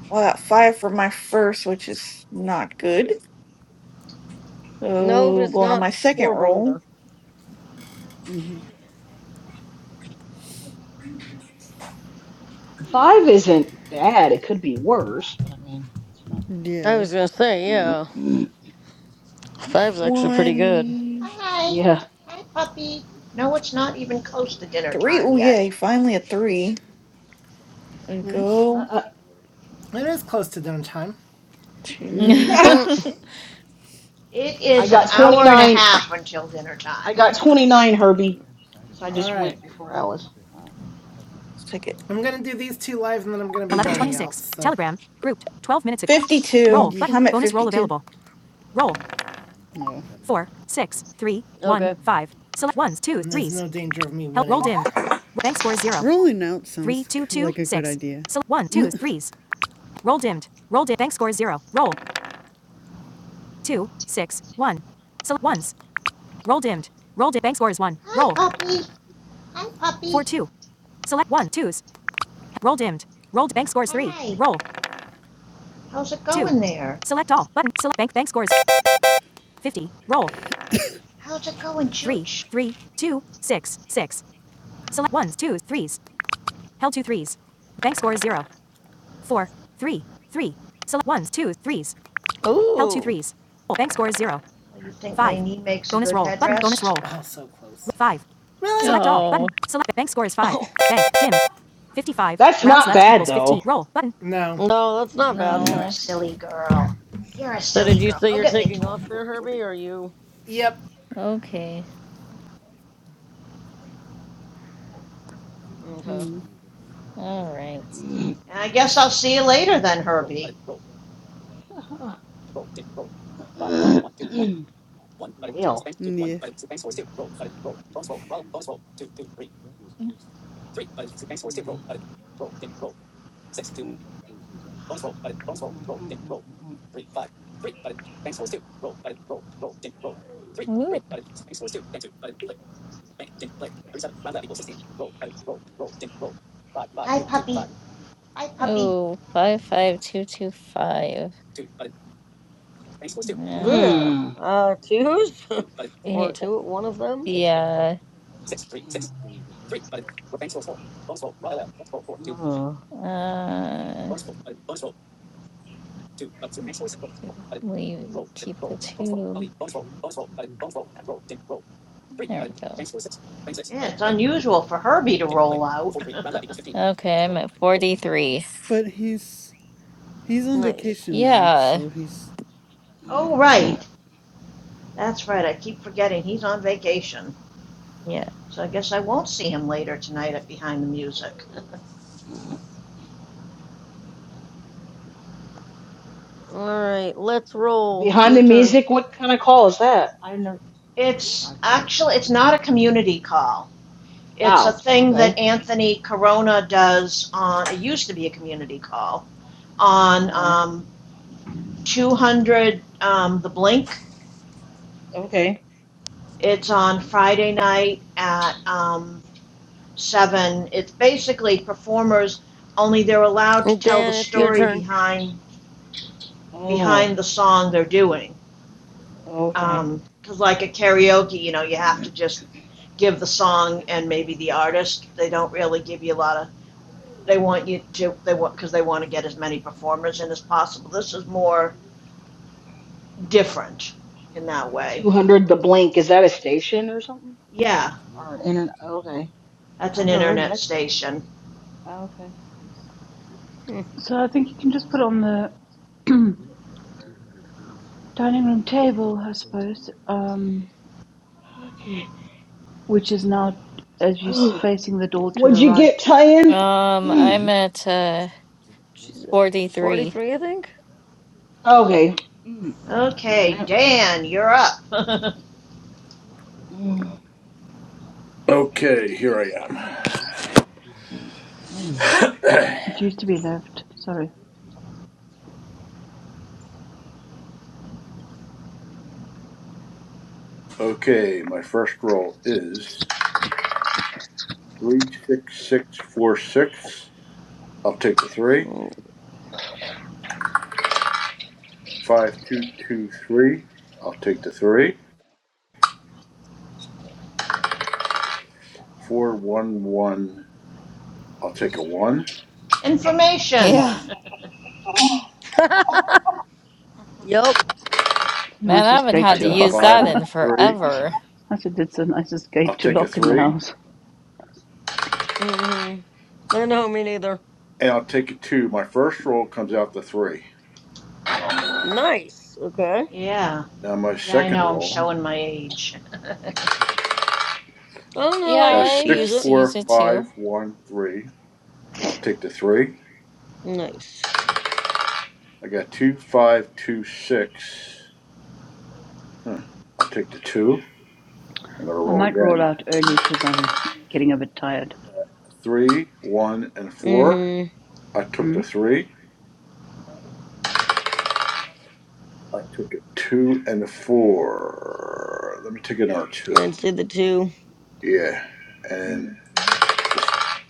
Speaker 16: Well, I got five for my first, which is not good.
Speaker 12: No, but
Speaker 16: So
Speaker 12: it's
Speaker 16: going on
Speaker 12: not
Speaker 16: my second
Speaker 12: horrible
Speaker 16: roll.
Speaker 12: either.
Speaker 8: Five isn't bad. It could be worse, but I mean, it's not.
Speaker 12: I
Speaker 14: Yeah.
Speaker 12: was gonna say, yeah. Five's actually pretty good.
Speaker 16: One,
Speaker 11: Hi.
Speaker 8: Yeah.
Speaker 11: Hi, puppy. No, it's not even close to dinner
Speaker 16: three.
Speaker 11: time
Speaker 16: Oh
Speaker 11: yet.
Speaker 16: yay! Finally a three. There we
Speaker 14: Nice.
Speaker 16: go.
Speaker 8: Uh, uh.
Speaker 2: It is close to dinner time.
Speaker 16: Two.
Speaker 12: Mm,
Speaker 11: It
Speaker 8: I
Speaker 11: is an
Speaker 8: got
Speaker 11: hour and a
Speaker 8: 29.
Speaker 11: half until dinner
Speaker 8: I
Speaker 11: time.
Speaker 8: got 29, Herbie, because I
Speaker 2: All
Speaker 8: just
Speaker 2: right.
Speaker 8: went before Alice. Uh,
Speaker 16: Let's take it.
Speaker 2: I'm gonna do these two live, and then I'm gonna be twenty-six. so-
Speaker 16: 52.
Speaker 14: Yeah.
Speaker 16: I'm at 52.
Speaker 14: Oh.
Speaker 12: okay.
Speaker 2: and no danger of me winning.
Speaker 14: Rolling out sounds like a good idea.
Speaker 11: Hi, puppy. Hi, puppy. Hi. How's it going there? How's it going, Chooch?
Speaker 12: Ooh.
Speaker 11: Oh, you think my knee makes a good headrest?
Speaker 2: Oh, so close. Really?
Speaker 13: oh,
Speaker 8: That's not bad, though.
Speaker 2: No.
Speaker 12: Oh. No, that's not bad.
Speaker 11: You're a
Speaker 13: no.
Speaker 11: silly girl. You're a
Speaker 12: So did
Speaker 11: silly
Speaker 12: you
Speaker 11: girl.
Speaker 12: say
Speaker 11: Go
Speaker 12: you're
Speaker 11: get me a
Speaker 12: taking
Speaker 11: toy.
Speaker 12: off there, Herbie? Or are you
Speaker 2: Yep.
Speaker 13: Okay.
Speaker 12: okay?
Speaker 14: Mm,
Speaker 13: All right.
Speaker 11: And I guess I'll see you later then, Herbie.
Speaker 8: well.
Speaker 14: mm, yeah.
Speaker 13: Ooh.
Speaker 11: Hi, puppy. Hi, puppy.
Speaker 13: Oh, 55225. Yeah.
Speaker 12: Ugh.
Speaker 8: Mm.
Speaker 12: Uh, twos
Speaker 13: Eh,
Speaker 12: or two, one of them.
Speaker 13: Yeah.
Speaker 8: Uh.
Speaker 13: Uh, We will keep the two. There we
Speaker 11: Yeah, it's unusual for Herbie to roll out.
Speaker 13: go. Okay, I'm at 43.
Speaker 14: But he's he's on
Speaker 12: Nice.
Speaker 14: vacation now,
Speaker 13: Yeah.
Speaker 14: so he's
Speaker 11: oh, right. That's right. I keep forgetting he's on vacation.
Speaker 13: Yeah.
Speaker 11: So I guess I won't see him later tonight at Behind the Music.
Speaker 12: All right, let's roll.
Speaker 8: Behind the
Speaker 12: Your turn,
Speaker 8: music, what kind of call is that? I know.
Speaker 11: it's
Speaker 8: I got.
Speaker 11: actually it's not a community call. It's a
Speaker 8: Ow.
Speaker 11: thing
Speaker 8: Okay.
Speaker 11: that Anthony Corona does on. It used to be a community call on
Speaker 8: Oh.
Speaker 11: um, 200 um, the Blink.
Speaker 8: Okay.
Speaker 11: It's on Friday night at um, seven. It's basically performers, only they're allowed to tell the
Speaker 12: Dan. It's your
Speaker 11: story
Speaker 12: turn.
Speaker 11: behind
Speaker 8: Oh.
Speaker 11: behind the song they're doing.
Speaker 8: Okay.
Speaker 11: Because like a karaoke, you know, you have to just give the song and maybe the artist. They don't really give you a lot of. They want you to. They want because they want to get as many performers in as possible. This is more different in that way.
Speaker 8: 200 the blink. Is that a station or something?
Speaker 11: Yeah,
Speaker 8: Or an internet? Okay.
Speaker 11: that's
Speaker 8: I
Speaker 11: an
Speaker 8: never heard of
Speaker 11: internet
Speaker 8: that station.
Speaker 11: station.
Speaker 8: Okay.
Speaker 12: Hmm.
Speaker 18: So I think you can just put on
Speaker 8: Oh.
Speaker 18: the dining room table, I suppose, um,
Speaker 8: Okay.
Speaker 18: which is now as you are facing the door to
Speaker 8: What'd
Speaker 18: the
Speaker 8: you get,
Speaker 18: right.
Speaker 8: Tyen?
Speaker 13: Um, I'm at uh
Speaker 12: She's at
Speaker 13: 43.
Speaker 12: forty-three, I think.
Speaker 8: okay. Mm,
Speaker 11: Okay,
Speaker 8: mm,
Speaker 11: Dan, you're up.
Speaker 8: mm,
Speaker 3: Okay, here I
Speaker 8: mm, mm.
Speaker 18: It
Speaker 3: am.
Speaker 18: used to be left. Sorry,
Speaker 3: okay, my first roll is three, six, six, four, six. I'll take the three.
Speaker 12: Mm.
Speaker 3: Five, two, two, three. I'll take the three. Four, one, one. I'll take a one.
Speaker 11: Information.
Speaker 13: Yeah.
Speaker 7: All
Speaker 12: yep.
Speaker 18: it's the
Speaker 13: Man, I
Speaker 18: nicest
Speaker 13: haven't
Speaker 18: gate
Speaker 3: I
Speaker 13: had
Speaker 18: to
Speaker 13: to
Speaker 3: got a
Speaker 13: use
Speaker 18: lock.
Speaker 3: five
Speaker 13: that
Speaker 3: and a
Speaker 13: in
Speaker 3: three.
Speaker 13: forever.
Speaker 18: I said, it's the nicest
Speaker 3: I'll
Speaker 18: gate to
Speaker 3: take a
Speaker 18: lock in the
Speaker 3: three.
Speaker 18: house.
Speaker 12: hmm I know. Me neither.
Speaker 3: and I'll take a two. My first roll comes out the three.
Speaker 12: Nice. Okay.
Speaker 11: Yeah.
Speaker 3: Now my
Speaker 11: Yeah, I
Speaker 3: second
Speaker 11: know. I'm
Speaker 3: roll,
Speaker 11: showing my age.
Speaker 12: Oh
Speaker 3: I
Speaker 12: no,
Speaker 13: Yeah,
Speaker 12: I
Speaker 3: got
Speaker 13: I
Speaker 12: used to
Speaker 3: six,
Speaker 12: use
Speaker 13: used to
Speaker 12: it.
Speaker 3: four,
Speaker 13: use it
Speaker 3: five,
Speaker 13: too.
Speaker 3: one, three. I'll take the three.
Speaker 12: Nice.
Speaker 3: I got two, five, two, six. Huh. I'll take the two. I'm gonna
Speaker 18: I
Speaker 3: roll
Speaker 18: might roll
Speaker 3: again.
Speaker 18: out early because I'm getting a bit tired.
Speaker 3: I got three, one, and four.
Speaker 12: Mm-hmm.
Speaker 3: I took
Speaker 18: Hmm?
Speaker 3: the three. I took a two and a four. Let me take another two.
Speaker 12: And see the two.
Speaker 3: Yeah. And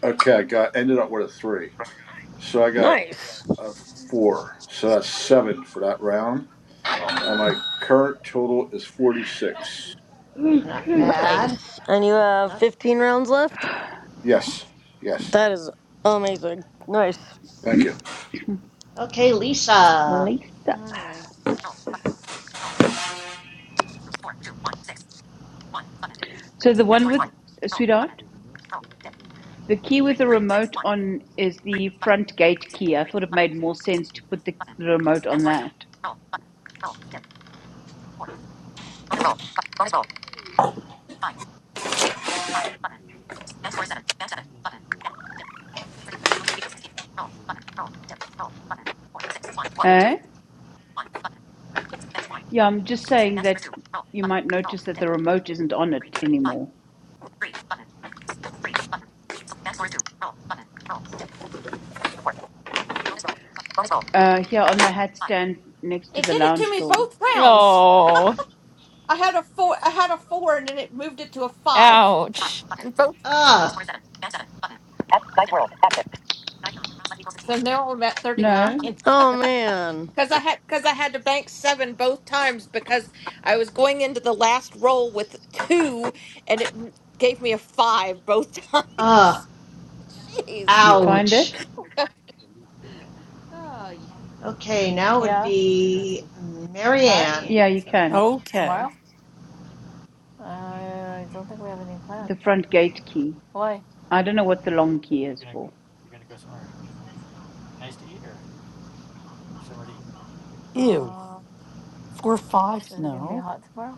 Speaker 3: okay, I got ended up with a three. So I got
Speaker 12: Nice.
Speaker 3: Uh, four. So that's seven for that round. And my current total is 46.
Speaker 11: Not bad.
Speaker 12: Nice. And you have
Speaker 11: Not
Speaker 12: 15 rounds left?
Speaker 3: Yes. Yes.
Speaker 12: That is amazing. Nice.
Speaker 3: Thank you.
Speaker 11: okay, Lisa.
Speaker 18: Lisa.
Speaker 7: right.
Speaker 18: So the one with, uh, sweetheart, the key with the remote on is the front gate key. I thought it made more sense to put the, the remote on that. Eh? Yeah, I'm just saying that you might notice that the remote isn't on it anymore. Uh, here on the hat stand next to
Speaker 7: It
Speaker 18: the
Speaker 7: did it to
Speaker 18: lounge
Speaker 7: me
Speaker 18: door.
Speaker 7: both rounds.
Speaker 13: Oh,
Speaker 7: I had a four. I had a four, and then it moved it to a five. Five
Speaker 13: ouch.
Speaker 7: button. And both.
Speaker 11: Ugh.
Speaker 7: Thirty-nine. Rounds left equals sixteen. So now I'm at thirty nine
Speaker 18: No,
Speaker 7: because
Speaker 12: Oh, man.
Speaker 7: I had because I had to bank seven both times because I was going into the last roll with two, and it m- gave me a five both
Speaker 11: Ugh.
Speaker 7: times. Jeez.
Speaker 18: you find
Speaker 11: Ouch.
Speaker 18: it?
Speaker 7: Oh,
Speaker 11: Okay, now it would
Speaker 13: Yeah.
Speaker 11: be
Speaker 13: Huh?
Speaker 11: Marianne.
Speaker 7: Marianne.
Speaker 18: Yeah, you can.
Speaker 15: Okay.
Speaker 13: Tomorrow? Uh, I don't think we have any
Speaker 18: The
Speaker 13: plans.
Speaker 18: front gate key.
Speaker 13: Why?
Speaker 18: I don't know what the long key is for.
Speaker 13: Uh,
Speaker 15: Ew. Four, five.
Speaker 13: is it gonna be
Speaker 15: No.
Speaker 13: hot tomorrow?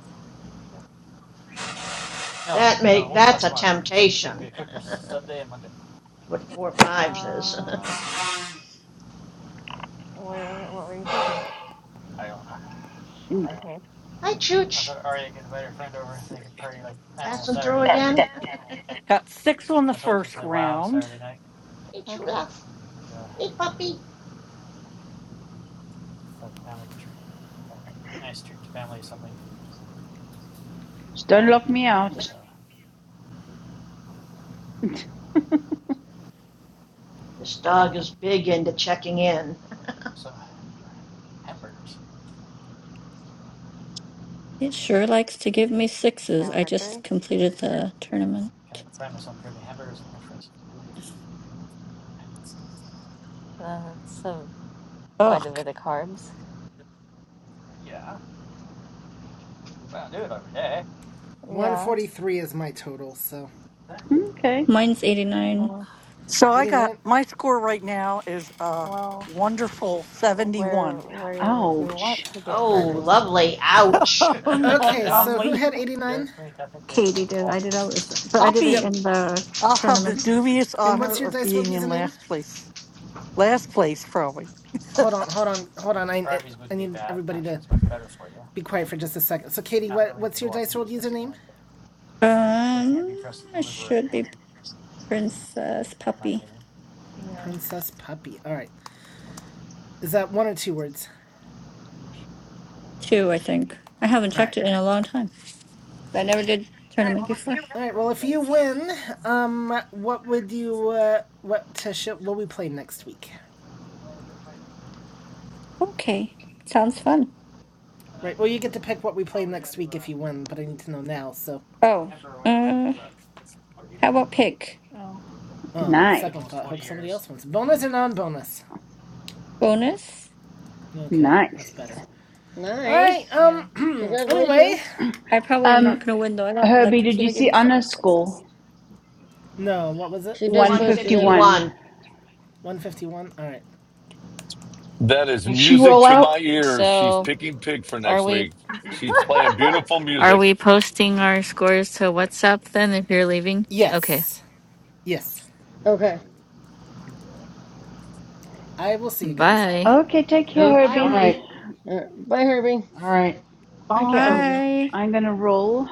Speaker 11: That make that's a temptation. what four fives is.
Speaker 13: Uh, where, what were you thinking? Okay,
Speaker 11: Hi, Chooch. Passing through again.
Speaker 15: Got six on the first round.
Speaker 11: hey, Chula. Hey, puppy.
Speaker 18: Just don't lock me out.
Speaker 11: Just, this dog is big into checking in.
Speaker 4: It sure likes to give me sixes. I just completed the tournament.
Speaker 13: uh, so quite
Speaker 15: Ugh.
Speaker 13: a bit of carbs.
Speaker 2: 143 is my total, so
Speaker 18: Okay.
Speaker 4: Mine's 89.
Speaker 15: So I got
Speaker 2: 89.
Speaker 15: my score right now is a
Speaker 13: Oh,
Speaker 15: wonderful
Speaker 13: okay.
Speaker 15: 71.
Speaker 18: Ouch.
Speaker 11: oh, lovely. Ouch.
Speaker 15: Isn't that
Speaker 2: Okay, so who
Speaker 15: lovely?
Speaker 2: had 89?
Speaker 4: Katie did. I did always, but I
Speaker 15: I'll
Speaker 4: did it
Speaker 15: be,
Speaker 2: Yep.
Speaker 4: in the
Speaker 15: I'll have the
Speaker 4: tournament.
Speaker 15: dubious
Speaker 2: And
Speaker 15: honor
Speaker 2: what's your
Speaker 15: of
Speaker 2: Dice World
Speaker 15: being in
Speaker 2: username?
Speaker 15: last place. Last place, probably.
Speaker 2: Hold on, hold on, hold on. I I need everybody to be quiet for just a second. So, Katie, what, what's your Dice World username?
Speaker 4: Um, it should be Princess Puppy
Speaker 13: Yeah,
Speaker 2: Princess Puppy. All right. Is that one or two words?
Speaker 4: 2, I think. I haven't
Speaker 2: All
Speaker 4: checked
Speaker 2: right.
Speaker 4: it in a long time. I never did tournament before.
Speaker 2: All right. Well, if you win, um, what would you uh, what to show, what will we play next week?
Speaker 4: Okay. Sounds fun.
Speaker 2: Right. Well, you get to pick what we play next week if you win, but I need to know now. So,
Speaker 4: Oh. uh, How about pick?
Speaker 2: uh,
Speaker 18: Nice.
Speaker 2: second thought. Hope somebody else wins. Bonus or non-bonus?
Speaker 4: Bonus?
Speaker 2: Okay, that's
Speaker 18: Nice.
Speaker 2: better. All right.
Speaker 12: Nice.
Speaker 13: yeah.
Speaker 2: Um. anyway,
Speaker 12: Congratulations.
Speaker 4: I probably am not
Speaker 18: Um,
Speaker 4: going to win though. I got the
Speaker 18: Herbie, did you
Speaker 4: computer gave
Speaker 18: see
Speaker 4: me so many
Speaker 18: Anna's
Speaker 4: sixes.
Speaker 18: score?
Speaker 2: no. What was it?
Speaker 12: She just posted it.
Speaker 18: 151.
Speaker 11: 151.
Speaker 2: One fifty-one. All right.
Speaker 17: That is
Speaker 8: Did she
Speaker 17: music
Speaker 8: roll
Speaker 17: to
Speaker 8: out?
Speaker 17: my ears. She's
Speaker 13: So
Speaker 17: picking pig for
Speaker 13: are
Speaker 17: next
Speaker 13: we
Speaker 17: week. She's playing beautiful
Speaker 13: are we
Speaker 17: music.
Speaker 13: posting our scores to WhatsApp then if you're leaving? Okay.
Speaker 2: Yes. Yes.
Speaker 12: Okay.
Speaker 2: I will see you guys.
Speaker 13: Bye.
Speaker 18: Okay, take care,
Speaker 11: Okie
Speaker 7: Hi,
Speaker 8: all
Speaker 18: Herbie.
Speaker 11: dokie.
Speaker 8: right.
Speaker 7: Herbie.
Speaker 12: All right. Bye, Herbie.
Speaker 8: All right.
Speaker 18: Okay,
Speaker 15: Finally
Speaker 18: I'm,
Speaker 15: heard.
Speaker 4: Bye.
Speaker 18: I'm going to roll.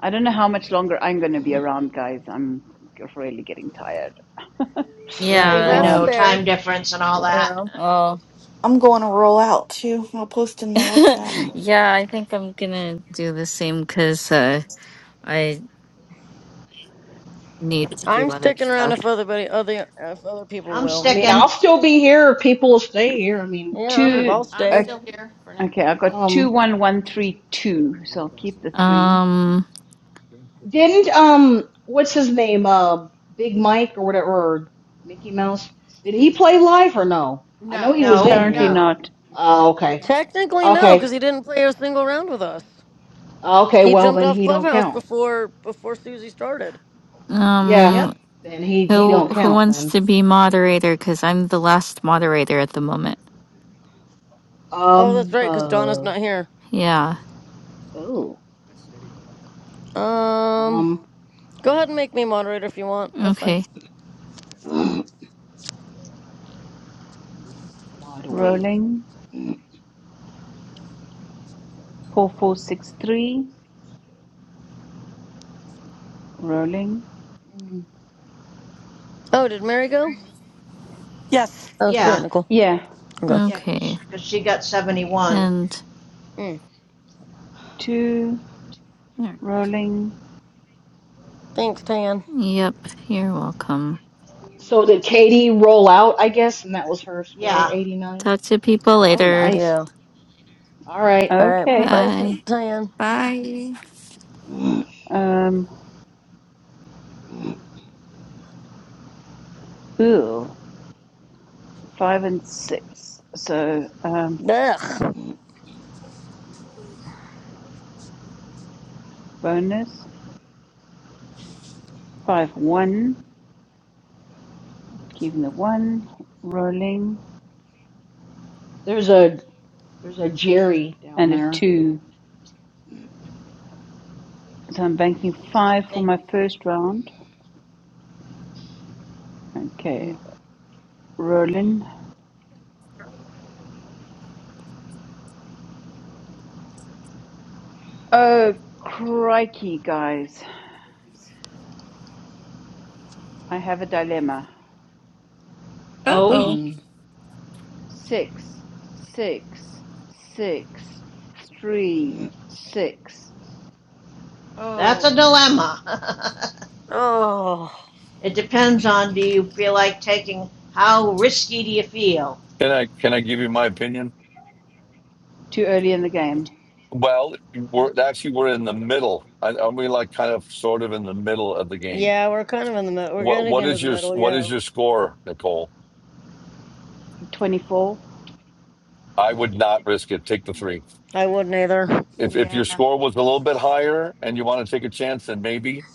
Speaker 18: I don't know how much longer I'm going to be around, guys. I'm really getting tired.
Speaker 11: Right, we
Speaker 13: Yeah.
Speaker 12: That's
Speaker 11: know.
Speaker 18: um,
Speaker 12: fair.
Speaker 11: Time difference and all that.
Speaker 12: Yeah.
Speaker 13: Oh.
Speaker 16: I'm going to roll out too. I'll post in the WhatsApp.
Speaker 13: yeah, I think
Speaker 8: Okay.
Speaker 13: I'm gonna do the same because uh, I need to do
Speaker 12: I'm
Speaker 13: other
Speaker 12: sticking around
Speaker 13: stuff.
Speaker 12: if other, buddy, other, if other people
Speaker 11: I'm
Speaker 8: I
Speaker 12: will.
Speaker 8: mean, I'll
Speaker 11: sticking.
Speaker 8: still be here if people will stay here. I mean,
Speaker 12: Yeah,
Speaker 8: you
Speaker 12: I'm,
Speaker 18: two.
Speaker 12: I'll
Speaker 8: know.
Speaker 18: Uh,
Speaker 12: stay.
Speaker 18: okay, I've got
Speaker 8: Um,
Speaker 18: 21132, so I'll keep the three.
Speaker 13: Um,
Speaker 8: didn't um, what's his name? Uh, Big Mike or whatever, or Mickey Mouse. Did he play live or no? I know he was in
Speaker 11: No.
Speaker 18: Apparently
Speaker 8: here.
Speaker 18: not.
Speaker 8: Oh, okay,
Speaker 12: Technically, no,
Speaker 8: okay,
Speaker 12: because he didn't play a single round with us.
Speaker 8: okay.
Speaker 12: He
Speaker 8: Well,
Speaker 12: jumped
Speaker 8: then
Speaker 12: off
Speaker 8: he don't
Speaker 12: Clubhouse
Speaker 8: count.
Speaker 12: before before Susie started.
Speaker 8: Yeah,
Speaker 11: Yep.
Speaker 13: um,
Speaker 8: then he he
Speaker 13: who
Speaker 8: don't
Speaker 12: So.
Speaker 13: who
Speaker 8: count
Speaker 13: wants
Speaker 8: then.
Speaker 13: to be moderator? Because I'm the last moderator at the moment.
Speaker 12: Oh, that's
Speaker 8: Um,
Speaker 12: right, because Donna's
Speaker 8: uh,
Speaker 12: not here.
Speaker 13: Yeah.
Speaker 8: oh,
Speaker 12: Um,
Speaker 8: um,
Speaker 12: go ahead and make me moderator if you want. That's fine.
Speaker 13: Okay.
Speaker 8: moderator.
Speaker 18: rolling, four four six three, rolling.
Speaker 12: Oh, did Mary go?
Speaker 15: Yes.
Speaker 12: Oh, sorry,
Speaker 11: Yeah.
Speaker 12: Nicole.
Speaker 18: Yeah,
Speaker 12: Okay.
Speaker 11: Yeah,
Speaker 13: Okay.
Speaker 11: because she got 71.
Speaker 13: And
Speaker 12: Mm.
Speaker 18: two, rolling.
Speaker 12: Thanks, Tan.
Speaker 13: yep, you're welcome.
Speaker 8: So did Katie roll out, I guess, and that was her score,
Speaker 11: Yeah. I
Speaker 8: 89?
Speaker 13: Talk to people
Speaker 8: Oh,
Speaker 13: later.
Speaker 8: nice.
Speaker 12: Yeah.
Speaker 8: All right.
Speaker 12: All right.
Speaker 18: Okay.
Speaker 12: Bye, T-
Speaker 13: Bye.
Speaker 12: Tan.
Speaker 4: Bye.
Speaker 18: Um, ooh, five and six. So um,
Speaker 12: Ugh.
Speaker 18: bonus five one, keeping the one, rolling,
Speaker 8: There's a there's a Jerry down
Speaker 18: and a
Speaker 8: there.
Speaker 18: two.
Speaker 8: Oh, oh
Speaker 18: So I'm banking five for
Speaker 11: think.
Speaker 18: my first round.
Speaker 8: boy.
Speaker 18: Okay, rolling. Oh crikey, guys! I have a dilemma.
Speaker 4: Uh
Speaker 11: Oh,
Speaker 4: oh.
Speaker 8: Mm,
Speaker 18: six six six three six
Speaker 11: that's a dilemma.
Speaker 12: Oh.
Speaker 11: it depends on do you feel like taking, how risky do you feel?
Speaker 17: Can I can I give you my opinion?
Speaker 18: too early in the game
Speaker 17: Well, we're actually we're in the middle. I- Aren't we like kind of sort of in the middle of the game?
Speaker 12: Yeah, we're kind of in the middle. We're
Speaker 17: What
Speaker 12: getting
Speaker 17: what
Speaker 12: into
Speaker 17: is
Speaker 12: the
Speaker 17: your
Speaker 12: middle,
Speaker 17: what is
Speaker 12: yeah.
Speaker 17: your score, Nicole?
Speaker 18: 24
Speaker 17: I would not risk it. Take the three.
Speaker 12: I wouldn't either.
Speaker 17: If if your score was a little bit higher and you want to take a chance, then maybe.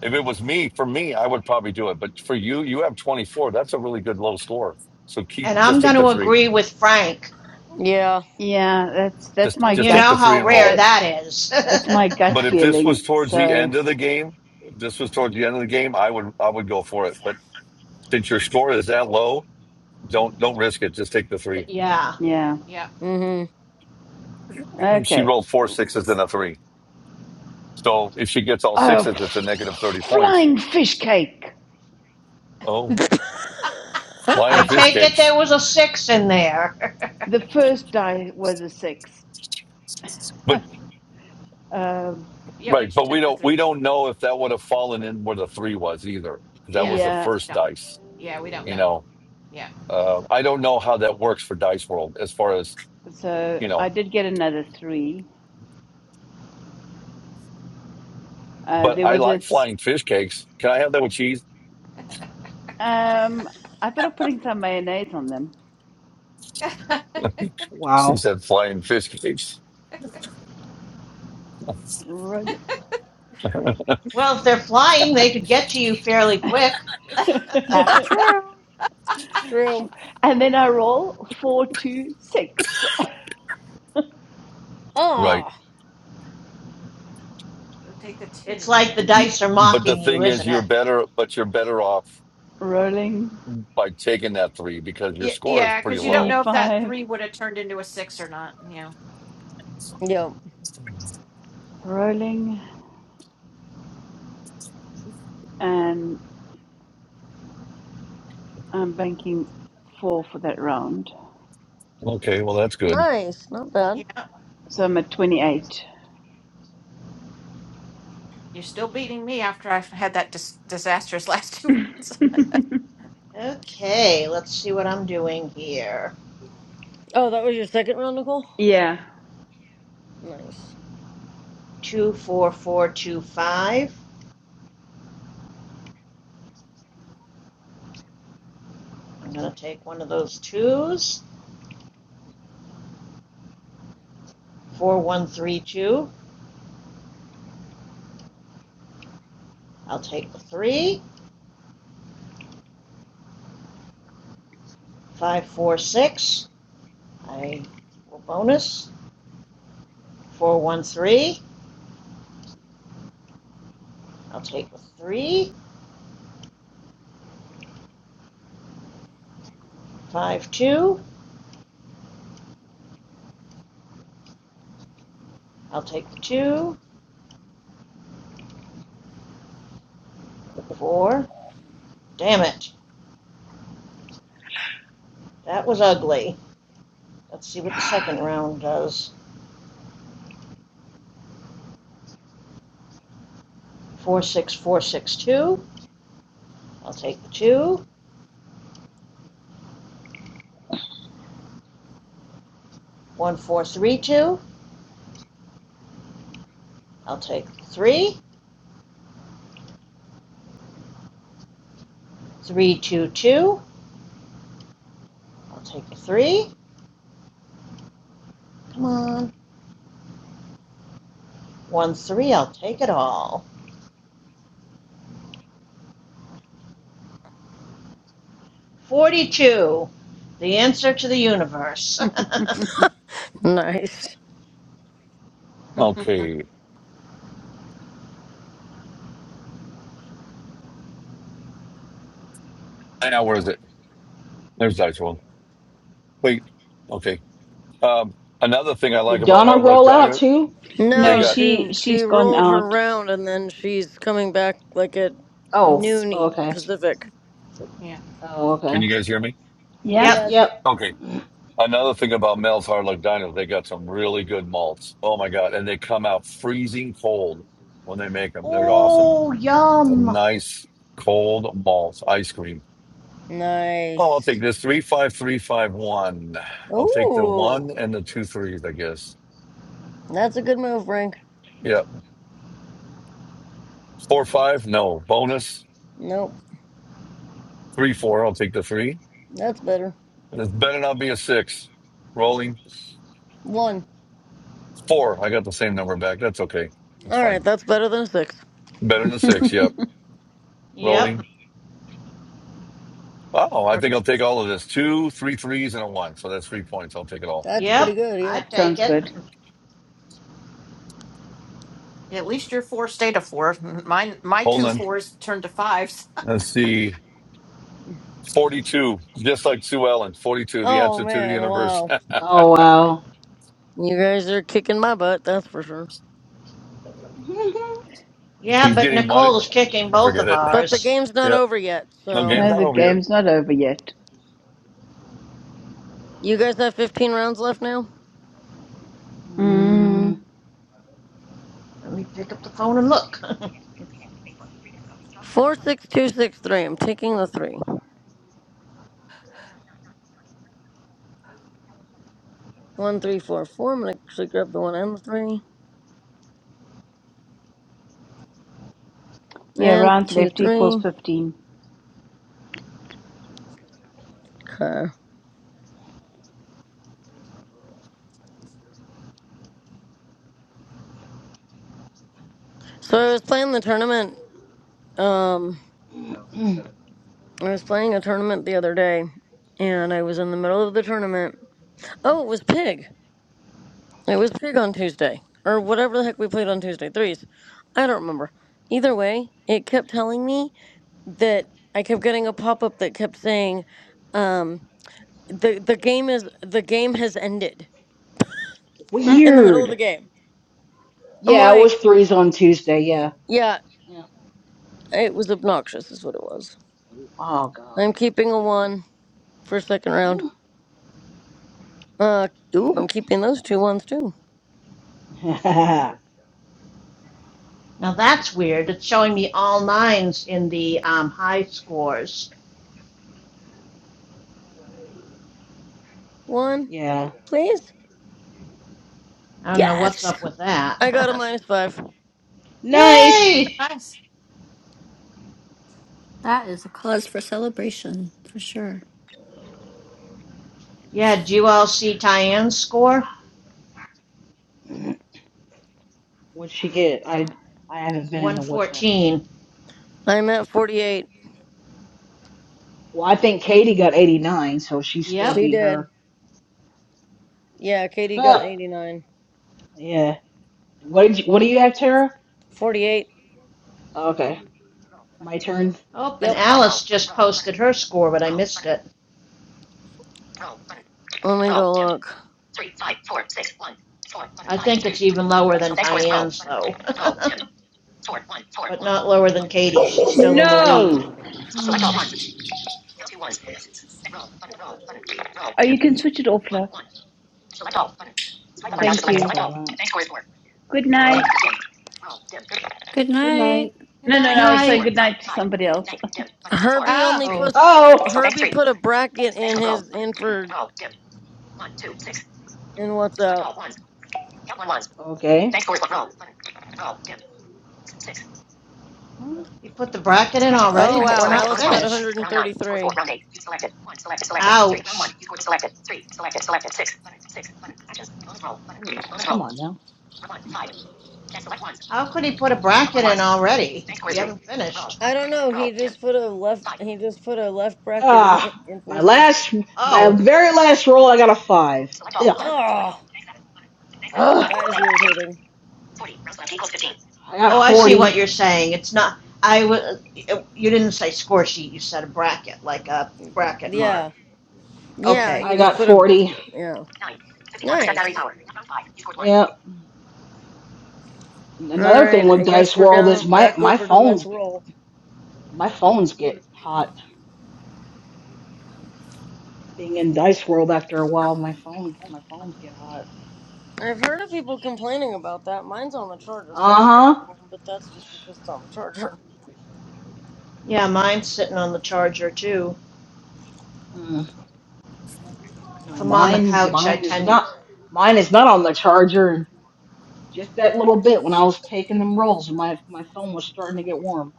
Speaker 17: If it was me, for me, I would probably do it. But for you, you have twenty four. That's a really good low score. So keep
Speaker 11: And I'm
Speaker 17: just
Speaker 11: going
Speaker 17: take the
Speaker 11: to
Speaker 17: three.
Speaker 11: agree with Frank.
Speaker 12: Yeah.
Speaker 18: yeah that's that's
Speaker 17: Just
Speaker 18: my
Speaker 11: And
Speaker 17: just
Speaker 11: you
Speaker 17: take
Speaker 11: know
Speaker 17: the
Speaker 18: gut
Speaker 17: three
Speaker 11: how
Speaker 17: and roll
Speaker 11: rare
Speaker 17: it.
Speaker 18: uh,
Speaker 11: that is.
Speaker 18: it's my gut
Speaker 17: But if this
Speaker 18: feeling
Speaker 17: was towards the
Speaker 18: so
Speaker 17: end of the game, if this was towards the end of the game, I would I would go for it. But since your score is that low, don't don't risk it. Just take the three.
Speaker 11: yeah.
Speaker 18: yeah
Speaker 12: Mm-hmm.
Speaker 17: She
Speaker 18: okay
Speaker 17: rolled four sixes and a three. So if she gets all
Speaker 18: oh
Speaker 17: sixes, it's a negative thirty points.
Speaker 18: flying fish cake
Speaker 17: Oh,
Speaker 4: Uh
Speaker 17: flying
Speaker 11: I
Speaker 4: oh.
Speaker 17: fish
Speaker 11: take it there
Speaker 17: cakes.
Speaker 11: was a six in there.
Speaker 18: the first die was a six
Speaker 17: But
Speaker 18: um
Speaker 17: right, but we don't we don't know if that would have fallen in where the three was either. That was the
Speaker 18: yeah
Speaker 17: first dice. You know, uh, I don't know how that works for Dice World as far as
Speaker 18: so
Speaker 17: you
Speaker 18: i
Speaker 17: know.
Speaker 18: did get another three uh
Speaker 17: But
Speaker 18: there
Speaker 17: I
Speaker 18: was
Speaker 17: like
Speaker 18: this
Speaker 17: flying fish cakes. Can I have that with cheese?
Speaker 18: um i thought of putting some mayonnaise on them
Speaker 17: She
Speaker 8: Wow.
Speaker 17: said flying fish cakes.
Speaker 18: Really.
Speaker 11: Well, if they're flying, they could get to you fairly quick.
Speaker 4: That's true.
Speaker 12: it's true.
Speaker 18: and then I roll four, two, six.
Speaker 17: Right.
Speaker 12: Ah.
Speaker 11: it's like the dice are
Speaker 17: But the
Speaker 11: mocking you,
Speaker 17: thing is,
Speaker 11: isn't
Speaker 17: you're
Speaker 11: it?
Speaker 17: better, but you're better off
Speaker 18: Rolling
Speaker 17: by taking that three because your score is pretty
Speaker 18: three,
Speaker 17: low.
Speaker 18: five.
Speaker 12: Yep.
Speaker 18: Rolling. And I'm banking four for that round.
Speaker 17: Okay. Well, that's good.
Speaker 12: Nice. Not bad.
Speaker 18: So I'm at 28.
Speaker 7: Me after I had that dis- disastrous last two
Speaker 11: Okay, let's see what I'm doing here.
Speaker 12: Oh, that was your second round, Nicole?
Speaker 18: Yeah.
Speaker 12: Nice.
Speaker 11: Two, four, four, two, five. I'm going to take one of those twos. Four, one, three, two. I'll take the three. Five, four, six. I will bonus. Four, one, three. I'll take the three. Five, two. I'll take the two. Four. Damn it. That was ugly. Let's see what the second round does. Four, six, four, six, two. I'll take the two. One, four, three, two. I'll take the three. Three, two, two. I'll take the three. Come on. One, three. I'll take it all. Forty-two. The answer to the universe.
Speaker 12: Nice.
Speaker 7: rounds.
Speaker 17: Okay. And now where is it? There's the actual one. Wait. Okay. Um, another thing I like
Speaker 8: Did
Speaker 17: about
Speaker 8: Donna
Speaker 17: Hard Luck
Speaker 8: roll out
Speaker 17: Diner,
Speaker 8: too?
Speaker 17: they
Speaker 18: No,
Speaker 12: No,
Speaker 17: got,
Speaker 18: she
Speaker 12: she she
Speaker 18: she's gone
Speaker 12: rolled her
Speaker 18: out.
Speaker 12: round and then she's coming back like at
Speaker 8: Oh,
Speaker 12: noon
Speaker 8: oh,
Speaker 12: E-
Speaker 8: okay.
Speaker 12: Pacific.
Speaker 8: Oh,
Speaker 17: can
Speaker 8: okay.
Speaker 17: you guys hear me?
Speaker 18: Yeah.
Speaker 11: yep.
Speaker 8: Yep.
Speaker 12: Yes.
Speaker 17: Okay. Another thing about Mel's Hard Luck Diner, they got some really good malts. Oh my God. And they come out freezing cold when they make them. They're awesome.
Speaker 11: Oh,
Speaker 17: Some
Speaker 11: yum.
Speaker 17: nice cold malts, ice cream. Oh, I'll take
Speaker 12: Nice.
Speaker 17: this three five three five one. I'll take the
Speaker 12: Ooh,
Speaker 17: one and the two threes, I guess.
Speaker 12: that's a good move, Frank.
Speaker 17: Yep. Four five, no bonus.
Speaker 12: Nope,
Speaker 17: Three four, I'll take the three.
Speaker 12: that's better.
Speaker 17: This better not be a six. Rolling
Speaker 12: One.
Speaker 17: four. I got the same number back. That's okay. That's
Speaker 12: All right,
Speaker 17: fine.
Speaker 12: that's better than a six.
Speaker 17: Better than the six. Yep.
Speaker 11: Yep.
Speaker 17: Rolling. Oh, I think I'll take all of this. Two, three threes, and a one. So that's three points. I'll take it all.
Speaker 12: That's pretty
Speaker 11: Yep.
Speaker 12: good.
Speaker 11: I
Speaker 12: Yep.
Speaker 11: take
Speaker 18: Sounds
Speaker 11: it.
Speaker 18: good.
Speaker 7: Yeah, At least your four stayed a four. Mine, my
Speaker 17: Hold
Speaker 7: two
Speaker 17: on.
Speaker 7: fours turned to fives.
Speaker 17: Let's see. Forty-two. Just like Sue Ellen. Forty-two. The
Speaker 12: Oh
Speaker 17: answer to the
Speaker 12: man,
Speaker 17: universe.
Speaker 12: wow.
Speaker 8: Oh,
Speaker 7: Good
Speaker 8: wow.
Speaker 12: You guys are kicking my butt, that's for sure.
Speaker 11: Yeah,
Speaker 17: He's
Speaker 11: but
Speaker 17: getting money.
Speaker 11: Nicole's kicking
Speaker 17: I
Speaker 11: both
Speaker 17: forget
Speaker 11: of
Speaker 17: it.
Speaker 12: But the
Speaker 11: ours.
Speaker 12: game's not
Speaker 17: Yeah.
Speaker 12: over yet,
Speaker 17: No, game's
Speaker 18: No,
Speaker 12: so
Speaker 17: not
Speaker 18: the
Speaker 17: over yet.
Speaker 18: game's not over yet.
Speaker 12: you guys have 15 rounds left now.
Speaker 8: Mm.
Speaker 18: Mm,
Speaker 11: Let me pick up the phone and look.
Speaker 12: Four, six, two, six, three. I'm taking the three. One, three, four, four. I'm gonna actually grab the one and the three.
Speaker 18: yeah,
Speaker 12: And
Speaker 18: rounds
Speaker 12: two,
Speaker 18: left
Speaker 12: three.
Speaker 18: equals 15.
Speaker 12: Okay. So I was playing the tournament. Um, I was playing a tournament the other day, and I was in the middle of the tournament. Oh, it was pig. It was pig on Tuesday, or whatever the heck we played on Tuesday. Threes. I don't remember. Either way, it kept telling me that I kept getting a pop up that kept saying, um, the the game is the game has ended
Speaker 18: Mm.
Speaker 12: in the middle of
Speaker 8: Weird.
Speaker 12: the game. I'm
Speaker 8: Yeah, it was
Speaker 12: like.
Speaker 8: threes on Tuesday. Yeah.
Speaker 12: Yeah.
Speaker 8: Yeah.
Speaker 12: It was obnoxious, is what it was.
Speaker 8: Oh
Speaker 12: I'm
Speaker 8: God,
Speaker 12: keeping a
Speaker 8: crazy.
Speaker 12: one for second round. Uh, ooh, I'm keeping those two ones too.
Speaker 11: Now that's weird. It's showing me all nines in the um, high scores.
Speaker 12: One,
Speaker 8: yeah.
Speaker 12: please.
Speaker 11: I don't know what's
Speaker 12: Yes!
Speaker 11: up with
Speaker 12: I got a
Speaker 11: that.
Speaker 12: minus five.
Speaker 8: Nice.
Speaker 11: Yay!
Speaker 4: That is a cause for celebration for sure.
Speaker 11: Yeah, did you all see Tyann's score?
Speaker 8: What'd she get? I I haven't been in the WhatsApp group.
Speaker 11: 114.
Speaker 12: I'm at 48.
Speaker 8: Well, I think Katie got 89, so she still
Speaker 11: Yep.
Speaker 12: She
Speaker 8: beat her.
Speaker 12: did. Yeah, Katie got
Speaker 8: Huh.
Speaker 12: 89.
Speaker 8: yeah. What did you, What do you have, Tara?
Speaker 12: 48.
Speaker 8: Okay. My turn.
Speaker 11: Oh, and
Speaker 12: Yep.
Speaker 11: Alice just posted her score, but I missed it.
Speaker 12: Let me go look.
Speaker 11: I think it's even lower than Tyann's, though, but not lower than Katie's. She's still in the lead.
Speaker 18: No!
Speaker 8: Select all ones. Roll, button, roll, button, roll,
Speaker 18: Oh, you can
Speaker 8: dim.
Speaker 18: switch it off, love.
Speaker 8: Select all ones.
Speaker 18: Thank you.
Speaker 8: Select all Bank score is four.
Speaker 18: Good
Speaker 8: Bank,
Speaker 18: night.
Speaker 8: dim.
Speaker 4: Good
Speaker 8: Good night.
Speaker 4: night.
Speaker 18: No, no, no. I was
Speaker 7: night.
Speaker 18: saying
Speaker 11: Night.
Speaker 18: goodnight to somebody else.
Speaker 12: Herbie
Speaker 7: Ah.
Speaker 12: only
Speaker 11: Oh,
Speaker 12: put
Speaker 8: Oh,
Speaker 12: Herbie put a bracket in his in for in what's up.
Speaker 8: okay.
Speaker 11: you put the bracket in already,
Speaker 12: Oh
Speaker 11: but we're
Speaker 12: wow,
Speaker 11: not
Speaker 12: Alice got
Speaker 11: finished.
Speaker 12: 133.
Speaker 11: Ouch.
Speaker 8: Hey, on now.
Speaker 11: How could he put a bracket in already? We haven't finished.
Speaker 12: I don't know. He just put a left. He just put a left bracket in the,
Speaker 8: Ah,
Speaker 12: in for
Speaker 8: my
Speaker 12: his message.
Speaker 8: last, my
Speaker 11: Oh,
Speaker 8: very last roll, I got a five. Ugh.
Speaker 12: Oh, that is irritating.
Speaker 8: Dim. I got
Speaker 11: oh, I see what
Speaker 8: 40.
Speaker 11: you're saying. It's not. I was. You didn't say score sheet. You said a bracket, like a bracket mark.
Speaker 12: Yeah. Yeah,
Speaker 11: Okay.
Speaker 8: I
Speaker 12: he
Speaker 8: got
Speaker 12: just put a.
Speaker 8: 40.
Speaker 12: Yeah. Nice.
Speaker 8: Yeah. And
Speaker 12: All
Speaker 8: another thing
Speaker 12: right,
Speaker 8: with
Speaker 12: I guess
Speaker 8: Dice
Speaker 12: we're
Speaker 8: World is
Speaker 12: down
Speaker 8: my
Speaker 12: back
Speaker 8: my
Speaker 12: over to Let's
Speaker 8: phone's
Speaker 12: Roll.
Speaker 8: My phones get hot. Being in Dice World after a while, my phone my phones get hot.
Speaker 12: I've heard of people complaining about that. Mine's on the charger, so it's getting
Speaker 8: Uh huh.
Speaker 12: warm, but that's just because it's on the charger.
Speaker 11: Yeah, mine's sitting on the charger too.
Speaker 8: Mm,
Speaker 11: If
Speaker 8: no,
Speaker 11: I'm on the
Speaker 8: mine
Speaker 11: couch, I
Speaker 8: mine is
Speaker 11: tend.
Speaker 8: not mine is not on the charger. Just that little bit when I was taking them rolls, my my phone was starting to get warm.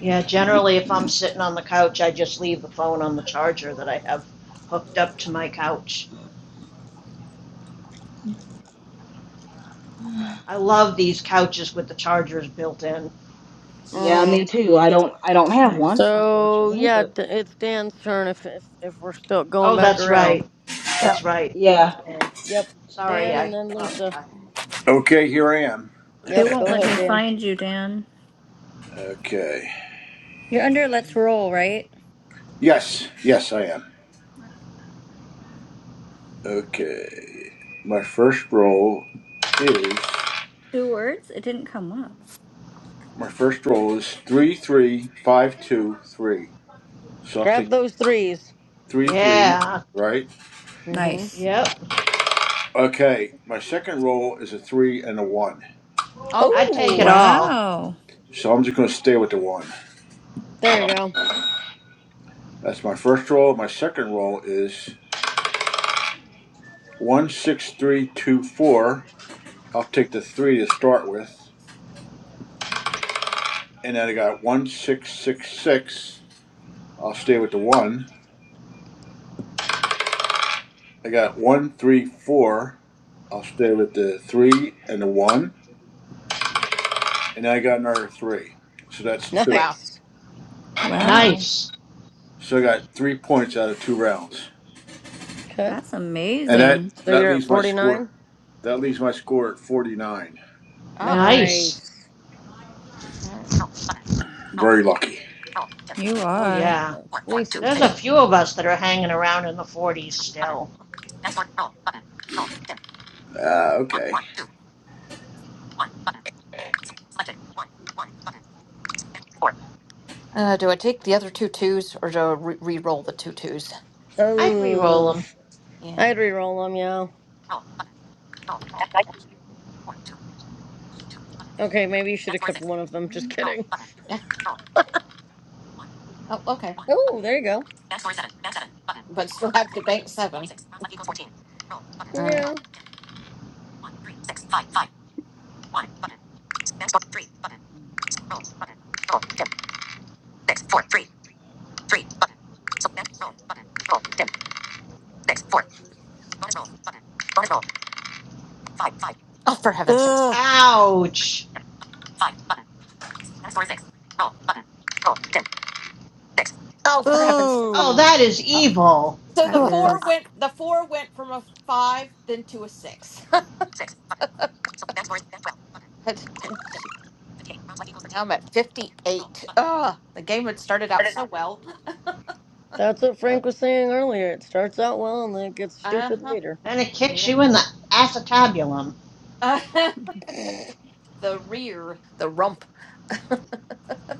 Speaker 11: Yeah, generally, if I'm sitting on the couch, I just leave the phone on the charger that I have hooked up to my couch. I love these couches with the chargers built in.
Speaker 8: yeah,
Speaker 12: hmm
Speaker 8: me too. I don't I don't have one,
Speaker 4: Nice.
Speaker 12: So,
Speaker 8: unfortunately,
Speaker 12: yeah,
Speaker 8: but
Speaker 12: d- it's Dan's turn if, if, if we're still going
Speaker 11: Oh,
Speaker 12: back
Speaker 11: that's
Speaker 12: around.
Speaker 11: right. That's right.
Speaker 8: yeah.
Speaker 12: So, yep.
Speaker 11: Sorry,
Speaker 12: Dan and
Speaker 11: I
Speaker 12: then
Speaker 11: lost
Speaker 12: Lisa.
Speaker 11: track.
Speaker 3: Okay, here I am.
Speaker 4: It
Speaker 12: Yep,
Speaker 4: won't
Speaker 12: go
Speaker 4: let
Speaker 12: ahead,
Speaker 4: me
Speaker 12: Dan.
Speaker 4: find you, Dan.
Speaker 3: Okay.
Speaker 4: You're under let's
Speaker 8: Mm.
Speaker 4: roll, right?
Speaker 3: Yes. Yes, I am.
Speaker 8: Okay.
Speaker 4: It's
Speaker 3: Okay. My first roll is.
Speaker 4: two words. It didn't come up.
Speaker 3: My first roll is three, three, five, two, three. So I'll
Speaker 12: Grab
Speaker 3: take
Speaker 12: those threes.
Speaker 3: three, three,
Speaker 11: Yeah,
Speaker 3: right?
Speaker 12: Mm hmm.
Speaker 4: Nice.
Speaker 11: Yep.
Speaker 3: Okay. My second roll is a three and a one.
Speaker 7: oh.
Speaker 11: I'd take it
Speaker 12: Oh,
Speaker 11: all.
Speaker 4: Wow.
Speaker 3: So I'm just going to stay with the one.
Speaker 12: there you go.
Speaker 3: That's my first roll. My second roll is one six three two four. I'll take the three to start with, and then I got one six six six. I'll stay with the one. I got one three four. I'll stay with the three and the one, and I got another three. So that's two.
Speaker 7: Wow.
Speaker 12: Nice.
Speaker 4: Wow.
Speaker 11: Nice.
Speaker 3: So I got three points out of two rounds,
Speaker 12: Okay.
Speaker 4: That's
Speaker 3: and that
Speaker 4: amazing.
Speaker 12: So
Speaker 3: that
Speaker 12: you're at
Speaker 3: leaves my score.
Speaker 12: 49?
Speaker 3: That leaves my score at forty nine.
Speaker 7: Ah,
Speaker 11: Nice.
Speaker 12: Nice.
Speaker 7: all right.
Speaker 3: Very lucky.
Speaker 4: You
Speaker 11: Oh,
Speaker 4: are.
Speaker 12: Okay,
Speaker 11: yeah.
Speaker 12: that's Lisa's
Speaker 11: There's a
Speaker 12: turn.
Speaker 11: few of us that are hanging around in the 40s still.
Speaker 3: Uh, okay.
Speaker 7: Uh, do I take the other two twos or do I re- re-roll the two twos?
Speaker 11: I'd re-roll
Speaker 12: Oh,
Speaker 11: them.
Speaker 7: Yeah.
Speaker 12: I'd re-roll them, yeah. Okay, maybe you should have kept one of them. Just
Speaker 8: Mm-hmm.
Speaker 12: kidding.
Speaker 7: Yeah. Oh, okay.
Speaker 12: Oh, there you go.
Speaker 7: But still have to bank seven. Uh,
Speaker 12: Yeah,
Speaker 7: oh, for heaven's sakes.
Speaker 15: Ugh.
Speaker 11: Ouch.
Speaker 7: Oh, for heaven's
Speaker 11: Oh,
Speaker 15: Ooh.
Speaker 11: that is evil.
Speaker 7: So the
Speaker 4: That
Speaker 7: four
Speaker 4: is.
Speaker 7: went. The four went from a five then to a six. sake. I'm at 58. Oh, the game had started out so well.
Speaker 12: that's what
Speaker 11: Yep.
Speaker 12: Frank was saying earlier. It starts out well and then it gets
Speaker 7: Uh
Speaker 12: stupid
Speaker 7: huh.
Speaker 12: later.
Speaker 11: And it kicks
Speaker 7: Yeah.
Speaker 11: you in the acetabulum.
Speaker 7: Uh-huh. The rear, the rump.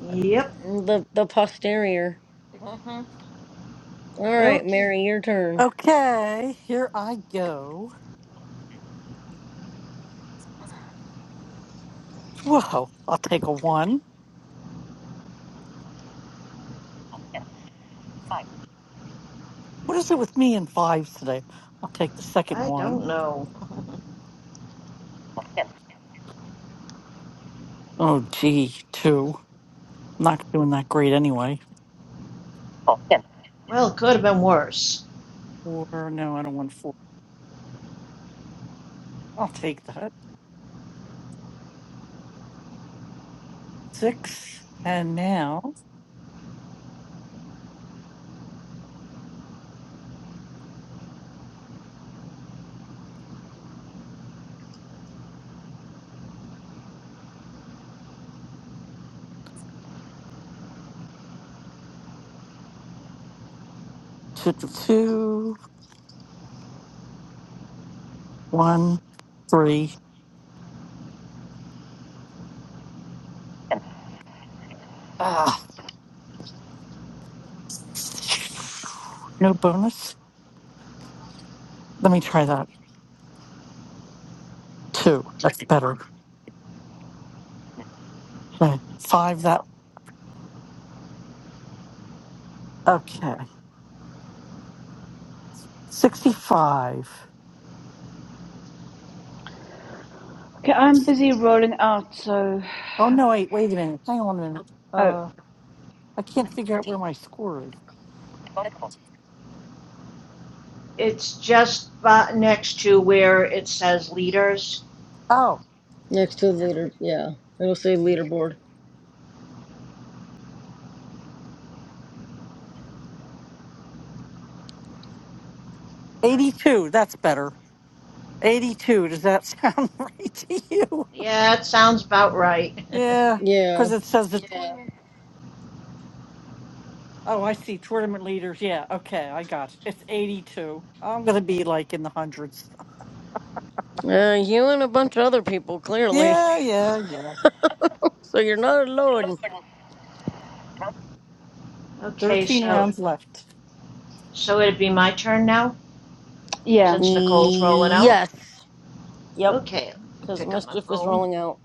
Speaker 11: Yep.
Speaker 12: The the posterior.
Speaker 7: hmm
Speaker 12: All right,
Speaker 11: Okay.
Speaker 12: Mary, your turn.
Speaker 15: Okay, here I go. Whoa, I'll take a one. What is it with me and fives today? I'll take the second
Speaker 11: I
Speaker 15: one.
Speaker 11: don't know.
Speaker 15: Ten. Oh, gee, two. I'm not doing that great anyway. Oh, ten.
Speaker 11: well, it could have been worse.
Speaker 15: Four. No, I don't want four. I'll take that. Six. And now, two, two, two, one, three. Ten. Ah, no bonus. Let me try that. Two. That's better. Okay. Five. That. Okay. Sixty-five.
Speaker 18: Okay, I'm busy rolling out, so.
Speaker 15: Oh no! Wait. Wait a minute. Hang on a minute.
Speaker 18: Oh,
Speaker 15: Uh, I can't figure out where my score is.
Speaker 11: It's just about next to where it says leaders.
Speaker 15: Oh,
Speaker 12: Next to the leader, yeah. It'll say leaderboard.
Speaker 15: eighty-two. That's better. 82. Does that sound right to you?
Speaker 11: Yeah, it sounds about right.
Speaker 15: Yeah,
Speaker 12: Yeah.
Speaker 15: because it says the. Yeah. Oh, I see. Tournament leaders. Yeah. Okay. I got it. It's 82. I'm going to be like in the hundreds.
Speaker 12: Uh, you and a bunch of other people, clearly.
Speaker 15: Yeah. Yeah. Yeah.
Speaker 12: So you're not alone.
Speaker 11: okay,
Speaker 15: 13
Speaker 11: so
Speaker 15: rounds left.
Speaker 11: so it'd be my turn now.
Speaker 18: yeah.
Speaker 11: since Nicole's rolling out.
Speaker 12: Yes. Yep.
Speaker 11: Okay,
Speaker 12: because
Speaker 11: pick up my
Speaker 12: mischief is
Speaker 11: phone.
Speaker 12: rolling out.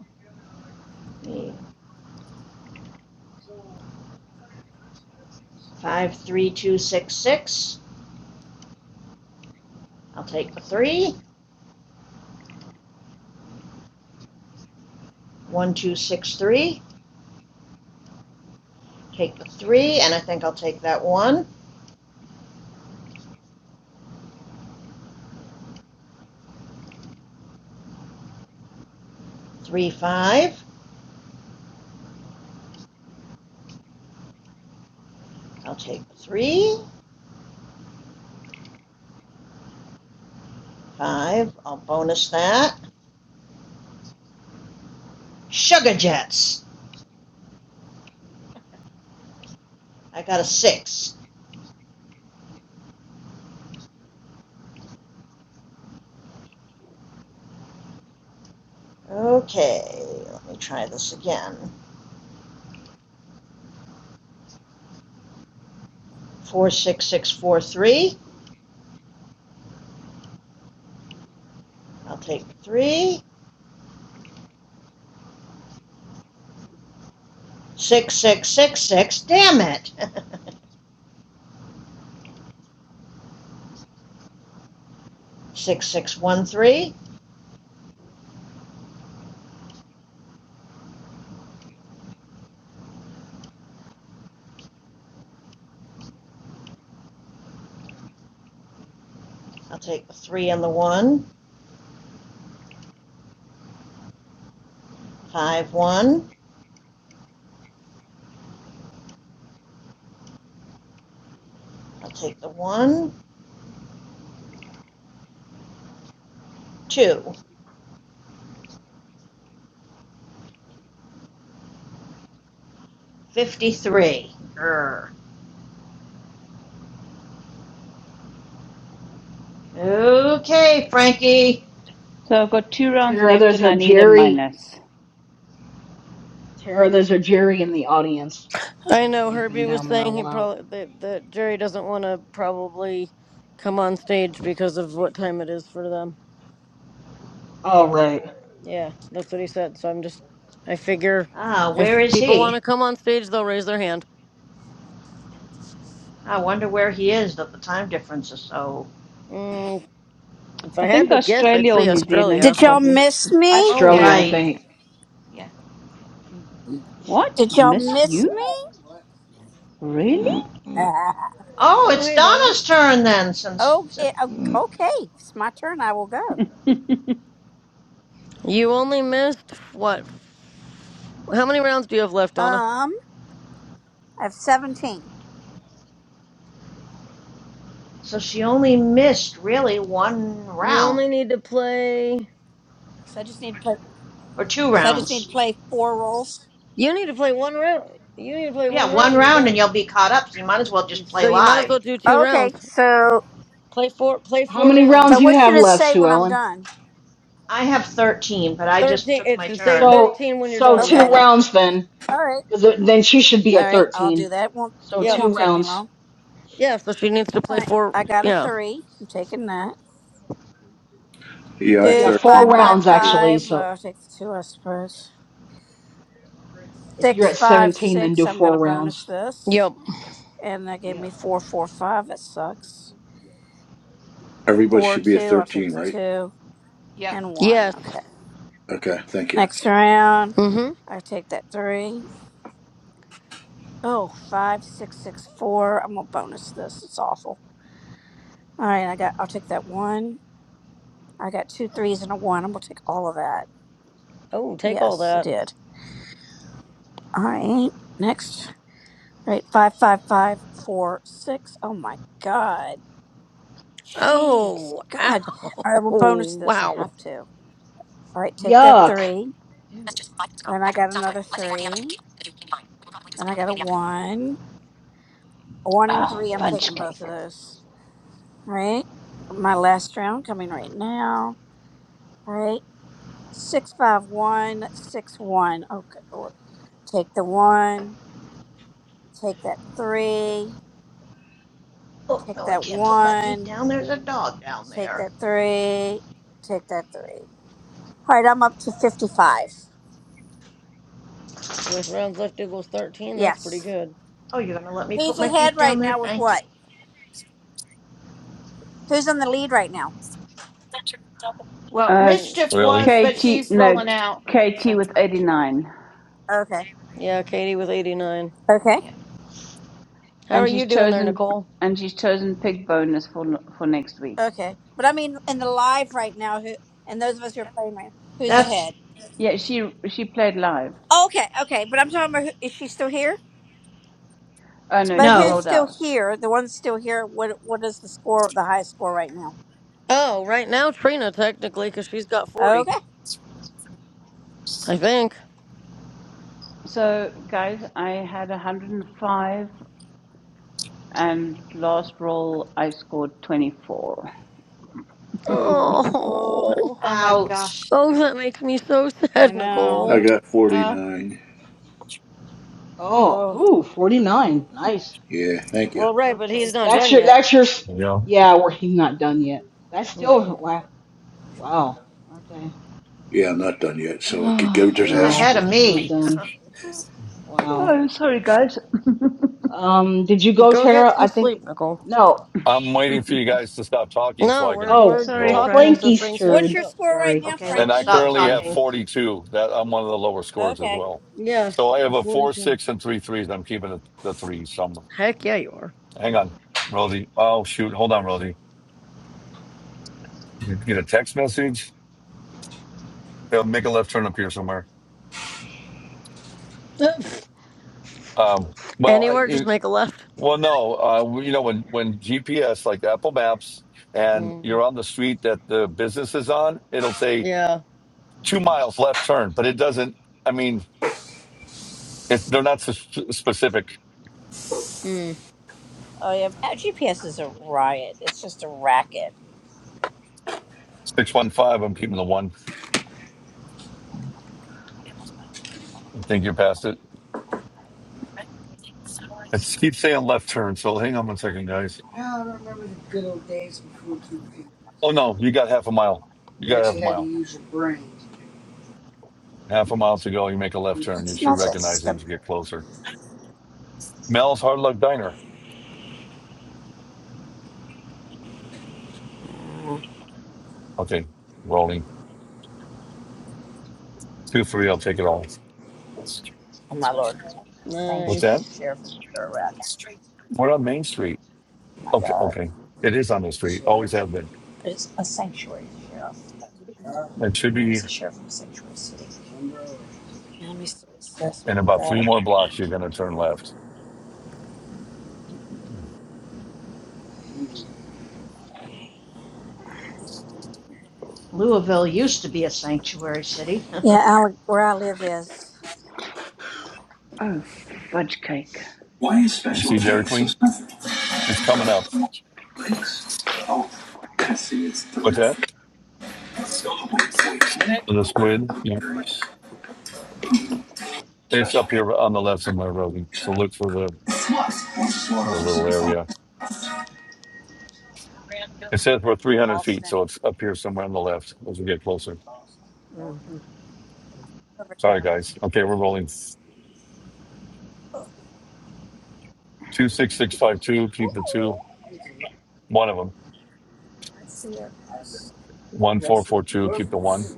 Speaker 11: Five, three, two, six, six. I'll take the three. One, two, six, three. Take the three, and I think I'll take that one. Three, five. I'll take the three. Five. I'll bonus that. Sugar Jets. I got a six. Okay, let me try this again. Four, six, six, four, three. I'll take the three. Six, six, six, six. Damn it. Six, six, one, three. I'll take the three and the one. Five, one. I'll take the one. Two. Fifty-three. Grr. Okay, Frankie.
Speaker 18: So I've got two rounds
Speaker 8: Tara,
Speaker 18: left
Speaker 8: there's
Speaker 18: and
Speaker 8: a
Speaker 18: I need a
Speaker 8: Jerry
Speaker 18: minus.
Speaker 8: Tara, there's a Jerry in the audience.
Speaker 12: I
Speaker 8: Um,
Speaker 12: know
Speaker 8: they've been
Speaker 12: Herbie was
Speaker 8: down there a
Speaker 12: saying he
Speaker 8: while.
Speaker 12: probably that, that Jerry doesn't want to probably come on stage because of what time it is for them.
Speaker 8: All right.
Speaker 12: Yeah, that's what he said. So I'm just, I figure
Speaker 11: Ah,
Speaker 12: if
Speaker 11: where is
Speaker 12: people want
Speaker 11: he?
Speaker 12: to come on stage, they'll raise their hand.
Speaker 11: I wonder where he is that the time difference is so.
Speaker 12: Mm, if I
Speaker 18: I
Speaker 12: had
Speaker 18: think
Speaker 12: to guess, I'd
Speaker 18: Australia or
Speaker 12: say
Speaker 18: New Zealand,
Speaker 12: Australia.
Speaker 9: Did y'all
Speaker 18: probably.
Speaker 9: miss
Speaker 7: I
Speaker 9: me?
Speaker 11: Oh,
Speaker 8: Australia,
Speaker 7: yeah
Speaker 8: I
Speaker 11: right.
Speaker 8: think.
Speaker 7: Yeah.
Speaker 18: What?
Speaker 9: Did y'all
Speaker 18: Miss
Speaker 9: miss
Speaker 18: you?
Speaker 9: me?
Speaker 18: Really?
Speaker 11: Oh,
Speaker 12: Oh,
Speaker 11: it's
Speaker 12: hey Donna.
Speaker 11: Donna's turn then,
Speaker 9: oh,
Speaker 11: since.
Speaker 9: eh, oh, okay. It's my turn. I will go.
Speaker 12: You only missed what? How many rounds do you have left, Donna?
Speaker 9: Um, I have seventeen.
Speaker 11: So she only missed really one
Speaker 12: You only
Speaker 11: round,
Speaker 12: need to play.
Speaker 9: So I just need to play.
Speaker 11: or two
Speaker 9: So I just need to
Speaker 11: rounds.
Speaker 9: play four rolls.
Speaker 12: You need to play one round. You need to play one
Speaker 11: Yeah, one
Speaker 12: round. You're
Speaker 11: round and
Speaker 12: done.
Speaker 11: you'll be caught up, so you might as well
Speaker 12: You-
Speaker 11: just
Speaker 12: So
Speaker 11: play
Speaker 12: you might as
Speaker 11: live.
Speaker 12: well do two
Speaker 9: Okay.
Speaker 12: rounds.
Speaker 9: So,
Speaker 12: Play four. Play
Speaker 8: How
Speaker 12: four
Speaker 8: many
Speaker 9: so
Speaker 8: rounds
Speaker 12: rounds.
Speaker 8: you
Speaker 9: what
Speaker 8: have
Speaker 9: should it
Speaker 8: left,
Speaker 9: say
Speaker 8: Sue
Speaker 9: when I'm
Speaker 8: Ellen?
Speaker 9: done?
Speaker 11: I have 13, but I just
Speaker 12: Thirteen.
Speaker 11: took
Speaker 12: It
Speaker 11: my
Speaker 12: should say
Speaker 11: turn.
Speaker 8: So,
Speaker 12: thirteen when you're
Speaker 8: so
Speaker 12: done,
Speaker 8: two
Speaker 9: Okay.
Speaker 12: Donna.
Speaker 8: rounds then,
Speaker 9: All right.
Speaker 8: because then she should be
Speaker 9: All
Speaker 8: at
Speaker 9: right. I'll
Speaker 8: 13.
Speaker 9: do that. It won't
Speaker 8: So
Speaker 9: It
Speaker 12: Yep.
Speaker 8: two
Speaker 9: won't take me
Speaker 8: rounds.
Speaker 9: long.
Speaker 12: Yeah. So she needs to
Speaker 9: All
Speaker 12: play
Speaker 9: right.
Speaker 12: four.
Speaker 9: I got a
Speaker 12: Yeah.
Speaker 9: three. I'm taking that.
Speaker 3: Yeah, I have
Speaker 8: Yeah,
Speaker 9: Two
Speaker 8: four
Speaker 9: five
Speaker 3: thirteen rounds.
Speaker 9: five
Speaker 8: rounds
Speaker 3: Too.
Speaker 8: actually.
Speaker 9: five. Uh,
Speaker 8: So
Speaker 9: I'll take the two, I suppose.
Speaker 8: if you're
Speaker 9: Six
Speaker 8: at
Speaker 9: five
Speaker 8: 17, then
Speaker 9: six.
Speaker 8: do
Speaker 9: I'm
Speaker 8: four
Speaker 9: gonna bonus
Speaker 8: rounds.
Speaker 9: this,
Speaker 12: Yep.
Speaker 9: and that gave
Speaker 8: Yeah.
Speaker 9: me four four five. That sucks.
Speaker 3: Everybody
Speaker 9: Four
Speaker 3: should be at
Speaker 9: two. I'll take
Speaker 3: thirteen,
Speaker 9: the
Speaker 3: right?
Speaker 9: two.
Speaker 7: Yep.
Speaker 9: and one.
Speaker 12: Yes.
Speaker 9: Okay.
Speaker 3: Okay. Thank you.
Speaker 9: Next round,
Speaker 12: Mm-hmm.
Speaker 9: I take that three. Oh, five, six, six, four. I'm gonna bonus this. It's awful. All right, I got. I'll take that one. I got two threes and a one. I'm gonna take all of that.
Speaker 12: Oh, take all
Speaker 9: Yes, I
Speaker 12: that.
Speaker 9: did. All right. Next. All right. Five, five, five, four, six. Oh my god. Jeez.
Speaker 12: Oh.
Speaker 9: God.
Speaker 12: Ow.
Speaker 9: All right. I'm gonna bonus this. I
Speaker 12: Wow.
Speaker 9: have to. All right. Take that
Speaker 8: Yuck.
Speaker 9: three.
Speaker 8: Ew.
Speaker 9: Then I got another three. Then I got a one. A one and
Speaker 18: Oh,
Speaker 9: three. I'm
Speaker 18: fudge
Speaker 9: taking both
Speaker 18: cake.
Speaker 9: of those. right? My last round coming right now, right? Six five one six one. Oh, good Lord. Take the one, take that three,
Speaker 11: Oh,
Speaker 9: take
Speaker 11: no, I
Speaker 9: that
Speaker 11: can't put my feet
Speaker 9: one,
Speaker 11: down. There's a dog down
Speaker 9: take
Speaker 11: there.
Speaker 9: that three, take that three. All right, I'm up to fifty five.
Speaker 12: With rounds left equals thirteen. That's pretty
Speaker 9: Yes.
Speaker 12: good.
Speaker 11: Oh, you're going to let me
Speaker 9: Who's
Speaker 11: put my feet
Speaker 9: ahead
Speaker 11: down
Speaker 9: right
Speaker 11: there?
Speaker 9: now with
Speaker 11: Thank you.
Speaker 9: what? Who's in the lead right now?
Speaker 7: Well,
Speaker 18: Uh,
Speaker 12: Mm.
Speaker 7: mischief
Speaker 17: Really?
Speaker 7: was, but
Speaker 18: Katie,
Speaker 7: she's
Speaker 18: no,
Speaker 7: rolling out.
Speaker 18: Katie
Speaker 7: So
Speaker 18: with 89.
Speaker 9: Okay.
Speaker 12: Yeah. Katie with eighty nine.
Speaker 9: Okay.
Speaker 7: yeah.
Speaker 12: How are
Speaker 18: And
Speaker 12: you
Speaker 18: she's
Speaker 12: doing there,
Speaker 18: chosen,
Speaker 12: Nicole?
Speaker 18: and she's chosen pig bonus for for next week.
Speaker 9: Okay. But I mean, in the live right now, who and those of us who are playing right, now, who's
Speaker 11: That's
Speaker 9: ahead?
Speaker 18: Yeah, she she played live.
Speaker 9: Okay. Okay. But I'm talking about who, is she still here?
Speaker 18: Oh no,
Speaker 9: But
Speaker 18: she's
Speaker 9: who's
Speaker 11: no.
Speaker 18: rolled
Speaker 9: still
Speaker 18: out.
Speaker 9: here? The one's still here. What what is the score? The highest score right now?
Speaker 12: Oh, right now Trina technically, because she's got forty,
Speaker 9: Okay.
Speaker 12: I think.
Speaker 18: So, guys, I had 105 and last roll I scored 24.
Speaker 7: Ooh.
Speaker 12: Oh.
Speaker 9: Oh,
Speaker 7: Oh my
Speaker 11: Ouch.
Speaker 7: gosh.
Speaker 12: Oh, that makes me so
Speaker 9: I
Speaker 12: sad,
Speaker 9: know.
Speaker 3: I
Speaker 12: Nicole.
Speaker 3: got
Speaker 7: Uh.
Speaker 3: 49.
Speaker 8: Oh,
Speaker 9: Oh,
Speaker 8: ooh, 49. Nice.
Speaker 3: Yeah, thank you.
Speaker 12: Well, right, but he's
Speaker 11: Okay.
Speaker 12: not
Speaker 8: That's
Speaker 12: done
Speaker 8: your.
Speaker 12: yet.
Speaker 8: That's your. s-
Speaker 17: Yeah.
Speaker 8: Yeah, well, he's not done yet. That's
Speaker 12: Yeah.
Speaker 8: still wow. Wow. Okay.
Speaker 3: Yeah, I'm not done yet, so I could go
Speaker 11: He's
Speaker 8: no,
Speaker 11: ahead
Speaker 3: disaster.
Speaker 11: of
Speaker 8: it's not
Speaker 11: me.
Speaker 8: done. Wow.
Speaker 18: Oh, sorry, guys.
Speaker 8: Um, did you go,
Speaker 12: Go get
Speaker 8: Tara?
Speaker 12: some
Speaker 8: I think
Speaker 12: sleep, Nicole.
Speaker 8: no.
Speaker 17: I'm waiting for you guys to stop talking so
Speaker 12: No,
Speaker 17: I
Speaker 12: we're
Speaker 17: can
Speaker 12: we're
Speaker 8: Oh, it's
Speaker 18: Sorry,
Speaker 17: roll.
Speaker 12: talking
Speaker 18: Frank.
Speaker 12: so
Speaker 8: Frankie's
Speaker 12: Frank can't
Speaker 9: what's
Speaker 8: turn.
Speaker 9: your
Speaker 12: go.
Speaker 9: score right
Speaker 8: Sorry.
Speaker 9: now,
Speaker 11: okay,
Speaker 17: And
Speaker 11: let's
Speaker 17: I
Speaker 9: Frankie?
Speaker 11: stop
Speaker 17: currently
Speaker 8: Okay.
Speaker 17: have
Speaker 11: talking.
Speaker 17: 42. That I'm one of the lower scores as
Speaker 9: Okay.
Speaker 17: well. So
Speaker 12: Yes,
Speaker 17: I have a four,
Speaker 12: 42.
Speaker 17: six, and three threes. I'm keeping the, the threes. So I'm,
Speaker 12: Heck yeah, you are.
Speaker 17: hang on, Rosie. Oh shoot, hold on, Rosie. You get a text message. It'll make a left turn up here somewhere. Um, well, I,
Speaker 12: Anywhere, just
Speaker 17: you-
Speaker 12: make a left.
Speaker 17: well, no. Uh, you know, when when GPS like Apple Maps and
Speaker 12: Mm,
Speaker 17: you're on the street that the business is on, it'll say
Speaker 12: yeah.
Speaker 17: two miles left turn, but it doesn't. I mean, if they're not so sp- specific.
Speaker 12: Mm,
Speaker 9: Oh yeah. Oh, GPS is a riot. It's just a racket.
Speaker 17: Six one five. I'm keeping the one. I think you're past it. I just keep saying left turn. So hang on one second, guys.
Speaker 9: Now I remember the good old days before
Speaker 17: Oh
Speaker 9: GPS.
Speaker 17: no, you got half a mile. You
Speaker 9: You
Speaker 17: got half a
Speaker 9: actually had to
Speaker 17: mile.
Speaker 9: use your brain.
Speaker 17: Half a mile to go. You make a left turn. You
Speaker 9: It's
Speaker 17: should
Speaker 9: not that
Speaker 17: recognize it as you
Speaker 9: simple.
Speaker 17: get closer. Mel's Hard Luck Diner.
Speaker 9: Mm.
Speaker 17: Okay, rolling two three. I'll take it all.
Speaker 9: Oh my lord.
Speaker 17: What's
Speaker 9: Sanctuary
Speaker 17: that?
Speaker 12: nice.
Speaker 9: sheriff is a racket.
Speaker 17: We're on Main Street.
Speaker 9: Oh my
Speaker 17: Okay,
Speaker 9: god.
Speaker 17: okay. It is on the street. Always
Speaker 9: Sheriff.
Speaker 17: have been.
Speaker 9: It's a sanctuary sheriff. Uh,
Speaker 17: It should
Speaker 9: You know,
Speaker 17: be
Speaker 9: he's a sheriff of a sanctuary city. County so assessed
Speaker 17: in
Speaker 9: with
Speaker 17: about three
Speaker 9: that.
Speaker 17: more blocks. You're going to turn left.
Speaker 11: Louisville used to be a sanctuary city.
Speaker 9: Yeah, Alec, where I live is
Speaker 18: Oh, fudge cake.
Speaker 17: You See Dairy Queen? It's coming up. What's that? The squid? Yeah. It's up here on the left somewhere, Rosie. So look for the, the little area. It says we're 300 feet,
Speaker 9: Boston.
Speaker 17: so it's up here somewhere on the left as we get closer.
Speaker 9: Mm-hmm. Over
Speaker 17: Sorry, guys.
Speaker 9: cannabis.
Speaker 17: Okay, we're rolling. 26652, keep
Speaker 9: Ooh,
Speaker 17: the two. One of them.
Speaker 9: I see it.
Speaker 17: 1442, keep the one.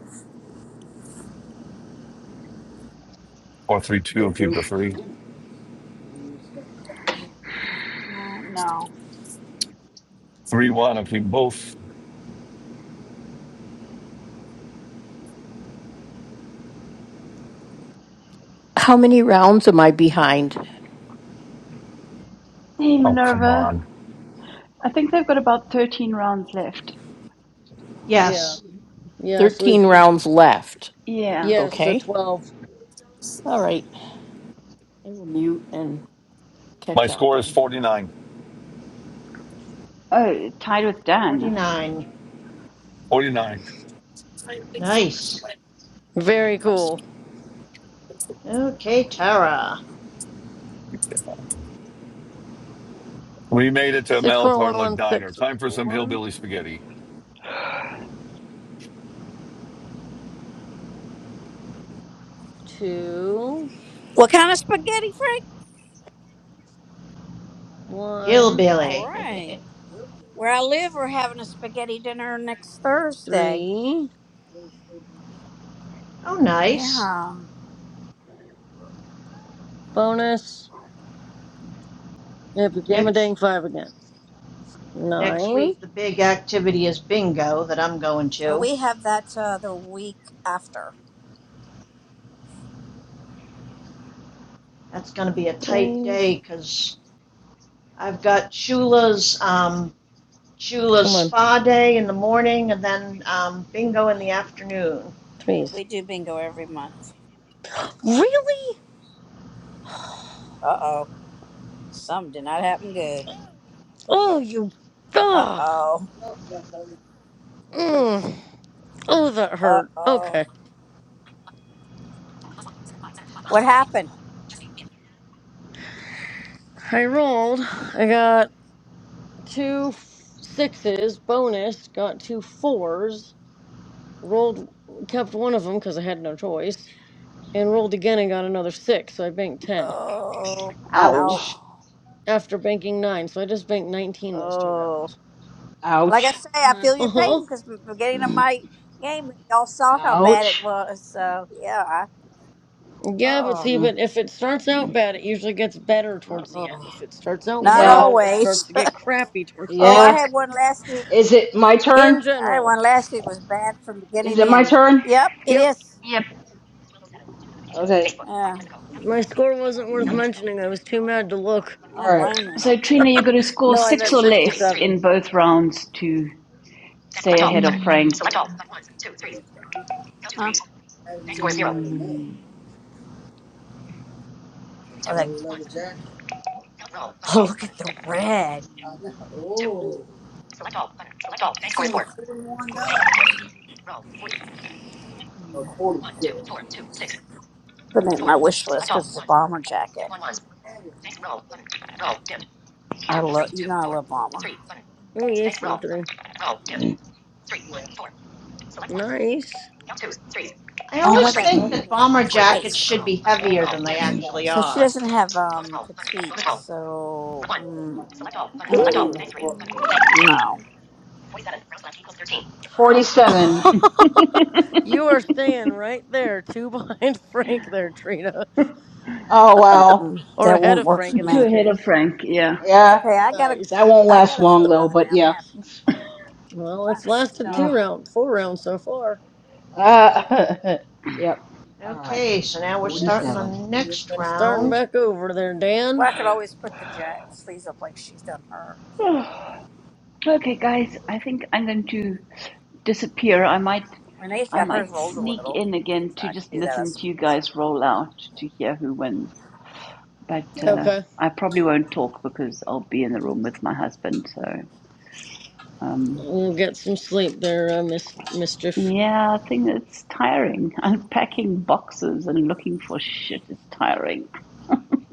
Speaker 17: 432, keep the three.
Speaker 9: Mm, No.
Speaker 17: 31, I'll keep both.
Speaker 5: How many rounds am I behind?
Speaker 18: Hey,
Speaker 17: Oh, come
Speaker 18: Minerva.
Speaker 17: on.
Speaker 18: I think they've got about 13 rounds left.
Speaker 12: Yeah.
Speaker 11: yes.
Speaker 12: Yeah, so we
Speaker 5: Thirteen rounds left.
Speaker 18: Yeah.
Speaker 12: yeah, so
Speaker 5: Okay.
Speaker 12: 12.
Speaker 5: All right. I will mute and
Speaker 17: My
Speaker 5: catch up
Speaker 17: score is
Speaker 5: then.
Speaker 17: 49.
Speaker 18: Oh, tied with Dan.
Speaker 11: 49.
Speaker 17: 49.
Speaker 11: Nice.
Speaker 12: Very cool.
Speaker 11: Okay, Tara.
Speaker 17: We made it to Mel Tarluck Diner.
Speaker 12: 64116.
Speaker 17: Time
Speaker 12: Okay, but One, six. So keep
Speaker 17: for
Speaker 12: a
Speaker 17: some
Speaker 12: one,
Speaker 17: hillbilly spaghetti.
Speaker 12: two,
Speaker 9: What kind of spaghetti, Frank?
Speaker 12: one,
Speaker 9: All
Speaker 11: Hillbilly.
Speaker 9: right. Where I live, we're having a spaghetti dinner next Thursday.
Speaker 12: three.
Speaker 11: oh, nice.
Speaker 9: Yeah.
Speaker 12: Bonus. It became a
Speaker 11: Next
Speaker 12: dang five again.
Speaker 11: next
Speaker 12: Nine.
Speaker 11: week the big activity is bingo that I'm going
Speaker 9: Uh,
Speaker 11: to.
Speaker 9: We have that uh, the week after.
Speaker 11: That's going to be a tight
Speaker 12: Threes.
Speaker 11: day cuz I've got Shula's um, Shula's
Speaker 12: Come on,
Speaker 11: spa day in the morning, and then um, bingo in the afternoon.
Speaker 9: Yeah,
Speaker 12: threes.
Speaker 9: we do bingo every month.
Speaker 12: Really?
Speaker 9: Uh oh. Some did not happen good.
Speaker 12: Oh, you.
Speaker 9: Uh
Speaker 12: Ah.
Speaker 9: oh.
Speaker 12: Mm. Oh, that
Speaker 9: Uh
Speaker 12: hurt.
Speaker 9: oh.
Speaker 12: Okay.
Speaker 9: What happened?
Speaker 12: I rolled. I got two f- sixes bonus, got two fours, rolled, kept one of them because I had no choice, and rolled again and got another six, so I banked 10.
Speaker 9: Oh. Ouch.
Speaker 11: Ouch!
Speaker 18: Ow.
Speaker 12: After banking nine, so I just banked 19 those two
Speaker 9: Oh.
Speaker 12: rounds.
Speaker 9: Like I
Speaker 8: Ouch.
Speaker 9: say, I
Speaker 7: mhm.
Speaker 9: feel your
Speaker 12: Uh
Speaker 9: pain
Speaker 12: huh.
Speaker 9: because from the beginning of
Speaker 8: Mm,
Speaker 9: my game, y'all saw how bad it
Speaker 8: Ouch.
Speaker 9: was. So yeah, I,
Speaker 12: Yeah, but
Speaker 9: oh,
Speaker 12: see,
Speaker 8: Mm.
Speaker 12: but if it starts out
Speaker 8: mm.
Speaker 12: bad, it usually gets better towards the end.
Speaker 9: oh.
Speaker 12: If it starts out
Speaker 9: not
Speaker 8: Yeah.
Speaker 12: well, it starts
Speaker 9: always.
Speaker 12: to get crappy towards
Speaker 9: oh,
Speaker 12: the
Speaker 9: I
Speaker 12: end.
Speaker 8: Yeah.
Speaker 9: had one last week.
Speaker 8: Is it my turn?
Speaker 12: In
Speaker 9: I had
Speaker 12: general.
Speaker 9: one last week was bad from
Speaker 8: Is
Speaker 9: beginning to
Speaker 8: it my
Speaker 9: end.
Speaker 8: turn?
Speaker 9: Yep, it
Speaker 12: Yep.
Speaker 9: is.
Speaker 18: Yep.
Speaker 8: Okay.
Speaker 9: Yeah,
Speaker 12: My score wasn't worth
Speaker 8: Mm.
Speaker 12: mentioning. I was too mad to look.
Speaker 9: I
Speaker 8: All
Speaker 9: don't
Speaker 8: right.
Speaker 9: blame you.
Speaker 18: So, Trina, you have got to score
Speaker 12: No, I
Speaker 18: six
Speaker 12: meant
Speaker 18: or less
Speaker 12: 67.
Speaker 18: in both rounds to
Speaker 8: select
Speaker 18: stay
Speaker 8: all
Speaker 18: ahead of
Speaker 8: button.
Speaker 18: Frank.
Speaker 8: Select all button. One, two, three.
Speaker 9: Huh? I
Speaker 8: Thanks
Speaker 9: was
Speaker 8: score zero.
Speaker 9: like, oh, look at the red. Put that in my wish list because it's a bomber jacket. I love you know I love mama.
Speaker 12: Oh, yay
Speaker 8: Thanks roll
Speaker 12: for the three.
Speaker 8: button. Roll dim.
Speaker 12: Nice.
Speaker 11: I
Speaker 8: Thanks
Speaker 9: Oh
Speaker 8: help one
Speaker 9: no,
Speaker 11: always
Speaker 8: three.
Speaker 9: that
Speaker 11: think
Speaker 9: red one
Speaker 11: that
Speaker 9: is
Speaker 11: bomber
Speaker 9: hot
Speaker 11: jackets
Speaker 9: spice.
Speaker 11: should
Speaker 8: Roll
Speaker 11: be
Speaker 8: button.
Speaker 11: heavier
Speaker 8: Roll
Speaker 11: than they
Speaker 8: dim.
Speaker 11: actually
Speaker 9: So she
Speaker 11: are.
Speaker 9: doesn't have um petite, so mm,
Speaker 12: Ooh.
Speaker 9: mm, no,
Speaker 8: Forty-seven.
Speaker 12: you are staying right there, two behind Frank there, Trina.
Speaker 8: Oh wow.
Speaker 9: Mm-mm.
Speaker 12: Or
Speaker 9: that
Speaker 12: ahead
Speaker 9: won't
Speaker 12: of
Speaker 9: work
Speaker 12: Frank
Speaker 9: for
Speaker 12: in
Speaker 18: Two
Speaker 12: this
Speaker 9: me.
Speaker 18: ahead of
Speaker 12: case.
Speaker 18: Frank, yeah.
Speaker 9: It's
Speaker 8: Yeah.
Speaker 9: okay, I got a
Speaker 8: That
Speaker 12: Nice.
Speaker 8: won't
Speaker 9: I
Speaker 8: last
Speaker 9: got a
Speaker 8: long
Speaker 9: faux
Speaker 8: though.
Speaker 9: leather
Speaker 8: But
Speaker 9: now. I'm
Speaker 8: yeah.
Speaker 9: happy. And
Speaker 12: Well, it's
Speaker 9: mine's
Speaker 12: lasted two
Speaker 8: Ugh.
Speaker 9: stunning.
Speaker 12: rounds, four rounds so far.
Speaker 8: Uh, yep. All right.
Speaker 11: Okay, so now we're starting the
Speaker 8: Forty-seven.
Speaker 11: next
Speaker 12: Starting
Speaker 9: Well,
Speaker 11: round.
Speaker 12: back over there, Dan.
Speaker 9: I could always put the ja sleeves up like she's done hers.
Speaker 18: Okay, guys, I think I'm going to disappear. I might,
Speaker 9: Renee's
Speaker 18: I
Speaker 9: got hers
Speaker 18: might
Speaker 9: rolled a
Speaker 18: sneak
Speaker 9: little,
Speaker 18: in again
Speaker 9: so
Speaker 18: to
Speaker 9: I could
Speaker 18: just
Speaker 9: do that, I
Speaker 18: listen to you
Speaker 9: suppose.
Speaker 18: guys roll out to hear who wins. But uh,
Speaker 12: Okay.
Speaker 18: I probably won't talk because I'll be in the room with my husband. So um,
Speaker 12: We'll get some sleep there, uh, Miss Mischief.
Speaker 18: yeah, I think it's tiring. Unpacking boxes and looking for shit is tiring.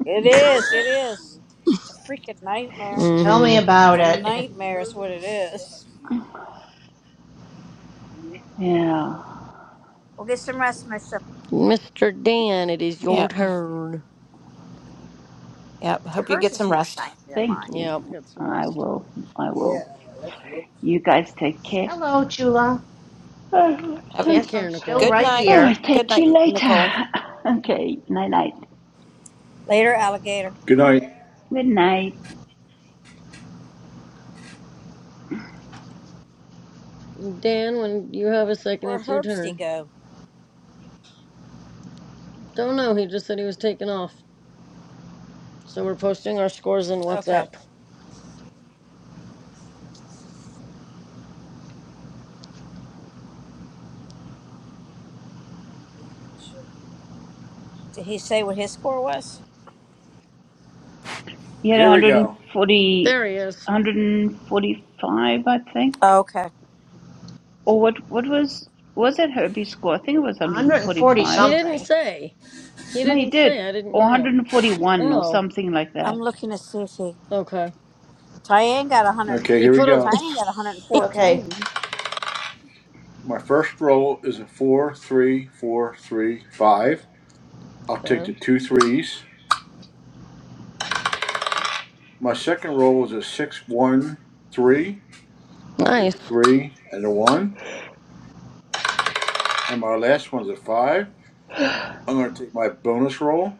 Speaker 9: It is. It is. It's a freaking nightmare.
Speaker 11: Tell me
Speaker 12: Mm-hmm.
Speaker 9: It's
Speaker 11: about
Speaker 9: a
Speaker 11: it.
Speaker 9: nightmare. Is what it is.
Speaker 18: Yeah,
Speaker 9: We'll get some rest, my stuff.
Speaker 12: Mr. Dan, it is your
Speaker 7: Yep.
Speaker 12: turn.
Speaker 7: Yep.
Speaker 9: See,
Speaker 7: Hope you
Speaker 9: hers
Speaker 7: get
Speaker 9: is
Speaker 7: some
Speaker 9: more
Speaker 7: rest.
Speaker 9: shiny than mine.
Speaker 18: thank you.
Speaker 12: Yeah, Get some
Speaker 18: I
Speaker 12: rest.
Speaker 18: will. I will. You guys take care.
Speaker 11: Hello, Chula.
Speaker 18: Oh,
Speaker 7: Uh,
Speaker 18: thank
Speaker 12: Take
Speaker 11: Yes,
Speaker 18: you.
Speaker 11: I'm
Speaker 12: care,
Speaker 11: still
Speaker 12: Nicole.
Speaker 7: Good
Speaker 11: right
Speaker 7: night.
Speaker 18: Oh,
Speaker 7: M-
Speaker 18: I'll
Speaker 11: here.
Speaker 18: talk
Speaker 7: Good
Speaker 18: to
Speaker 7: night,
Speaker 18: you
Speaker 7: M-
Speaker 18: later.
Speaker 7: Nicole.
Speaker 18: Okay, night night.
Speaker 9: Later, alligator.
Speaker 3: Good night.
Speaker 18: Good night.
Speaker 12: Dan, when you have a second,
Speaker 9: Where'd
Speaker 12: it's your
Speaker 9: Herbsty
Speaker 12: turn.
Speaker 9: go?
Speaker 12: Don't know. He just said he was taking off. So we're posting our scores in WhatsApp.
Speaker 9: Okay. Did he say what his score was?
Speaker 18: You had one
Speaker 3: Here we
Speaker 18: hundred and
Speaker 3: go.
Speaker 18: forty,
Speaker 12: There he is.
Speaker 18: 145, I think.
Speaker 9: Okay.
Speaker 18: Or what, what was, was that Herbie's score? I think it was
Speaker 11: 140
Speaker 12: He
Speaker 18: 145.
Speaker 12: didn't
Speaker 11: something.
Speaker 12: say. He
Speaker 18: No, you
Speaker 12: didn't
Speaker 18: did.
Speaker 12: say. I didn't
Speaker 18: Or
Speaker 12: hear him.
Speaker 18: 141 or
Speaker 12: Oh.
Speaker 18: something like
Speaker 9: I'm
Speaker 18: that.
Speaker 9: looking to see if he.
Speaker 12: Okay.
Speaker 9: Tyann got 100.
Speaker 3: Okay,
Speaker 12: He
Speaker 3: here we
Speaker 12: put a.
Speaker 3: go.
Speaker 9: Tyann got
Speaker 11: Okay,
Speaker 9: 114.
Speaker 3: My first roll is a four, three, four, three, five. I'll take the
Speaker 12: Okay.
Speaker 3: two threes. My second roll is a six, one, three. I'll take
Speaker 12: Nice.
Speaker 3: the three and the one. And my last one's a five. I'm going to take my bonus roll.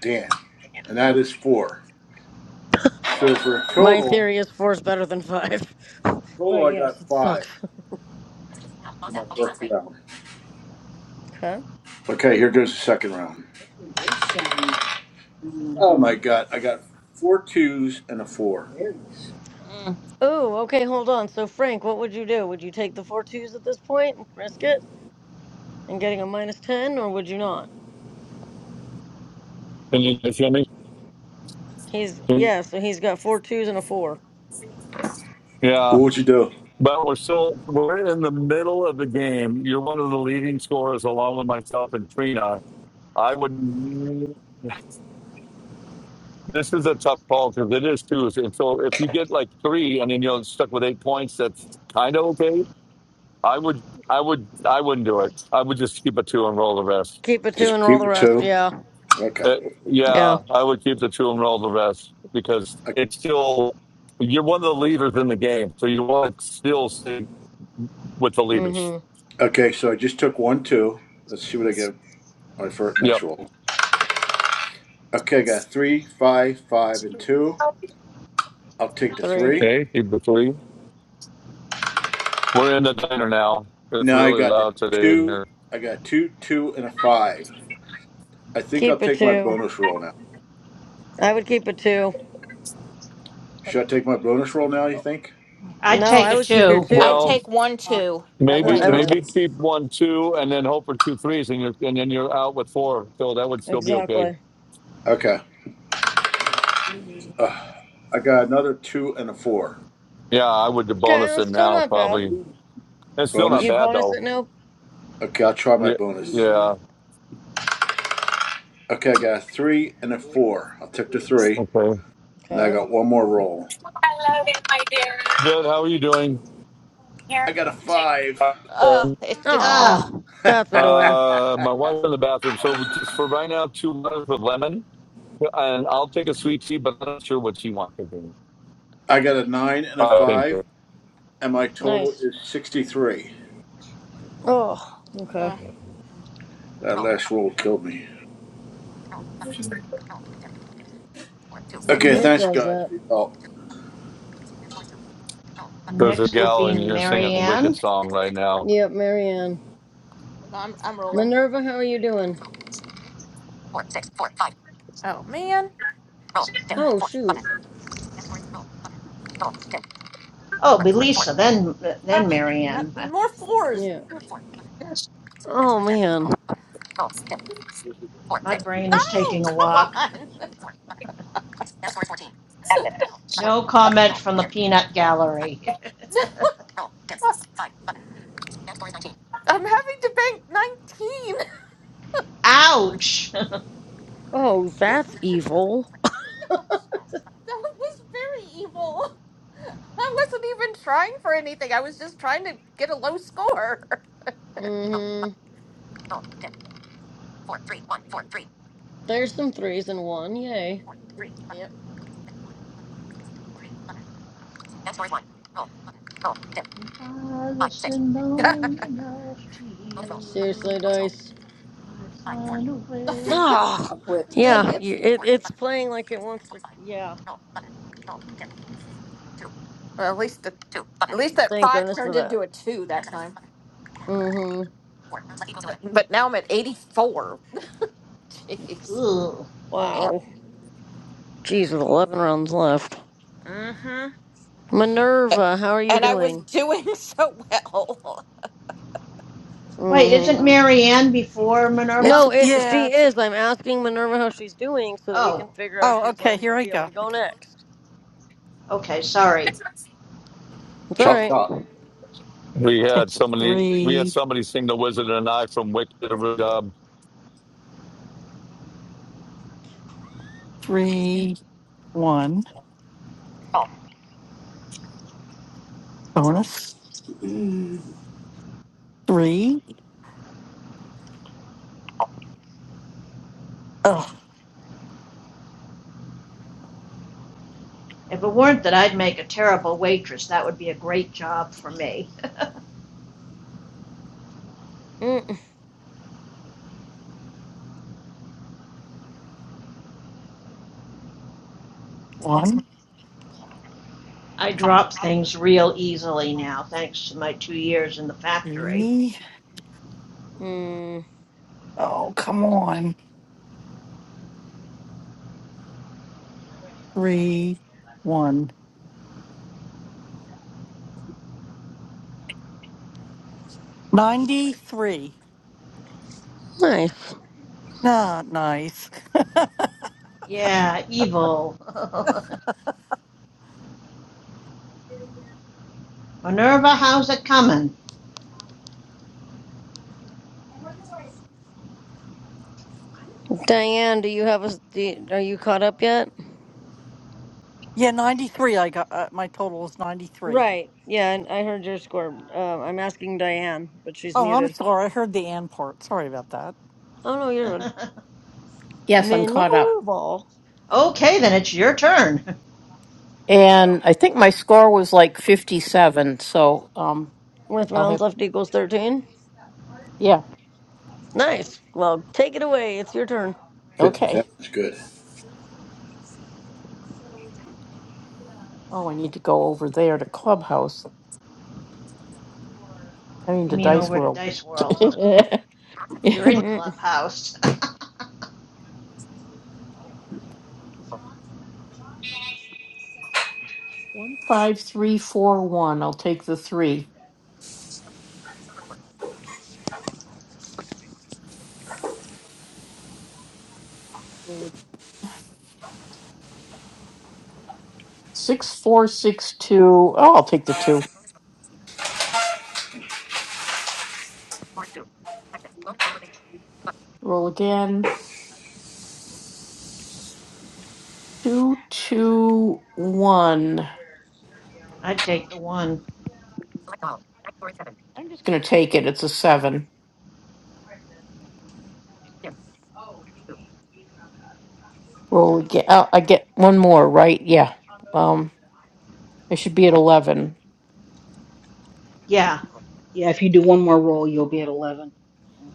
Speaker 3: Damn. And that is four. So for a
Speaker 12: My
Speaker 3: total,
Speaker 12: theory is four is better than five.
Speaker 3: total
Speaker 12: But
Speaker 3: I
Speaker 12: yes,
Speaker 3: got
Speaker 12: it sucks.
Speaker 3: five for my first round.
Speaker 12: Okay.
Speaker 3: Okay, here goes the second round.
Speaker 9: Let's
Speaker 3: Oh my god, I got four twos and a four.
Speaker 7: Mm.
Speaker 12: Oh, okay, hold on. So, Frank, what would you do? Would you take the four twos at this point and risk it and getting a minus 10, or would you not?
Speaker 17: Can you guys hear me?
Speaker 12: He's, yeah, so he's got four twos and a four.
Speaker 17: Yeah,
Speaker 3: What would you do?
Speaker 17: but we're still we're in the middle of the game. You're one of the leading scorers, along with myself and Trina. I would. This is a tough call because it is two. And so if you get like three, and then you're stuck with eight points, that's kind of okay. I would, I would, I wouldn't do it. I would just keep a two and roll the rest.
Speaker 12: Keep a two
Speaker 3: Just
Speaker 12: and roll
Speaker 3: keep
Speaker 12: the
Speaker 3: a
Speaker 12: rest.
Speaker 3: two.
Speaker 12: Yeah.
Speaker 3: Okay.
Speaker 17: Uh,
Speaker 12: Yeah.
Speaker 17: yeah, I would keep the two and roll the rest because it's still you're one of the leaders in the game, so you want to still stay with the
Speaker 12: Mm
Speaker 17: leaders.
Speaker 12: hmm.
Speaker 3: Okay, so I just took one two. Let's see what I get on my
Speaker 17: Yeah.
Speaker 3: next roll. Okay, I got three, five, five, and two. I'll take the
Speaker 12: Three.
Speaker 3: three.
Speaker 17: Hey, keep the three. We're in the diner now. It's
Speaker 3: Now I
Speaker 17: really
Speaker 3: got the
Speaker 17: loud today in
Speaker 3: two.
Speaker 17: here.
Speaker 3: I got two, two, and a five. I think I'll
Speaker 12: Keep a
Speaker 3: take my
Speaker 12: two.
Speaker 3: bonus roll now.
Speaker 12: I would keep a two.
Speaker 3: Should I take my bonus
Speaker 9: see
Speaker 3: roll
Speaker 9: what the
Speaker 3: now? You
Speaker 9: goal.
Speaker 3: think?
Speaker 11: I'd
Speaker 12: No,
Speaker 11: take
Speaker 12: I
Speaker 11: a
Speaker 12: would keep your
Speaker 11: two.
Speaker 7: I'd
Speaker 17: Well,
Speaker 12: two.
Speaker 7: take one
Speaker 9: Uh,
Speaker 7: two.
Speaker 9: now
Speaker 7: I'd
Speaker 9: that
Speaker 3: One,
Speaker 9: I
Speaker 17: maybe
Speaker 7: take.
Speaker 12: I
Speaker 9: know
Speaker 12: would.
Speaker 3: two.
Speaker 17: maybe
Speaker 9: this.
Speaker 17: keep one two and then hope for two threes and you're and then you're out with four. So that would still be okay.
Speaker 12: Exactly.
Speaker 3: Okay. Ugh. I got another two and a four.
Speaker 17: Yeah, I would
Speaker 12: Okay,
Speaker 17: bonus
Speaker 12: that's
Speaker 17: it
Speaker 12: still
Speaker 17: now
Speaker 12: not bad.
Speaker 17: probably. It's still not
Speaker 3: Bonus.
Speaker 12: You'd
Speaker 17: bad
Speaker 12: bonus it?
Speaker 17: though.
Speaker 12: Nope.
Speaker 3: Okay, I'll try my
Speaker 17: Yeah,
Speaker 3: bonus.
Speaker 17: yeah.
Speaker 9: up
Speaker 3: Okay, I got a three and a four. I'll take the three.
Speaker 17: Okay.
Speaker 3: Now I
Speaker 12: Okay.
Speaker 3: got one more roll.
Speaker 17: Good. How are you doing?
Speaker 3: I got a five.
Speaker 7: Oh,
Speaker 17: Uh,
Speaker 7: it did.
Speaker 11: Ah,
Speaker 12: Oh,
Speaker 3: I
Speaker 12: that's
Speaker 7: Uh,
Speaker 12: annoying.
Speaker 17: my wife's in the bathroom. So just for right now, two waters of lemon, and I'll take a sweet tea, but I'm not sure what she wants to drink.
Speaker 3: got a nine and a
Speaker 17: Uh, thank you.
Speaker 3: five, and my total
Speaker 12: Nice.
Speaker 3: is 63.
Speaker 12: Oh, okay.
Speaker 7: uh,
Speaker 3: That last roll killed me. Okay,
Speaker 11: yep.
Speaker 12: It
Speaker 3: thanks,
Speaker 12: does
Speaker 3: guys,
Speaker 12: that.
Speaker 3: for your help.
Speaker 17: There's a
Speaker 11: Next would
Speaker 17: gal
Speaker 11: be
Speaker 17: in here singing a
Speaker 11: Marianne.
Speaker 17: Wicked song right now.
Speaker 12: Yep, Marianne.
Speaker 7: no, I'm I'm rolling.
Speaker 12: Minerva, how are you doing?
Speaker 7: Oh man. Roll dim
Speaker 12: Oh,
Speaker 7: four
Speaker 12: shoot.
Speaker 7: button.
Speaker 11: Oh, Belisa, then then
Speaker 7: Ah, not
Speaker 11: Marianne. My,
Speaker 7: more fours.
Speaker 12: Yeah. Oh man.
Speaker 11: my brain is
Speaker 7: Oh
Speaker 11: taking a
Speaker 7: come
Speaker 11: walk.
Speaker 7: on.
Speaker 11: No comment from the peanut gallery.
Speaker 7: Roll dim. I'm having to bank nineteen.
Speaker 11: Ouch! if
Speaker 12: Oh, that's evil.
Speaker 7: That was very evil. I wasn't even trying for anything. I was just trying to get a low score.
Speaker 12: Mm-hmm. There's some threes and one. Yay.
Speaker 11: I listen long enough to you,
Speaker 12: Seriously, Dice.
Speaker 11: I'd find a way.
Speaker 12: Oh,
Speaker 9: with that,
Speaker 12: yeah.
Speaker 9: but
Speaker 7: Jeez.
Speaker 12: y- It, it's playing like it wants to. Yeah.
Speaker 7: Well, at least the, at least that
Speaker 12: Thank
Speaker 7: five
Speaker 12: goodness for
Speaker 7: turned
Speaker 12: that.
Speaker 7: into a two that time.
Speaker 12: Mm-hmm.
Speaker 7: But now I'm at eighty four. Jeez.
Speaker 11: Ooh.
Speaker 7: Yep.
Speaker 12: Wow. Jeez, with 11 rounds left.
Speaker 7: Mm-hmm.
Speaker 12: Minerva, how are you
Speaker 7: And I was
Speaker 12: doing?
Speaker 7: doing so well.
Speaker 11: Wait,
Speaker 12: mm
Speaker 11: isn't
Speaker 12: hmm
Speaker 11: Marianne before Minerva?
Speaker 15: It's,
Speaker 12: No, it.
Speaker 15: yeah.
Speaker 12: She
Speaker 15: It's,
Speaker 12: is. I'm asking Minerva how she's doing so that we
Speaker 11: Oh,
Speaker 12: can figure out if
Speaker 15: oh,
Speaker 12: she's going
Speaker 15: okay.
Speaker 12: to
Speaker 15: Here I
Speaker 12: be able
Speaker 15: go.
Speaker 12: to go
Speaker 15: Okay.
Speaker 12: next.
Speaker 11: okay, sorry.
Speaker 12: It's all
Speaker 3: Chop,
Speaker 12: right.
Speaker 3: chop.
Speaker 17: We had
Speaker 15: Take the
Speaker 17: somebody, we had
Speaker 15: three,
Speaker 17: somebody sing "The Wizard and I" from Wicked. Um,
Speaker 15: three, one. Bonus. Three. Oh,
Speaker 11: If it weren't that I'd make a terrible waitress, that would be a great job for me.
Speaker 15: one,
Speaker 11: I drop things real easily now, thanks to my two years in the factory.
Speaker 15: three.
Speaker 12: Mm,
Speaker 15: Oh, come on. Three, one. 93.
Speaker 12: nice.
Speaker 15: Nah, nice.
Speaker 11: Yeah, evil. Minerva, how's it coming?
Speaker 12: Diane, do you have a? Do you- are you caught up yet?
Speaker 15: Yeah, 93. I got uh, my total is 93.
Speaker 12: Right. Yeah, I I heard your score. Uh, I'm asking Diane, but she's
Speaker 15: Oh, I'm
Speaker 12: muted.
Speaker 15: sorry. I heard the and part. Sorry about that.
Speaker 12: Oh no, you're good.
Speaker 5: Yes, I'm caught up.
Speaker 12: Minerva
Speaker 11: okay, then it's your turn.
Speaker 5: And I think my score was like 57. So um,
Speaker 12: with
Speaker 5: I'll
Speaker 12: rounds
Speaker 5: have,
Speaker 12: left equals thirteen.
Speaker 5: yeah,
Speaker 12: Nice. Well, take it away. It's your turn.
Speaker 3: 50
Speaker 5: okay.
Speaker 3: cents is good.
Speaker 5: Oh, I need to go over there to Clubhouse. I mean,
Speaker 11: You
Speaker 5: to
Speaker 11: mean
Speaker 5: Dice
Speaker 11: over to
Speaker 5: World.
Speaker 11: Dice World? You're
Speaker 5: 5341.
Speaker 11: in
Speaker 12: Mm,
Speaker 11: Clubhouse.
Speaker 5: I'll take the three. 6462. Oh, I'll take the two. Roll again. 221.
Speaker 11: I'd take the one.
Speaker 5: gonna take it. It's a seven. Roll again. Oh, I get one more, right? Yeah. Um, I should be at eleven.
Speaker 11: Yeah,
Speaker 8: Yeah. If you do one more roll, you'll be at eleven.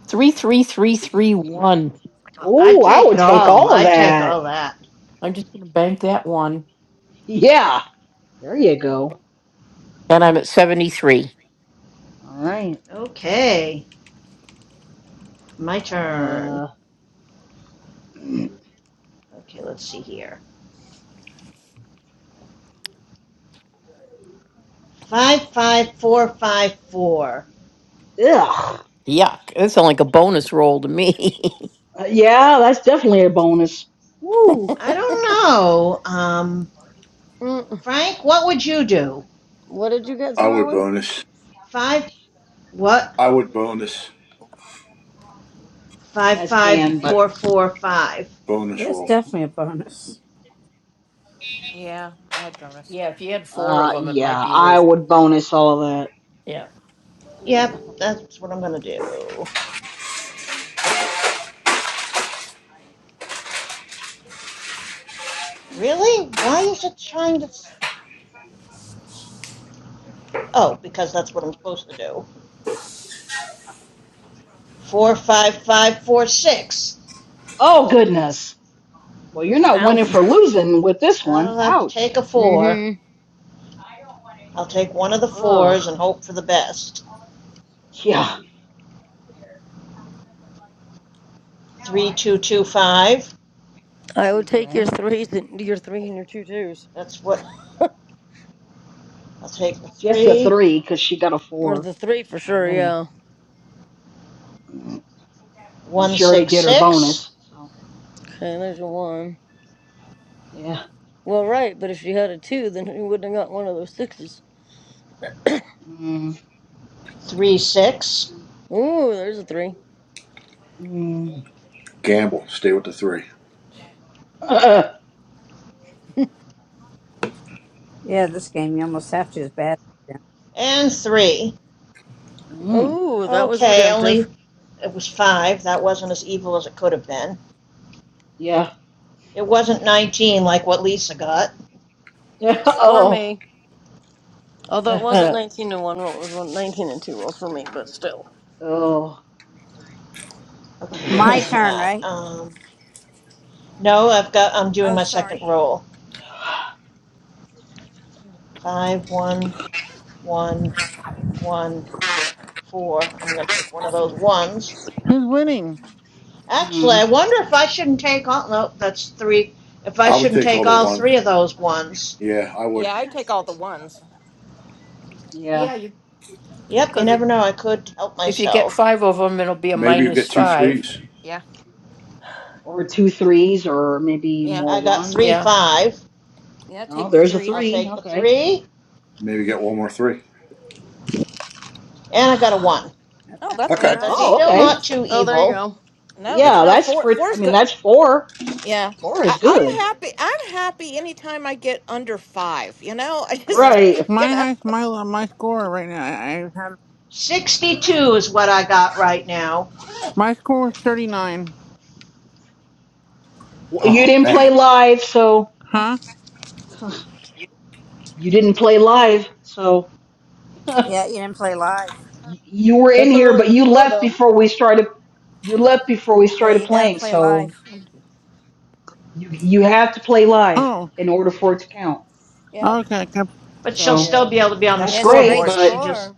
Speaker 5: Three, three, three, three, one.
Speaker 11: I'd
Speaker 8: Oh, I
Speaker 11: take
Speaker 8: would
Speaker 11: it
Speaker 8: take
Speaker 11: all.
Speaker 8: all of
Speaker 11: I'd take
Speaker 8: that.
Speaker 11: all that.
Speaker 5: I'm just gonna bank that one,
Speaker 8: Yeah, there you go.
Speaker 5: and I'm at seventy-three.
Speaker 8: All right.
Speaker 11: Okay, my turn.
Speaker 8: Uh, ugh.
Speaker 11: Okay, let's see here. 55454.
Speaker 8: Uh,
Speaker 5: Yuck! That's sounds like a bonus roll to me.
Speaker 8: Yeah, that's definitely a bonus. Woo.
Speaker 11: I don't know. Um,
Speaker 12: mm.
Speaker 11: Frank, what would you do?
Speaker 12: What did you get,
Speaker 3: I
Speaker 12: Sue
Speaker 3: would
Speaker 12: Ellen?
Speaker 3: bonus.
Speaker 11: Five, what?
Speaker 3: I would bonus.
Speaker 11: Five,
Speaker 8: That's
Speaker 11: five,
Speaker 8: Dan, but
Speaker 11: four, four, five.
Speaker 9: yeah,
Speaker 3: Bonus
Speaker 9: it's
Speaker 3: roll.
Speaker 9: definitely a bonus.
Speaker 7: Yeah, I had bonus.
Speaker 5: yeah, if you had four of
Speaker 8: uh,
Speaker 5: them, it might
Speaker 8: yeah,
Speaker 5: be
Speaker 8: I
Speaker 5: worth.
Speaker 8: would bonus all of that.
Speaker 5: Yeah.
Speaker 11: Yep, that's what I'm gonna do. Really? Why is it trying to? Oh, because that's what I'm supposed to do. Four, five, five, four, six.
Speaker 8: Oh goodness. Well, you're not
Speaker 12: Ow.
Speaker 8: winning for losing with this one.
Speaker 11: I'll have to take
Speaker 8: Ouch.
Speaker 11: a four.
Speaker 12: Mm-hmm.
Speaker 11: I'll take one of the
Speaker 8: Ugh.
Speaker 11: fours and hope for the best.
Speaker 8: Yeah.
Speaker 11: Three, two, two, five.
Speaker 12: I would take
Speaker 8: Okay.
Speaker 12: your threes and your three and your two twos,
Speaker 11: That's what I'll take the
Speaker 8: Just a
Speaker 11: three.
Speaker 8: three because she got a
Speaker 12: or
Speaker 8: four
Speaker 12: the three for sure.
Speaker 8: already,
Speaker 12: Yeah.
Speaker 8: and
Speaker 11: One,
Speaker 8: she already
Speaker 11: six,
Speaker 8: did her
Speaker 11: six.
Speaker 8: bonus. So
Speaker 12: Okay, there's a one.
Speaker 8: yeah.
Speaker 12: Well, right, but if she had a two, then he wouldn't have got one of those sixes.
Speaker 8: Mm.
Speaker 11: Three, six,
Speaker 12: Ooh, there's a three.
Speaker 8: Mm.
Speaker 3: Gamble. Stay with the three.
Speaker 9: Yeah, this game you almost have to is bad. Yeah.
Speaker 11: and three.
Speaker 8: mm.
Speaker 12: Ooh, that was
Speaker 11: Okay, only
Speaker 12: redemptive.
Speaker 11: it was five. That wasn't as evil as it could have been.
Speaker 8: Yeah.
Speaker 11: It wasn't 19 like what Lisa got.
Speaker 12: For
Speaker 8: oh.
Speaker 12: me. Although it wasn't 19 to 1 roll, it was one nineteen and 2 rolls for me, but still.
Speaker 8: oh.
Speaker 11: Okay, what
Speaker 9: My
Speaker 11: was
Speaker 9: turn,
Speaker 11: that?
Speaker 9: right?
Speaker 11: Um, no, I've got. I'm doing
Speaker 9: Oh,
Speaker 11: my second
Speaker 9: sorry,
Speaker 11: roll. Five, one, one, one, four. I'm going to take one of those ones.
Speaker 6: Who's winning?
Speaker 11: Actually, I
Speaker 8: mm.
Speaker 11: wonder if I shouldn't take all. No, that's three. If I
Speaker 3: I would
Speaker 11: shouldn't
Speaker 3: take all
Speaker 11: take
Speaker 3: the
Speaker 11: all three
Speaker 3: ones.
Speaker 11: of those ones.
Speaker 3: Yeah, I would.
Speaker 7: Yeah, I take all the ones.
Speaker 8: Yeah.
Speaker 11: Yep, you never know. I could help
Speaker 5: If you get
Speaker 11: myself.
Speaker 5: five of them, it'll be a
Speaker 3: Maybe you
Speaker 5: minus
Speaker 3: get two
Speaker 5: five.
Speaker 3: threes.
Speaker 7: Yeah.
Speaker 8: Or two threes, or maybe
Speaker 7: Yeah.
Speaker 8: more
Speaker 11: I got three,
Speaker 8: ones.
Speaker 5: Yeah.
Speaker 11: five.
Speaker 7: Yeah,
Speaker 8: Oh,
Speaker 7: take the
Speaker 8: there's a
Speaker 7: three.
Speaker 11: I'll
Speaker 8: three.
Speaker 11: take the
Speaker 8: Okay.
Speaker 11: three,
Speaker 3: Maybe get one more three.
Speaker 11: and I got a one.
Speaker 9: that's
Speaker 7: Oh,
Speaker 9: not
Speaker 7: that's
Speaker 3: Okay.
Speaker 9: bad
Speaker 11: But
Speaker 7: good.
Speaker 11: that's
Speaker 9: either.
Speaker 8: Oh,
Speaker 7: See?
Speaker 11: still
Speaker 8: okay.
Speaker 11: not
Speaker 7: yes.
Speaker 11: too
Speaker 12: Oh, there you
Speaker 11: evil.
Speaker 12: go.
Speaker 7: No,
Speaker 3: That's
Speaker 8: Yeah,
Speaker 7: no,
Speaker 8: that's
Speaker 7: four
Speaker 8: pretty. I
Speaker 7: four's
Speaker 8: mean,
Speaker 7: good.
Speaker 8: that's four.
Speaker 7: Yeah.
Speaker 8: Four is
Speaker 7: I,
Speaker 8: good.
Speaker 7: I'm happy. I'm happy anytime I get under five, you know? I
Speaker 9: Yeah,
Speaker 7: just
Speaker 8: Right.
Speaker 7: you
Speaker 6: My
Speaker 7: know.
Speaker 6: high, my low- my score right now. I, I had
Speaker 11: 62 is what I got right now.
Speaker 6: my score was 39.
Speaker 8: Well, you
Speaker 3: oh
Speaker 8: didn't play
Speaker 3: man,
Speaker 8: live, so
Speaker 6: Huh?
Speaker 8: you didn't play live, so y-
Speaker 9: yeah, you didn't play live.
Speaker 8: you were in
Speaker 12: That's a
Speaker 8: here,
Speaker 12: really
Speaker 8: but
Speaker 12: good
Speaker 8: you
Speaker 12: score,
Speaker 8: left
Speaker 12: though.
Speaker 8: before we started. You left before we
Speaker 9: Yeah,
Speaker 8: started
Speaker 9: you got to
Speaker 8: playing,
Speaker 9: play
Speaker 8: so
Speaker 9: live.
Speaker 8: You you have to play live
Speaker 6: Oh,
Speaker 8: in order for it to count.
Speaker 9: Yep,
Speaker 6: okay. okay.
Speaker 11: But she'll
Speaker 8: So
Speaker 11: still
Speaker 12: Yeah,
Speaker 11: be able to be on the
Speaker 8: that's
Speaker 9: yeah, it's a
Speaker 8: great,
Speaker 9: great
Speaker 11: scoreboard. She
Speaker 8: but
Speaker 11: just.
Speaker 9: score.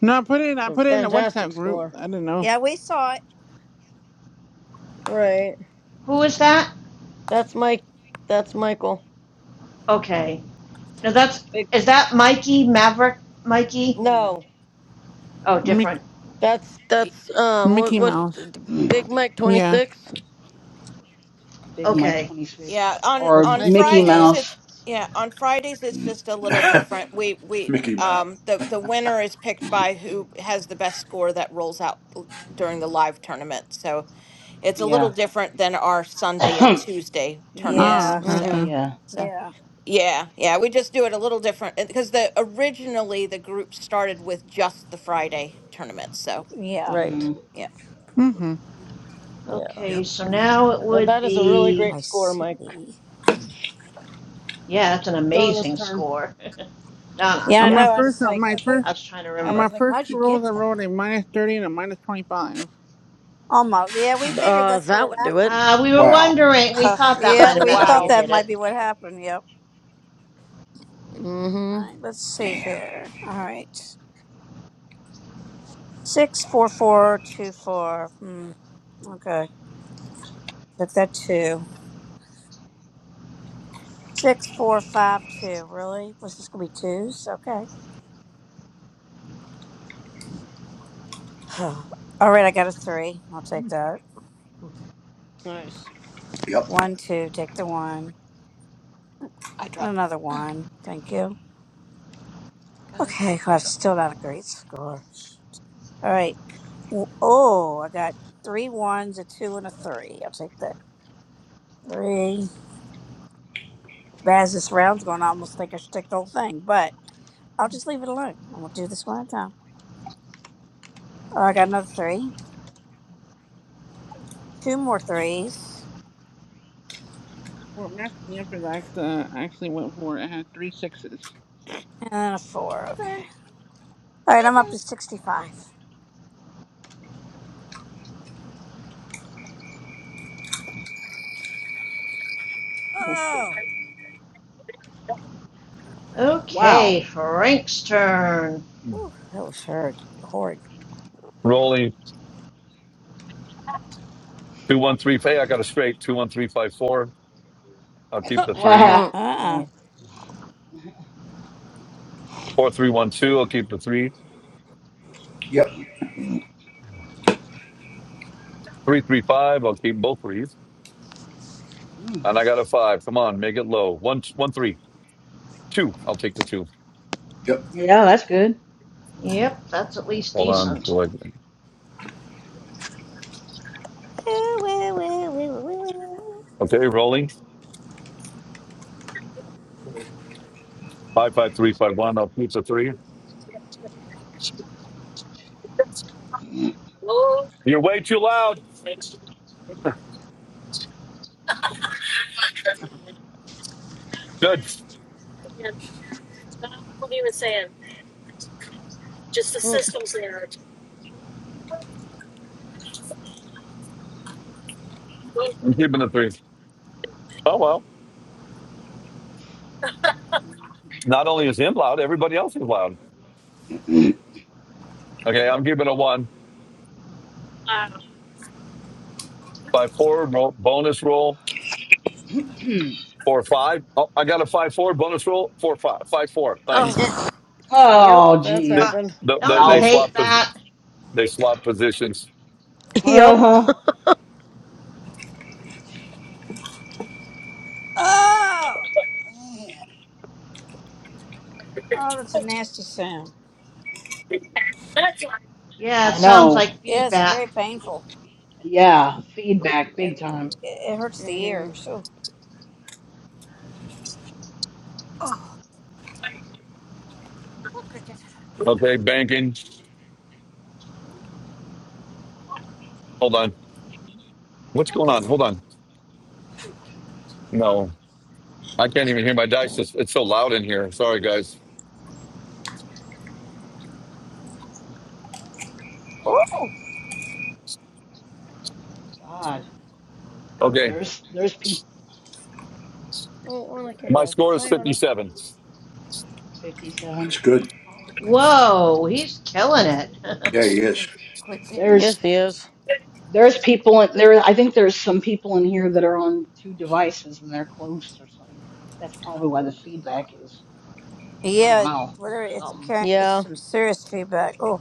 Speaker 6: No, I put it. I
Speaker 12: it's a
Speaker 6: put it in the
Speaker 12: fantastic
Speaker 6: WhatsApp group.
Speaker 12: score.
Speaker 6: I don't know.
Speaker 9: Yeah, we saw it.
Speaker 12: Right.
Speaker 11: Who is that?
Speaker 12: That's Mike. That's Michael.
Speaker 11: Okay. Now that's.
Speaker 12: Big.
Speaker 11: Is that Mikey Maverick? Mikey?
Speaker 9: No.
Speaker 12: No,
Speaker 11: Oh,
Speaker 6: Mic-
Speaker 11: different.
Speaker 12: that's,
Speaker 7: Y-
Speaker 12: that's, um, what,
Speaker 6: Mickey
Speaker 12: what's
Speaker 6: Mouse.
Speaker 12: Big Mike
Speaker 6: Yeah.
Speaker 12: 26?
Speaker 8: Big
Speaker 7: Yeah.
Speaker 8: Mike
Speaker 11: Okay.
Speaker 8: 26
Speaker 7: Yeah. On
Speaker 12: That's
Speaker 8: or
Speaker 7: on
Speaker 12: nice
Speaker 8: Mickey
Speaker 12: meeting
Speaker 7: Fridays
Speaker 12: you.
Speaker 7: it's
Speaker 8: Mouse.
Speaker 7: yeah, on Fridays it's just a little different. We we
Speaker 3: Mickey Mouse.
Speaker 7: um the the winner is picked by who has the best score that rolls out l- during the live tournament. So it's a little
Speaker 8: Yeah.
Speaker 7: different than our Sunday and Tuesday
Speaker 6: Ah,
Speaker 7: tournaments.
Speaker 9: Yeah,
Speaker 6: okay,
Speaker 12: Mm
Speaker 7: So
Speaker 12: hmm.
Speaker 6: okay.
Speaker 8: yeah.
Speaker 7: so
Speaker 9: yeah,
Speaker 7: Yeah, yeah, we just do it a little different because the originally the group started with just the Friday tournament. So
Speaker 9: yeah.
Speaker 12: Right.
Speaker 8: Mm.
Speaker 7: yeah.
Speaker 6: Mm-hmm.
Speaker 12: Yeah.
Speaker 11: Okay,
Speaker 9: Yep.
Speaker 11: so now it
Speaker 12: But
Speaker 11: would
Speaker 12: that is a really
Speaker 11: be.
Speaker 12: great
Speaker 9: I
Speaker 12: score, Mike.
Speaker 9: see.
Speaker 11: Yeah, that's an
Speaker 12: Donna's
Speaker 11: amazing
Speaker 12: turn.
Speaker 11: score. Donna,
Speaker 9: Yeah, I
Speaker 6: On my
Speaker 11: yep.
Speaker 9: know. I
Speaker 6: first,
Speaker 9: was
Speaker 6: on
Speaker 9: like,
Speaker 6: my
Speaker 9: okay.
Speaker 6: first,
Speaker 11: I was trying to
Speaker 9: I
Speaker 6: on
Speaker 11: remember.
Speaker 6: my
Speaker 9: was like,
Speaker 6: first
Speaker 9: how'd you
Speaker 6: two
Speaker 9: get
Speaker 6: rolls, I
Speaker 9: that?
Speaker 6: rolled a minus thirty and a minus twenty-five.
Speaker 9: Almost. Yeah, we figured
Speaker 12: Uh,
Speaker 9: that's what
Speaker 12: that
Speaker 9: had
Speaker 12: would do it.
Speaker 9: happened.
Speaker 11: Uh, we were
Speaker 3: Wow.
Speaker 11: wondering. We
Speaker 7: Uh
Speaker 11: thought that might
Speaker 9: Yeah,
Speaker 11: have
Speaker 9: we
Speaker 11: been how
Speaker 9: thought
Speaker 11: you
Speaker 7: wow.
Speaker 9: that
Speaker 11: did
Speaker 9: might
Speaker 11: it.
Speaker 9: be what happened. Yep. All
Speaker 12: Mm-hmm.
Speaker 9: right, let's see here. All right. Six four four two four. Hmm. Okay. Took that two. Six four five two. Really? Was this gonna be twos? Okay. All right, I got a three. I'll take that.
Speaker 12: Nice.
Speaker 3: Yep.
Speaker 9: One, two, take the one. And another one. Thank you. Okay, well, that's still not a great score. All right. W- Oh, I got three ones, a two, and a three. I'll take that. Three. As this round's going, I almost think I should take the whole thing, but I'll just leave it alone. I'm gonna do this one at a time. Oh, I got another three, two more threes,
Speaker 6: What messed me up is I act- uh, actually went for it. I had three sixes.
Speaker 9: and then a four. Okay. All right, I'm up to sixty-five. Oh,
Speaker 8: Wow.
Speaker 11: okay, Frank's turn.
Speaker 9: Whew, that was hard. Horrid.
Speaker 17: rolling two one three. Hey, I got a straight two one three five four. I'll keep the three.
Speaker 12: wow.
Speaker 8: right.
Speaker 5: Mm,
Speaker 9: Uh.
Speaker 17: Four three one two. I'll keep the three.
Speaker 3: Yep.
Speaker 17: Three three five. I'll keep both threes.
Speaker 8: Mhm.
Speaker 17: And I got a five. Come on, make it low. One one three two. I'll take the two.
Speaker 3: Yep.
Speaker 8: yeah, that's good.
Speaker 11: Yep, that's at least
Speaker 17: Hold on.
Speaker 11: decent.
Speaker 17: Okay,
Speaker 9: uh
Speaker 17: rolling five five three five one. I'll keep the three. You're way too loud. Good.
Speaker 12: Mm.
Speaker 17: I'm keeping the three. Oh well. Not only is him loud, everybody else is loud. Okay, I'm giving a one by four ro- bonus roll four five. Oh, I got a five four bonus roll four five five four. Thanks.
Speaker 12: Oh, Yep,
Speaker 8: oh,
Speaker 12: that's
Speaker 17: They
Speaker 8: jeez.
Speaker 12: happened.
Speaker 17: the, the,
Speaker 11: Don't you
Speaker 17: they
Speaker 8: Wow.
Speaker 11: hate
Speaker 17: swap pos-
Speaker 11: that?
Speaker 17: they swap positions.
Speaker 12: yep.
Speaker 8: Uh-huh.
Speaker 9: oh man. Oh, that's a nasty sound.
Speaker 11: Yeah, it
Speaker 8: I
Speaker 11: sounds
Speaker 8: know.
Speaker 11: like
Speaker 9: Yeah, it's very
Speaker 11: feedback.
Speaker 9: painful.
Speaker 8: Yeah, feedback
Speaker 9: It
Speaker 8: big time.
Speaker 9: it, it hurts the
Speaker 12: Mm-hmm.
Speaker 9: ears. Oh.
Speaker 17: Okay, banking. Hold on. What's going on? Hold on.
Speaker 8: Oh
Speaker 17: No, I can't even hear my dice. It's, it's so loud in here. Sorry, guys.
Speaker 8: God,
Speaker 17: Okay,
Speaker 8: there's there's people
Speaker 12: Oh, Anna came
Speaker 17: my
Speaker 12: back.
Speaker 17: score is
Speaker 12: Hi,
Speaker 17: fifty
Speaker 12: Anna.
Speaker 17: seven.
Speaker 8: 57.
Speaker 3: That's good.
Speaker 11: Whoa, he's killing it.
Speaker 3: Yeah, he is.
Speaker 12: Yes,
Speaker 8: There's
Speaker 12: he is.
Speaker 8: there's people in there. I think there's some people in here that are on two devices and they're close or something. That's probably why the feedback is. I
Speaker 9: Yeah,
Speaker 8: don't
Speaker 9: it-
Speaker 8: know
Speaker 9: whether it's
Speaker 8: something.
Speaker 9: ca- it's
Speaker 12: Yeah.
Speaker 9: some serious feedback. Oh.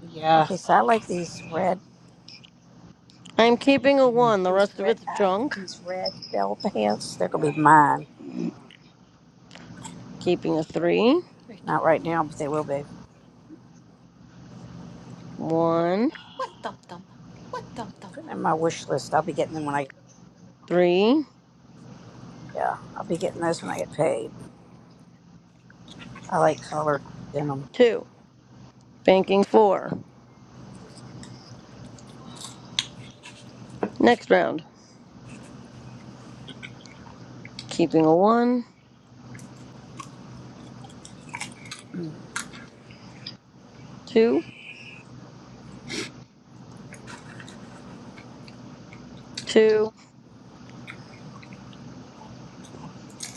Speaker 8: Yeah.
Speaker 9: Okay, so I like these red,
Speaker 12: I'm keeping a one. The
Speaker 9: these
Speaker 12: rest of
Speaker 9: red,
Speaker 12: it's
Speaker 9: uh,
Speaker 12: junk.
Speaker 9: these red bell pants. They're gonna be mine.
Speaker 12: Keeping a three.
Speaker 9: Not right now, but they will be.
Speaker 12: One,
Speaker 9: Put them in my wish list. I'll be getting them when I.
Speaker 12: three,
Speaker 9: Yeah, I'll be getting those when I get paid. I like colored denim.
Speaker 12: two. Banking four. Next round. Keeping a one,
Speaker 9: Mm.
Speaker 12: two, two.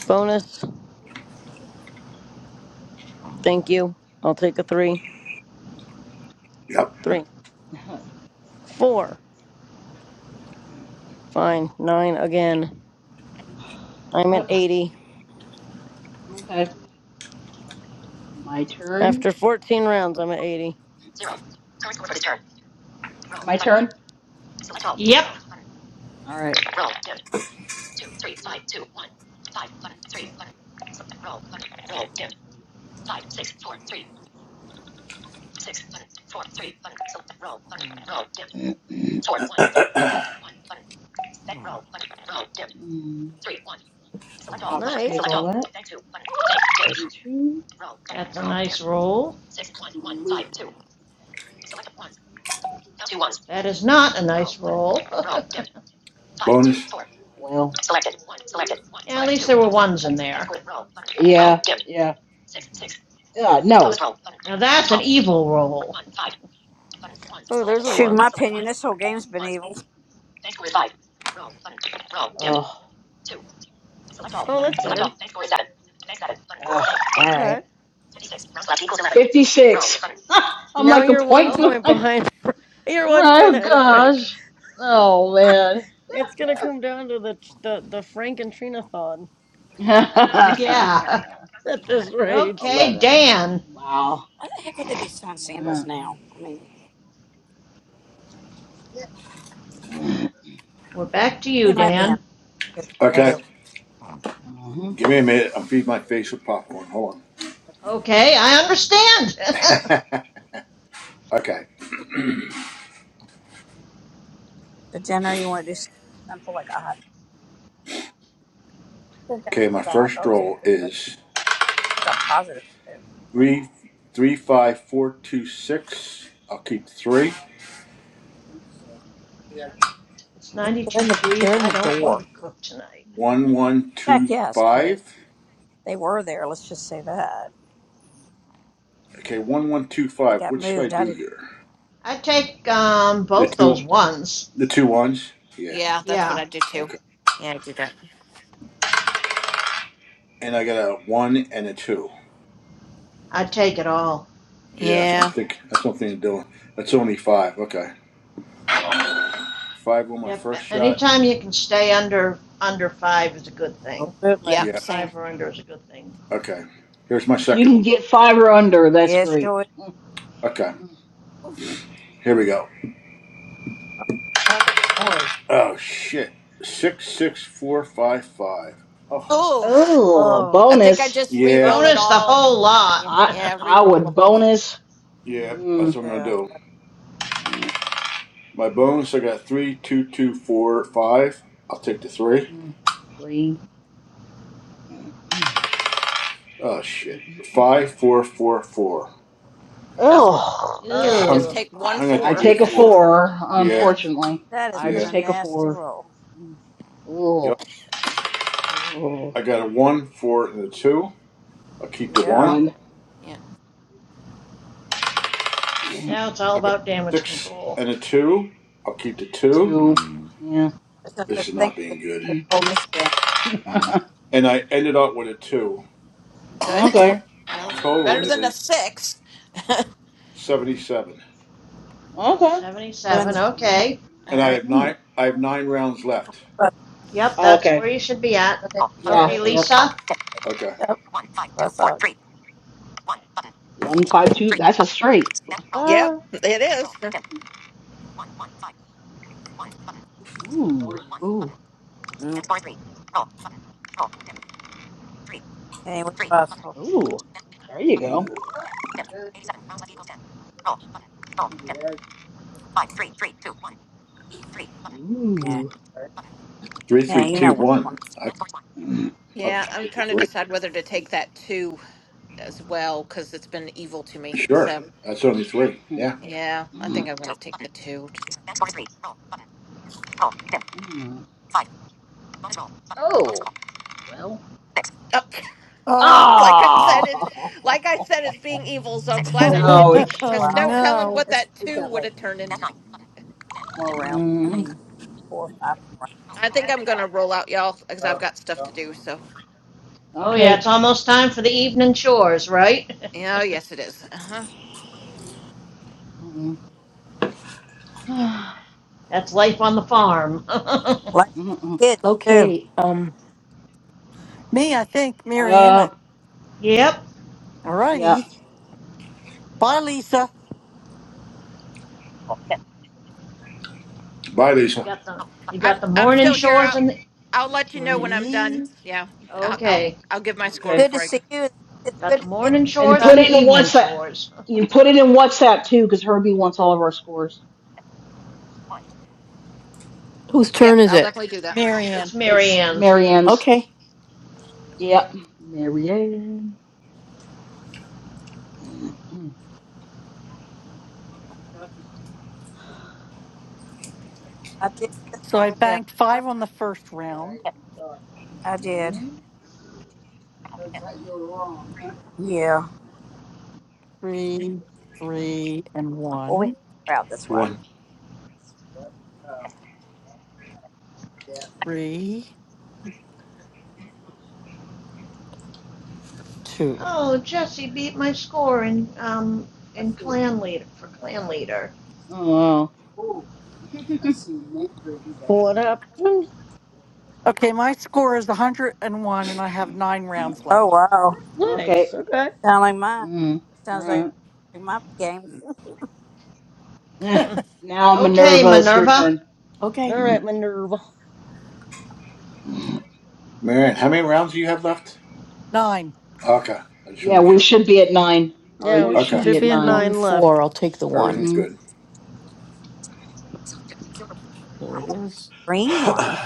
Speaker 12: Bonus. Thank you. I'll take a three.
Speaker 3: Yep.
Speaker 12: Three, four. Fine. Nine again. I'm
Speaker 8: Uh,
Speaker 12: at 80.
Speaker 8: okay, my turn.
Speaker 12: After 14 rounds, I'm at 80.
Speaker 8: My turn.
Speaker 11: yep,
Speaker 8: All right. Mm. I'll just take
Speaker 12: Nice.
Speaker 8: all. that. There's two.
Speaker 11: that's a nice roll. That is not a nice roll. yeah,
Speaker 3: Bonus.
Speaker 8: Well,
Speaker 11: at least there were ones in there.
Speaker 8: yeah, yeah. Uh, no.
Speaker 11: Now that's an evil roll.
Speaker 12: Oh, there's a
Speaker 9: Shoot,
Speaker 12: one.
Speaker 9: my opinion, this whole game's been evil.
Speaker 12: Oh, that's
Speaker 8: Okay.
Speaker 12: better.
Speaker 8: Ugh. All right.
Speaker 12: Okay.
Speaker 8: I'm
Speaker 12: Now
Speaker 8: like a
Speaker 12: you're one
Speaker 8: point
Speaker 11: Oh,
Speaker 12: point
Speaker 8: behind.
Speaker 12: behind. you're one point
Speaker 8: Oh,
Speaker 12: ahead of Frank.
Speaker 8: gosh. Oh, man.
Speaker 12: It's gonna come down to the the, the Frank and Trina thon
Speaker 11: yeah.
Speaker 12: at this rate.
Speaker 11: Okay,
Speaker 8: 11.
Speaker 11: Dan.
Speaker 8: Wow.
Speaker 9: Why the heck would they be selling
Speaker 8: Uh,
Speaker 9: sandals now? I mean, they
Speaker 11: We're back to you,
Speaker 9: might be on
Speaker 11: Dan.
Speaker 9: good
Speaker 3: Okay.
Speaker 9: sale.
Speaker 8: Uh-huh.
Speaker 3: Give me a minute. I'm feeding my face with popcorn. Hold
Speaker 11: Okay, I understand.
Speaker 3: on. okay.
Speaker 9: For dinner, you want to do something simple like a hot. I think I
Speaker 3: Okay.
Speaker 9: still
Speaker 3: My
Speaker 9: got hot
Speaker 3: first
Speaker 9: dogs in the
Speaker 3: roll
Speaker 9: refrigerator,
Speaker 3: is
Speaker 9: which I'm positive I
Speaker 3: three, three, five, four, two, six. I'll keep three.
Speaker 9: do.
Speaker 11: it's
Speaker 9: They're
Speaker 11: 92
Speaker 9: in the they're
Speaker 11: degrees.
Speaker 9: in
Speaker 11: I
Speaker 9: the
Speaker 11: don't want
Speaker 9: door.
Speaker 11: to cook tonight.
Speaker 3: One, one,
Speaker 9: Check
Speaker 3: two,
Speaker 9: yes, but
Speaker 3: five.
Speaker 9: they were there. Let's just say that
Speaker 3: Okay. One, one, two,
Speaker 9: they
Speaker 3: five.
Speaker 9: got
Speaker 3: What should I
Speaker 9: moved. I
Speaker 3: do
Speaker 9: didn't.
Speaker 3: here?
Speaker 11: I take um,
Speaker 3: The
Speaker 11: both those
Speaker 3: two,
Speaker 11: ones.
Speaker 3: the two ones. Yeah.
Speaker 7: Yeah, that's what
Speaker 11: Yeah,
Speaker 7: I do too.
Speaker 3: Okay.
Speaker 7: Yeah, I do that.
Speaker 3: And I got a one and a two.
Speaker 11: I take it all.
Speaker 3: Yeah, that's what I'm
Speaker 7: Yeah.
Speaker 3: thinking. That's what I'm thinking, Dylan. That's only five. Okay. Five on my
Speaker 11: Yep,
Speaker 3: first shot.
Speaker 11: anytime you can stay under, under five is a good thing.
Speaker 9: Absolutely.
Speaker 7: Yep,
Speaker 3: Yeah.
Speaker 7: same.
Speaker 11: Five or under is a good thing.
Speaker 3: Okay. Here's my
Speaker 8: If you
Speaker 3: second one.
Speaker 8: can get five or under, that's
Speaker 9: Yeah,
Speaker 8: great.
Speaker 9: sure.
Speaker 3: Okay. Here we go.
Speaker 9: Oh, that noise.
Speaker 3: Oh shit. Six six four five five. Oh
Speaker 7: Oh,
Speaker 8: Oh,
Speaker 9: Oh,
Speaker 7: I think I
Speaker 8: bonus.
Speaker 7: just
Speaker 3: yeah.
Speaker 7: re-roll it
Speaker 11: Bonus the
Speaker 7: all.
Speaker 11: whole lot.
Speaker 7: Yeah,
Speaker 8: I
Speaker 7: yeah,
Speaker 8: I
Speaker 7: re-roll the
Speaker 8: would
Speaker 7: whole.
Speaker 8: bonus
Speaker 3: Yeah. That's
Speaker 8: mm,
Speaker 3: what I'm gonna
Speaker 9: yeah.
Speaker 3: do.
Speaker 8: mm,
Speaker 3: My bonus I got three, two, two, four, five. I'll take the three.
Speaker 8: mm, three.
Speaker 3: Oh shit. Five, four, four, four.
Speaker 7: Just
Speaker 8: Oh,
Speaker 7: guess
Speaker 9: Oh,
Speaker 7: you just
Speaker 3: I'm
Speaker 11: Ew,
Speaker 7: take one
Speaker 3: I'm gonna have to
Speaker 8: I
Speaker 7: four.
Speaker 3: eat a
Speaker 7: I
Speaker 8: take a
Speaker 7: guess it's
Speaker 3: four.
Speaker 8: four.
Speaker 3: Yeah,
Speaker 7: yeah,
Speaker 8: Unfortunately,
Speaker 9: that has
Speaker 8: I
Speaker 9: been
Speaker 8: just
Speaker 9: a
Speaker 3: yeah.
Speaker 8: take a
Speaker 9: nasty
Speaker 8: four.
Speaker 9: roll.
Speaker 3: Yep.
Speaker 8: Oh, oh,
Speaker 3: I got a one, four, and a two. I'll keep the one.
Speaker 9: Yeah,
Speaker 8: one,
Speaker 7: yeah.
Speaker 11: now it's all
Speaker 3: I got
Speaker 11: about damage
Speaker 3: six
Speaker 11: control.
Speaker 3: and a two. I'll keep the two.
Speaker 8: two, yeah.
Speaker 9: there's no
Speaker 3: This
Speaker 9: such
Speaker 3: is
Speaker 9: thing
Speaker 3: not
Speaker 9: as
Speaker 3: being
Speaker 9: damage
Speaker 3: good.
Speaker 9: control in this game.
Speaker 3: And I ended up with a two.
Speaker 7: Good.
Speaker 3: So my
Speaker 8: Okay.
Speaker 7: Well, it's
Speaker 3: total
Speaker 7: better
Speaker 8: Mm.
Speaker 7: than a
Speaker 3: is
Speaker 7: six.
Speaker 3: seventy-seven.
Speaker 8: Okay.
Speaker 9: They're in the
Speaker 11: Seventy-seven,
Speaker 9: street
Speaker 11: okay.
Speaker 7: All
Speaker 3: And I
Speaker 7: right.
Speaker 3: have
Speaker 8: Mm-hmm.
Speaker 3: nine. I have nine rounds left.
Speaker 9: bus.
Speaker 11: Yep,
Speaker 8: Oh,
Speaker 11: that's where
Speaker 8: Okay.
Speaker 11: you should be at.
Speaker 9: where they-
Speaker 3: Is that
Speaker 8: Yeah.
Speaker 9: where
Speaker 11: Okay,
Speaker 9: they-
Speaker 8: Yep.
Speaker 11: Lisa?
Speaker 3: okay?
Speaker 9: Yep, bus up.
Speaker 8: One five two. That's a straight.
Speaker 7: Yep,
Speaker 8: Uh,
Speaker 7: it is.
Speaker 8: ooh.
Speaker 9: Mm,
Speaker 5: Ooh.
Speaker 9: any way possible.
Speaker 8: Ooh. There you go.
Speaker 9: Yeah. Yeah,
Speaker 8: Ooh.
Speaker 3: Three, three,
Speaker 9: you know
Speaker 3: two,
Speaker 9: we're
Speaker 3: one.
Speaker 9: going.
Speaker 3: I, I'll
Speaker 7: Yeah,
Speaker 3: just
Speaker 7: I'm
Speaker 3: take the
Speaker 7: trying to
Speaker 3: three.
Speaker 7: decide whether to take that two. as well because it's been evil to me.
Speaker 3: Sure.
Speaker 7: So
Speaker 3: That's only three. Yeah.
Speaker 7: yeah, I think I'm gonna take the two too.
Speaker 8: Mm. oh. Well.
Speaker 7: Oh,
Speaker 15: Oh,
Speaker 7: like I
Speaker 8: Ah.
Speaker 7: said, it like I said, it's being evil. So I'm glad
Speaker 9: Yeah,
Speaker 7: I
Speaker 9: we've
Speaker 7: did
Speaker 9: been here
Speaker 7: take that
Speaker 8: Ouch.
Speaker 9: for a
Speaker 7: because
Speaker 15: oh
Speaker 7: no
Speaker 9: while.
Speaker 7: telling
Speaker 15: no.
Speaker 7: what
Speaker 9: It's
Speaker 7: that
Speaker 9: we
Speaker 7: two
Speaker 9: got
Speaker 7: would
Speaker 9: like
Speaker 7: have turned into.
Speaker 9: more round. I
Speaker 8: Mm.
Speaker 9: mean, four or five more
Speaker 7: I think I'm gonna roll out, y'all, because I've
Speaker 9: rounds.
Speaker 7: got stuff to do. So
Speaker 11: Oh yeah,
Speaker 8: Okay.
Speaker 11: it's almost time for the evening chores, right?
Speaker 7: yeah, yes, it is. Uh-huh.
Speaker 8: Mm.
Speaker 11: That's life on the farm.
Speaker 9: Lots of
Speaker 8: Mm-mm.
Speaker 9: good kids too.
Speaker 5: Okay. Um.
Speaker 15: Me, I think.
Speaker 8: Uh.
Speaker 15: Mariana.
Speaker 11: Yep.
Speaker 8: Yeah.
Speaker 15: Alrighty. Bye,
Speaker 11: You
Speaker 15: Lisa.
Speaker 3: Bye, Lisa.
Speaker 11: got the, you
Speaker 7: I'm
Speaker 11: got the
Speaker 7: I'm
Speaker 11: morning
Speaker 7: still here.
Speaker 11: chores
Speaker 7: I'll
Speaker 11: and the,
Speaker 7: I'll let you know when I'm
Speaker 15: Three.
Speaker 7: done. Yeah, I'll I'll,
Speaker 11: okay.
Speaker 7: I'll give my
Speaker 9: It's
Speaker 7: score
Speaker 8: Okay.
Speaker 9: good to
Speaker 7: before I go.
Speaker 9: see you. It's
Speaker 11: Got
Speaker 9: good
Speaker 11: the
Speaker 9: to see
Speaker 11: morning
Speaker 8: And
Speaker 9: you,
Speaker 11: chores
Speaker 8: put
Speaker 9: Lisa.
Speaker 11: and the
Speaker 8: it in
Speaker 11: evening
Speaker 8: WhatsApp.
Speaker 11: chores.
Speaker 8: You can put it in WhatsApp too, because Herbie wants all of our scores.
Speaker 5: Whose
Speaker 7: Yep,
Speaker 5: turn is
Speaker 7: I'll
Speaker 5: it?
Speaker 7: definitely do that.
Speaker 11: It's
Speaker 15: Marianne.
Speaker 11: Mary
Speaker 8: It's
Speaker 11: Ann's.
Speaker 8: Marianne's.
Speaker 5: Okay.
Speaker 8: Yep, Marianne. Mm, mm,
Speaker 9: You talked to people. I did.
Speaker 15: So I
Speaker 9: Yeah,
Speaker 15: banked five on the first round.
Speaker 9: Right. You thought. I did.
Speaker 8: mhm.
Speaker 9: So it's how You're wrong, huh? Yeah.
Speaker 15: Three, three, and
Speaker 9: Well, we had
Speaker 15: one.
Speaker 9: a big crowd. That's why.
Speaker 3: One.
Speaker 9: Right. Um, Yeah.
Speaker 15: Three, two.
Speaker 11: Oh, Jesse beat my score in um
Speaker 9: I
Speaker 11: in
Speaker 9: see
Speaker 11: clan leader for
Speaker 9: a bag
Speaker 11: clan
Speaker 9: I like.
Speaker 11: leader.
Speaker 8: Oh. wow.
Speaker 9: Ooh, I see mint green bag.
Speaker 12: What happened?
Speaker 15: Okay, my score is 101 and one, and I have nine rounds
Speaker 9: Oh
Speaker 15: left.
Speaker 9: wow.
Speaker 8: okay.
Speaker 12: Nice. Okay.
Speaker 9: Sound like mine.
Speaker 8: Mm. All
Speaker 9: Sounds like
Speaker 8: right.
Speaker 9: my game.
Speaker 8: Eh. Now
Speaker 11: okay,
Speaker 8: Minerva, it's your
Speaker 11: Minerva,
Speaker 8: turn.
Speaker 12: All
Speaker 5: Okay.
Speaker 12: right, Minerva.
Speaker 3: Marianne, how many rounds do you have left?
Speaker 15: Nine.
Speaker 3: Okay. I just want
Speaker 8: Yeah,
Speaker 3: to make
Speaker 8: we
Speaker 3: sure.
Speaker 8: should be at nine, or
Speaker 5: Four,
Speaker 8: you
Speaker 12: Yeah,
Speaker 8: should
Speaker 3: Okay.
Speaker 5: two,
Speaker 8: be
Speaker 12: should
Speaker 8: at
Speaker 12: be
Speaker 5: two,
Speaker 12: at
Speaker 8: nine.
Speaker 5: one,
Speaker 12: nine left.
Speaker 5: four. I'll take the one.
Speaker 3: Everything's
Speaker 8: Mm-hmm.
Speaker 3: good.
Speaker 5: There it is.
Speaker 9: Green one.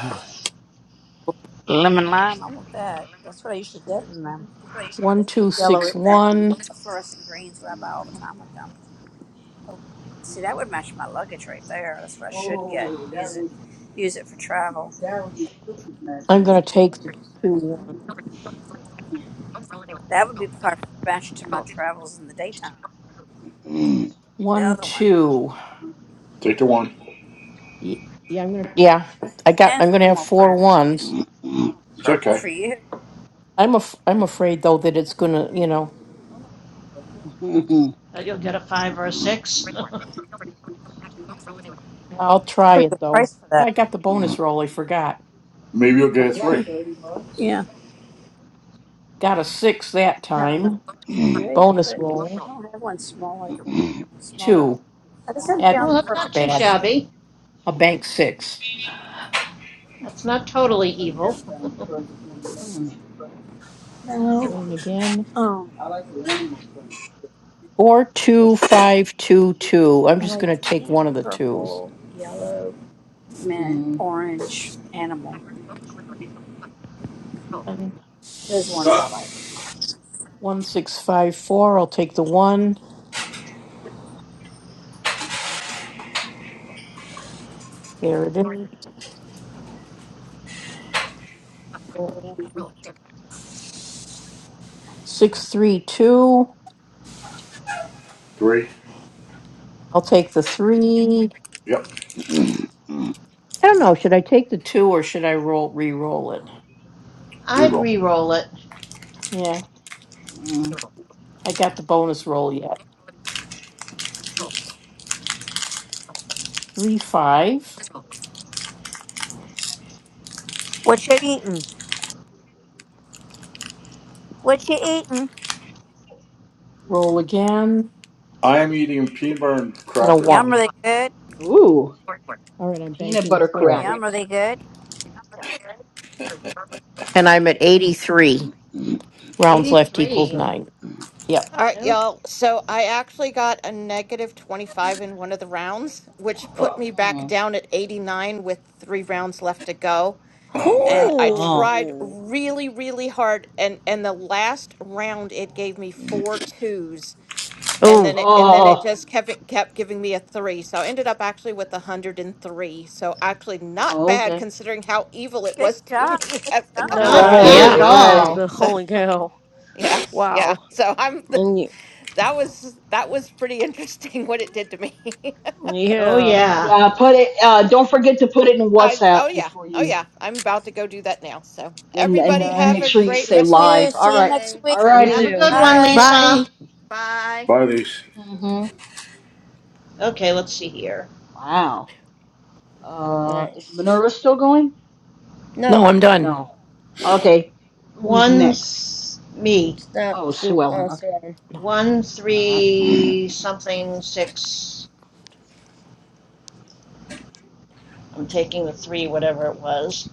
Speaker 9: Lemon lime, I want that. That's what I used to get in them.
Speaker 5: One, two,
Speaker 9: Yellow
Speaker 5: six,
Speaker 9: is that
Speaker 5: one.
Speaker 9: fluorescent greens what I buy all the time with them. Oh, see, that would match my luggage right there. That's what I should get. Oh, that Use it, would- use it for travel. That would be perfect match
Speaker 5: I'm
Speaker 9: for
Speaker 5: gonna
Speaker 9: you.
Speaker 5: take the two.
Speaker 9: Mhm. That would be perfect match to my travels in the daytime. The
Speaker 5: One,
Speaker 9: other one,
Speaker 5: two.
Speaker 3: take the one.
Speaker 5: Ye- Yeah, I got,
Speaker 9: yes,
Speaker 5: I'm gonna have
Speaker 9: thermal
Speaker 5: four
Speaker 9: print,
Speaker 5: ones.
Speaker 3: It's
Speaker 9: purple
Speaker 3: okay.
Speaker 9: for you.
Speaker 5: I'm af- I'm afraid though that it's gonna, you know,
Speaker 11: Uh, you'll get a five or a six.
Speaker 5: I'll
Speaker 9: That's a
Speaker 5: try
Speaker 9: pretty
Speaker 5: it
Speaker 9: good
Speaker 5: though.
Speaker 9: price for that.
Speaker 5: I got the bonus roll, I forgot.
Speaker 3: Maybe you'll
Speaker 5: Uh,
Speaker 3: get a
Speaker 9: Yeah,
Speaker 3: three.
Speaker 9: thirty bucks.
Speaker 5: Got a six that
Speaker 9: I have enough
Speaker 5: time.
Speaker 9: purses, right?
Speaker 5: Bonus
Speaker 9: But I
Speaker 5: roll,
Speaker 9: don't have one small like this. You
Speaker 8: Mm-hmm.
Speaker 9: know, smaller.
Speaker 5: two.
Speaker 9: I just haven't
Speaker 5: That's
Speaker 9: found
Speaker 11: oh,
Speaker 9: the
Speaker 11: that's not
Speaker 5: not
Speaker 9: perfect
Speaker 11: too
Speaker 5: bad.
Speaker 9: purse yet.
Speaker 11: shabby.
Speaker 5: A bank six.
Speaker 11: That's not
Speaker 9: Uh,
Speaker 11: totally
Speaker 9: Oh, you
Speaker 11: evil.
Speaker 9: haven't found the perfect one yet.
Speaker 8: Mm,
Speaker 9: No.
Speaker 5: Rolling again.
Speaker 9: Um, I like the animal print.
Speaker 5: Four, two, five, two, two. I'm
Speaker 9: I
Speaker 5: just
Speaker 9: like
Speaker 5: gonna
Speaker 9: the
Speaker 5: take
Speaker 9: pink,
Speaker 5: one of the twos.
Speaker 9: purple, yellow, mint,
Speaker 8: mm,
Speaker 9: orange, animal. Those ones I like.
Speaker 5: One six five four, I'll take the one. There it is. Six three two,
Speaker 3: Three.
Speaker 5: I'll take the three.
Speaker 3: Yep.
Speaker 5: I don't know, should I take the two or should I roll re-roll it?
Speaker 3: Three
Speaker 11: I'd
Speaker 3: roll.
Speaker 11: re-roll it.
Speaker 5: Yeah,
Speaker 8: mm,
Speaker 5: I got the bonus
Speaker 8: mm.
Speaker 5: roll yet. Three five,
Speaker 9: What you eating? What you eating?
Speaker 5: roll again,
Speaker 3: I am eating peanut butter and
Speaker 5: and a
Speaker 3: crackers.
Speaker 9: Yum, are
Speaker 5: one.
Speaker 9: they good?
Speaker 8: Ooh,
Speaker 5: All right, I'm
Speaker 8: peanut
Speaker 5: banking
Speaker 8: butter
Speaker 5: four.
Speaker 9: Yum, are
Speaker 8: crackers.
Speaker 9: they good?
Speaker 5: And I'm at eighty-three. Rounds left equals
Speaker 11: Eighty-three.
Speaker 5: nine. Yep.
Speaker 7: All right,
Speaker 11: Nope,
Speaker 7: y'all. So I actually got a negative 25 in one of the rounds, which
Speaker 5: Oh,
Speaker 7: put me back
Speaker 8: Mm.
Speaker 7: down at 89 with three rounds left to go.
Speaker 3: Oh wow!
Speaker 7: And I
Speaker 8: Oh,
Speaker 7: tried
Speaker 12: Oh.
Speaker 7: really, really hard. And and the last round, it gave me four twos, and then
Speaker 5: oh,
Speaker 7: it and then it
Speaker 8: oh,
Speaker 7: just kept it- kept giving me a three. So I ended up actually with 103. So actually, not
Speaker 8: oh,
Speaker 7: bad
Speaker 8: okay.
Speaker 7: considering how evil it
Speaker 9: Good
Speaker 7: was to
Speaker 9: job.
Speaker 7: me
Speaker 9: Good
Speaker 7: after a couple of
Speaker 12: No,
Speaker 11: not
Speaker 12: that's
Speaker 9: job.
Speaker 11: bad
Speaker 8: Right,
Speaker 7: rounds.
Speaker 11: at
Speaker 9: Good
Speaker 12: really
Speaker 5: yeah.
Speaker 12: good,
Speaker 9: job.
Speaker 8: right.
Speaker 11: all.
Speaker 12: Lisa.
Speaker 7: So.
Speaker 12: Holy cow!
Speaker 7: Yeah, yeah.
Speaker 12: Wow.
Speaker 7: So I'm
Speaker 12: And you,
Speaker 7: that was that was pretty interesting what it did to me.
Speaker 11: Oh
Speaker 7: So
Speaker 12: yeah.
Speaker 11: yeah.
Speaker 8: Yeah, put it. Uh, don't forget to put it in
Speaker 7: I
Speaker 8: WhatsApp
Speaker 7: oh yeah.
Speaker 8: before
Speaker 7: Oh
Speaker 8: you,
Speaker 7: yeah. I'm about to go do that now. So
Speaker 8: and
Speaker 7: everybody
Speaker 8: and
Speaker 7: have
Speaker 8: make
Speaker 7: a
Speaker 8: sure you
Speaker 12: Nice.
Speaker 7: great
Speaker 9: You
Speaker 8: say
Speaker 7: rest of your
Speaker 9: too.
Speaker 8: live. All
Speaker 9: See you
Speaker 8: right,
Speaker 9: next
Speaker 7: day.
Speaker 9: week.
Speaker 8: all
Speaker 7: So
Speaker 12: You
Speaker 11: Have a
Speaker 8: righty.
Speaker 12: too.
Speaker 11: good
Speaker 7: all
Speaker 11: one,
Speaker 7: right,
Speaker 9: Bye.
Speaker 11: Lisa.
Speaker 5: Bye.
Speaker 7: bye.
Speaker 3: Buy these
Speaker 8: Mm-hmm.
Speaker 11: Okay, let's see here.
Speaker 8: Wow. Uh, is
Speaker 12: Nice.
Speaker 8: Minerva still going
Speaker 12: No,
Speaker 5: No, I'm
Speaker 8: or
Speaker 5: done.
Speaker 8: no? Okay. Who's
Speaker 11: One
Speaker 8: next?
Speaker 11: me.
Speaker 12: it's not
Speaker 8: Oh, Sue
Speaker 12: so uh,
Speaker 8: Ellen. Okay.
Speaker 12: Saran.
Speaker 5: No.
Speaker 11: One
Speaker 8: All right.
Speaker 11: three something six I'm taking the three, whatever it was.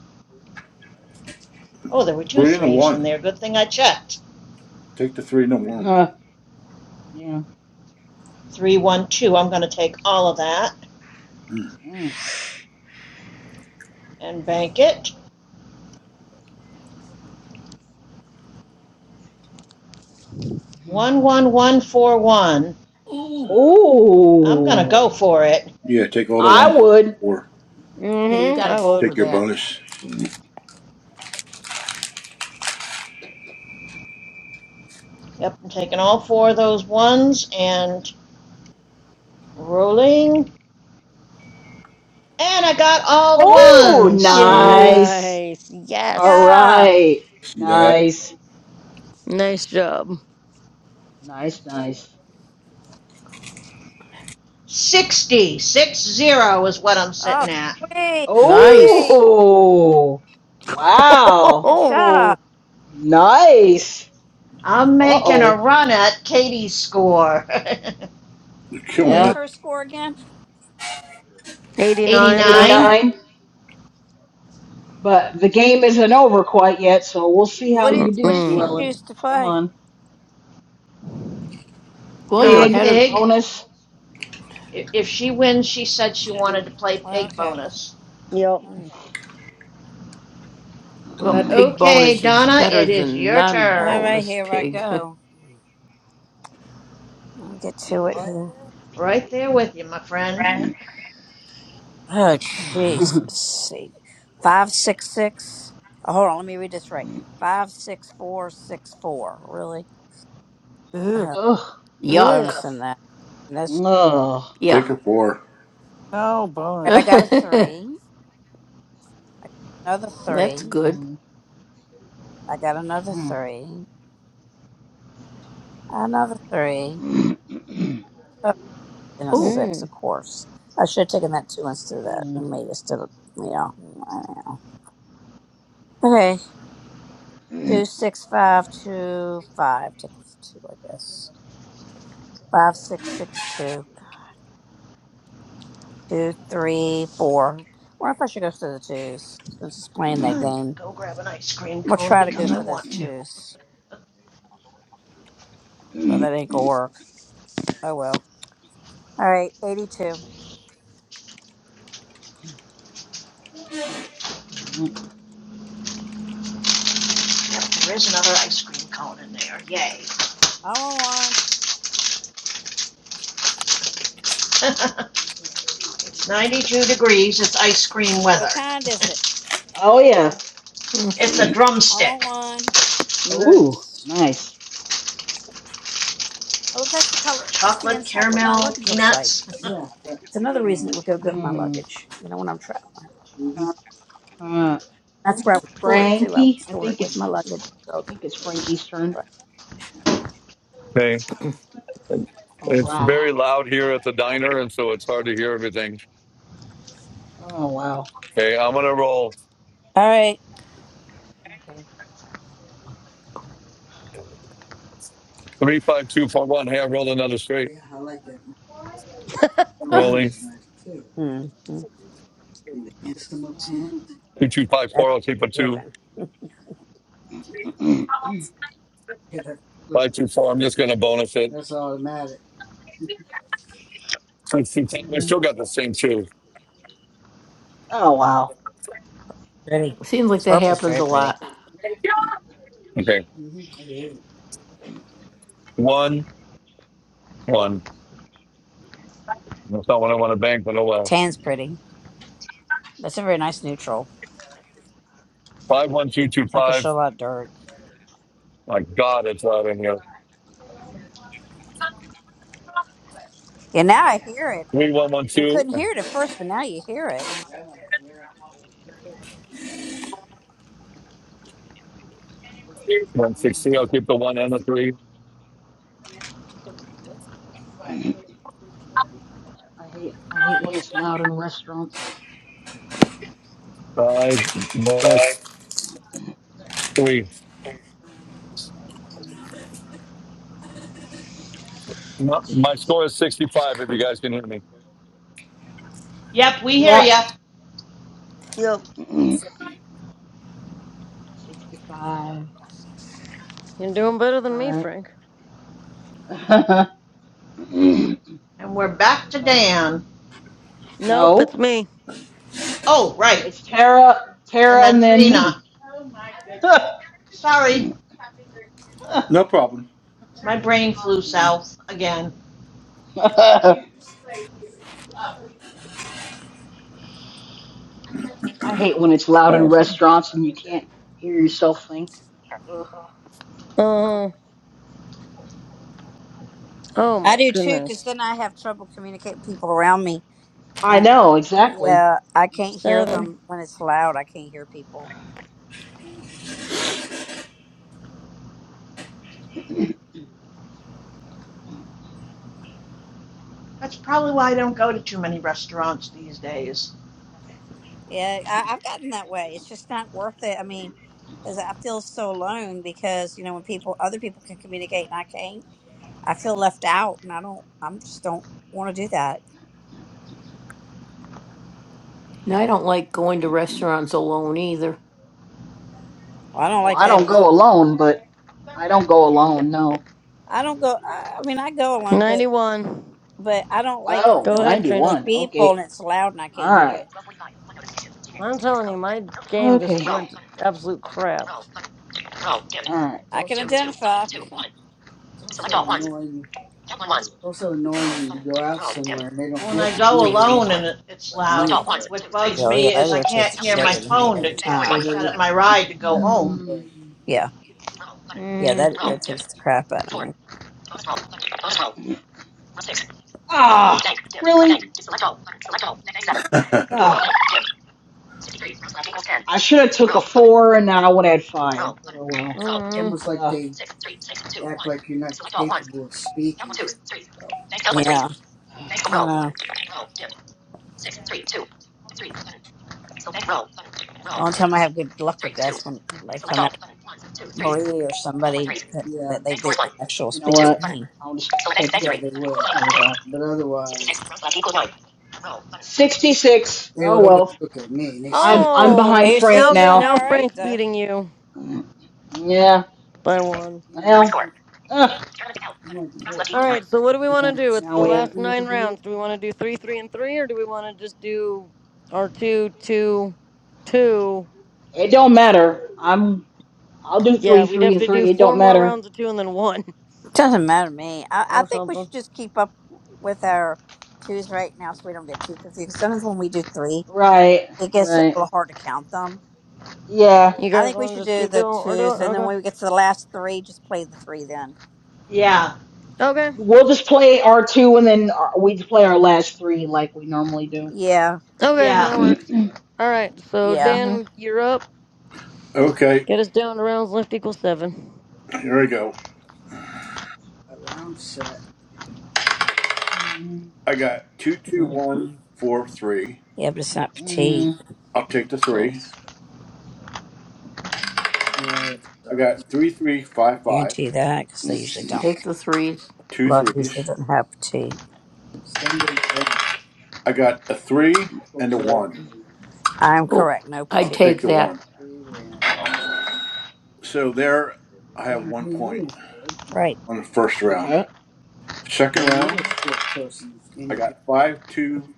Speaker 11: Oh, there were two
Speaker 3: three and a
Speaker 11: threes in
Speaker 3: one.
Speaker 11: there. Good thing I checked.
Speaker 3: Take the three and a one.
Speaker 8: Uh, Yeah.
Speaker 11: Three, one, two. I'm going to take all of that
Speaker 3: Mm.
Speaker 8: Mm.
Speaker 11: and bank it. One, one, one, four, one.
Speaker 5: Ooh,
Speaker 11: I'm going to
Speaker 8: Oh,
Speaker 11: go for it.
Speaker 3: Yeah, take all the
Speaker 8: I
Speaker 3: one for
Speaker 8: would.
Speaker 3: four.
Speaker 5: yeah, you
Speaker 12: Mm-hmm,
Speaker 5: gotta
Speaker 12: I
Speaker 5: go
Speaker 12: would.
Speaker 5: for
Speaker 3: Take your
Speaker 5: that.
Speaker 3: bonus.
Speaker 11: Yep, I'm taking all four of those ones and rolling. And I got all the
Speaker 8: Oh,
Speaker 11: ones.
Speaker 5: Yay.
Speaker 8: nice.
Speaker 12: Nice.
Speaker 8: All
Speaker 12: Yes.
Speaker 9: job.
Speaker 8: right.
Speaker 3: See that?
Speaker 8: Nice.
Speaker 12: Nice job.
Speaker 8: Nice, nice.
Speaker 11: Sixty-six zero is what I'm
Speaker 9: Oh,
Speaker 11: sitting at.
Speaker 9: sweet,
Speaker 5: Nice.
Speaker 9: sweet.
Speaker 8: Oh, wow.
Speaker 9: Good job.
Speaker 8: Nice.
Speaker 11: I'm
Speaker 8: Uh
Speaker 11: making a
Speaker 8: oh.
Speaker 11: run at Katie's score.
Speaker 3: You're
Speaker 9: What
Speaker 3: killing
Speaker 9: is
Speaker 8: Yeah.
Speaker 3: it.
Speaker 9: her score again?
Speaker 12: 89.
Speaker 9: Okay.
Speaker 11: 89,
Speaker 8: 89. But the game isn't over quite yet, so we'll see how
Speaker 9: What did
Speaker 8: you do,
Speaker 9: What did
Speaker 8: Sue
Speaker 9: she
Speaker 8: Ellen.
Speaker 9: choose
Speaker 12: Mm-mm.
Speaker 9: to
Speaker 8: Come
Speaker 9: play?
Speaker 8: on.
Speaker 5: Well, you're
Speaker 11: uh,
Speaker 8: Pig,
Speaker 5: ahead of.
Speaker 11: pig.
Speaker 8: bonus.
Speaker 11: if she wins, she said she wanted to play pig
Speaker 9: Okay.
Speaker 11: bonus.
Speaker 12: Yep.
Speaker 9: Hmm.
Speaker 5: Well,
Speaker 11: But
Speaker 5: pig
Speaker 11: okay,
Speaker 5: bonus is
Speaker 11: Donna,
Speaker 5: better
Speaker 11: it is
Speaker 5: than
Speaker 11: your
Speaker 5: non
Speaker 9: All
Speaker 11: turn.
Speaker 9: right,
Speaker 5: bonus
Speaker 9: here I
Speaker 5: pig.
Speaker 9: go. I'll get to it
Speaker 8: Mm,
Speaker 9: here.
Speaker 11: Right
Speaker 8: pig.
Speaker 11: there with you, my friend.
Speaker 15: Right.
Speaker 9: Oh, jeez. Let's See, five six six. Oh, hold on, let me read this right. Five six four six four. Really?
Speaker 15: Ew.
Speaker 9: Uh,
Speaker 8: Ugh.
Speaker 9: I'm
Speaker 5: Yuck.
Speaker 12: Ugh.
Speaker 9: bonusing that. And that's
Speaker 8: Ugh.
Speaker 5: Yeah.
Speaker 3: Take a four.
Speaker 15: No
Speaker 9: all right. I
Speaker 15: bonus.
Speaker 9: got a three. I got another
Speaker 5: That's
Speaker 9: three.
Speaker 5: good.
Speaker 8: Mm.
Speaker 9: I got another
Speaker 8: Mm.
Speaker 9: three. Another three. Oh, and a
Speaker 5: Oh,
Speaker 9: six,
Speaker 12: Mm.
Speaker 9: of course. I should have taken that two instead of that and made it instead of yeah. I don't know. Okay.
Speaker 8: Mm.
Speaker 9: Two six five two five. Take a two I guess. Five six six two. Two three four. Wonder if I should go for the twos since it's playing that
Speaker 11: I'm gonna
Speaker 9: game.
Speaker 11: go grab an ice cream
Speaker 9: I'm gonna
Speaker 11: cone
Speaker 9: try to go
Speaker 11: because I
Speaker 9: for
Speaker 5: oh,
Speaker 11: want
Speaker 9: those
Speaker 11: to. Yep,
Speaker 9: twos. Well, that ain't gonna work. Oh well. All right, eighty-two.
Speaker 11: there is another ice cream cone in there. Yay.
Speaker 9: I want one.
Speaker 11: it's 92 degrees. It's ice cream weather.
Speaker 9: What kind is it?
Speaker 8: Oh yeah.
Speaker 5: mm.
Speaker 11: It's a
Speaker 9: I want
Speaker 11: drumstick.
Speaker 9: one.
Speaker 8: Ooh,
Speaker 12: Nice.
Speaker 8: nice.
Speaker 9: Well, if that's the color, that's the
Speaker 11: Chocolate,
Speaker 9: inside what my
Speaker 11: caramel,
Speaker 9: luggage looks like.
Speaker 11: peanuts.
Speaker 9: Yeah. It's another reason it would go good with my
Speaker 8: Hmm.
Speaker 9: luggage, you know, when I'm traveling. Mhm.
Speaker 8: Uh,
Speaker 9: That's where I would store it too. I would
Speaker 8: Frankie, I
Speaker 9: store it
Speaker 8: think
Speaker 9: with my
Speaker 8: it's
Speaker 9: luggage.
Speaker 8: I
Speaker 9: So it's
Speaker 8: think it's
Speaker 9: made sure.
Speaker 8: Frankie's turn.
Speaker 17: Okay.
Speaker 8: All
Speaker 17: It's
Speaker 8: right.
Speaker 17: very loud here at the diner, and so it's hard to hear everything.
Speaker 8: Oh wow.
Speaker 17: Okay, I'm gonna roll.
Speaker 9: All right.
Speaker 17: Three five two four one. Hey, I rolled another straight.
Speaker 9: Yeah, I like that. The
Speaker 5: Ah,
Speaker 9: orange
Speaker 17: Rolling
Speaker 9: is nice too. Mm-hmm. And the Insima pant.
Speaker 17: two two five
Speaker 9: That's
Speaker 17: four. I'll keep a two
Speaker 9: given.
Speaker 8: Okay.
Speaker 9: Yeah, that's
Speaker 17: five two four. I'm just gonna bonus it.
Speaker 9: that's automatic.
Speaker 17: Six, two, ten. I still got the same two.
Speaker 8: Oh wow.
Speaker 9: Pretty.
Speaker 5: seems like that
Speaker 9: Purple's
Speaker 5: happens
Speaker 9: very
Speaker 5: a
Speaker 9: pretty.
Speaker 5: lot.
Speaker 17: Okay,
Speaker 9: Mm-hmm. It is.
Speaker 17: one one. That's not what I want to bank, but oh well.
Speaker 9: Tan's pretty. That's a very nice neutral.
Speaker 17: Five one two two
Speaker 9: It's not gonna
Speaker 17: five.
Speaker 9: show a lot of dirt.
Speaker 17: My God, it's loud in here.
Speaker 9: Yeah, now I hear it.
Speaker 17: Three one one
Speaker 9: We
Speaker 17: two
Speaker 9: couldn't
Speaker 17: and
Speaker 9: hear it at first, but now you hear it.
Speaker 17: one six three. I'll keep the one and the three.
Speaker 8: Mm, I hate I hate when it's loud in restaurants.
Speaker 17: Five minus three.
Speaker 8: Mm,
Speaker 17: My, my score is sixty
Speaker 5: That's
Speaker 17: five. If you
Speaker 5: good.
Speaker 17: guys can hear me.
Speaker 11: yep, we hear
Speaker 8: Yeah.
Speaker 11: ya.
Speaker 12: Yep.
Speaker 8: 65.
Speaker 12: You're doing better
Speaker 8: All
Speaker 12: than me,
Speaker 8: right.
Speaker 12: Frank.
Speaker 11: And we're back to
Speaker 8: okay.
Speaker 11: Dan.
Speaker 12: Nope, it's
Speaker 8: No.
Speaker 12: me.
Speaker 11: Oh, right.
Speaker 8: It's Tara,
Speaker 11: And
Speaker 8: Tara,
Speaker 11: then
Speaker 8: and then me.
Speaker 11: Trina. Sorry,
Speaker 3: No problem.
Speaker 11: My brain flew
Speaker 8: Mm.
Speaker 11: south again.
Speaker 8: I hate when it's loud in
Speaker 12: Five.
Speaker 8: restaurants and you can't hear yourself think. Ugh.
Speaker 12: Uh, oh
Speaker 9: I
Speaker 12: my
Speaker 9: do too, because
Speaker 12: goodness.
Speaker 9: then I have trouble communicating with people around me.
Speaker 8: I
Speaker 9: Uh,
Speaker 8: know exactly.
Speaker 9: yeah, I can't hear
Speaker 12: Seven.
Speaker 9: them when it's loud. I can't hear people.
Speaker 8: Mm-mm.
Speaker 11: That's probably why I don't go to too many restaurants these days.
Speaker 9: Yeah, I, I've gotten that way. It's just not worth it. I mean, because I feel so alone because you know when people, other people can communicate and I can't, I feel left out, and I don't. I am just don't want to do that.
Speaker 5: Now I don't like going to restaurants alone either.
Speaker 9: Well, I don't
Speaker 8: Well,
Speaker 9: like
Speaker 8: I
Speaker 9: that
Speaker 8: don't go
Speaker 9: either.
Speaker 8: alone, I don't go alone, no.
Speaker 9: I don't go. I, I mean, I go alone, but
Speaker 12: 91.
Speaker 9: but I don't like when I
Speaker 8: Oh,
Speaker 12: Go
Speaker 9: go with a
Speaker 12: ahead, Trina.
Speaker 9: bunch
Speaker 8: 91.
Speaker 9: of people and
Speaker 8: Okay.
Speaker 9: it's loud and I can't
Speaker 8: Alright.
Speaker 9: hear.
Speaker 12: I'm telling you, my game
Speaker 8: Okay.
Speaker 12: just went to absolute crap.
Speaker 8: Alright.
Speaker 9: I can also identify. it's also annoying. Also annoying when you go out somewhere and they don't
Speaker 11: When I
Speaker 9: look at you.
Speaker 11: go
Speaker 9: They
Speaker 11: alone
Speaker 9: look
Speaker 11: and it's
Speaker 9: like
Speaker 11: loud,
Speaker 9: me. Or,
Speaker 11: what bugs
Speaker 9: Oh yeah,
Speaker 11: me
Speaker 9: that
Speaker 11: is I can't
Speaker 9: irritates the
Speaker 11: hear
Speaker 9: shit
Speaker 11: my
Speaker 9: out of me
Speaker 11: phone to,
Speaker 9: every or
Speaker 11: ca-
Speaker 9: time.
Speaker 11: to
Speaker 9: they,
Speaker 11: set up my ride to go
Speaker 9: yeah,
Speaker 11: home.
Speaker 8: Hmm.
Speaker 9: but Yeah, yeah,
Speaker 12: mm
Speaker 9: that irritates the crap out of me. it's
Speaker 8: Ah! Really?
Speaker 3: okay,
Speaker 8: Ah. I should have took a 4 and now I would have had 5. Oh well.
Speaker 5: Mm.
Speaker 12: Mm.
Speaker 9: almost like
Speaker 8: Ah.
Speaker 9: they act like you're not capable of speaking for yourself. Yeah,
Speaker 8: You
Speaker 9: I know. The only time I have good luck with that's when, like, if I'm out with Marie or somebody that, Yeah, that they, they actually will
Speaker 8: know
Speaker 9: speak to
Speaker 8: what?
Speaker 9: me.
Speaker 8: I'll just take- There
Speaker 9: yeah,
Speaker 8: we
Speaker 9: they will. But otherwise.
Speaker 8: 66.
Speaker 9: They
Speaker 8: Oh
Speaker 9: would always
Speaker 8: well.
Speaker 9: look at me, and they stay
Speaker 8: I'm I'm
Speaker 9: good.
Speaker 12: Oh,
Speaker 9: Are
Speaker 8: behind
Speaker 9: you
Speaker 12: you
Speaker 9: still
Speaker 8: Frank
Speaker 12: now
Speaker 9: doing
Speaker 8: now.
Speaker 12: now
Speaker 9: all right
Speaker 12: Frank's
Speaker 9: though?
Speaker 12: beating you
Speaker 8: Yeah.
Speaker 12: by one.
Speaker 9: You
Speaker 8: What
Speaker 9: know, and
Speaker 8: Well.
Speaker 9: I'm
Speaker 8: score?
Speaker 9: like,
Speaker 8: Uh,
Speaker 9: I'm like four.
Speaker 12: All
Speaker 9: And I
Speaker 12: right, so what do we
Speaker 9: think
Speaker 12: want to
Speaker 9: I'm the
Speaker 12: do? It's
Speaker 8: now
Speaker 12: the
Speaker 8: we have.
Speaker 12: last
Speaker 9: spokesman of the
Speaker 12: nine
Speaker 9: group.
Speaker 12: rounds. Do we want to do three, three, and three, or do we want to just do our two, two, two?
Speaker 8: It don't matter. I'm. I'll do
Speaker 12: Yeah,
Speaker 8: three,
Speaker 12: we'd
Speaker 8: three,
Speaker 12: have
Speaker 8: and
Speaker 12: to do
Speaker 8: three. It don't
Speaker 12: four more
Speaker 8: matter.
Speaker 12: rounds of two and then one
Speaker 9: Doesn't matter to me. I, I
Speaker 12: or
Speaker 9: think we
Speaker 12: something.
Speaker 9: should just keep up with our twos right now so we don't get too confused. Sometimes when we do three,
Speaker 8: Right.
Speaker 9: it gets a
Speaker 8: Right.
Speaker 9: little hard to count them.
Speaker 8: Yeah.
Speaker 12: You
Speaker 9: I
Speaker 12: guys
Speaker 9: think we
Speaker 12: want to
Speaker 9: should
Speaker 12: just
Speaker 9: do
Speaker 12: keep
Speaker 9: the
Speaker 12: doing what we're
Speaker 9: twos,
Speaker 12: doing?
Speaker 5: Mm.
Speaker 9: and then
Speaker 12: Okay,
Speaker 9: when we get to the last three, just play the three then.
Speaker 11: Yeah,
Speaker 12: okay,
Speaker 8: We'll just play our two, and then our, we just play our last three like we normally do.
Speaker 9: Yeah,
Speaker 12: okay, that
Speaker 11: yeah,
Speaker 12: works.
Speaker 8: hmm
Speaker 12: All right, so
Speaker 9: yeah.
Speaker 12: Dan, you're up. Get us down to rounds left equals seven.
Speaker 3: here we go.
Speaker 9: A lounge set.
Speaker 3: I got two two
Speaker 9: Mhm.
Speaker 3: one four three.
Speaker 9: Yeah, but it's not petite.
Speaker 8: mm
Speaker 3: I'll take the three.
Speaker 12: Nice.
Speaker 9: Yeah, it
Speaker 3: I
Speaker 9: sucks.
Speaker 3: got three three
Speaker 9: I
Speaker 3: five five
Speaker 9: guarantee you that because they usually don't.
Speaker 5: Take the threes.
Speaker 3: two
Speaker 9: Lord, he
Speaker 3: threes.
Speaker 9: shouldn't have tea. Sunday brunch
Speaker 3: I got a three
Speaker 9: for
Speaker 3: and a
Speaker 9: good
Speaker 3: one.
Speaker 9: I'm
Speaker 5: Oh,
Speaker 9: correct. No
Speaker 5: I'd
Speaker 3: I'll
Speaker 9: tea.
Speaker 3: take
Speaker 5: take
Speaker 3: the
Speaker 9: for
Speaker 5: that.
Speaker 3: one.
Speaker 9: and
Speaker 3: So there, I have
Speaker 9: doesn't
Speaker 3: one
Speaker 9: do you
Speaker 3: point
Speaker 9: any good Right.
Speaker 3: on the first round.
Speaker 8: Okay.
Speaker 9: or
Speaker 3: Second round,
Speaker 9: another
Speaker 8: Mhm.
Speaker 9: short person any
Speaker 3: I
Speaker 9: good.
Speaker 3: got five, two,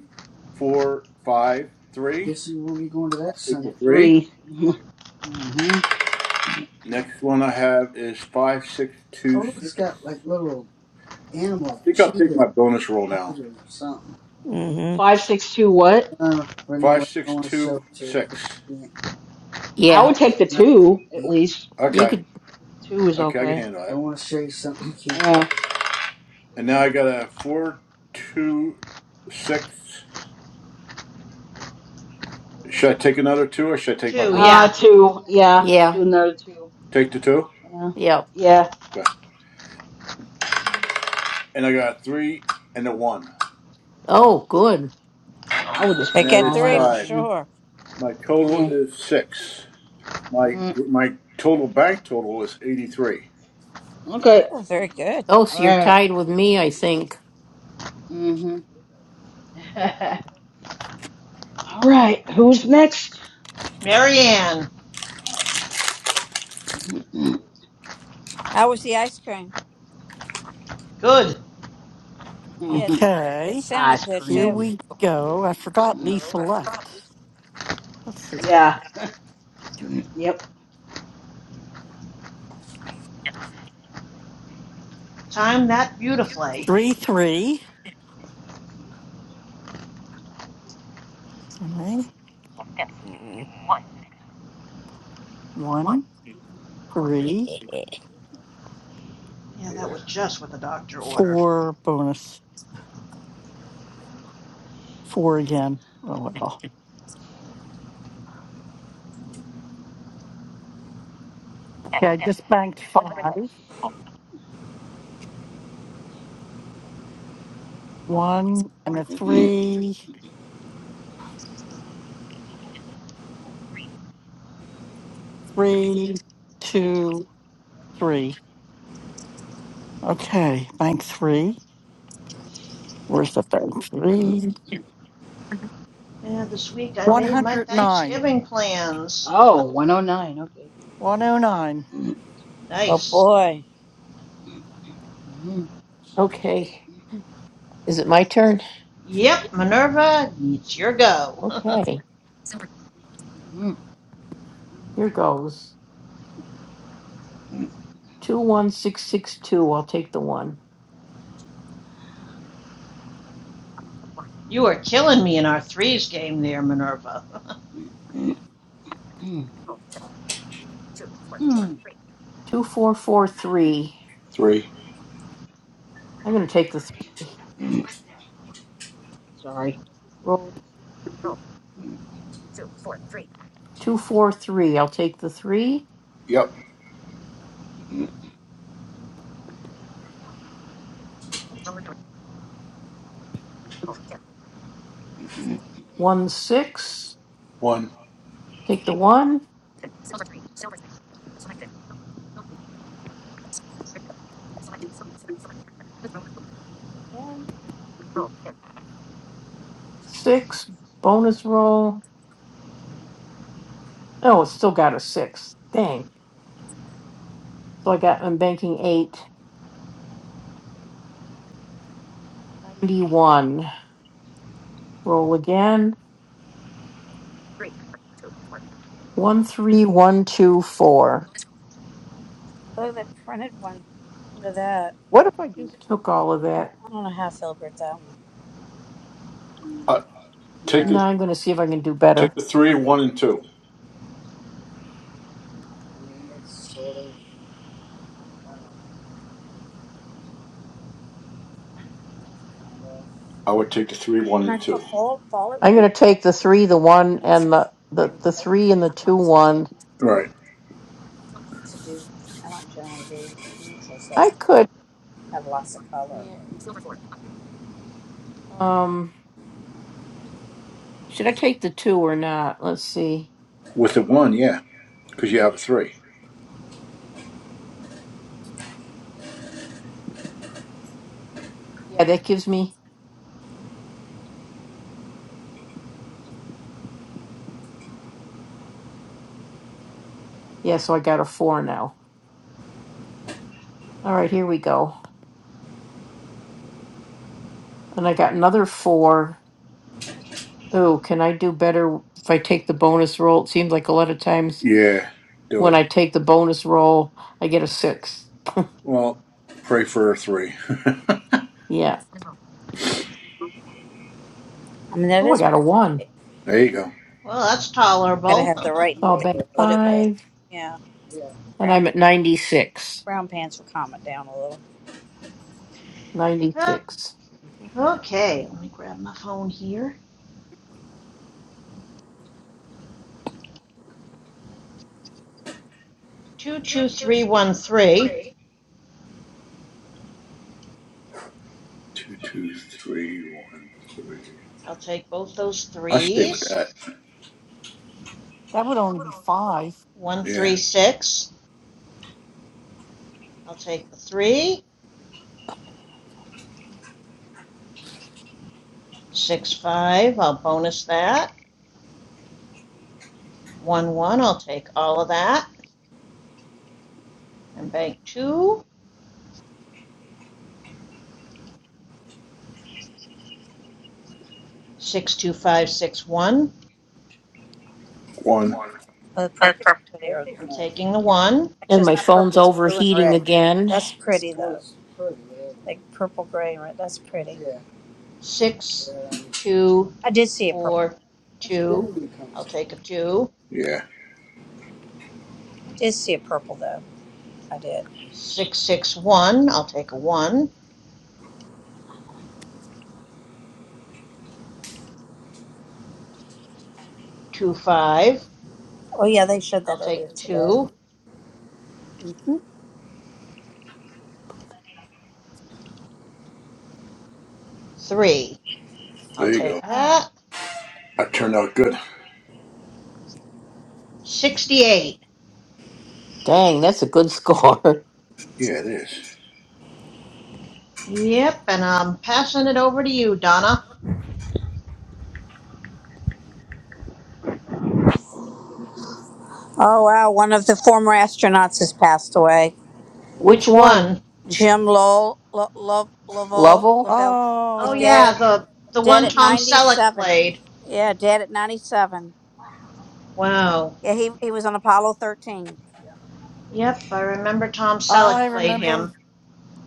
Speaker 3: four, five, three.
Speaker 9: Guess who will be going to that
Speaker 3: I'll take the
Speaker 9: Sunday
Speaker 8: That
Speaker 9: brunch?
Speaker 3: three.
Speaker 8: three. mm-hmm.
Speaker 3: Next one I have is five, six,
Speaker 9: Oh
Speaker 3: two,
Speaker 9: look, it's
Speaker 3: six.
Speaker 9: got like little
Speaker 3: I
Speaker 9: animals,
Speaker 3: think I'll take
Speaker 9: cheetahs,
Speaker 3: my bonus roll now.
Speaker 9: tigers, or something. Mm-hmm.
Speaker 8: Five, six, two. What?
Speaker 9: Uh, but
Speaker 3: Five,
Speaker 9: anyway, I don't
Speaker 3: six,
Speaker 9: want to show
Speaker 3: two,
Speaker 9: it to you 'cause
Speaker 3: six.
Speaker 9: you can't.
Speaker 8: I
Speaker 5: Yeah,
Speaker 8: would
Speaker 9: It's
Speaker 8: take the
Speaker 9: not to
Speaker 8: two at
Speaker 9: eat.
Speaker 8: least.
Speaker 5: you
Speaker 3: Okay,
Speaker 5: could.
Speaker 8: Two is
Speaker 3: okay, I can
Speaker 8: okay.
Speaker 3: handle
Speaker 9: I
Speaker 3: it.
Speaker 9: want to show you something you can't.
Speaker 8: Yeah.
Speaker 3: And now I got a four, two, six. Should I take another two or should I take my
Speaker 11: too,
Speaker 3: bonus?
Speaker 8: Uh,
Speaker 11: yeah.
Speaker 8: two. Yeah.
Speaker 5: Yeah,
Speaker 8: Do another two.
Speaker 3: Take the two.
Speaker 8: Yeah.
Speaker 5: yeah.
Speaker 8: Yeah.
Speaker 3: Okay. And I got a three and a one,
Speaker 5: Oh, good.
Speaker 8: I would just
Speaker 9: They
Speaker 3: and
Speaker 8: take
Speaker 3: that
Speaker 9: get
Speaker 8: all
Speaker 3: is
Speaker 9: three for
Speaker 8: that.
Speaker 3: five.
Speaker 8: Yeah.
Speaker 9: sure.
Speaker 3: My total
Speaker 8: Yeah.
Speaker 3: is six. My
Speaker 8: Mm.
Speaker 3: my total bank total is eighty three.
Speaker 8: Okay.
Speaker 9: Oh, very good.
Speaker 5: Oh,
Speaker 8: All
Speaker 5: so you're
Speaker 8: right.
Speaker 5: tied with me, I think.
Speaker 8: Mm-hmm. all right. Who's next?
Speaker 11: Mary Ann,
Speaker 9: How was the ice cream?
Speaker 11: good.
Speaker 9: Yeah, it
Speaker 15: Okay.
Speaker 9: sounded
Speaker 8: Ice
Speaker 9: good
Speaker 15: Here
Speaker 9: too.
Speaker 8: cream.
Speaker 15: we go. I forgot Lisa left. Let's see.
Speaker 8: Yeah. Yep.
Speaker 11: Timed that beautifully.
Speaker 15: Three, three. All right. Ten.
Speaker 9: Mm.
Speaker 15: One, three,
Speaker 11: Yeah, that was just what the doctor ordered.
Speaker 15: four bonus. Four again. Oh well. Ten. Okay, I just banked five. One and a three, three, two, three. Okay, bank three. Where's the third three? Three.
Speaker 11: Yeah, this week I made my
Speaker 15: 109.
Speaker 11: Thanksgiving plans.
Speaker 8: Oh, 109. Okay.
Speaker 15: 109.
Speaker 9: Oh
Speaker 11: nice.
Speaker 9: boy.
Speaker 8: Mm-hmm.
Speaker 5: Okay. Is it my turn?
Speaker 11: Yep, Minerva, it's your go.
Speaker 5: Okay. Here goes. 21662. I'll take the one.
Speaker 11: You are killing me in our threes game there, Minerva.
Speaker 8: Mm-hmm.
Speaker 5: 2443.
Speaker 3: Three.
Speaker 5: I'm going to take the th-
Speaker 8: Sorry.
Speaker 5: roll. 243. I'll take the three.
Speaker 3: Yep.
Speaker 5: One, six.
Speaker 3: One.
Speaker 5: Take the one. Six. Bonus roll. Oh, it's still got a six. Dang. So I got, I'm banking eight. 91. Roll again. One, three, one, two, four.
Speaker 9: Look at that printed one. Look at that.
Speaker 5: What if I
Speaker 9: I
Speaker 5: just took all of that
Speaker 9: I don't know how I feel about that one.
Speaker 3: Uh, take
Speaker 9: Yeah,
Speaker 5: No,
Speaker 3: the
Speaker 5: I'm going to see if I can do
Speaker 3: take
Speaker 5: better.
Speaker 3: the
Speaker 9: I
Speaker 3: three, one, and two.
Speaker 9: mean, it's sort of, I don't know, kind of.
Speaker 3: I would take the three, one,
Speaker 9: And I
Speaker 3: and two.
Speaker 9: thought fall, fall it
Speaker 5: I'm
Speaker 9: would be
Speaker 5: going to take the
Speaker 9: pretty.
Speaker 5: three,
Speaker 9: My
Speaker 5: the
Speaker 9: brown
Speaker 5: one,
Speaker 9: pants it
Speaker 5: and the
Speaker 9: would be
Speaker 5: the
Speaker 9: pretty,
Speaker 5: the
Speaker 9: but
Speaker 5: three
Speaker 9: it's
Speaker 5: and the
Speaker 9: not my
Speaker 5: two
Speaker 9: style
Speaker 5: one.
Speaker 9: normally
Speaker 3: Right.
Speaker 9: to do. I don't generally do neutrals like
Speaker 5: I
Speaker 9: that.
Speaker 5: could.
Speaker 9: have lots of color.
Speaker 5: Um, should I take the two or not? Let's see.
Speaker 3: With the one, yeah, because you have a three.
Speaker 5: Yeah, that gives me. Yeah, so I got a four now. All right, here we go. And I got another four. Oh, can I do better if I take the bonus roll? It seems like a lot of times
Speaker 3: Yeah. Do
Speaker 5: when
Speaker 3: it.
Speaker 5: I take the bonus roll, I get a six.
Speaker 3: Well, pray for a three.
Speaker 5: Yeah.
Speaker 9: I mean, that
Speaker 5: Oh, I
Speaker 9: is
Speaker 5: got a
Speaker 9: pretty.
Speaker 5: one.
Speaker 3: There you go.
Speaker 11: well, that's
Speaker 9: Gotta
Speaker 11: tolerable.
Speaker 9: have the right
Speaker 5: So
Speaker 9: Yeah,
Speaker 5: I'll
Speaker 9: thing to yeah,
Speaker 5: bet
Speaker 9: put it yeah, with.
Speaker 5: five,
Speaker 9: Yeah, yeah.
Speaker 5: and
Speaker 9: brown
Speaker 5: I'm at 96.
Speaker 9: brown pants will calm it down a little.
Speaker 11: Huh,
Speaker 5: 96.
Speaker 11: okay, let me grab my phone here. 22313.
Speaker 3: Two, two, three, one, three.
Speaker 11: I'll take both those
Speaker 3: I stay with
Speaker 11: threes.
Speaker 3: that.
Speaker 15: That would only be five.
Speaker 3: Yeah.
Speaker 11: 136. I'll take the three. 6 Six I'll bonus that. 1 1. I'll take all of that. And bank 2. 62561.
Speaker 3: One.
Speaker 9: But purple's
Speaker 5: And
Speaker 9: pretty. Or
Speaker 11: I'm
Speaker 9: nice.
Speaker 11: taking the
Speaker 9: it's,
Speaker 11: 1.
Speaker 9: actually, it's
Speaker 5: my
Speaker 9: not
Speaker 5: phone's
Speaker 9: purple. It's blue and
Speaker 5: overheating
Speaker 9: red.
Speaker 5: again.
Speaker 9: That's pretty Oh, though. pretty, yeah. Like purple, gray, and red. That's pretty. Yeah.
Speaker 11: six,
Speaker 9: um,
Speaker 11: two,
Speaker 9: I did see a purple
Speaker 11: four,
Speaker 9: one. that's
Speaker 11: two,
Speaker 9: Kennedy
Speaker 11: I'll
Speaker 9: comes
Speaker 11: take a
Speaker 9: in.
Speaker 11: two.
Speaker 3: Yeah.
Speaker 9: I did see a purple though. I did.
Speaker 11: Six, six, one, I'll take a one. Two, five,
Speaker 9: Oh yeah, they showed that
Speaker 11: I'll take
Speaker 9: earlier
Speaker 11: the
Speaker 9: today.
Speaker 11: two. Three, I'll
Speaker 3: There you
Speaker 11: take
Speaker 3: go.
Speaker 15: Ah.
Speaker 11: that.
Speaker 3: That turned out good.
Speaker 11: Sixty-eight.
Speaker 5: Dang, that's a good score.
Speaker 3: Yeah, it is.
Speaker 11: Yep, and I'm passing it over to you, Donna.
Speaker 9: Oh wow, one of the former astronauts has passed away.
Speaker 5: Which
Speaker 11: Which
Speaker 5: one?
Speaker 11: one?
Speaker 9: Jim Lowell, Lo, Lo, Lovell,
Speaker 5: Lovell?
Speaker 9: Lovell,
Speaker 11: Oh
Speaker 9: he's
Speaker 11: yeah,
Speaker 15: Oh,
Speaker 9: dead,
Speaker 11: the the
Speaker 9: dead
Speaker 11: one
Speaker 9: at
Speaker 11: Tom Selleck
Speaker 9: 97.
Speaker 11: played.
Speaker 9: Yeah, dead at 97.
Speaker 11: Wow.
Speaker 9: Yeah, he, he was on Apollo 13.
Speaker 11: Yep, I remember Tom
Speaker 15: I
Speaker 11: Selleck played
Speaker 15: remember.
Speaker 11: him.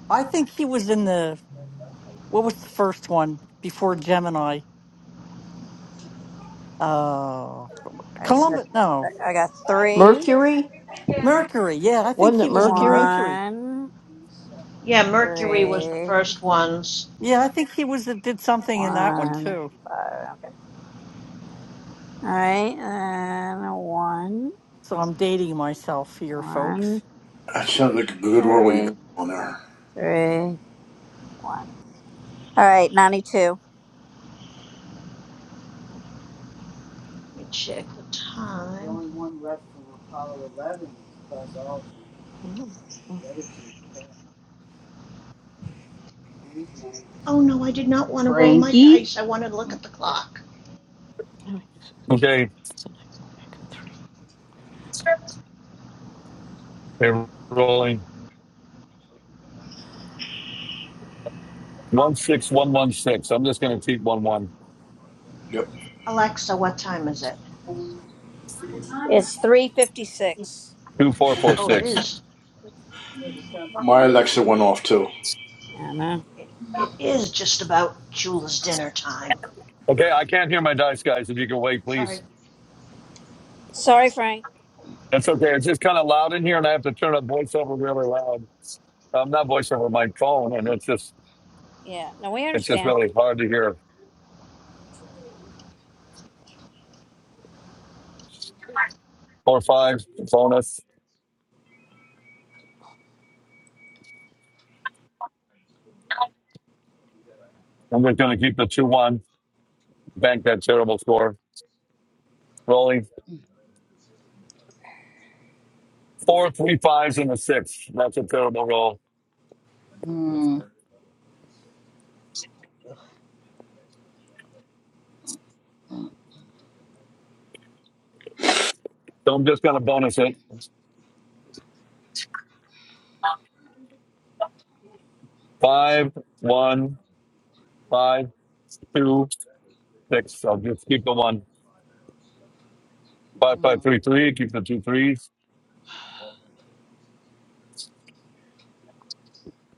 Speaker 15: I think he was
Speaker 9: All
Speaker 15: in the, what was the first one before Gemini? Uh,
Speaker 9: right, so
Speaker 15: Columbus, no,
Speaker 9: I I got three,
Speaker 5: Mercury?
Speaker 15: Mercury. Yeah, I think
Speaker 5: Wasn't
Speaker 15: he
Speaker 5: it
Speaker 15: was in the
Speaker 5: Mercury?
Speaker 15: Mercury.
Speaker 9: one,
Speaker 11: Yeah, Mercury was the
Speaker 9: three,
Speaker 11: first ones.
Speaker 15: Yeah, I think he was, did something in that one
Speaker 9: one,
Speaker 15: too.
Speaker 9: five. Okay. All right, and one,
Speaker 15: So I'm dating myself here,
Speaker 9: one,
Speaker 15: folks.
Speaker 3: That sounds like a good roll you got
Speaker 9: three,
Speaker 3: on there.
Speaker 9: three, one. All right, 92.
Speaker 11: Let me check the
Speaker 9: The
Speaker 11: time.
Speaker 9: only one left from Apollo 11 is Buzz Aldrin.
Speaker 5: Mm, mm,
Speaker 9: The other two Newsman.
Speaker 11: Oh no, I did not want to roll my
Speaker 8: Frankie?
Speaker 11: dice. I wanted to look at the clock.
Speaker 5: no, it's-
Speaker 17: Okay,
Speaker 5: it's an echo three.
Speaker 17: they're rolling one six one one six. I'm just gonna keep one one.
Speaker 11: Alexa, what time is it?
Speaker 9: It's 356.
Speaker 17: Two four four
Speaker 3: Yep.
Speaker 11: Oh, it
Speaker 17: six.
Speaker 11: is.
Speaker 9: So they come to the
Speaker 3: My
Speaker 9: newsman.
Speaker 3: Alexa
Speaker 11: It,
Speaker 3: went off too.
Speaker 9: I know.
Speaker 11: it, it is just about Chula's dinner time.
Speaker 17: Okay, I can't hear my dice, guys. If you can wait,
Speaker 11: Sorry.
Speaker 17: please.
Speaker 9: Sorry, Frank.
Speaker 17: That's okay. It's just kind of loud in here, and I have to turn up voiceover really loud. Um, not voiceover, my phone, and it's just
Speaker 9: Yeah, no, we
Speaker 17: it's just
Speaker 9: understand.
Speaker 17: really hard to hear. Four five bonus. I'm just going to keep the two one. Bank that terrible score. Rolling four three fives and a six. That's a terrible roll.
Speaker 8: Mm.
Speaker 17: So I'm just going to bonus it. Five one five two six. I'll just keep the one. Five five
Speaker 8: Mm. All
Speaker 17: three three. Keep the two threes.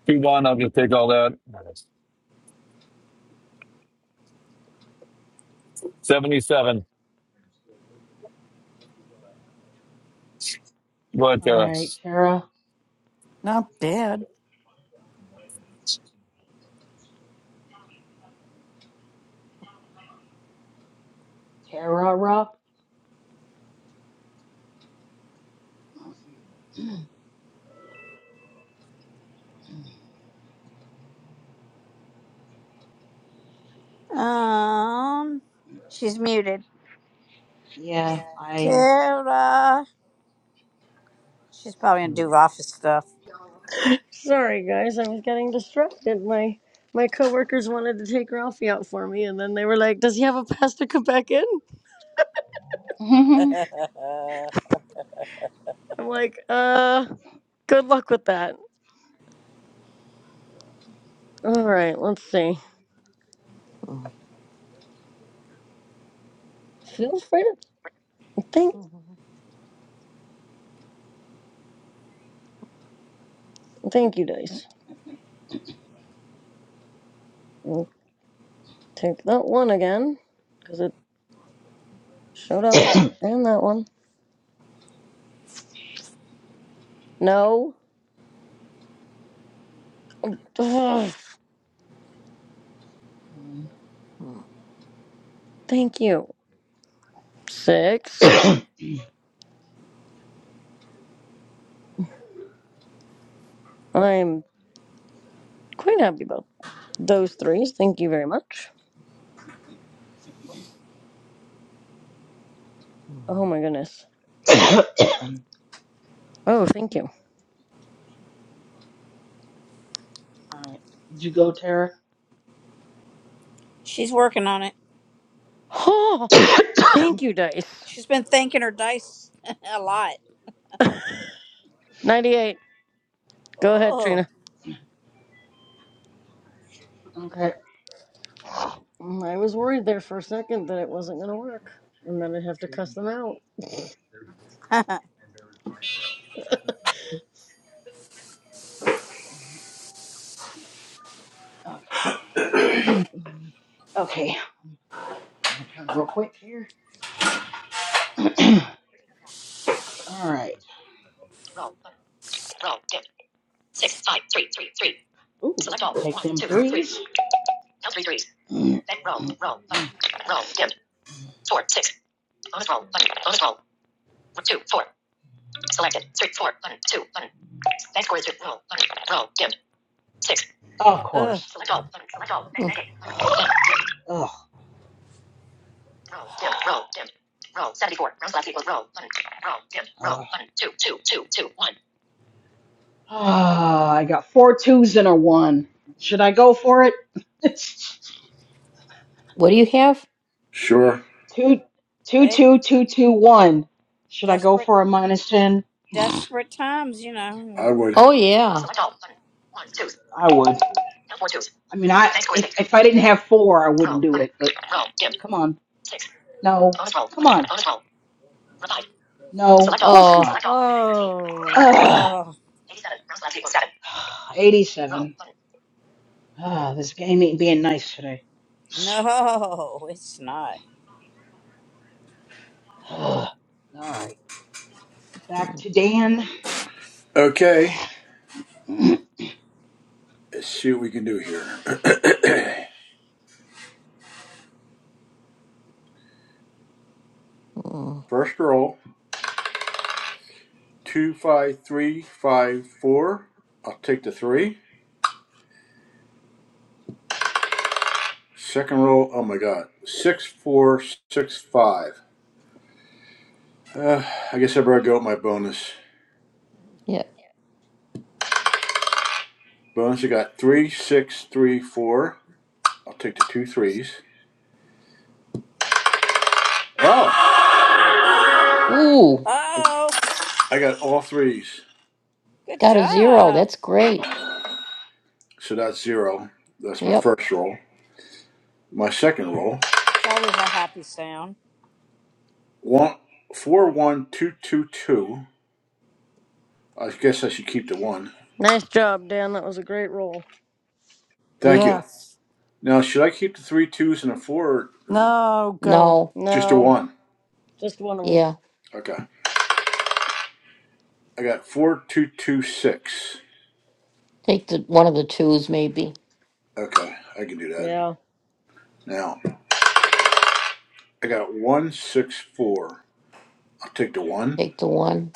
Speaker 17: Two one. I'll just take all that. 77. But uh,
Speaker 8: right, Tara.
Speaker 15: Not bad.
Speaker 8: Tara Rock?
Speaker 9: Um, she's muted.
Speaker 8: Yeah, I.
Speaker 9: Tara. She's probably gonna do office stuff.
Speaker 12: Sorry, guys, I was getting distracted. My my coworkers wanted to take Ralphie out for me, and then they were like, "Does he have a pass to come back in?" I'm like, "Uh, good luck with that." All right, let's see. Feel free to thank thank you, Dice. We'll take that one again because it showed up, and that one. No, Ugh, thank you. Six.
Speaker 8: Mm.
Speaker 12: I'm quite happy about those threes. Thank you very much. Oh my goodness.
Speaker 8: All
Speaker 12: Oh, thank you.
Speaker 8: right. Did you go, Tara?
Speaker 9: She's working on it.
Speaker 12: Oh, thank you, Dice.
Speaker 9: She's been thinking her dice a lot.
Speaker 12: 98. Go ahead,
Speaker 9: Oh,
Speaker 12: Trina.
Speaker 8: Okay.
Speaker 12: Mm, I was worried there for a second that it wasn't going to work, and then I'd have to cuss them out.
Speaker 8: All right. Okay. okay. My turn, real quick here. All right. Ooh, take them threes. Roll, roll, button. Of
Speaker 15: Ugh.
Speaker 8: course. Select all, button, select all, Ugh. Roll, seventy-four, roll, left equals roll, button, roll, dim, roll, button, two two two two one. Ah, I got four twos and a one. Should I go for it?
Speaker 5: What do you have?
Speaker 3: Sure,
Speaker 8: two, two,
Speaker 9: hey,
Speaker 8: two, two, two, one. Should I go
Speaker 9: desperate,
Speaker 8: for a minus ten?
Speaker 9: desperate times, you
Speaker 3: I
Speaker 9: know.
Speaker 3: would.
Speaker 5: Oh yeah.
Speaker 8: I would. I mean, I if, if I didn't have four, I wouldn't do it. But come on, no, come on, no. Of course not.
Speaker 15: Oh,
Speaker 8: Ugh.
Speaker 9: Oh.
Speaker 8: 87. Ah, this game ain't being nice today.
Speaker 9: No, it's not.
Speaker 8: all right, back to Dan.
Speaker 3: Okay, let's see what we can do here.
Speaker 5: Mm,
Speaker 3: First roll, two, five, three, five, four. I'll take the three. Second roll, oh my god, six, four, six, five. Uh, I guess I better go with my bonus.
Speaker 5: yeah.
Speaker 3: Bonus, I got three, six, three, four. I'll take the two threes. Oh,
Speaker 5: Ooh,
Speaker 9: Oh,
Speaker 3: I got all threes.
Speaker 9: good
Speaker 5: got a zero.
Speaker 9: job.
Speaker 5: That's great.
Speaker 3: So that's zero. That's my
Speaker 5: Yep.
Speaker 3: first roll. My second roll,
Speaker 9: That's always a happy sound.
Speaker 3: one, four, one, two, two, two. I guess I should keep the one.
Speaker 12: Nice job, Dan. That was a great roll.
Speaker 3: Thank you.
Speaker 15: yes.
Speaker 3: Now, should I keep the three twos and a four or
Speaker 15: No, go.
Speaker 5: No.
Speaker 3: just a
Speaker 12: No,
Speaker 3: one?
Speaker 12: just one of them.
Speaker 5: Yeah.
Speaker 3: Okay. I got four, two, two, six.
Speaker 5: Take the one of the twos, maybe.
Speaker 3: Okay, I can do that.
Speaker 12: Yeah.
Speaker 3: Now, I got one, six, four. I'll take the one.
Speaker 5: Take the one.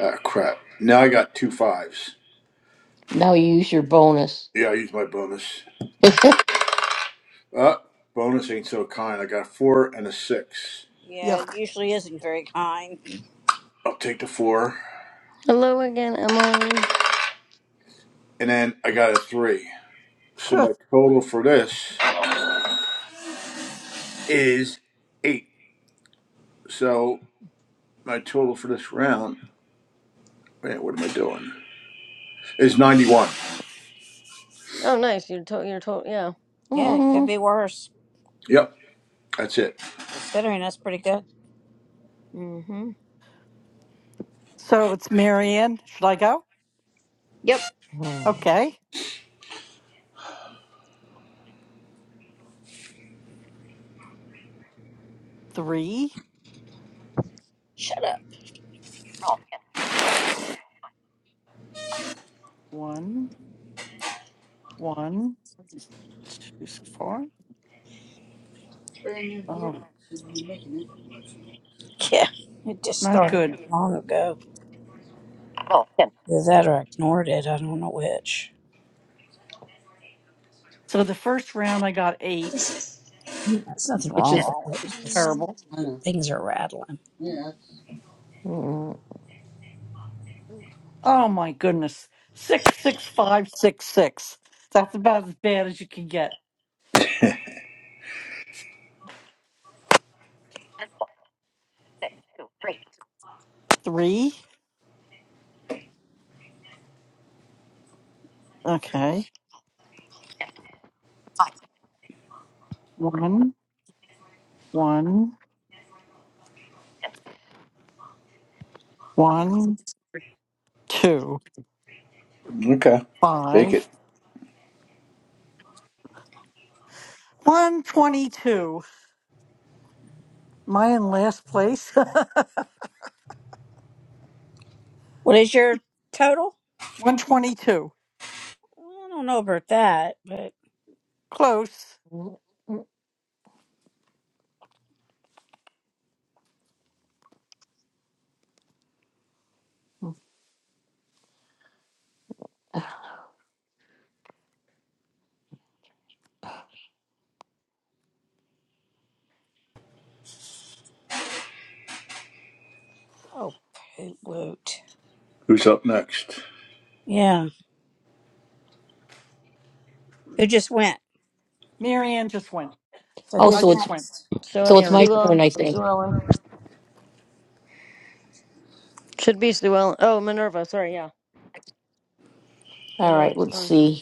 Speaker 3: Ah, crap. Now I got two fives.
Speaker 5: Now you use your bonus.
Speaker 3: Yeah, I used my bonus. Uh, bonus ain't so kind. I got a four and a six.
Speaker 9: Yeah,
Speaker 15: Yuck.
Speaker 9: it usually isn't very kind.
Speaker 3: I'll take the four.
Speaker 12: Hello again, Emily.
Speaker 3: And then I got a three. So my total for this is eight. So My total for this round, man, what am I doing? Is 91.
Speaker 12: Oh, nice. You're to- you're to- yeah.
Speaker 9: Yeah, it could
Speaker 5: Mm,
Speaker 9: be worse.
Speaker 3: Yep, that's it.
Speaker 9: Considering that's pretty good.
Speaker 12: Mm-hmm.
Speaker 15: so it's Marianne. Should I go?
Speaker 12: Yep.
Speaker 5: mm,
Speaker 15: Okay. Three,
Speaker 9: Shut up.
Speaker 15: one, one, two, so four. Oh,
Speaker 9: Yeah, it just
Speaker 15: not
Speaker 9: started
Speaker 15: good.
Speaker 9: not long ago. Either that or I ignored it. I don't know which.
Speaker 15: So the first round I got eight,
Speaker 9: It's- There's nothing
Speaker 15: which
Speaker 9: wrong
Speaker 15: is
Speaker 9: with it. It's
Speaker 15: terrible.
Speaker 9: just things are rattling.
Speaker 5: mm, mm.
Speaker 15: Oh my goodness. Six, six, five, six, six. That's about as bad as you can get. Three. Okay. One, one, one, two,
Speaker 3: Okay. Take it.
Speaker 15: five. 122. My in last place?
Speaker 9: What is your total?
Speaker 15: 122.
Speaker 9: I don't know about that, but.
Speaker 15: Close.
Speaker 9: Oh, Woot.
Speaker 3: Who's up next?
Speaker 9: Yeah. Who just went?
Speaker 15: Mary Ann just went.
Speaker 9: So
Speaker 5: Oh,
Speaker 15: I
Speaker 9: who's
Speaker 5: so it's
Speaker 15: just went.
Speaker 9: next?
Speaker 12: So
Speaker 5: So
Speaker 12: it's
Speaker 5: it's my
Speaker 12: Sue
Speaker 15: Mary.
Speaker 12: Ellen.
Speaker 5: turn, I
Speaker 15: Wait.
Speaker 5: think.
Speaker 12: Sue Ellen. Should be Sue Ellen. Oh, Minerva. Sorry, yeah.
Speaker 5: All right,
Speaker 12: Minerva's
Speaker 5: let's
Speaker 12: turn.
Speaker 5: see.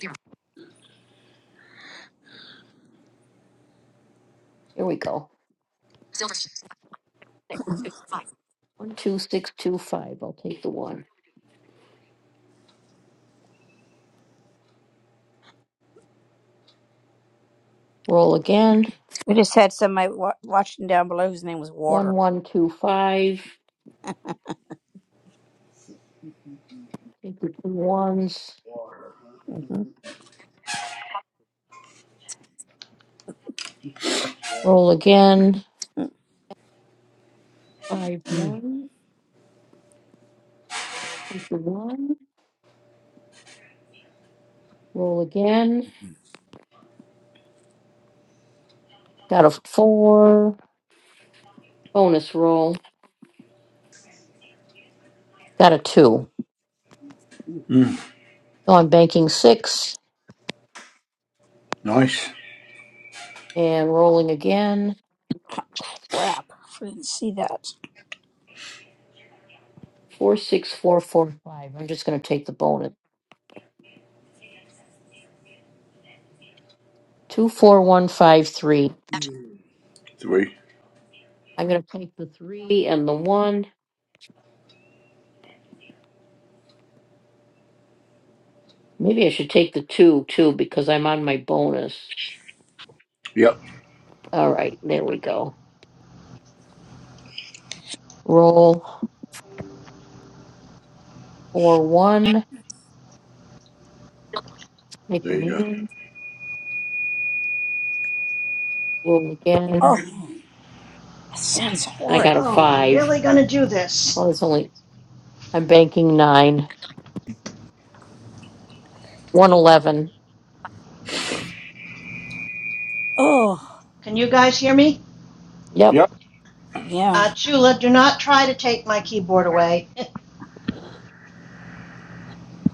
Speaker 5: Here we go. One, two, six, two, five. I'll take the one. Roll again.
Speaker 9: We just had somebody wa- watching down below whose name was
Speaker 5: One,
Speaker 9: Water.
Speaker 5: one, two, five. Take the two ones.
Speaker 9: hmm
Speaker 5: Roll again. Five,
Speaker 9: hmm
Speaker 5: one. Take the one. Roll again. Got a four. Bonus roll. Got a two.
Speaker 3: Mm,
Speaker 5: So I'm banking six
Speaker 3: nice.
Speaker 5: and rolling again.
Speaker 9: Crap. I didn't see that.
Speaker 5: Four, six, four, four, five. I'm just going to take the bonus. Two, four, one, five, three.
Speaker 3: Three.
Speaker 5: I'm going to take the three and the one. Maybe I should take the two too because I'm on my bonus.
Speaker 3: Yep,
Speaker 5: All right, there we go. Roll or one, make the
Speaker 3: there you go.
Speaker 5: move, roll
Speaker 9: Oh,
Speaker 5: again.
Speaker 9: that sounds
Speaker 5: and I
Speaker 9: horrid.
Speaker 5: got a
Speaker 11: Oh, we
Speaker 5: five.
Speaker 11: really gonna do this?
Speaker 5: Well, it's only I'm banking nine. One eleven.
Speaker 9: Oh,
Speaker 11: Can you guys hear me?
Speaker 5: Yep.
Speaker 3: Yep.
Speaker 9: yeah.
Speaker 11: Uh, Chula, do not try to take my keyboard away.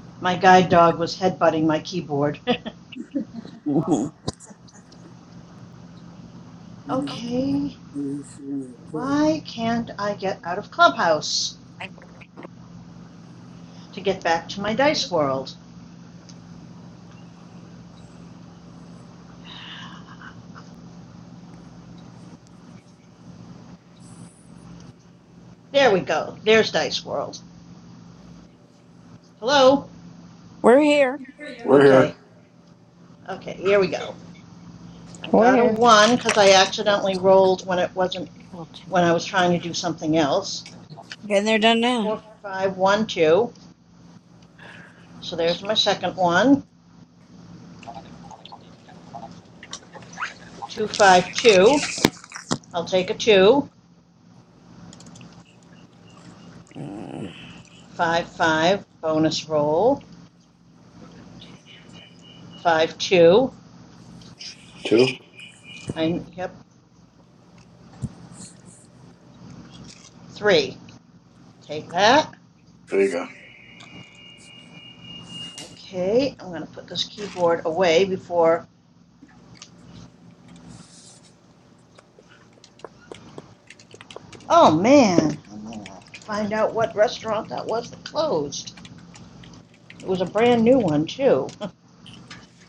Speaker 11: my guide dog was headbutting my keyboard.
Speaker 9: Mhm.
Speaker 11: okay. Why can't I get out of Clubhouse to get back to my dice world? There we go. There's Dice World. Hello?
Speaker 9: We're here.
Speaker 3: We're here.
Speaker 11: Okay. Okay, here we go. I
Speaker 12: We're
Speaker 11: got a
Speaker 12: here.
Speaker 11: one because I
Speaker 5: I'll
Speaker 11: accidentally
Speaker 5: take the,
Speaker 11: rolled when it wasn't
Speaker 5: I'll take
Speaker 11: when I
Speaker 5: the
Speaker 11: was trying to do something else.
Speaker 9: Been there, done that.
Speaker 11: Four, five, one, two. So there's my second one. Two, five, two. I'll take a two.
Speaker 9: Mm.
Speaker 11: Five, five. Bonus roll. Five, two.
Speaker 3: Two.
Speaker 11: I yep. Three. Take that.
Speaker 3: There you go.
Speaker 11: Okay, I'm gonna put this keyboard away before. Oh man, I'll find out what restaurant that was that closed. It was a brand new one too.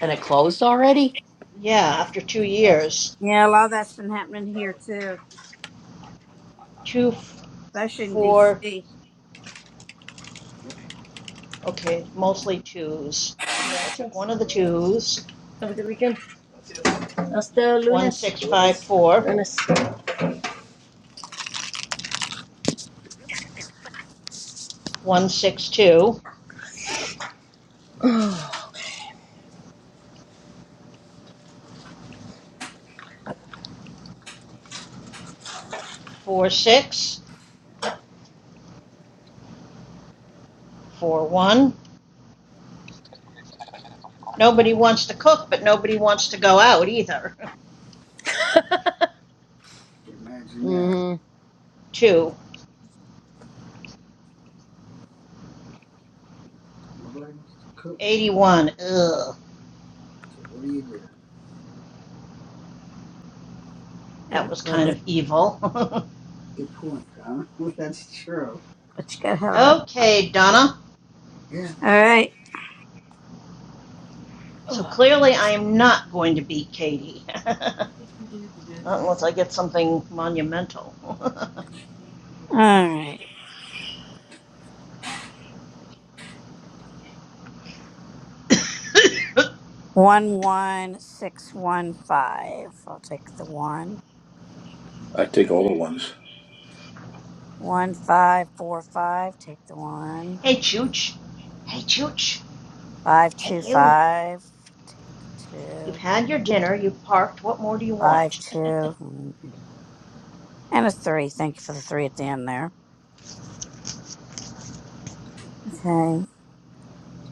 Speaker 5: and it closed already.
Speaker 11: yeah, after two years.
Speaker 12: Gracias.
Speaker 9: Yeah, a lot of that's been happening here too,
Speaker 11: two,
Speaker 9: especially in
Speaker 11: four,
Speaker 9: D.C.
Speaker 11: okay, mostly twos. So I took
Speaker 12: Gracias.
Speaker 11: one of the twos,
Speaker 12: Have a good weekend. Hasta
Speaker 11: one,
Speaker 12: lunes.
Speaker 11: six, five, four, one, six, two, four, six, four, one. Nobody wants to cook, but nobody wants to go out either.
Speaker 12: Lunes.
Speaker 11: Two eighty one. ugh,
Speaker 9: have
Speaker 11: that
Speaker 9: it
Speaker 11: was kind
Speaker 9: delivered.
Speaker 11: of evil.
Speaker 9: Good point, huh? That's true. But you gotta have a rest.
Speaker 11: okay, Donna.
Speaker 9: Yeah. All right.
Speaker 11: So clearly I am not going to beat Katie. not unless I get something monumental.
Speaker 9: All right. One one six one five. I'll take the one.
Speaker 3: I take all the ones.
Speaker 9: One five four five. Take the one.
Speaker 11: "Hey, Chooch!" "Hey, Chooch!"
Speaker 9: Five
Speaker 11: "Hey,
Speaker 9: two
Speaker 11: you!"
Speaker 9: five
Speaker 11: "You've
Speaker 9: two
Speaker 11: had your dinner. You've parked. What more do you
Speaker 9: five
Speaker 11: want?"
Speaker 9: two mm, and a three. Thank you for the three at the end there. Okay.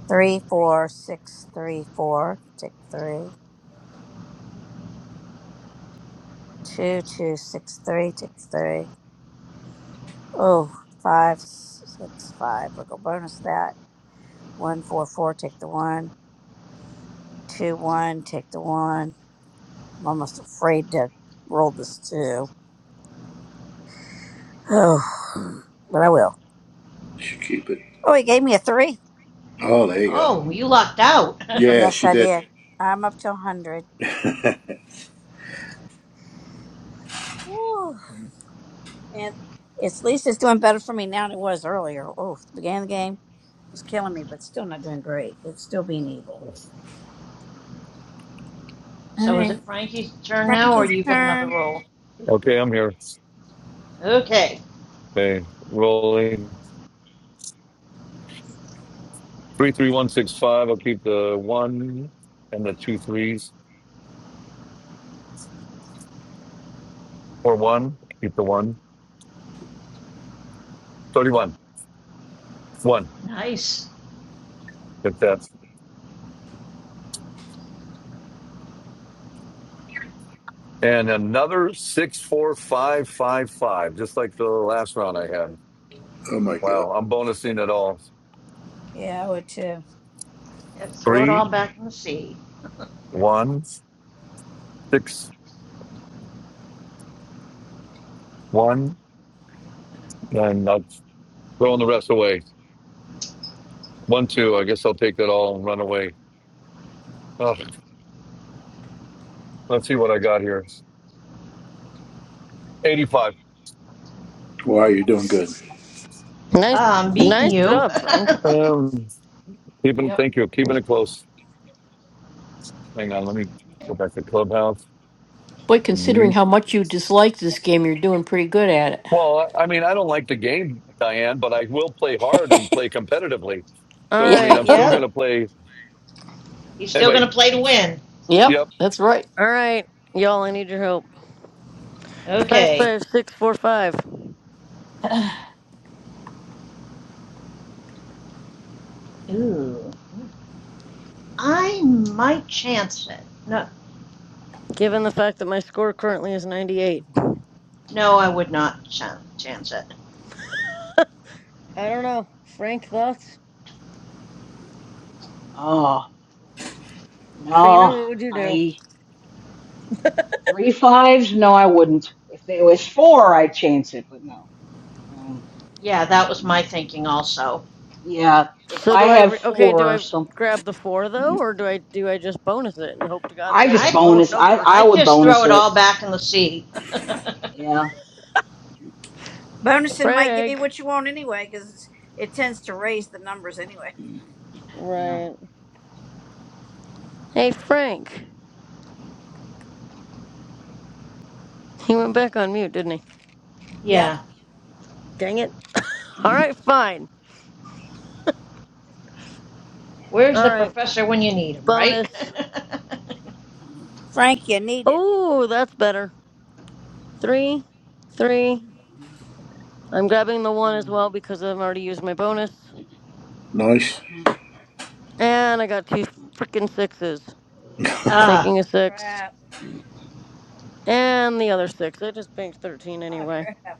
Speaker 9: Three four six three four. Take three. Two two six three. Take three. Oh, five, six, five. We're gonna bonus that. One, four, four. Take the one. Two, one. Take the one. I'm almost afraid to roll this two. Oh, but I will.
Speaker 3: She keep it.
Speaker 9: Oh, he gave me a three.
Speaker 3: Oh, there you go.
Speaker 11: "Oh, you lucked out.
Speaker 3: Yeah,
Speaker 9: Yes,
Speaker 3: she
Speaker 9: I
Speaker 3: did.
Speaker 9: did. I'm up to a hundred.
Speaker 3: oh
Speaker 9: Woo. And it's, at least it's doing better for me now than it was earlier. Oh, the beginning of the game was killing me, but still not doing great. It's still being evil. All
Speaker 11: so is it
Speaker 9: right,
Speaker 11: Frankie's turn now, or
Speaker 9: Frankie's
Speaker 11: you got another
Speaker 9: turn.
Speaker 11: roll?
Speaker 17: okay, I'm here.
Speaker 11: Okay,
Speaker 17: Okay, rolling. 33165. I'll keep the one and the two threes. Or one. Keep the one. 31. One.
Speaker 11: nice.
Speaker 17: If that's. And another 64555, just like the last round I had.
Speaker 3: my god.
Speaker 17: Wow, I'm bonusing it all.
Speaker 9: Yeah, I would too.
Speaker 11: Yep, throw it
Speaker 17: Three,
Speaker 11: all back in the sea.
Speaker 17: one, six, one. And I'm throwing the rest away. One, two. I guess I'll take that all and run away. Ugh, let's see what I got here. 85.
Speaker 3: Wow, you're doing good.
Speaker 12: Nice,
Speaker 11: Ah, I'm beating
Speaker 12: nice
Speaker 11: you.
Speaker 12: job, Frank.
Speaker 17: Um, keeping,
Speaker 5: Yep.
Speaker 17: thank you. Keeping it close. Hang on, let me go back to Clubhouse.
Speaker 5: Boy, considering
Speaker 17: Mute.
Speaker 5: how much you dislike this game, you're doing pretty good at it.
Speaker 17: Well, I I mean, I don't like the game, Diane, but I will play hard and play competitively.
Speaker 12: All
Speaker 17: So, I mean,
Speaker 12: right,
Speaker 17: I'm
Speaker 5: Yeah.
Speaker 17: still going
Speaker 11: yep,
Speaker 17: to play.
Speaker 11: he's still
Speaker 17: Anyway,
Speaker 11: gonna play to win.
Speaker 5: yep.
Speaker 17: yep.
Speaker 5: That's right.
Speaker 12: all right, y'all. I need your help. Five
Speaker 11: Okay.
Speaker 12: five six four five.
Speaker 11: Ooh, I might chance it. No,
Speaker 12: Given the fact that my score currently is ninety eight,
Speaker 11: no, I would not chan- chance it.
Speaker 12: I don't know. Frank, thoughts?
Speaker 8: oh,
Speaker 12: Trina,
Speaker 8: no,
Speaker 12: what would you do?
Speaker 8: I three fives. No, I wouldn't. If it was four, I'd chance it, but no. Um,
Speaker 11: Yeah, that was my thinking also.
Speaker 8: yeah, if
Speaker 12: So
Speaker 8: I
Speaker 12: do I?
Speaker 8: have
Speaker 12: Re- okay, do
Speaker 8: four or
Speaker 12: I
Speaker 8: something,
Speaker 12: grab the four though, or do I do I just bonus it and hope to God
Speaker 8: I
Speaker 12: that I
Speaker 8: just
Speaker 12: get
Speaker 11: I'd
Speaker 12: lower
Speaker 8: bonus. I
Speaker 12: numbers?
Speaker 8: I
Speaker 11: I
Speaker 8: would
Speaker 11: just throw
Speaker 8: bonus
Speaker 11: it
Speaker 8: it.
Speaker 11: all back in the sea.
Speaker 8: Yeah,
Speaker 9: Bonusing might give you
Speaker 12: Frank.
Speaker 9: what you want anyway, because it tends to raise the numbers anyway.
Speaker 8: yeah.
Speaker 12: Right. Hey, Frank. He went back on mute, didn't he?
Speaker 9: Yep.
Speaker 11: yeah.
Speaker 12: Dang it. All right, fine.
Speaker 11: Where's
Speaker 12: All
Speaker 11: the
Speaker 12: right,
Speaker 11: professor when you need him, right?
Speaker 12: bonus.
Speaker 9: Frank, you need it.
Speaker 12: Oh, that's better. Three, three. I'm grabbing the one as well because I've already used my bonus.
Speaker 3: Nice.
Speaker 12: And I got two freaking sixes.
Speaker 11: Ah,
Speaker 12: Taking a
Speaker 9: Oh,
Speaker 12: six.
Speaker 9: crap.
Speaker 12: And the other six. I just banked 13
Speaker 9: Oh,
Speaker 12: anyway.
Speaker 9: crap.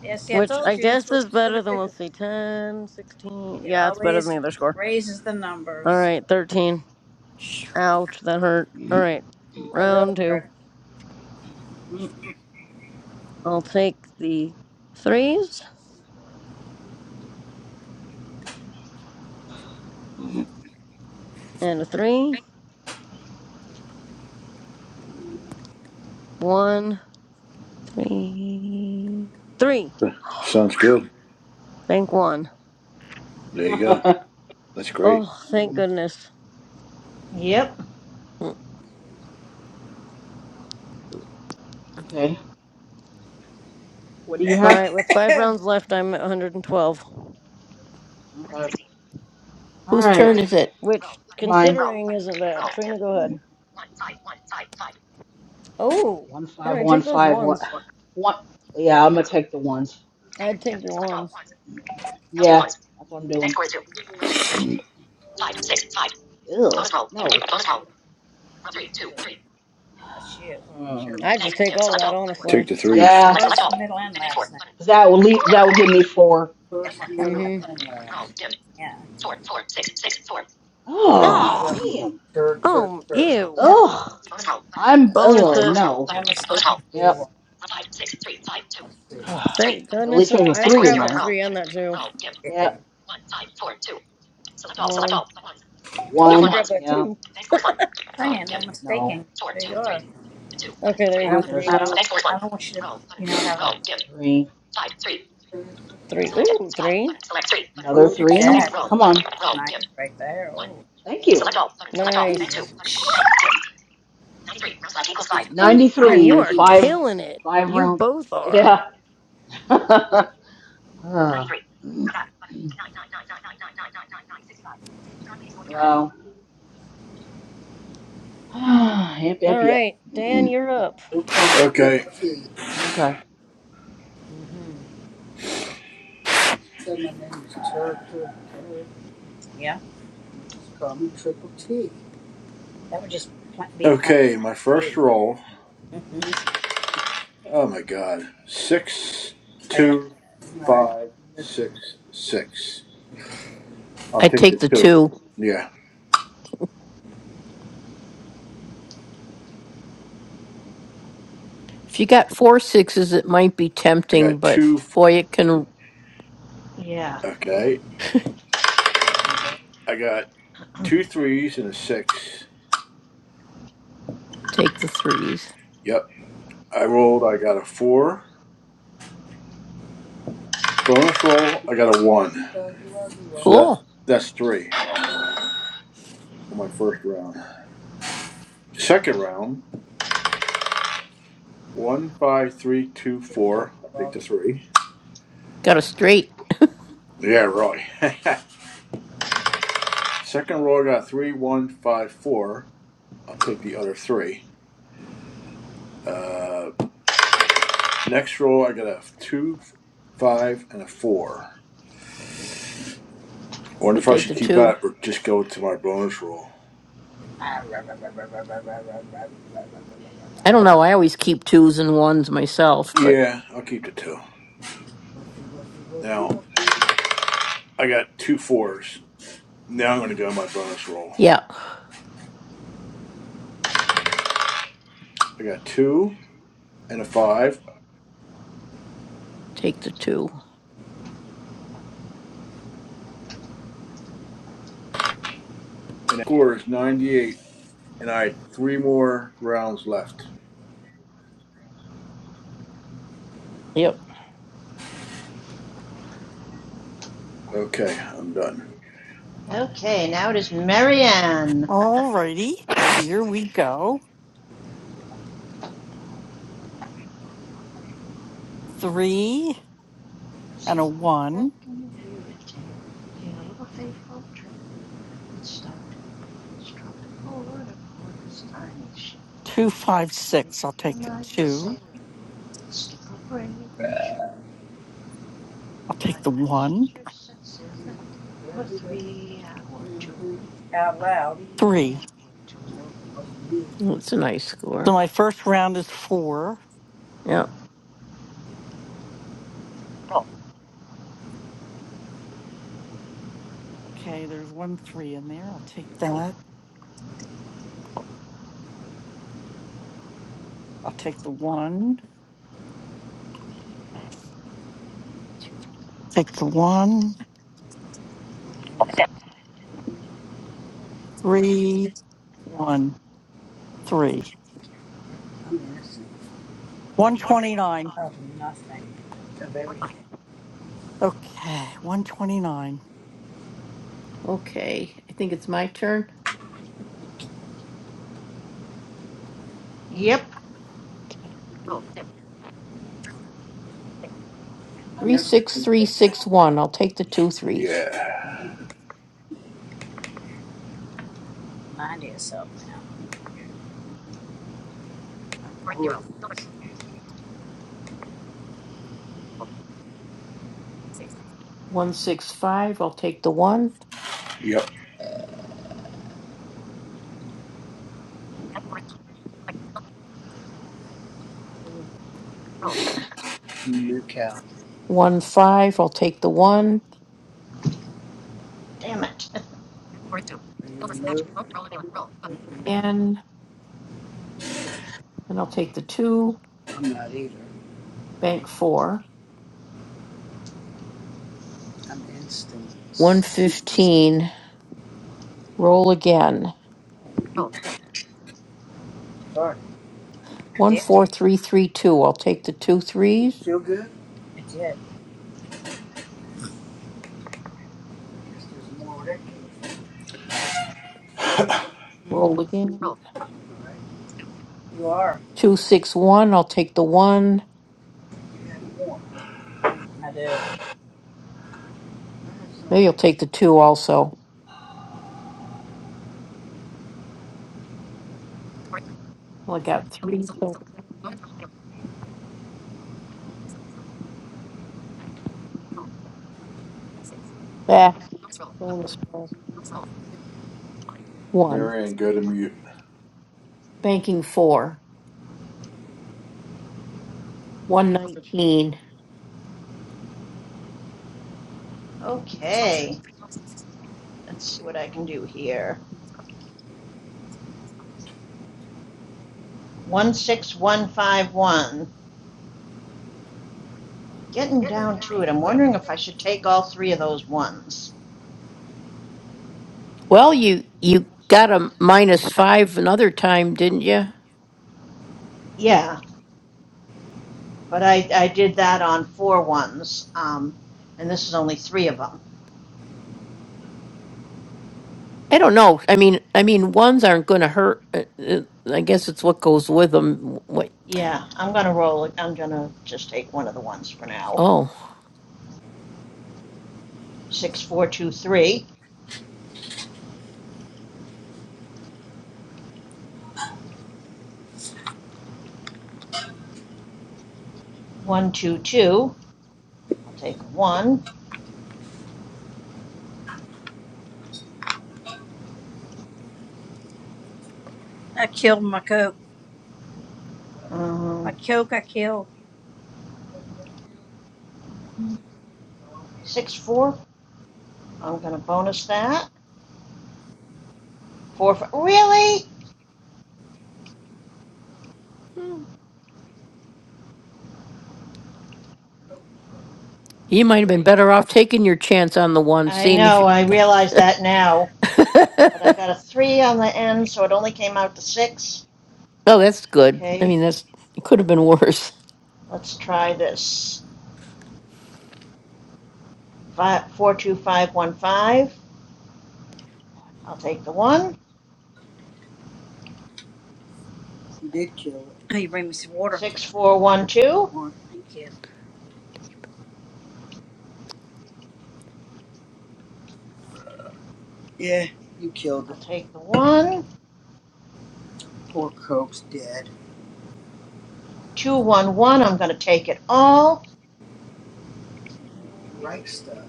Speaker 9: Yeah, see, I
Speaker 12: Which
Speaker 9: told
Speaker 12: I
Speaker 9: you that's
Speaker 12: guess
Speaker 9: what
Speaker 12: is
Speaker 9: it's going
Speaker 12: better than,
Speaker 9: to do.
Speaker 12: let's see, 10, 16.
Speaker 9: It
Speaker 12: Yeah, it's better than the
Speaker 9: always
Speaker 12: other score.
Speaker 9: raises the numbers.
Speaker 12: Alright, 13.
Speaker 5: Shh.
Speaker 12: Ouch, that hurt. Alright,
Speaker 9: That really
Speaker 12: round two.
Speaker 9: hurt.
Speaker 12: I'll take the threes and a three. One, three, three.
Speaker 3: Sounds good.
Speaker 12: Bank one.
Speaker 3: There you go. That's great.
Speaker 12: Oh, thank goodness.
Speaker 11: yep.
Speaker 8: okay, what do you
Speaker 12: All
Speaker 8: have?
Speaker 12: right, with five rounds left, I'm at 112,
Speaker 8: Okay. All
Speaker 5: Whose turn
Speaker 8: right.
Speaker 5: is it?
Speaker 12: which,
Speaker 8: Mine.
Speaker 12: considering, isn't bad. Trina, go ahead. Oh,
Speaker 8: One
Speaker 12: all
Speaker 8: five
Speaker 12: right,
Speaker 8: one
Speaker 12: take those
Speaker 8: five one
Speaker 12: ones.
Speaker 8: one. Yeah, I'm gonna take the ones.
Speaker 12: I'd take your ones.
Speaker 8: Yeah, that's what I'm doing. Ew, no.
Speaker 9: That's you. Sure.
Speaker 8: Um,
Speaker 12: I'd just take all
Speaker 9: First,
Speaker 12: that,
Speaker 3: Take
Speaker 12: honestly.
Speaker 3: the threes.
Speaker 8: yeah.
Speaker 9: first, middle, and last name.
Speaker 8: Cause that will leave. That will give me four.
Speaker 9: First, middle,
Speaker 12: Mm-hmm.
Speaker 9: and last. Yeah. So that
Speaker 8: Oh
Speaker 9: means
Speaker 12: Oh,
Speaker 9: I'm
Speaker 8: damn.
Speaker 9: tur, tur,
Speaker 12: oh,
Speaker 9: tur.
Speaker 12: ew.
Speaker 9: Yep.
Speaker 8: Ugh. I'm.
Speaker 12: Bonus
Speaker 8: Oh
Speaker 12: it.
Speaker 8: no.
Speaker 9: No mistaking who you
Speaker 8: Yep.
Speaker 9: are. Let's see.
Speaker 12: Thank
Speaker 8: At
Speaker 12: goodness,
Speaker 8: least
Speaker 12: but
Speaker 8: there's a
Speaker 12: I would
Speaker 8: three in
Speaker 12: grab
Speaker 8: there.
Speaker 12: that three and that two.
Speaker 8: Yep.
Speaker 12: One. Told you to
Speaker 8: One.
Speaker 12: grab that
Speaker 8: Yeah.
Speaker 12: two.
Speaker 9: saying, I'm
Speaker 8: No.
Speaker 9: mistaken who you are.
Speaker 12: Okay, there
Speaker 9: I
Speaker 12: you go.
Speaker 9: don't,
Speaker 8: There's.
Speaker 12: Three,
Speaker 9: I don't, I don't want you to, you know, have a,
Speaker 8: Three.
Speaker 12: three.
Speaker 9: yeah.
Speaker 12: Ooh, three.
Speaker 9: Well,
Speaker 8: Another
Speaker 9: look at
Speaker 8: three.
Speaker 9: that.
Speaker 8: Come on.
Speaker 9: It's nice right there. Oh.
Speaker 8: Thank you. Select all. Select all.
Speaker 9: I
Speaker 8: Bank
Speaker 9: know.
Speaker 8: two.
Speaker 12: Nice.
Speaker 9: Shh.
Speaker 8: 93 in five
Speaker 9: Just call me
Speaker 12: Man,
Speaker 9: Triple
Speaker 12: you
Speaker 8: ninety-three.
Speaker 12: are
Speaker 9: T.
Speaker 8: five
Speaker 12: killing it.
Speaker 8: Five
Speaker 12: You
Speaker 8: rounds.
Speaker 12: both are.
Speaker 8: Yeah. Ah. Wow. yep,
Speaker 12: All
Speaker 8: yep, yep.
Speaker 12: right, Dan, you're up.
Speaker 9: They'll call me
Speaker 3: Okay.
Speaker 9: Triple T.
Speaker 8: Okay.
Speaker 9: Mm-hmm. Say my name is Tur, Tur, Tur. Yeah. Just call me Triple T. That would just pl- be plain
Speaker 3: Okay,
Speaker 9: Mr.
Speaker 3: my first
Speaker 9: T.
Speaker 3: roll.
Speaker 9: Mr. T.
Speaker 3: Oh my God. Six,
Speaker 9: How do you like
Speaker 3: two,
Speaker 9: that? Right.
Speaker 3: five,
Speaker 9: Mr.
Speaker 3: six,
Speaker 9: T.
Speaker 3: six. I'll
Speaker 5: I
Speaker 3: take the
Speaker 5: take the
Speaker 3: two.
Speaker 5: two.
Speaker 3: Yeah.
Speaker 5: If you got four sixes, it might be
Speaker 3: I
Speaker 5: tempting,
Speaker 3: got
Speaker 5: but
Speaker 3: two. f-
Speaker 5: boy, it can
Speaker 11: Yeah.
Speaker 3: Okay.
Speaker 9: Uh, do you want-
Speaker 3: I got two threes and a six.
Speaker 5: take the threes.
Speaker 3: Yep. I rolled. I got a four. Bonus roll. I got a one.
Speaker 9: uh, do you want- do you
Speaker 3: So
Speaker 9: want-
Speaker 3: that's
Speaker 5: Cool.
Speaker 3: that's three on my first round. Second round. One, five, three, two,
Speaker 9: Mhm.
Speaker 3: four. I'll take the three.
Speaker 5: Got a straight.
Speaker 3: Yeah, right. Second roll. I got three, one, five, four. I'll take the other three. Uh, next roll, I got a two, five, and a four. I wonder
Speaker 5: Could
Speaker 3: if I
Speaker 5: take
Speaker 3: should
Speaker 5: the
Speaker 3: keep
Speaker 5: two.
Speaker 3: that or just go to my bonus roll.
Speaker 5: I don't know. I always keep twos and ones myself, but
Speaker 3: Yeah, I'll keep the two. Now, I got two fours. Now I'm going to go to my bonus roll.
Speaker 5: yeah,
Speaker 3: I got two and a five,
Speaker 5: take the two.
Speaker 3: and the score is 98, and I had three more rounds left.
Speaker 5: Yep.
Speaker 3: Okay, I'm done.
Speaker 11: okay, now it is Marianne.
Speaker 15: All righty. Here we go. Three
Speaker 11: See,
Speaker 15: and a
Speaker 11: back
Speaker 15: one.
Speaker 11: in the view retail. Be a little faithful trip that started in tropical order for this tiny ship.
Speaker 15: Two, five,
Speaker 11: Make
Speaker 15: six. I'll
Speaker 11: the
Speaker 15: take the
Speaker 11: mighty
Speaker 15: two.
Speaker 11: sailor skip a brave and short.
Speaker 15: I'll
Speaker 11: My
Speaker 15: take the one.
Speaker 11: passenger set sail for three hour journey.
Speaker 9: Out loud.
Speaker 11: Three,
Speaker 15: Three.
Speaker 11: okay, two.
Speaker 9: No, it wasn't me.
Speaker 5: Well, It's a nice
Speaker 15: So
Speaker 5: score.
Speaker 15: my first round is four.
Speaker 5: Yep.
Speaker 15: Okay, there's one three in there. I'll take that. I'll take the one. I'll take the one,
Speaker 9: I'm innocent.
Speaker 15: three, one, three.
Speaker 9: I'm innocent
Speaker 15: 129.
Speaker 9: of nothing, of everything.
Speaker 15: Okay, 129.
Speaker 5: Okay. I think it's my turn.
Speaker 11: Yep,
Speaker 5: Oh, yep.
Speaker 9: I
Speaker 5: Three,
Speaker 9: never did
Speaker 5: six, three,
Speaker 9: anything
Speaker 5: six,
Speaker 9: wrong.
Speaker 5: one. I'll take the two threes.
Speaker 3: Yeah.
Speaker 9: Mm-hmm. Mind yourself now. Who is this?
Speaker 5: One, six, five. I'll take the one.
Speaker 3: Yep.
Speaker 9: Moo cow.
Speaker 5: One, five. I'll take the one.
Speaker 11: damn it.
Speaker 9: Are you a moo? Mm-hmm.
Speaker 5: And, and I'll take the two.
Speaker 9: I'm not either.
Speaker 5: Bank four.
Speaker 9: I'm instincts. Instincts.
Speaker 5: 115. Roll again.
Speaker 9: Sorry. I did.
Speaker 5: 14332. I'll take the two
Speaker 9: Do you
Speaker 5: threes.
Speaker 9: feel good? I did. I guess there's more where that came
Speaker 5: Roll again.
Speaker 9: from, right? You are.
Speaker 5: 261. I'll take the one.
Speaker 9: You had more, huh? I do. I
Speaker 5: Maybe I'll take the two also. Well, I got three. So back. Bonus roll. One.
Speaker 3: Marianne, go to mute.
Speaker 5: Banking four. 119.
Speaker 11: Okay, let's see what I can do here. 16151. Getting down to it, I'm wondering if I should take all three of those ones.
Speaker 5: Well, you you got a minus five another time, didn't you?
Speaker 11: Yeah, but I, I did that on four ones, um, and this is only three of them.
Speaker 5: I don't know. I mean, I mean, ones aren't going to hurt. Uh, uh, I guess it's what goes with them. What?
Speaker 11: Yeah, I'm gonna roll it. I'm gonna just take one of the ones for now.
Speaker 5: Oh.
Speaker 11: Six, four, two, three. One, two, two. I'll take one.
Speaker 9: killed my Coke. My
Speaker 11: Um,
Speaker 9: Coke I killed.
Speaker 11: six, four, I'm gonna bonus that. Four, fi- really?
Speaker 5: You might have been
Speaker 11: Three.
Speaker 5: better off taking your chance on the one,
Speaker 11: I
Speaker 5: seeing if
Speaker 11: know,
Speaker 5: you.
Speaker 11: I realize that now, but I
Speaker 5: oh,
Speaker 11: got a three on the end, so it only came out to six.
Speaker 5: that's good. I
Speaker 11: Okay,
Speaker 5: mean, that's it could have been worse.
Speaker 11: let's try this. Five, four, two, five, one, five. I'll take the one.
Speaker 9: You did kill it. Oh, you bring me some water.
Speaker 11: Six, four, one,
Speaker 9: This is
Speaker 11: two.
Speaker 9: one. Thank you. Yeah, you killed
Speaker 11: I'll
Speaker 9: it.
Speaker 11: take the one.
Speaker 9: Poor Coke's dead.
Speaker 11: Two, one, one. I'm gonna take it all.
Speaker 9: Right stuff.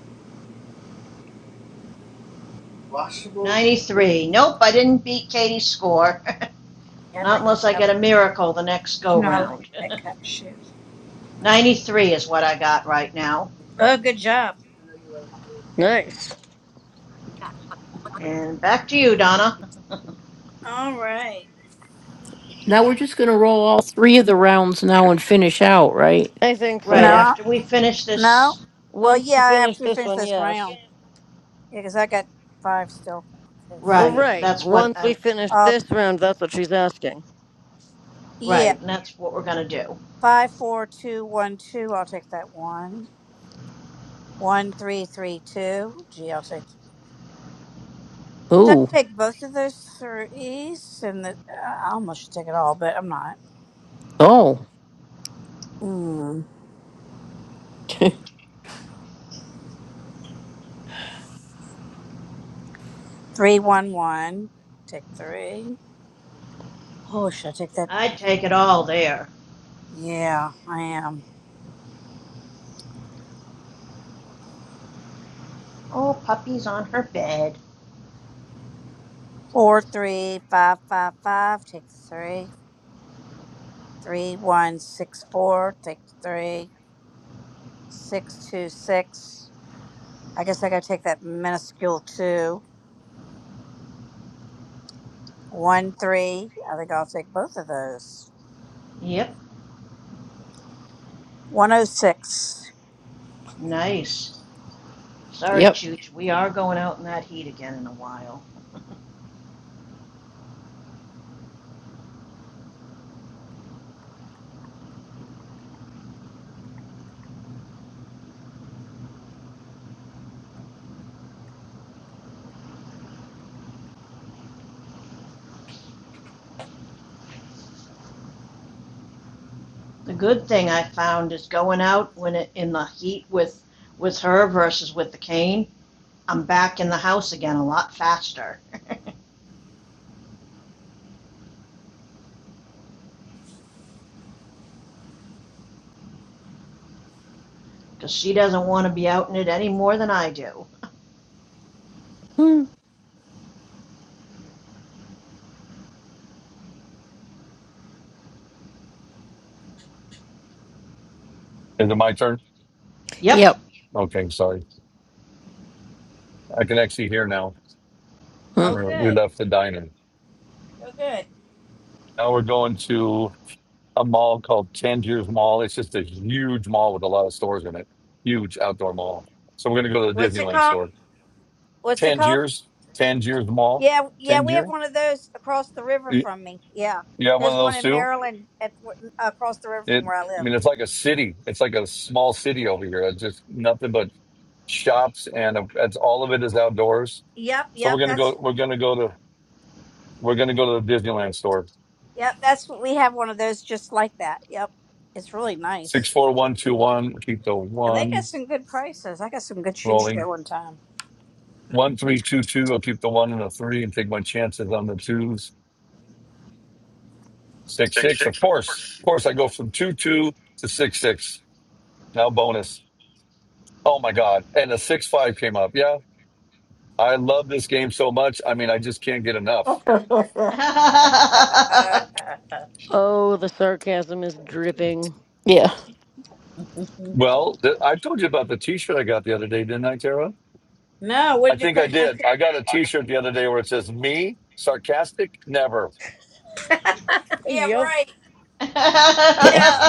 Speaker 9: Washable. Yeah.
Speaker 11: Ninety-three. Nope, I didn't beat Katie's score.
Speaker 9: Yeah, I
Speaker 11: Not
Speaker 9: like
Speaker 11: unless
Speaker 9: to
Speaker 11: I
Speaker 9: have
Speaker 11: get a
Speaker 9: that.
Speaker 11: miracle the next
Speaker 9: You
Speaker 11: go
Speaker 9: know, I like
Speaker 11: round.
Speaker 9: that kind of shit.
Speaker 11: Ninety-three is what I got right now.
Speaker 9: Oh, good job. I know you like milk.
Speaker 12: Nice.
Speaker 11: And back to you, Donna.
Speaker 9: All right.
Speaker 5: Now we're just going to roll all three of the rounds now and finish out, right?
Speaker 12: I think
Speaker 11: right,
Speaker 12: so.
Speaker 9: No,
Speaker 11: after we finish
Speaker 9: no.
Speaker 11: this,
Speaker 9: Well,
Speaker 12: Once we
Speaker 9: yeah,
Speaker 12: finish
Speaker 9: after we
Speaker 12: this
Speaker 9: finish
Speaker 12: one,
Speaker 9: this
Speaker 12: yes.
Speaker 9: round. Yeah, because I got five still. Okay.
Speaker 12: Well,
Speaker 11: right,
Speaker 12: right.
Speaker 11: that's what
Speaker 12: Once we
Speaker 11: I,
Speaker 12: finish
Speaker 9: Uh,
Speaker 12: this round, that's what she's asking.
Speaker 9: yeah.
Speaker 11: right, and that's what we're going to do.
Speaker 9: Five, four, two, one, two. I'll take that one. One, three, three, two, GLC. Should
Speaker 5: Ooh.
Speaker 9: I take both of those threes? And the, I almost should take it all, but I'm not.
Speaker 5: Oh.
Speaker 9: Mm. Three, one, one. Take three. Oh, should I take that?
Speaker 11: I'd take it all there.
Speaker 9: Yeah, I am.
Speaker 11: Oh, puppy's on her bed.
Speaker 9: Four, three, five, five, five. Take the three. Three, one, six, four. Take the three. Six, two, six. I guess I gotta take that minuscule two. One, three. I think I'll take both of those.
Speaker 11: Yep,
Speaker 9: 106. Oh, six.
Speaker 11: nice. Sorry,
Speaker 5: yep.
Speaker 11: Chooch, we are going out in that heat again in a while. The good thing I found is going out when it, in the heat with with her versus with the cane. I'm back in the house again a lot faster because she doesn't want to be out in it any more than I do.
Speaker 5: Hmm.
Speaker 17: Is it my turn?
Speaker 11: Yep,
Speaker 5: Yep.
Speaker 17: Okay, sorry. I can actually hear now.
Speaker 5: Hmm.
Speaker 9: Oh,
Speaker 17: We're, we
Speaker 9: good.
Speaker 17: left the diner.
Speaker 9: You're good.
Speaker 17: Now we're going to a mall called Tangiers Mall. It's just a huge mall with a lot of stores in it. Huge outdoor mall. So we're going to go to the
Speaker 9: What's it
Speaker 17: Disneyland
Speaker 9: called?
Speaker 17: store.
Speaker 9: What's it called?
Speaker 17: Tangiers, Tangiers Mall,
Speaker 9: Yeah, yeah, we
Speaker 17: Tangier.
Speaker 9: have one of those across the river
Speaker 17: You
Speaker 9: from me. Yeah,
Speaker 17: you have one
Speaker 9: there's
Speaker 17: of
Speaker 9: one
Speaker 17: those
Speaker 9: in
Speaker 17: too?
Speaker 9: Maryland at across the river from
Speaker 17: It,
Speaker 9: where I
Speaker 17: I
Speaker 9: live.
Speaker 17: mean, it's like a city. It's like a small city over here. It's just nothing but shops, and uh, that's all of it is outdoors.
Speaker 9: Yep,
Speaker 17: So
Speaker 9: yep,
Speaker 17: we're gonna
Speaker 9: that's
Speaker 17: go. We're gonna go to. We're gonna go to the Disneyland store.
Speaker 9: yep, that's what we have one of those just like that. Yep, it's really
Speaker 17: Six
Speaker 9: nice,
Speaker 17: four one two one. Keep the
Speaker 9: and they got
Speaker 17: one
Speaker 9: some good prices. I got some good shoes there
Speaker 17: rolling.
Speaker 9: one time.
Speaker 17: One three two two. I'll keep the one and the three and take my chances on the twos. Six six. Of course, of course. I go from two two to six six. Now bonus. Oh my god! And the six five came up. Yeah. I love this game so much. I mean, I just can't get enough.
Speaker 11: I
Speaker 12: Oh, the sarcasm is dripping.
Speaker 5: Yeah.
Speaker 17: Well, th- I told you about the T-shirt I got the other day, didn't I, Tara?
Speaker 9: no, what
Speaker 17: I
Speaker 9: did you
Speaker 17: think I did. I got a T-shirt the other day where it says "Me sarcastic never."
Speaker 9: yeah,
Speaker 12: yep.
Speaker 9: right. Yeah,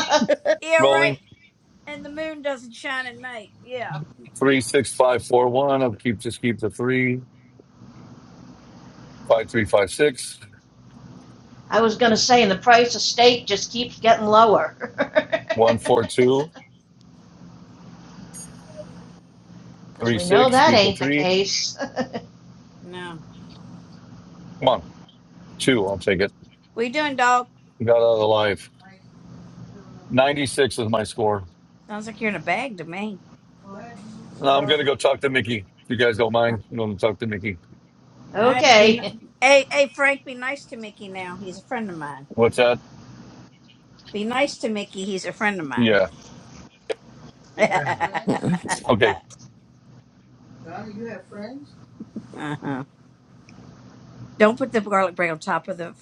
Speaker 9: yeah, right.
Speaker 17: Rolling
Speaker 9: And the moon doesn't shine at night. Yeah.
Speaker 17: three six five four one. I'll keep just keep the three five three five six
Speaker 11: was going to say, and the price of steak just keeps getting lower.
Speaker 17: one four two
Speaker 11: Because
Speaker 17: three
Speaker 11: we know
Speaker 17: six.
Speaker 11: that
Speaker 17: Keep the
Speaker 11: ain't the
Speaker 17: three.
Speaker 11: case.
Speaker 9: No.
Speaker 17: Come on, two. I'll take it.
Speaker 9: What you doing, dog?
Speaker 17: Got out of the life. Ninety six is my score.
Speaker 9: Sounds like you're in a bag to me. Well, I had to move the
Speaker 17: Now I'm
Speaker 9: garlic.
Speaker 17: gonna go talk to Mickey. If you guys don't
Speaker 9: All
Speaker 17: mind, I'm gonna talk to Mickey.
Speaker 9: right. Be ni-
Speaker 11: okay.
Speaker 9: Hey, hey, Frank, be nice to Mickey now. He's a friend of mine.
Speaker 17: What's that?
Speaker 9: Be nice to Mickey. He's a friend of mine.
Speaker 17: Yeah.
Speaker 9: you have friends.
Speaker 5: Mm-mm.
Speaker 17: Okay,
Speaker 9: Donna, you have friends? uh-huh. Don't put the garlic bread on top of the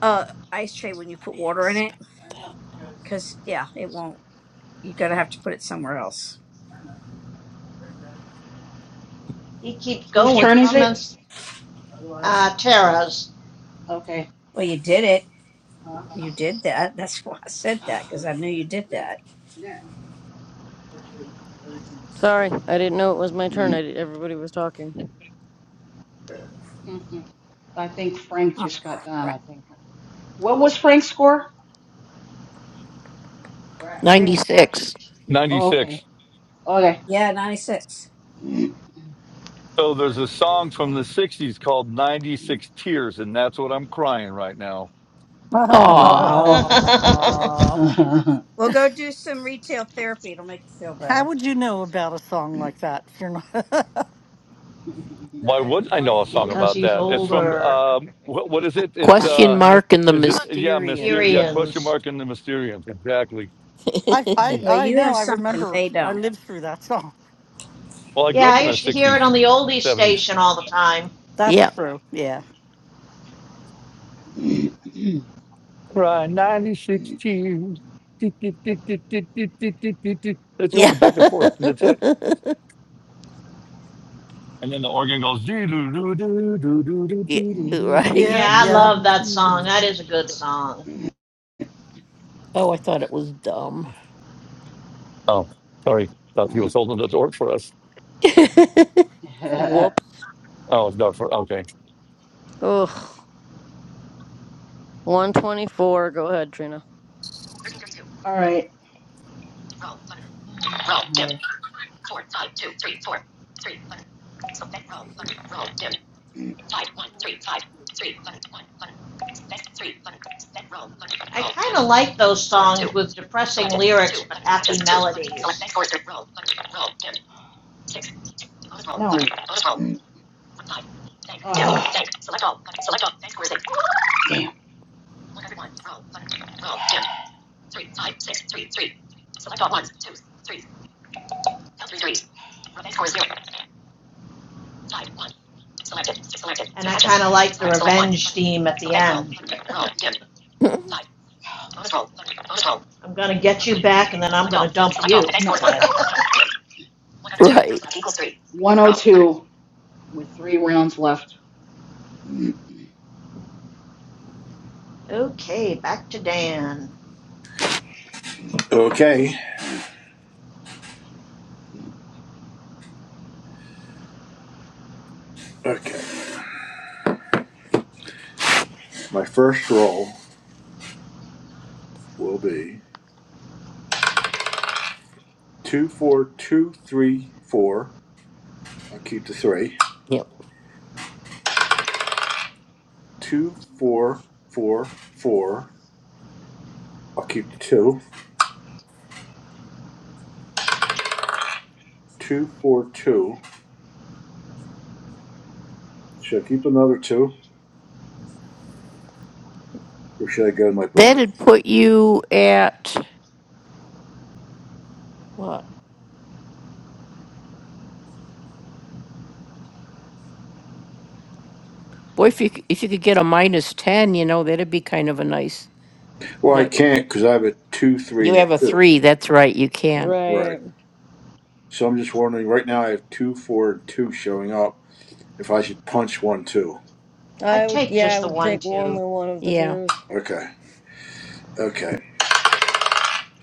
Speaker 9: uh, ice tray when you put
Speaker 5: I
Speaker 9: water in it.
Speaker 5: expect
Speaker 9: I know,
Speaker 5: that.
Speaker 9: Because, Because, yeah, it won't. You're going to have to put it somewhere else. I know. Very good.
Speaker 11: He keeps going
Speaker 8: Whose
Speaker 11: with
Speaker 8: turn is it?
Speaker 11: comments,
Speaker 9: Otherwise...
Speaker 11: uh, Tara's.
Speaker 8: Okay.
Speaker 9: Well, you did it. Huh? You did that. That's why I said that because I knew you did that. Yeah, hopefully everything will stay.
Speaker 12: Sorry, I didn't know it was my turn. I did, everybody was talking.
Speaker 8: I think Frank
Speaker 9: Oh
Speaker 8: just got done,
Speaker 9: crap!
Speaker 8: I think. What was Frank's score?
Speaker 9: Crap.
Speaker 11: I didn't catch
Speaker 5: 96.
Speaker 11: it.
Speaker 8: Oh, okay.
Speaker 17: 96.
Speaker 8: Okay.
Speaker 9: Yeah, ninety-six.
Speaker 17: So there's
Speaker 9: That
Speaker 17: a
Speaker 9: today's
Speaker 17: song from
Speaker 9: work.
Speaker 17: the 60s called 96 Tears, and that's what I'm crying right now.
Speaker 8: Oh,
Speaker 15: How
Speaker 5: Aw.
Speaker 8: wow.
Speaker 9: Oh,
Speaker 8: All
Speaker 9: well, go do some retail therapy. It'll make you feel better.
Speaker 15: would you know about a song like that if you're not?
Speaker 9: I
Speaker 17: Why
Speaker 9: had the
Speaker 17: wouldn't I
Speaker 9: money
Speaker 17: know a
Speaker 9: to
Speaker 17: song
Speaker 9: do.
Speaker 11: because
Speaker 17: about
Speaker 11: he's
Speaker 17: that? It's from,
Speaker 11: older.
Speaker 17: um, what, what is it? It's,
Speaker 9: I know,
Speaker 5: Question
Speaker 17: uh,
Speaker 9: right?
Speaker 5: mark and the
Speaker 17: is it, yeah, Myster-
Speaker 5: Mysterians.
Speaker 17: yeah, question
Speaker 11: Syrians.
Speaker 17: mark in the Mysterium. Exactly.
Speaker 15: I, I,
Speaker 9: Well,
Speaker 15: I
Speaker 9: you
Speaker 15: know.
Speaker 9: have
Speaker 15: I
Speaker 9: something
Speaker 15: remember.
Speaker 9: they
Speaker 15: I
Speaker 9: don't.
Speaker 15: lived through that song.
Speaker 17: Well, I grew
Speaker 11: Yeah,
Speaker 17: up in
Speaker 11: I
Speaker 17: the
Speaker 11: used to hear it
Speaker 17: 60s,
Speaker 11: on the oldies
Speaker 17: 70s.
Speaker 11: station all the time.
Speaker 15: That's
Speaker 5: yeah.
Speaker 15: true. Yeah.
Speaker 17: Cry 96 Tears. Do, do, do, do, do, do, do, do, do, do. It's going back and forth, and that's it.
Speaker 5: Yeah.
Speaker 17: And then the organ goes.
Speaker 5: Yeah, right.
Speaker 11: Yeah,
Speaker 15: Yeah.
Speaker 11: I
Speaker 15: Yep.
Speaker 11: love that song. That is a good song.
Speaker 5: Oh, I thought it was dumb.
Speaker 17: Oh, sorry. Thought he was holding the door for us.
Speaker 12: Whoops.
Speaker 17: Oh, it's not for. Okay.
Speaker 12: Ugh. 124. Go ahead, Trina.
Speaker 8: right. Roll, dim.
Speaker 11: I kind of like those songs with depressing lyrics but happy melodies.
Speaker 8: Bonus roll. No. Bonus roll. Thank, dim, Ah. thank, select all, select all, thanks scores eight. Damn.
Speaker 11: And I kind of like the revenge theme at the end. I'm going to get you back and then I'm
Speaker 8: Select
Speaker 11: going
Speaker 8: all,
Speaker 11: to dump
Speaker 8: select all,
Speaker 11: you.
Speaker 8: thanks scores one. bad. Dim.
Speaker 5: right.
Speaker 8: 102 with three rounds left.
Speaker 11: okay, back to Dan.
Speaker 3: Okay. Okay. My first roll will be Two four two three four. I'll keep the three.
Speaker 5: Yep.
Speaker 3: Two four four four. I'll keep the two. Two four two. Should I keep another two, or should I go to my bonus?
Speaker 5: That'd put you at what? Boy, if you c- if you could get a minus ten, you know that'd be kind of a nice.
Speaker 3: Well, I
Speaker 5: night.
Speaker 3: can't because I have a two three
Speaker 5: you
Speaker 3: and a
Speaker 5: have a
Speaker 3: two.
Speaker 5: three. That's right. You can.
Speaker 3: Right.
Speaker 12: Right.
Speaker 3: So I'm just wondering. Right now, I have two four and two showing up. If I should punch one two.
Speaker 12: I
Speaker 11: I'd
Speaker 12: would,
Speaker 11: take
Speaker 12: yeah, I
Speaker 11: just the
Speaker 12: would
Speaker 11: one,
Speaker 12: take
Speaker 11: two.
Speaker 12: only one of the
Speaker 5: Yeah.
Speaker 12: twos.
Speaker 3: Okay. Okay.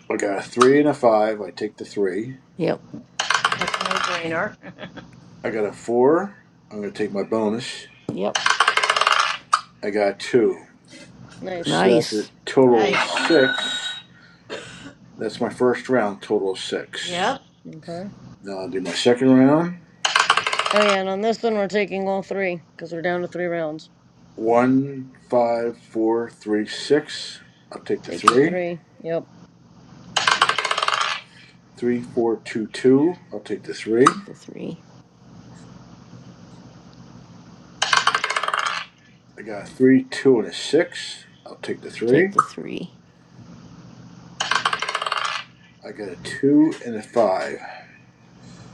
Speaker 3: I got a three and a five. I take the three.
Speaker 5: Yep.
Speaker 11: That's a no brainer.
Speaker 3: I got a four. I'm gonna take my bonus.
Speaker 5: Yep.
Speaker 3: I got a two.
Speaker 12: Nice.
Speaker 3: So that's a
Speaker 5: Nice.
Speaker 3: total of
Speaker 11: nice.
Speaker 3: six. That's my first round, total of six.
Speaker 11: Yep,
Speaker 12: Okay.
Speaker 3: Now I'll do my second round.
Speaker 12: Oh, yeah, and on this one, we're taking all three because we're down to three rounds.
Speaker 3: One, five, four, three, six. I'll take the
Speaker 12: Take your
Speaker 3: three.
Speaker 12: three. Yep.
Speaker 3: Three, four, two, two. I'll take the three.
Speaker 5: Take the three.
Speaker 3: I got a three, two, and a six. I'll take the three.
Speaker 5: Take the three.
Speaker 3: I got a two and a five.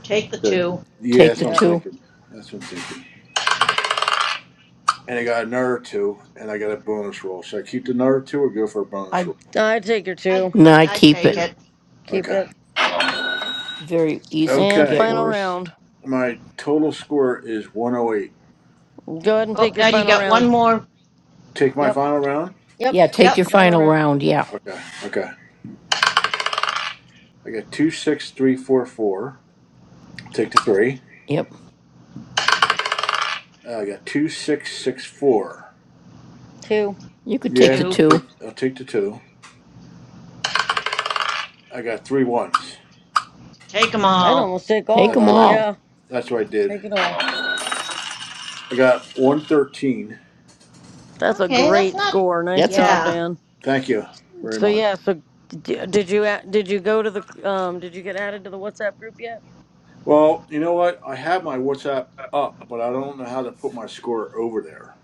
Speaker 11: take the
Speaker 3: Good.
Speaker 11: two.
Speaker 3: Yeah,
Speaker 5: Take
Speaker 3: that's
Speaker 5: the
Speaker 3: what I'm
Speaker 12: Yep.
Speaker 5: two.
Speaker 3: thinking. That's what I'm thinking. And I got another two, and I got a bonus roll. Should I keep the another two or go for a bonus
Speaker 15: I'm
Speaker 3: roll?
Speaker 12: I'd take your
Speaker 11: I,
Speaker 12: two.
Speaker 5: No, I
Speaker 11: I
Speaker 5: keep
Speaker 11: take
Speaker 5: it.
Speaker 3: Yeah.
Speaker 11: it.
Speaker 12: Keep
Speaker 3: Okay.
Speaker 12: it.
Speaker 5: Very easily could
Speaker 12: And
Speaker 5: get
Speaker 3: Okay.
Speaker 12: final
Speaker 5: worse.
Speaker 12: round.
Speaker 3: My total score is 108.
Speaker 12: Go ahead and
Speaker 11: Oh,
Speaker 12: take your
Speaker 11: now you
Speaker 12: final
Speaker 11: got one
Speaker 12: round.
Speaker 11: more.
Speaker 3: Take my
Speaker 12: Yep.
Speaker 3: final round?
Speaker 12: Yep.
Speaker 5: Yeah.
Speaker 12: Take
Speaker 5: Take
Speaker 11: Yep,
Speaker 12: your
Speaker 5: your
Speaker 12: final
Speaker 5: final
Speaker 12: round.
Speaker 5: round. Yeah.
Speaker 3: Okay, okay. I got 26344. Take the three.
Speaker 5: Yep.
Speaker 3: Uh, I got 2664.
Speaker 12: Two.
Speaker 5: You could take the
Speaker 3: Yeah,
Speaker 11: two.
Speaker 3: I'll
Speaker 5: two.
Speaker 3: take, I'll take the two. I got three ones.
Speaker 11: Take them
Speaker 12: I'd
Speaker 11: all.
Speaker 12: almost take all
Speaker 5: Take
Speaker 12: of
Speaker 3: That's
Speaker 5: them
Speaker 12: it.
Speaker 3: right.
Speaker 5: all.
Speaker 12: Yeah.
Speaker 3: That's what I did.
Speaker 12: Take it all.
Speaker 3: I got 113.
Speaker 12: That's a
Speaker 11: Okay, that's
Speaker 12: great
Speaker 11: not.
Speaker 12: score. Nice
Speaker 5: That's a
Speaker 12: job,
Speaker 11: Yeah.
Speaker 12: Dan.
Speaker 3: Thank you very
Speaker 12: So
Speaker 3: much.
Speaker 12: yeah. So d- did you a- did you go to the um did you get added to the WhatsApp group yet?
Speaker 3: Well, you know what? I have my WhatsApp up, but I don't know how to put my score over there.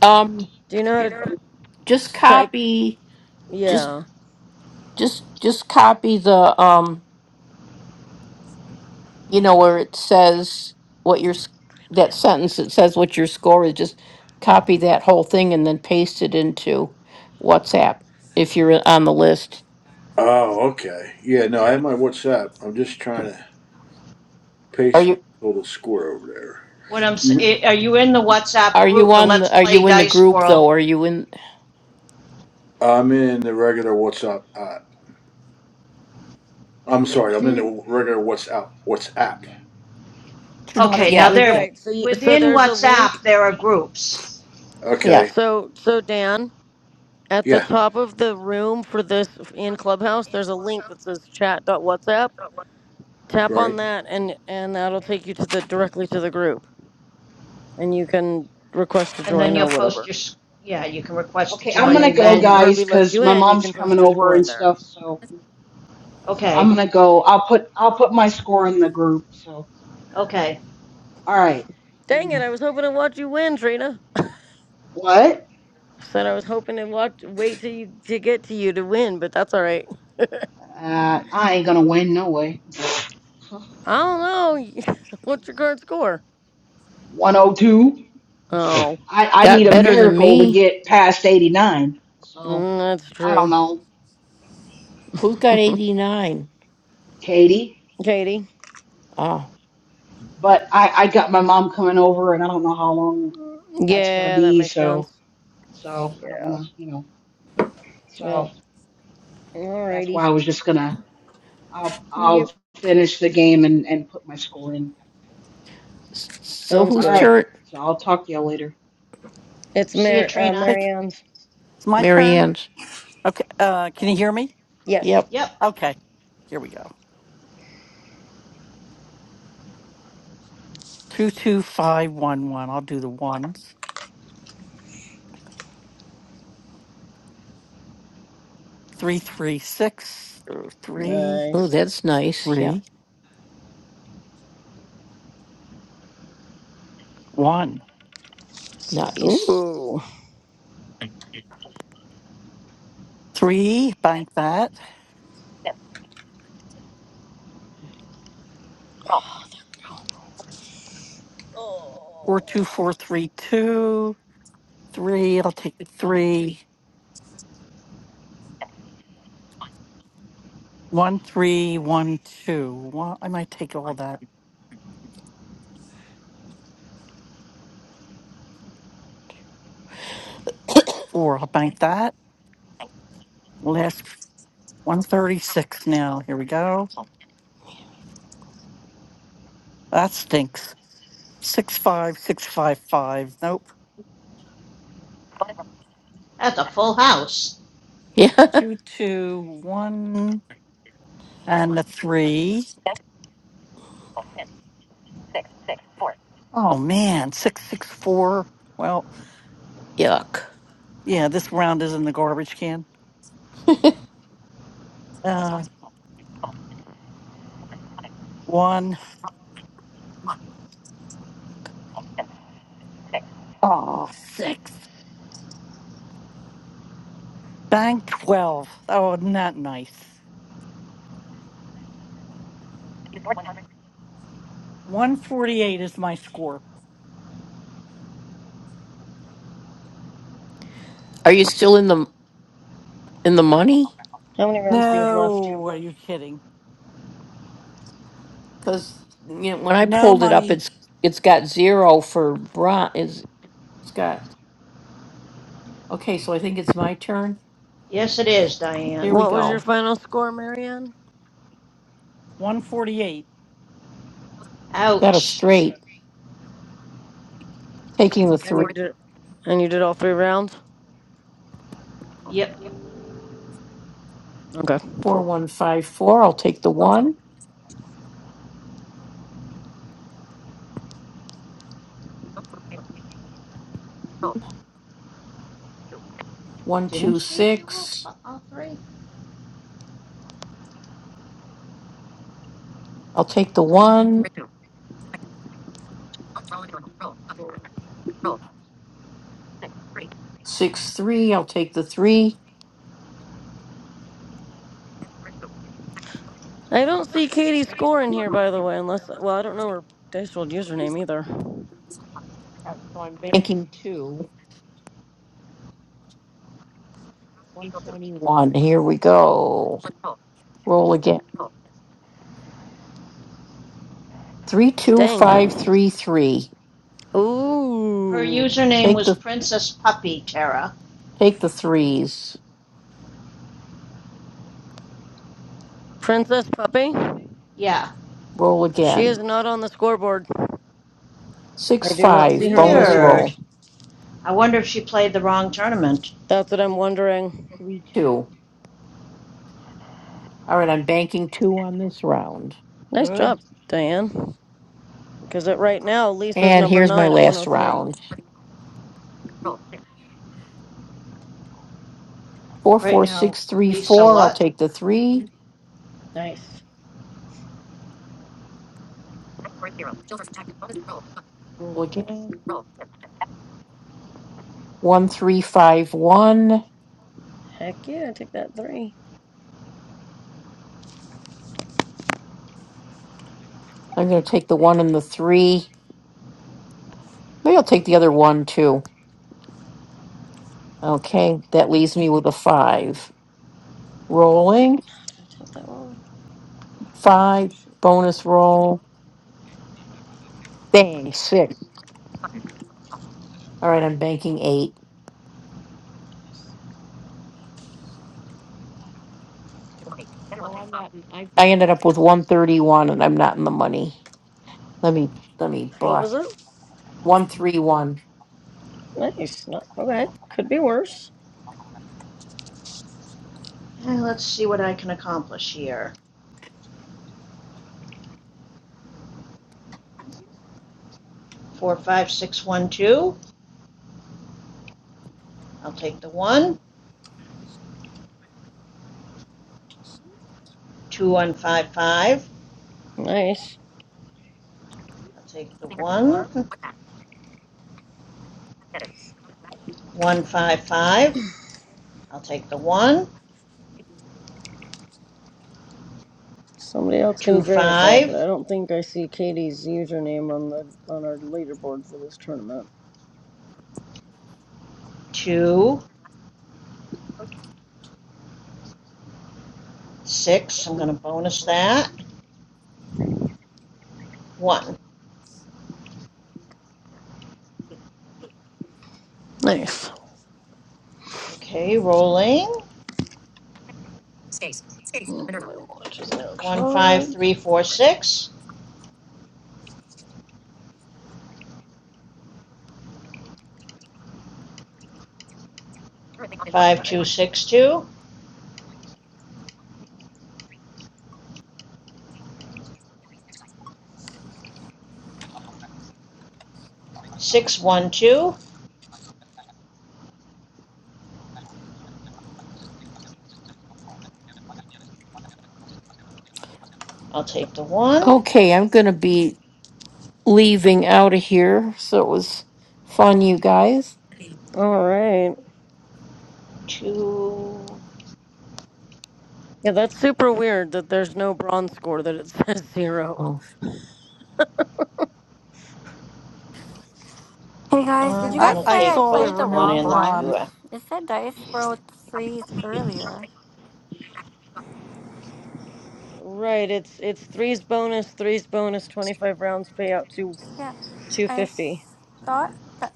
Speaker 5: Um,
Speaker 12: Do you know how to
Speaker 5: just
Speaker 12: type?
Speaker 5: copy, just
Speaker 12: Yeah.
Speaker 5: just just copy the um, you know, where it says what your s- that sentence that says what your score is. Just copy that whole thing and then paste it into WhatsApp if you're on the list.
Speaker 3: Oh, okay. Yeah, no, I have my WhatsApp. I'm just trying to
Speaker 5: Are
Speaker 3: paste my
Speaker 5: you
Speaker 3: total score over there.
Speaker 11: What I'm, s- i- are you in the WhatsApp
Speaker 5: are you
Speaker 11: group, the
Speaker 5: on
Speaker 11: Let's
Speaker 5: the, are
Speaker 11: Play
Speaker 5: you in the
Speaker 11: Dice
Speaker 5: group though?
Speaker 11: World?
Speaker 5: Are you in?
Speaker 3: I'm in the regular WhatsApp. Uh, I'm sorry, I'm in
Speaker 12: Hmm.
Speaker 3: the regular WhatsApp. WhatsApp.
Speaker 15: not
Speaker 11: Okay,
Speaker 15: in the
Speaker 11: now
Speaker 5: Yeah,
Speaker 15: group
Speaker 11: there,
Speaker 15: yet.
Speaker 12: Right. So you, so
Speaker 11: within
Speaker 12: there's a
Speaker 11: WhatsApp,
Speaker 12: link.
Speaker 11: there are groups,
Speaker 5: yeah.
Speaker 3: Okay.
Speaker 12: So so Dan at the
Speaker 3: Yeah.
Speaker 12: top of the room for this in Clubhouse, there's a link that says chat dot WhatsApp. Tap on
Speaker 3: Right.
Speaker 12: that, and and that'll take you to the directly to the group, and you can request to
Speaker 11: and then
Speaker 12: join or
Speaker 11: you'll post
Speaker 12: whatever.
Speaker 11: your, yeah, you can request to
Speaker 8: Okay, I'm
Speaker 12: And
Speaker 11: join,
Speaker 8: gonna
Speaker 12: then
Speaker 11: and
Speaker 8: go,
Speaker 12: when
Speaker 11: then,
Speaker 8: guys,
Speaker 12: Herbie lets
Speaker 8: because
Speaker 12: you
Speaker 8: my
Speaker 12: in, you
Speaker 8: mom's
Speaker 12: can
Speaker 8: coming
Speaker 12: post your
Speaker 8: over
Speaker 12: score
Speaker 8: and
Speaker 12: in there.
Speaker 8: stuff. So, so I'm
Speaker 11: okay,
Speaker 8: gonna go. I'll put I'll put my score in the group. So,
Speaker 11: okay.
Speaker 8: all right. I'm
Speaker 12: Dang it!
Speaker 8: gonna-
Speaker 12: I was hoping to watch you win, Trina.
Speaker 8: what?
Speaker 12: Said I was hoping to watch, wait till you to get to you to win, but that's all right.
Speaker 8: Uh, I ain't gonna win no way.
Speaker 12: I don't know. What's your current score?
Speaker 8: 102.
Speaker 12: Oh,
Speaker 8: I, I need
Speaker 5: Got
Speaker 8: a
Speaker 5: better than
Speaker 8: miracle to
Speaker 5: me.
Speaker 8: get past 89. So
Speaker 12: mm, that's
Speaker 8: I don't
Speaker 12: true.
Speaker 8: know,
Speaker 5: Who's got eighty nine?
Speaker 8: Katie.
Speaker 12: Katie.
Speaker 5: Ah,
Speaker 8: But I, I got my mom coming over, and I don't know how long that's gonna
Speaker 12: Yeah, that
Speaker 8: be.
Speaker 12: makes sense.
Speaker 8: So so I don't
Speaker 12: Yeah.
Speaker 8: wanna, you know.
Speaker 12: Yeah.
Speaker 8: So that's why I
Speaker 12: Alrighty.
Speaker 8: was just gonna. I'll I'll
Speaker 12: Yep.
Speaker 8: finish the game and and put my score in.
Speaker 5: s- so
Speaker 12: Sounds
Speaker 5: who's
Speaker 8: All
Speaker 12: good.
Speaker 8: right.
Speaker 5: turn?
Speaker 8: So I'll talk to y'all later.
Speaker 12: It's
Speaker 11: See you,
Speaker 12: Mar- uh,
Speaker 11: Trina.
Speaker 15: Think
Speaker 12: Marianne's.
Speaker 15: it's my turn.
Speaker 5: Marianne's.
Speaker 15: Okay. Uh, can you hear me?
Speaker 12: Yes.
Speaker 5: Yep.
Speaker 11: Yep,
Speaker 15: Okay. Here we go. Two two five one one. I'll do the ones. Three three six uh, three
Speaker 5: Oh,
Speaker 12: Nice.
Speaker 5: that's nice. Yeah.
Speaker 15: three one
Speaker 5: Nice.
Speaker 12: Ooh.
Speaker 15: three. Bank that. Four
Speaker 12: Oh.
Speaker 15: two four three two three. I'll take the three. One, three, one, two. Well, I might take all that. Four, I'll bank that. Last 136 now. Here we go. That stinks. Six, five, six, five, five. Nope.
Speaker 11: that's a full house.
Speaker 5: Yeah.
Speaker 15: Two, two, one, and the three. Oh, man. Six, six, four. Well,
Speaker 5: Yuck.
Speaker 15: yeah, this round is in the garbage can. Uh, one. Oh, six. Bank 12. Oh, not nice. 148 is my score.
Speaker 5: Are you still in the in the money?
Speaker 12: How many rounds do you have left?
Speaker 15: No, Are you kidding?
Speaker 5: Cuz you know, when I
Speaker 15: no
Speaker 5: pulled it up
Speaker 15: money.
Speaker 5: it's it's got 0 for bron is it's got Okay, so I think it's my turn.
Speaker 11: Yes, it is,
Speaker 5: Here
Speaker 11: Diane.
Speaker 5: we
Speaker 12: What was your
Speaker 5: go.
Speaker 12: final score, Marianne?
Speaker 15: 148.
Speaker 5: Got a
Speaker 11: Ouch.
Speaker 12: Okay.
Speaker 5: straight. Taking the
Speaker 12: And
Speaker 5: 3
Speaker 12: you did and you did all three rounds?
Speaker 11: Yep,
Speaker 12: Okay, cool.
Speaker 5: 4154. I'll take the 1.
Speaker 11: didn't she do all,
Speaker 5: 126.
Speaker 11: all three?
Speaker 5: I'll take the 1. Six, three. I'll take the 3.
Speaker 12: I don't see Katie's score in here by the way, unless well, I don't know her dice world username either.
Speaker 5: So I'm banking 2. 121. Here we go. Roll again.
Speaker 12: Dang.
Speaker 5: 32533.
Speaker 11: Her
Speaker 12: Ooh.
Speaker 11: username
Speaker 5: Take
Speaker 11: was
Speaker 5: the
Speaker 11: Princess Puppy Tara.
Speaker 5: take the threes.
Speaker 12: Princess Puppy?
Speaker 11: Yeah,
Speaker 5: Roll
Speaker 12: She
Speaker 5: again.
Speaker 12: is not on the scoreboard. I
Speaker 5: Six,
Speaker 12: do not see
Speaker 5: five.
Speaker 12: her in the
Speaker 5: bonus
Speaker 11: weird.
Speaker 5: roll.
Speaker 12: leaders.
Speaker 11: I wonder if she played the wrong tournament.
Speaker 12: That's what I'm wondering.
Speaker 5: 3 2. All right, I'm banking 2 on this round.
Speaker 12: Nice
Speaker 15: Good.
Speaker 12: job, Diane. Because right now, Lisa's
Speaker 5: And
Speaker 12: number
Speaker 5: here's my
Speaker 12: nine at
Speaker 5: last
Speaker 12: 103.
Speaker 5: round.
Speaker 11: Right now, Lisa,
Speaker 5: 44634. I'll
Speaker 11: what?
Speaker 5: take the 3.
Speaker 12: Nice.
Speaker 5: Roll again. 1351.
Speaker 12: Heck yeah, I take that three.
Speaker 5: I'm going to take the 1 and the 3. Maybe I'll take the other 1 too. Okay, that leaves me with a 5. Rolling.
Speaker 12: Did I take that wrong?
Speaker 5: Five,
Speaker 12: Shoot.
Speaker 5: bonus roll. Dang, sick. All right, I'm banking eight. Oh, I'm not. in- I I ended up with 131 and I'm not in the money. Let me let me
Speaker 12: What
Speaker 5: block
Speaker 12: was it?
Speaker 5: 131.
Speaker 12: Nice. Not, okay. Could be worse.
Speaker 11: Eh, let's see what I can accomplish here. Four, five, six, one, two. I'll take the one. Two, one, five, five.
Speaker 12: Nice.
Speaker 11: I'll take the one. One, five, five. I'll take the one.
Speaker 12: Somebody else
Speaker 11: Two,
Speaker 12: can verify, but
Speaker 11: five,
Speaker 12: I don't think I see Katie's username on the on our leaderboard for this tournament.
Speaker 11: two, six. I'm going to bonus that. One.
Speaker 12: Nice.
Speaker 11: Okay, rolling.
Speaker 12: My watch is now
Speaker 11: One, five, three,
Speaker 12: charged.
Speaker 11: four, six. Five, two, six, two. Six, one, two. I'll take the one.
Speaker 5: Okay, I'm going to be leaving out of here. So it was fun you guys.
Speaker 12: All right.
Speaker 11: Two.
Speaker 12: Yeah, that's super weird that there's no bronze score that it says zero.
Speaker 5: Oh.
Speaker 4: Hey guys, did
Speaker 11: I'm
Speaker 4: you
Speaker 12: Something
Speaker 15: I,
Speaker 4: guys
Speaker 11: gonna
Speaker 12: might
Speaker 15: I
Speaker 4: say
Speaker 12: be
Speaker 11: take
Speaker 4: I
Speaker 12: up.
Speaker 15: saw there
Speaker 11: both
Speaker 4: played
Speaker 11: the
Speaker 4: the
Speaker 15: were no
Speaker 11: one
Speaker 4: wrong
Speaker 11: and the two.
Speaker 4: one?
Speaker 11: Uh,
Speaker 15: bronze.
Speaker 4: It said Dice World Freeze earlier.
Speaker 12: Right, it's it's threes bonus, threes bonus, 25 rounds payout to
Speaker 4: Yeah, I
Speaker 12: 250.
Speaker 4: s- thought that.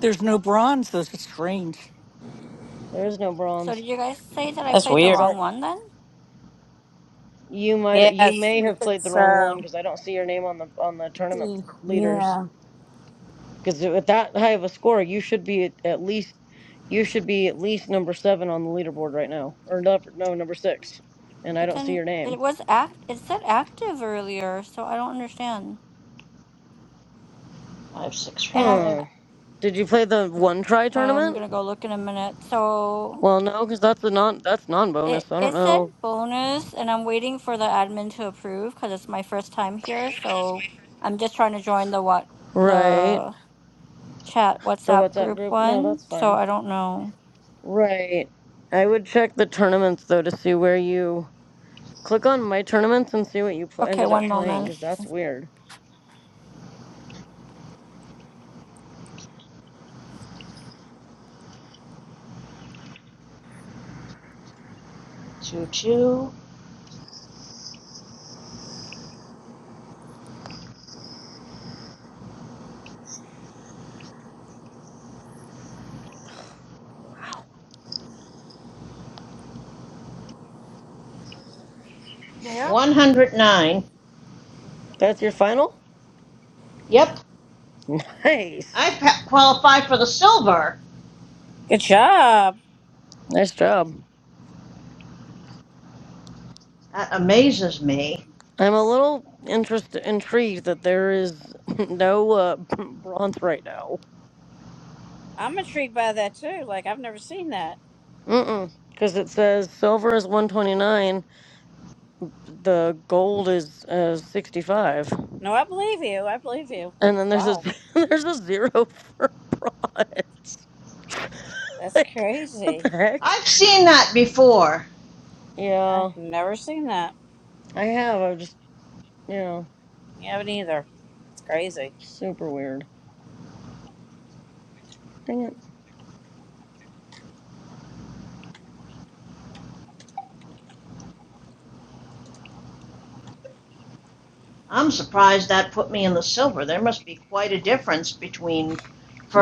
Speaker 15: There's no bronze. Those are strange.
Speaker 12: There is no
Speaker 4: So
Speaker 12: bronze
Speaker 4: did you guys say that I
Speaker 9: That's
Speaker 4: played the
Speaker 12: because
Speaker 9: weird.
Speaker 12: I
Speaker 4: wrong one then?
Speaker 12: you might you
Speaker 9: Yes,
Speaker 12: may
Speaker 9: we
Speaker 12: have
Speaker 9: think
Speaker 12: played the wrong one
Speaker 9: so.
Speaker 12: because I don't see your name on the on the tournament
Speaker 9: Mm,
Speaker 12: leaders.
Speaker 9: Yeah.
Speaker 12: Because with that high of a score, you should be at, at least you should be at least number seven on the leaderboard right now, or no, no number six, and I
Speaker 4: But
Speaker 12: don't see
Speaker 4: then
Speaker 12: your name.
Speaker 4: it was act. It said active earlier, so I don't understand.
Speaker 11: Five, six,
Speaker 4: And I
Speaker 11: five,
Speaker 12: Huh? Did you play the one try
Speaker 4: I'm
Speaker 12: tournament?
Speaker 4: gonna go look in a minute. So
Speaker 12: Well, no, because that's a non that's non
Speaker 4: it
Speaker 12: bonus. I don't
Speaker 4: it said
Speaker 12: know.
Speaker 4: bonus, and I'm waiting for the admin to approve because it's my first time here. So I'm just trying to join the what
Speaker 12: Right.
Speaker 4: the chat
Speaker 12: The
Speaker 4: WhatsApp
Speaker 12: WhatsApp
Speaker 4: group
Speaker 12: group? No,
Speaker 4: one,
Speaker 12: that's
Speaker 4: so
Speaker 12: fine.
Speaker 4: I don't know.
Speaker 12: Right. I would check the tournaments though to see where you click on my tournaments and see what you pl-
Speaker 4: Okay,
Speaker 12: ended up
Speaker 4: one
Speaker 12: playing
Speaker 4: moment.
Speaker 12: because that's weird.
Speaker 11: two, two,
Speaker 15: Yeah.
Speaker 11: one hundred nine.
Speaker 12: That's your final?
Speaker 11: Yep, I
Speaker 12: Nice.
Speaker 11: qualify for the silver.
Speaker 9: Good job.
Speaker 12: Nice job.
Speaker 11: That amazes me.
Speaker 12: I'm a little interest intrigued that there is no uh, bronze right now.
Speaker 9: I'm intrigued by that too. Like I've never seen that.
Speaker 12: Mm-mm. Because it says silver is 129, the gold is uh, 65,
Speaker 9: No, I believe you. I believe you. But
Speaker 12: and then there's a
Speaker 9: wow,
Speaker 12: there's a zero for bronze.
Speaker 9: that's
Speaker 12: like, what the
Speaker 9: crazy.
Speaker 12: heck?
Speaker 11: I've seen that before.
Speaker 12: Yeah,
Speaker 9: I've never seen that.
Speaker 12: I have. I just, you know,
Speaker 9: You haven't either. It's crazy.
Speaker 12: super weird. Dang it.
Speaker 11: I'm surprised that put me in the silver. There must be quite a difference between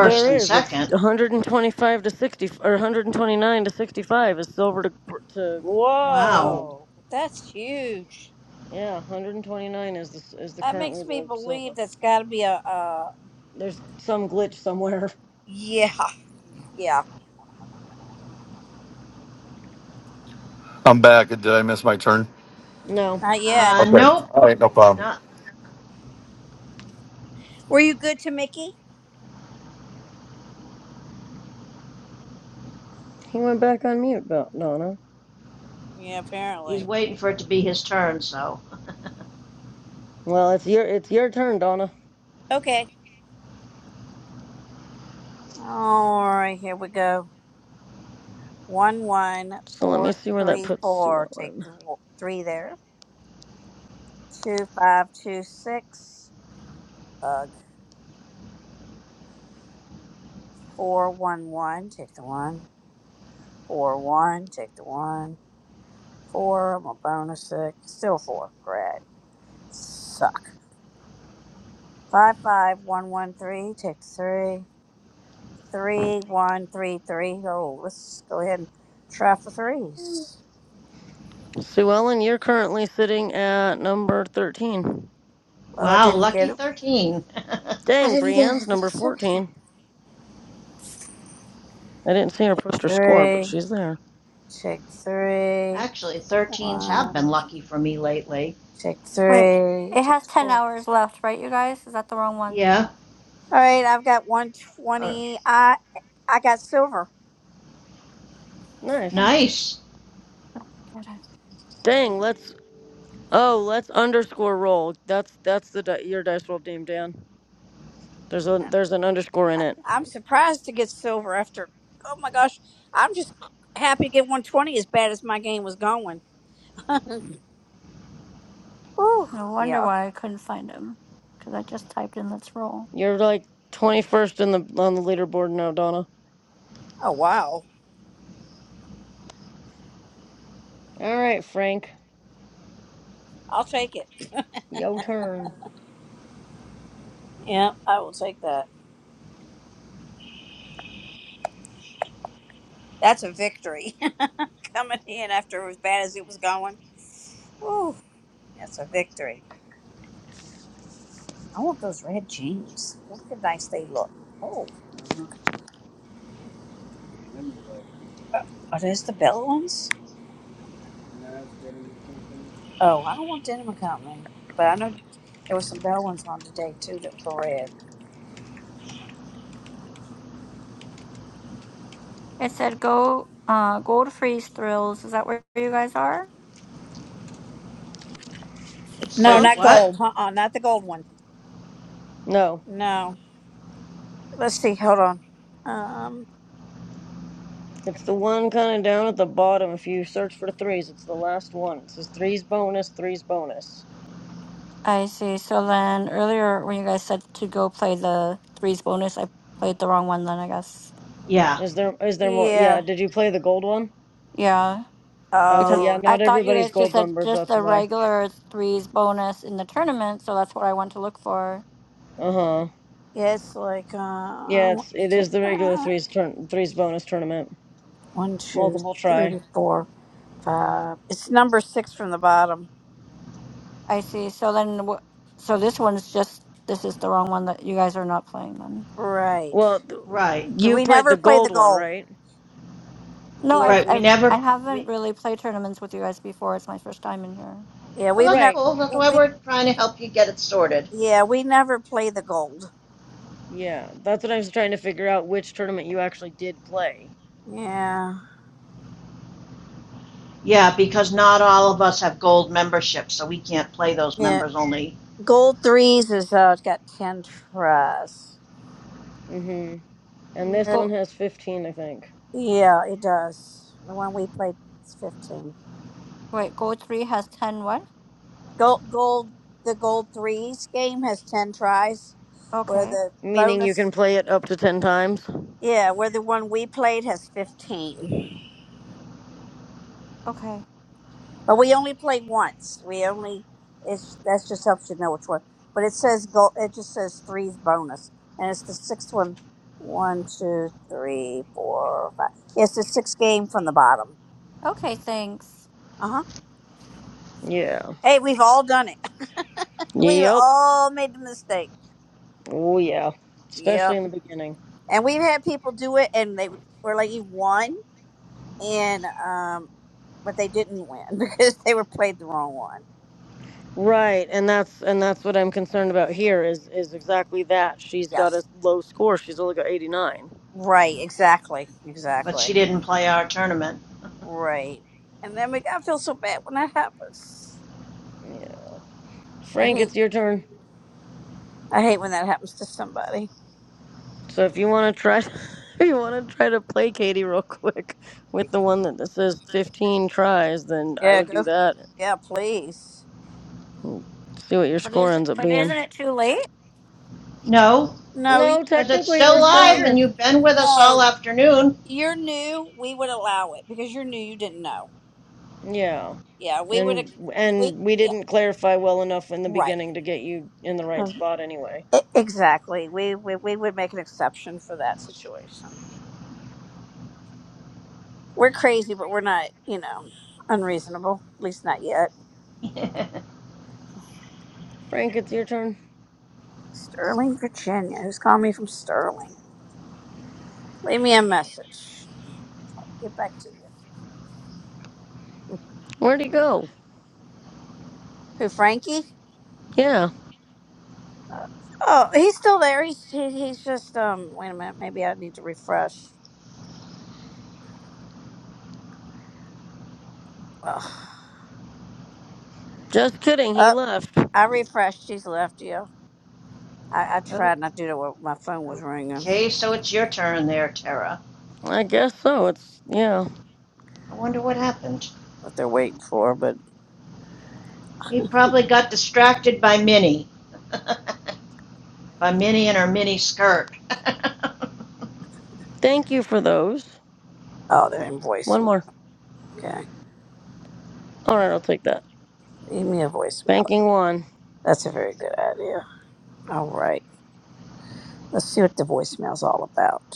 Speaker 12: There
Speaker 11: and
Speaker 12: is. It's
Speaker 11: second.
Speaker 12: 125 to 60, or 129 to 65 is silver to to
Speaker 11: Wow.
Speaker 12: gold.
Speaker 9: Whoa, that's huge.
Speaker 12: Yeah, 129 is the is the
Speaker 9: That
Speaker 12: currently
Speaker 9: makes me
Speaker 12: the silver.
Speaker 9: believe that's got to be a, a.
Speaker 12: There's some glitch somewhere.
Speaker 9: Yeah, yeah.
Speaker 17: I'm back. Did I miss my turn?
Speaker 12: No,
Speaker 9: Not yet.
Speaker 11: Uh,
Speaker 17: Okay.
Speaker 11: nope,
Speaker 17: All right. No problem.
Speaker 11: not.
Speaker 9: Were you good to Mickey?
Speaker 12: he went back on mute, Don- Donna.
Speaker 9: Yeah,
Speaker 11: He's
Speaker 9: apparently.
Speaker 11: waiting for it to be his turn. So,
Speaker 12: Well, it's your it's your turn, Donna.
Speaker 9: Okay. All right, here we go. One, one,
Speaker 12: So let me
Speaker 9: four,
Speaker 12: see where that
Speaker 9: three,
Speaker 12: puts Sue
Speaker 9: four. Take
Speaker 12: Ellen.
Speaker 9: the w- three there. Two, five, two, six. Ugh. four, one, one. Take the one. Four, one, take the one. Four, i I'm my bonus six. Still four. Great. Suck. Five, five, one, one, three, take the three. Three, one, three, three. Oh, let's go ahead and try for threes.
Speaker 12: Sue Ellen, you're currently sitting at number 13.
Speaker 9: Well, I
Speaker 11: wow,
Speaker 9: didn't
Speaker 11: lucky
Speaker 9: get it.
Speaker 11: thirteen.
Speaker 12: Dang,
Speaker 9: Yeah,
Speaker 12: Brienne's
Speaker 9: but
Speaker 12: number
Speaker 9: it's okay.
Speaker 12: 14. I didn't see her
Speaker 9: Take
Speaker 12: post her score, but
Speaker 9: three,
Speaker 12: she's there.
Speaker 9: take three,
Speaker 11: Actually, 13s have
Speaker 9: one,
Speaker 11: been lucky for me lately.
Speaker 9: take
Speaker 4: Wait,
Speaker 9: three,
Speaker 4: it
Speaker 9: take
Speaker 4: has 10
Speaker 9: four. All
Speaker 4: hours left, right, you guys? Is that the wrong one?
Speaker 11: Yeah.
Speaker 9: right, I've got
Speaker 11: Or
Speaker 9: 120. I I got silver.
Speaker 4: Oh,
Speaker 12: Nice.
Speaker 11: nice.
Speaker 4: did I-
Speaker 12: Dang, let's oh, let's underscore roll. That's that's the di- your dice roll name, Dan. There's a there's an underscore in
Speaker 9: I,
Speaker 12: it.
Speaker 9: I'm surprised to get silver after. Oh my gosh, I'm just happy to get 120 as bad as my game was going. Whew.
Speaker 4: No wonder
Speaker 9: Yeah.
Speaker 4: why I couldn't find him, because I just typed in let's roll.
Speaker 12: You're like 21st in the on the leaderboard now, Donna.
Speaker 9: Oh wow.
Speaker 12: All right, Frank,
Speaker 9: I'll take it.
Speaker 12: your turn.
Speaker 9: Yeah, I will take that. That's a victory coming in after as bad as it was going. Whew. That's a victory. I want those red jeans. Look how nice they look. Oh. yeah. Uh, Are those the bell ones? Oh, I don't want Denim and Company, but I know there were some gold ones on today too that were red.
Speaker 4: It said go, uh, gold freeze thrills. Is that where you guys are?
Speaker 11: It
Speaker 9: No,
Speaker 11: says
Speaker 12: Huh?
Speaker 9: not
Speaker 11: what?
Speaker 9: gold. Uh uh not the gold one.
Speaker 12: No.
Speaker 9: No. Let's see. Hold on. Um.
Speaker 12: It's the one kind of down at the bottom. If you search for threes, it's the last one. It says threes bonus, threes bonus.
Speaker 4: I see. So then earlier when you guys said to go play the threes bonus, I played the wrong one then, I guess.
Speaker 11: Yeah.
Speaker 12: Is there is there more?
Speaker 9: Yeah.
Speaker 12: Yeah. Did you play the gold one?
Speaker 4: Yeah.
Speaker 12: Oh
Speaker 4: because
Speaker 12: yeah,
Speaker 9: Oh.
Speaker 4: I
Speaker 12: not
Speaker 4: thought you
Speaker 12: everybody's
Speaker 4: guys just
Speaker 12: gold
Speaker 4: said
Speaker 12: members.
Speaker 4: just
Speaker 12: That's
Speaker 4: the
Speaker 12: why.
Speaker 4: regular threes bonus in the tournament, so that's what I want to look for.
Speaker 12: Uh huh.
Speaker 9: Yeah. It's like
Speaker 12: Yeah,
Speaker 9: um. what
Speaker 12: it's it
Speaker 9: is it?
Speaker 12: is the regular
Speaker 9: Uh,
Speaker 12: threes turn threes bonus tournament.
Speaker 9: one, two,
Speaker 12: Multiple
Speaker 9: three,
Speaker 12: try.
Speaker 9: four, five. It's number six from the bottom.
Speaker 4: I see. So then, wh- so this one's just this is the wrong one that you guys are not playing then.
Speaker 9: Right.
Speaker 12: Well, th-
Speaker 11: Right.
Speaker 9: We
Speaker 12: you
Speaker 9: we
Speaker 12: played
Speaker 9: never
Speaker 12: the
Speaker 9: play
Speaker 12: gold
Speaker 9: the
Speaker 12: one,
Speaker 9: gold.
Speaker 12: right?
Speaker 4: No,
Speaker 9: Yeah.
Speaker 4: I've,
Speaker 11: Right. We
Speaker 4: I've I
Speaker 11: never.
Speaker 4: haven't
Speaker 11: We.
Speaker 4: really played tournaments with you guys before. It's my first time in here.
Speaker 9: Yeah.
Speaker 11: Oh,
Speaker 9: We've
Speaker 11: that's
Speaker 9: never.
Speaker 12: Right.
Speaker 11: cool. That's why
Speaker 9: We.
Speaker 11: we're trying to help you get it sorted.
Speaker 9: Yeah. We never play the gold.
Speaker 12: Yeah, that's what I was trying to figure out which tournament you actually did play.
Speaker 9: Yeah,
Speaker 11: Yeah, because not all of us have gold memberships, so we can't play those
Speaker 9: Yeah.
Speaker 11: members only.
Speaker 9: Gold threes is uh, it's got ten tries.
Speaker 12: Mm-hmm. And this one
Speaker 4: Go
Speaker 12: has fifteen, I think.
Speaker 9: Yeah, it does. The one we played is fifteen.
Speaker 4: wait, gold three has ten what?
Speaker 9: Gold, gold, the gold threes game has ten tries, where
Speaker 4: Okay,
Speaker 9: the
Speaker 12: Meaning you can
Speaker 9: bonus,
Speaker 12: play it up to ten times.
Speaker 9: yeah, where the one we played has fifteen.
Speaker 4: okay,
Speaker 9: But we only played once. We only it's that just helps you know which one. But it says gold. It just says threes bonus, and it's the sixth one. One, two, three, four, five. Yes, It's the sixth game from the bottom.
Speaker 4: okay. Thanks.
Speaker 9: Uh
Speaker 12: Yeah.
Speaker 9: Hey, we've all done it. We've
Speaker 12: Yep.
Speaker 9: all made the mistake.
Speaker 12: Oh yeah. Especially
Speaker 9: Yep.
Speaker 12: in the beginning.
Speaker 9: And we've had people do it and they were like, you won. And, um, but they didn't win because they were played the wrong one.
Speaker 12: Right, and that's and that's what I'm concerned about here is is exactly that. She's got
Speaker 9: Yes.
Speaker 12: a low score. She's only got 89.
Speaker 9: Right. Exactly.
Speaker 11: But
Speaker 9: Exactly.
Speaker 11: she didn't play our tournament.
Speaker 9: Right. And then we, I feel so bad when that happens.
Speaker 12: Yeah.
Speaker 9: I
Speaker 12: Frank,
Speaker 9: hate,
Speaker 12: it's your turn.
Speaker 9: I hate when that happens to somebody.
Speaker 12: So if you want to try if you want to try to play Katie real quick with the one that says 15 tries, then I
Speaker 9: Yeah.
Speaker 12: would do
Speaker 9: Go.
Speaker 12: that.
Speaker 9: Yeah. Please.
Speaker 12: and See what your
Speaker 4: But
Speaker 12: score
Speaker 4: is
Speaker 12: ends up
Speaker 4: but
Speaker 12: being.
Speaker 4: isn't it too late?
Speaker 11: No,
Speaker 9: No, you,
Speaker 12: No,
Speaker 11: because it's
Speaker 12: technically
Speaker 11: still
Speaker 12: we're still
Speaker 9: no,
Speaker 11: live and
Speaker 12: here.
Speaker 11: you've been with us all
Speaker 9: no.
Speaker 11: afternoon.
Speaker 9: You're new. We would allow it because you're new. You didn't know.
Speaker 12: Yeah.
Speaker 9: yeah, we would,
Speaker 12: And
Speaker 9: ex- we,
Speaker 12: and we
Speaker 9: yeah,
Speaker 12: didn't clarify well enough in the
Speaker 9: right.
Speaker 12: beginning to get you in the right
Speaker 9: Um,
Speaker 12: spot anyway.
Speaker 9: e- Exactly. We, we, we would make an exception for that situation. We're crazy, but we're not, you know, unreasonable. At least not yet.
Speaker 12: Frank, it's your turn.
Speaker 9: Sterling, Virginia. Who's calling me from Sterling? Leave me a message. I'll get back to you.
Speaker 12: Where'd he go?
Speaker 9: Who, Frankie?
Speaker 12: Yeah.
Speaker 9: Uh, oh, he's still there. He's, he, he's just, um, wait a minute. Maybe I need to refresh. Ugh.
Speaker 12: Just kidding, he
Speaker 9: Oh,
Speaker 12: left.
Speaker 9: I refreshed. She's left you. I, I tried not to do it. while My phone was ringing.
Speaker 11: okay, so it's your turn there, Tara.
Speaker 12: I guess so. It's, yeah.
Speaker 11: I wonder what happened.
Speaker 9: What they're waiting for, but
Speaker 11: He probably got distracted by Minnie. a mini and her mini skirt.
Speaker 12: Thank you for those.
Speaker 9: Oh, they're in
Speaker 12: One
Speaker 9: voicemail.
Speaker 12: more.
Speaker 9: Okay.
Speaker 12: All right, I'll take that.
Speaker 9: Leave me a voicemail.
Speaker 12: Banking one.
Speaker 9: That's a very good idea. All right. Let's see what the voicemail's all about.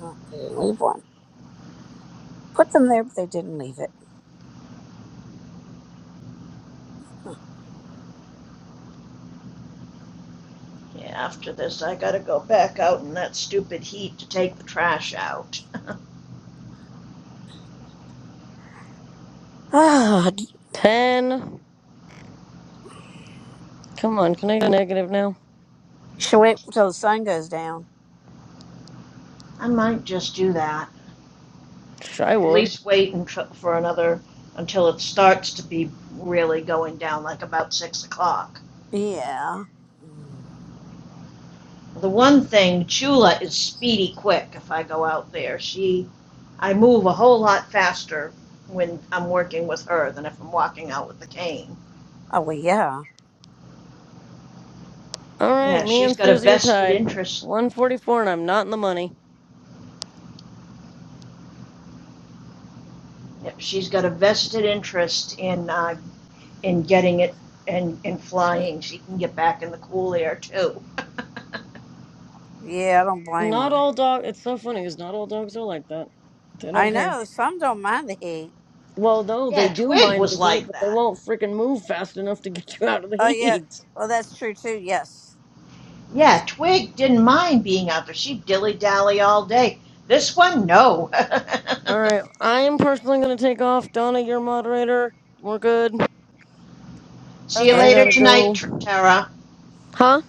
Speaker 9: Oh, they didn't leave one. Put them there, but they didn't leave it. Huh.
Speaker 11: yeah, after this, I gotta go back out in that stupid heat to take the trash out.
Speaker 9: Ah, d
Speaker 12: Ten. Come on, can I get a negative now?
Speaker 9: should wait until the sun goes down.
Speaker 11: I might just do that.
Speaker 12: Sh- I
Speaker 11: At
Speaker 12: would.
Speaker 11: least wait until, for another until it starts to be really going down, like about six o'clock.
Speaker 9: Yeah. Mm.
Speaker 11: The one thing, Chula is speedy quick. If I go out there, she, I move a whole lot faster when I'm working with her than if I'm walking out with the cane.
Speaker 9: Oh, well, yeah.
Speaker 12: All right,
Speaker 11: Yeah,
Speaker 12: me
Speaker 11: she's
Speaker 12: and
Speaker 11: got a
Speaker 12: Susie are
Speaker 11: vested
Speaker 12: tied.
Speaker 11: interest
Speaker 12: 144, and I'm not in the money.
Speaker 11: Yep, She's got a vested interest in, uh, in getting it and, in flying. She can get back in the cool air too.
Speaker 9: Yeah, I don't blame
Speaker 12: Not
Speaker 9: her.
Speaker 12: all dog. It's so funny because not all dogs are like that. They don't
Speaker 9: I
Speaker 12: care.
Speaker 9: know. Some don't mind the heat.
Speaker 12: Well, no, they
Speaker 11: yeah,
Speaker 12: do
Speaker 11: Twig
Speaker 12: mind the
Speaker 11: was
Speaker 12: heat,
Speaker 11: like
Speaker 12: but they
Speaker 11: that.
Speaker 12: won't freaking move fast enough to get you out of the
Speaker 9: Oh, yeah.
Speaker 12: heat.
Speaker 9: Well, that's true, too. Yes. Yes.
Speaker 11: Yeah, Twig didn't mind being out there. She'd dilly dally all day. This one, no.
Speaker 12: All right, I am personally going to take off. Donna, your moderator. We're good.
Speaker 11: see you
Speaker 9: Okay.
Speaker 12: I
Speaker 11: later
Speaker 12: gotta
Speaker 11: tonight,
Speaker 12: go.
Speaker 11: Tara.
Speaker 12: Huh?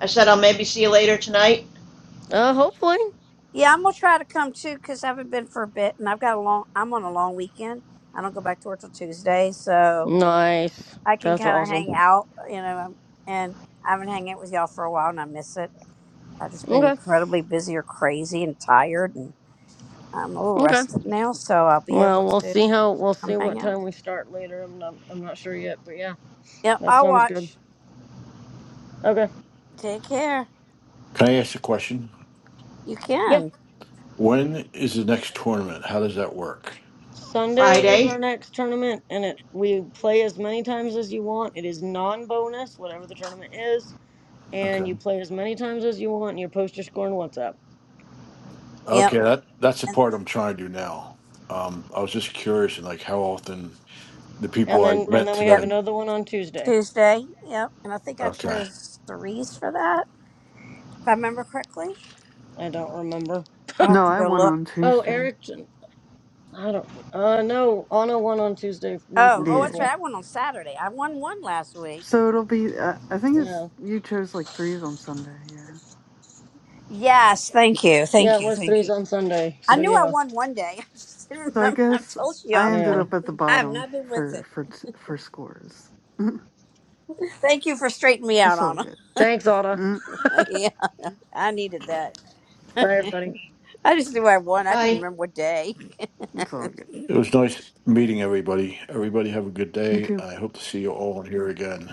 Speaker 11: I said I'll maybe see you later tonight,
Speaker 12: Uh, hopefully.
Speaker 9: Yeah, I'm gonna try to come too because I haven't been for a bit, and I've got a long. I'm on a long weekend. I don't go back to work till Tuesday, so
Speaker 12: Nice.
Speaker 9: I can
Speaker 12: That's
Speaker 9: kind of hang
Speaker 12: awesome.
Speaker 9: out, you know. um, And I've been hanging out with y'all for a while, and I miss it. I've just been
Speaker 12: Okay.
Speaker 9: incredibly busy or crazy and tired, and I'm a little
Speaker 12: Okay.
Speaker 9: rested now, so I'll be able
Speaker 12: Well, we'll
Speaker 9: to
Speaker 12: see how we'll
Speaker 9: come
Speaker 12: see what
Speaker 9: hang out.
Speaker 12: time we start later. I'm not I'm not sure yet, but yeah,
Speaker 9: Yep,
Speaker 12: that
Speaker 9: I'll
Speaker 12: sounds good.
Speaker 9: watch.
Speaker 12: Okay.
Speaker 9: Take care.
Speaker 3: Can I ask a question?
Speaker 9: You
Speaker 12: Yeah.
Speaker 9: can.
Speaker 3: When is the next tournament? How does that work?
Speaker 12: Sunday is our
Speaker 11: Friday.
Speaker 12: next tournament, and it we play as many times as you want. It is non-bonus, whatever the tournament is,
Speaker 3: Okay.
Speaker 12: and you play as many times as you want. And you post your score in WhatsApp,
Speaker 9: Yep.
Speaker 3: Okay. That that's the
Speaker 9: And,
Speaker 3: part I'm trying to do now. Um, I was just curious, and like how often the
Speaker 9: uh,
Speaker 12: and
Speaker 3: people I
Speaker 12: then and
Speaker 3: met
Speaker 12: then we have
Speaker 9: yep.
Speaker 3: today.
Speaker 12: another one on Tuesday.
Speaker 9: Tuesday. Yep. And I think I
Speaker 3: Okay.
Speaker 9: chose threes for that, if I remember correctly.
Speaker 12: I don't remember.
Speaker 9: I'll have
Speaker 14: No,
Speaker 9: to
Speaker 14: I
Speaker 9: go
Speaker 14: went
Speaker 9: look.
Speaker 14: on
Speaker 12: Oh,
Speaker 14: Tuesday.
Speaker 12: Eric. I don't. Uh, no. Anna won on Tuesday, one four
Speaker 9: Oh, oh,
Speaker 12: twenty
Speaker 14: Yeah.
Speaker 9: that's right.
Speaker 12: four.
Speaker 9: I won on Saturday. I won one last week.
Speaker 14: So it'll be uh, I think it's
Speaker 12: Yeah.
Speaker 14: you chose like threes on Sunday, yeah.
Speaker 9: Yes, thank you, thank
Speaker 12: Yeah, it
Speaker 9: you,
Speaker 12: was
Speaker 9: thank you.
Speaker 12: threes on Sunday.
Speaker 9: I
Speaker 12: So
Speaker 9: knew I
Speaker 12: yeah.
Speaker 9: won one day. I just didn't
Speaker 14: So I
Speaker 9: remember. I
Speaker 14: guess
Speaker 9: told you
Speaker 14: I
Speaker 9: I'm,
Speaker 14: ended
Speaker 12: Yeah.
Speaker 14: up at the
Speaker 9: I have
Speaker 14: bottom
Speaker 9: not been with
Speaker 14: for
Speaker 9: it.
Speaker 14: for t- for scores.
Speaker 9: Thank you for straightening me out,
Speaker 14: it's all
Speaker 9: Anna.
Speaker 14: good.
Speaker 12: Thanks, Anna.
Speaker 14: Mm,
Speaker 9: Yeah, I needed that.
Speaker 12: Bye, everybody.
Speaker 9: I just knew I won. I didn't
Speaker 11: Bye.
Speaker 9: remember what day.
Speaker 14: it's all good.
Speaker 3: It was nice meeting everybody. Everybody have a good
Speaker 14: You
Speaker 3: day.
Speaker 14: too.
Speaker 3: I hope to see you all in here again.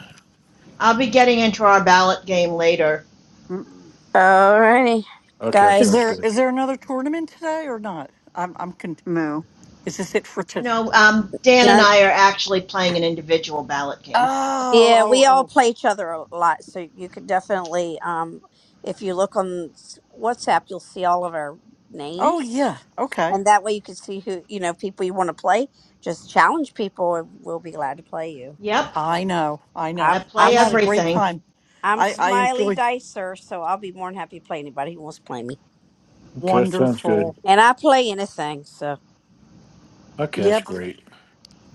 Speaker 11: I'll be getting into our ballot game later.
Speaker 14: Mm,
Speaker 9: Alrighty,
Speaker 3: Okay, that
Speaker 15: Is
Speaker 3: sounds
Speaker 15: there
Speaker 9: guys.
Speaker 3: good.
Speaker 15: is there another tournament today or not? I'm I'm con-
Speaker 14: no.
Speaker 15: is this it for today?
Speaker 11: No, um, Dan and
Speaker 9: No-
Speaker 11: I are actually playing an individual ballot game.
Speaker 15: Oh
Speaker 9: Yeah, we
Speaker 15: oh
Speaker 9: all
Speaker 15: oh
Speaker 9: play each other a lot, so you could definitely, um, if you look on s- WhatsApp, you'll see all of our
Speaker 15: oh
Speaker 9: names.
Speaker 15: yeah. Okay.
Speaker 9: and that way you can see who you know people you want to play. Just challenge people, and we'll be glad to play you. For
Speaker 11: Yep.
Speaker 9: sure.
Speaker 15: I know. I know.
Speaker 11: I
Speaker 9: I'm I'm
Speaker 11: play
Speaker 15: I've had
Speaker 9: s-
Speaker 15: a great
Speaker 11: everything.
Speaker 15: time.
Speaker 9: I'm
Speaker 15: I I
Speaker 9: Smiley
Speaker 15: enjoyed.
Speaker 9: Dicer, so I'll be more than happy to play anybody who wants to play me,
Speaker 3: Okay, that sounds
Speaker 15: Wonderful.
Speaker 3: good.
Speaker 9: and I play anything. So
Speaker 3: Okay, that's
Speaker 15: Yep.
Speaker 3: great.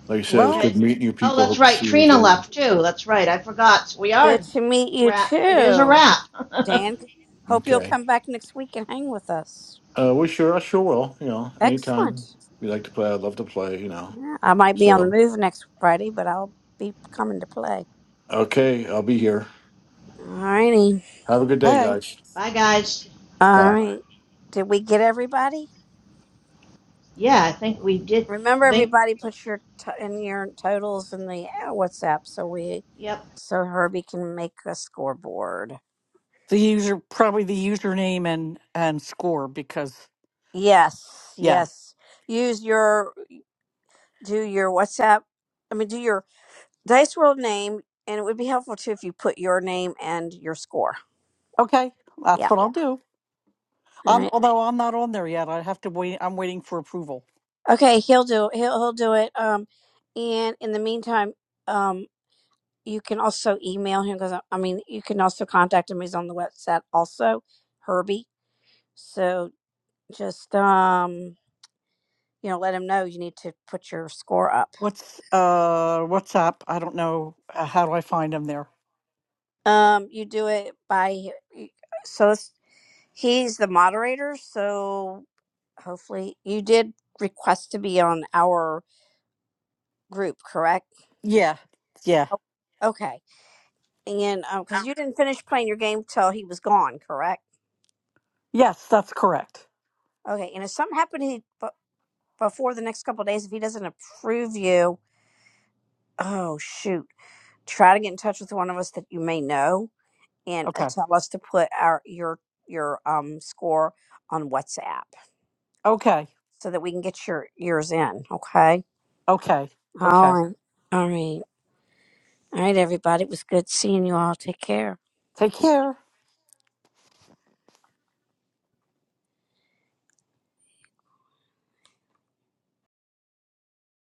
Speaker 3: Like I said, it was
Speaker 15: Well.
Speaker 11: Okay.
Speaker 3: good meeting you
Speaker 11: Oh,
Speaker 3: people.
Speaker 11: that's
Speaker 3: Hope to
Speaker 11: right.
Speaker 3: see you
Speaker 11: Trina
Speaker 3: again.
Speaker 11: left too. That's right. I forgot. So we
Speaker 9: good
Speaker 11: are
Speaker 9: to meet you
Speaker 11: wrap. It is a
Speaker 9: too,
Speaker 11: wrap.
Speaker 9: Dan. Hope you'll
Speaker 3: Okay.
Speaker 9: come back next week and hang with us.
Speaker 3: Uh, we sure, I sure will. You know,
Speaker 9: Excellent.
Speaker 3: anytime we like to play, I'd love to play, you know.
Speaker 9: Yeah, I might be on the
Speaker 3: So,
Speaker 9: move next Friday, but I'll be coming to play.
Speaker 3: okay, I'll be here.
Speaker 9: All righty.
Speaker 3: Have a good day,
Speaker 15: Hey.
Speaker 3: guys.
Speaker 11: Bye, guys.
Speaker 9: All
Speaker 3: Bye.
Speaker 9: right. Did we get everybody?
Speaker 11: Yeah, I think we did.
Speaker 9: Remember,
Speaker 11: I think.
Speaker 9: everybody, put your t- in your totals in the uh, WhatsApp so we,
Speaker 11: Yep.
Speaker 9: so Herbie can make a scoreboard.
Speaker 15: the user probably the username and and score because
Speaker 9: Yes,
Speaker 15: yeah
Speaker 9: yes. Use your do your WhatsApp. I mean, do your Dice World name, and it would be helpful too if you put your name and your score.
Speaker 15: okay that's
Speaker 9: Yeah.
Speaker 15: what i'll do
Speaker 9: All
Speaker 15: um
Speaker 9: right.
Speaker 15: although i'm not on there yet i have to wait i'm waiting for approval
Speaker 9: Okay. He'll do. He'll he'll do it. Um, and in the meantime, um, you can also email him because I I mean, you can also contact him. He's on the WhatsApp also, Herbie. So just um you know let them know you need to put your score up
Speaker 15: what's uh whatsapp i don't know uh, how do i find them there
Speaker 9: um you do it by so it's- he's the moderator so hopefully you did request to be on our group correct
Speaker 15: yeah yeah
Speaker 9: Oh, okay and um because you didn't finish playing your game till he was gone correct
Speaker 15: yes that's correct
Speaker 9: okay and if something happened he, b- before the next couple of days if he doesn't approve you oh shoot try to get in touch with one of us that you may know and uh,
Speaker 15: okay
Speaker 9: tell us to put our your your um score on WhatsApp
Speaker 15: okay
Speaker 9: so that we can get your yours in. Okay.
Speaker 15: okay
Speaker 9: All
Speaker 15: okay
Speaker 9: right. All right. All right, everybody. It was good seeing you all. Take care.
Speaker 15: take care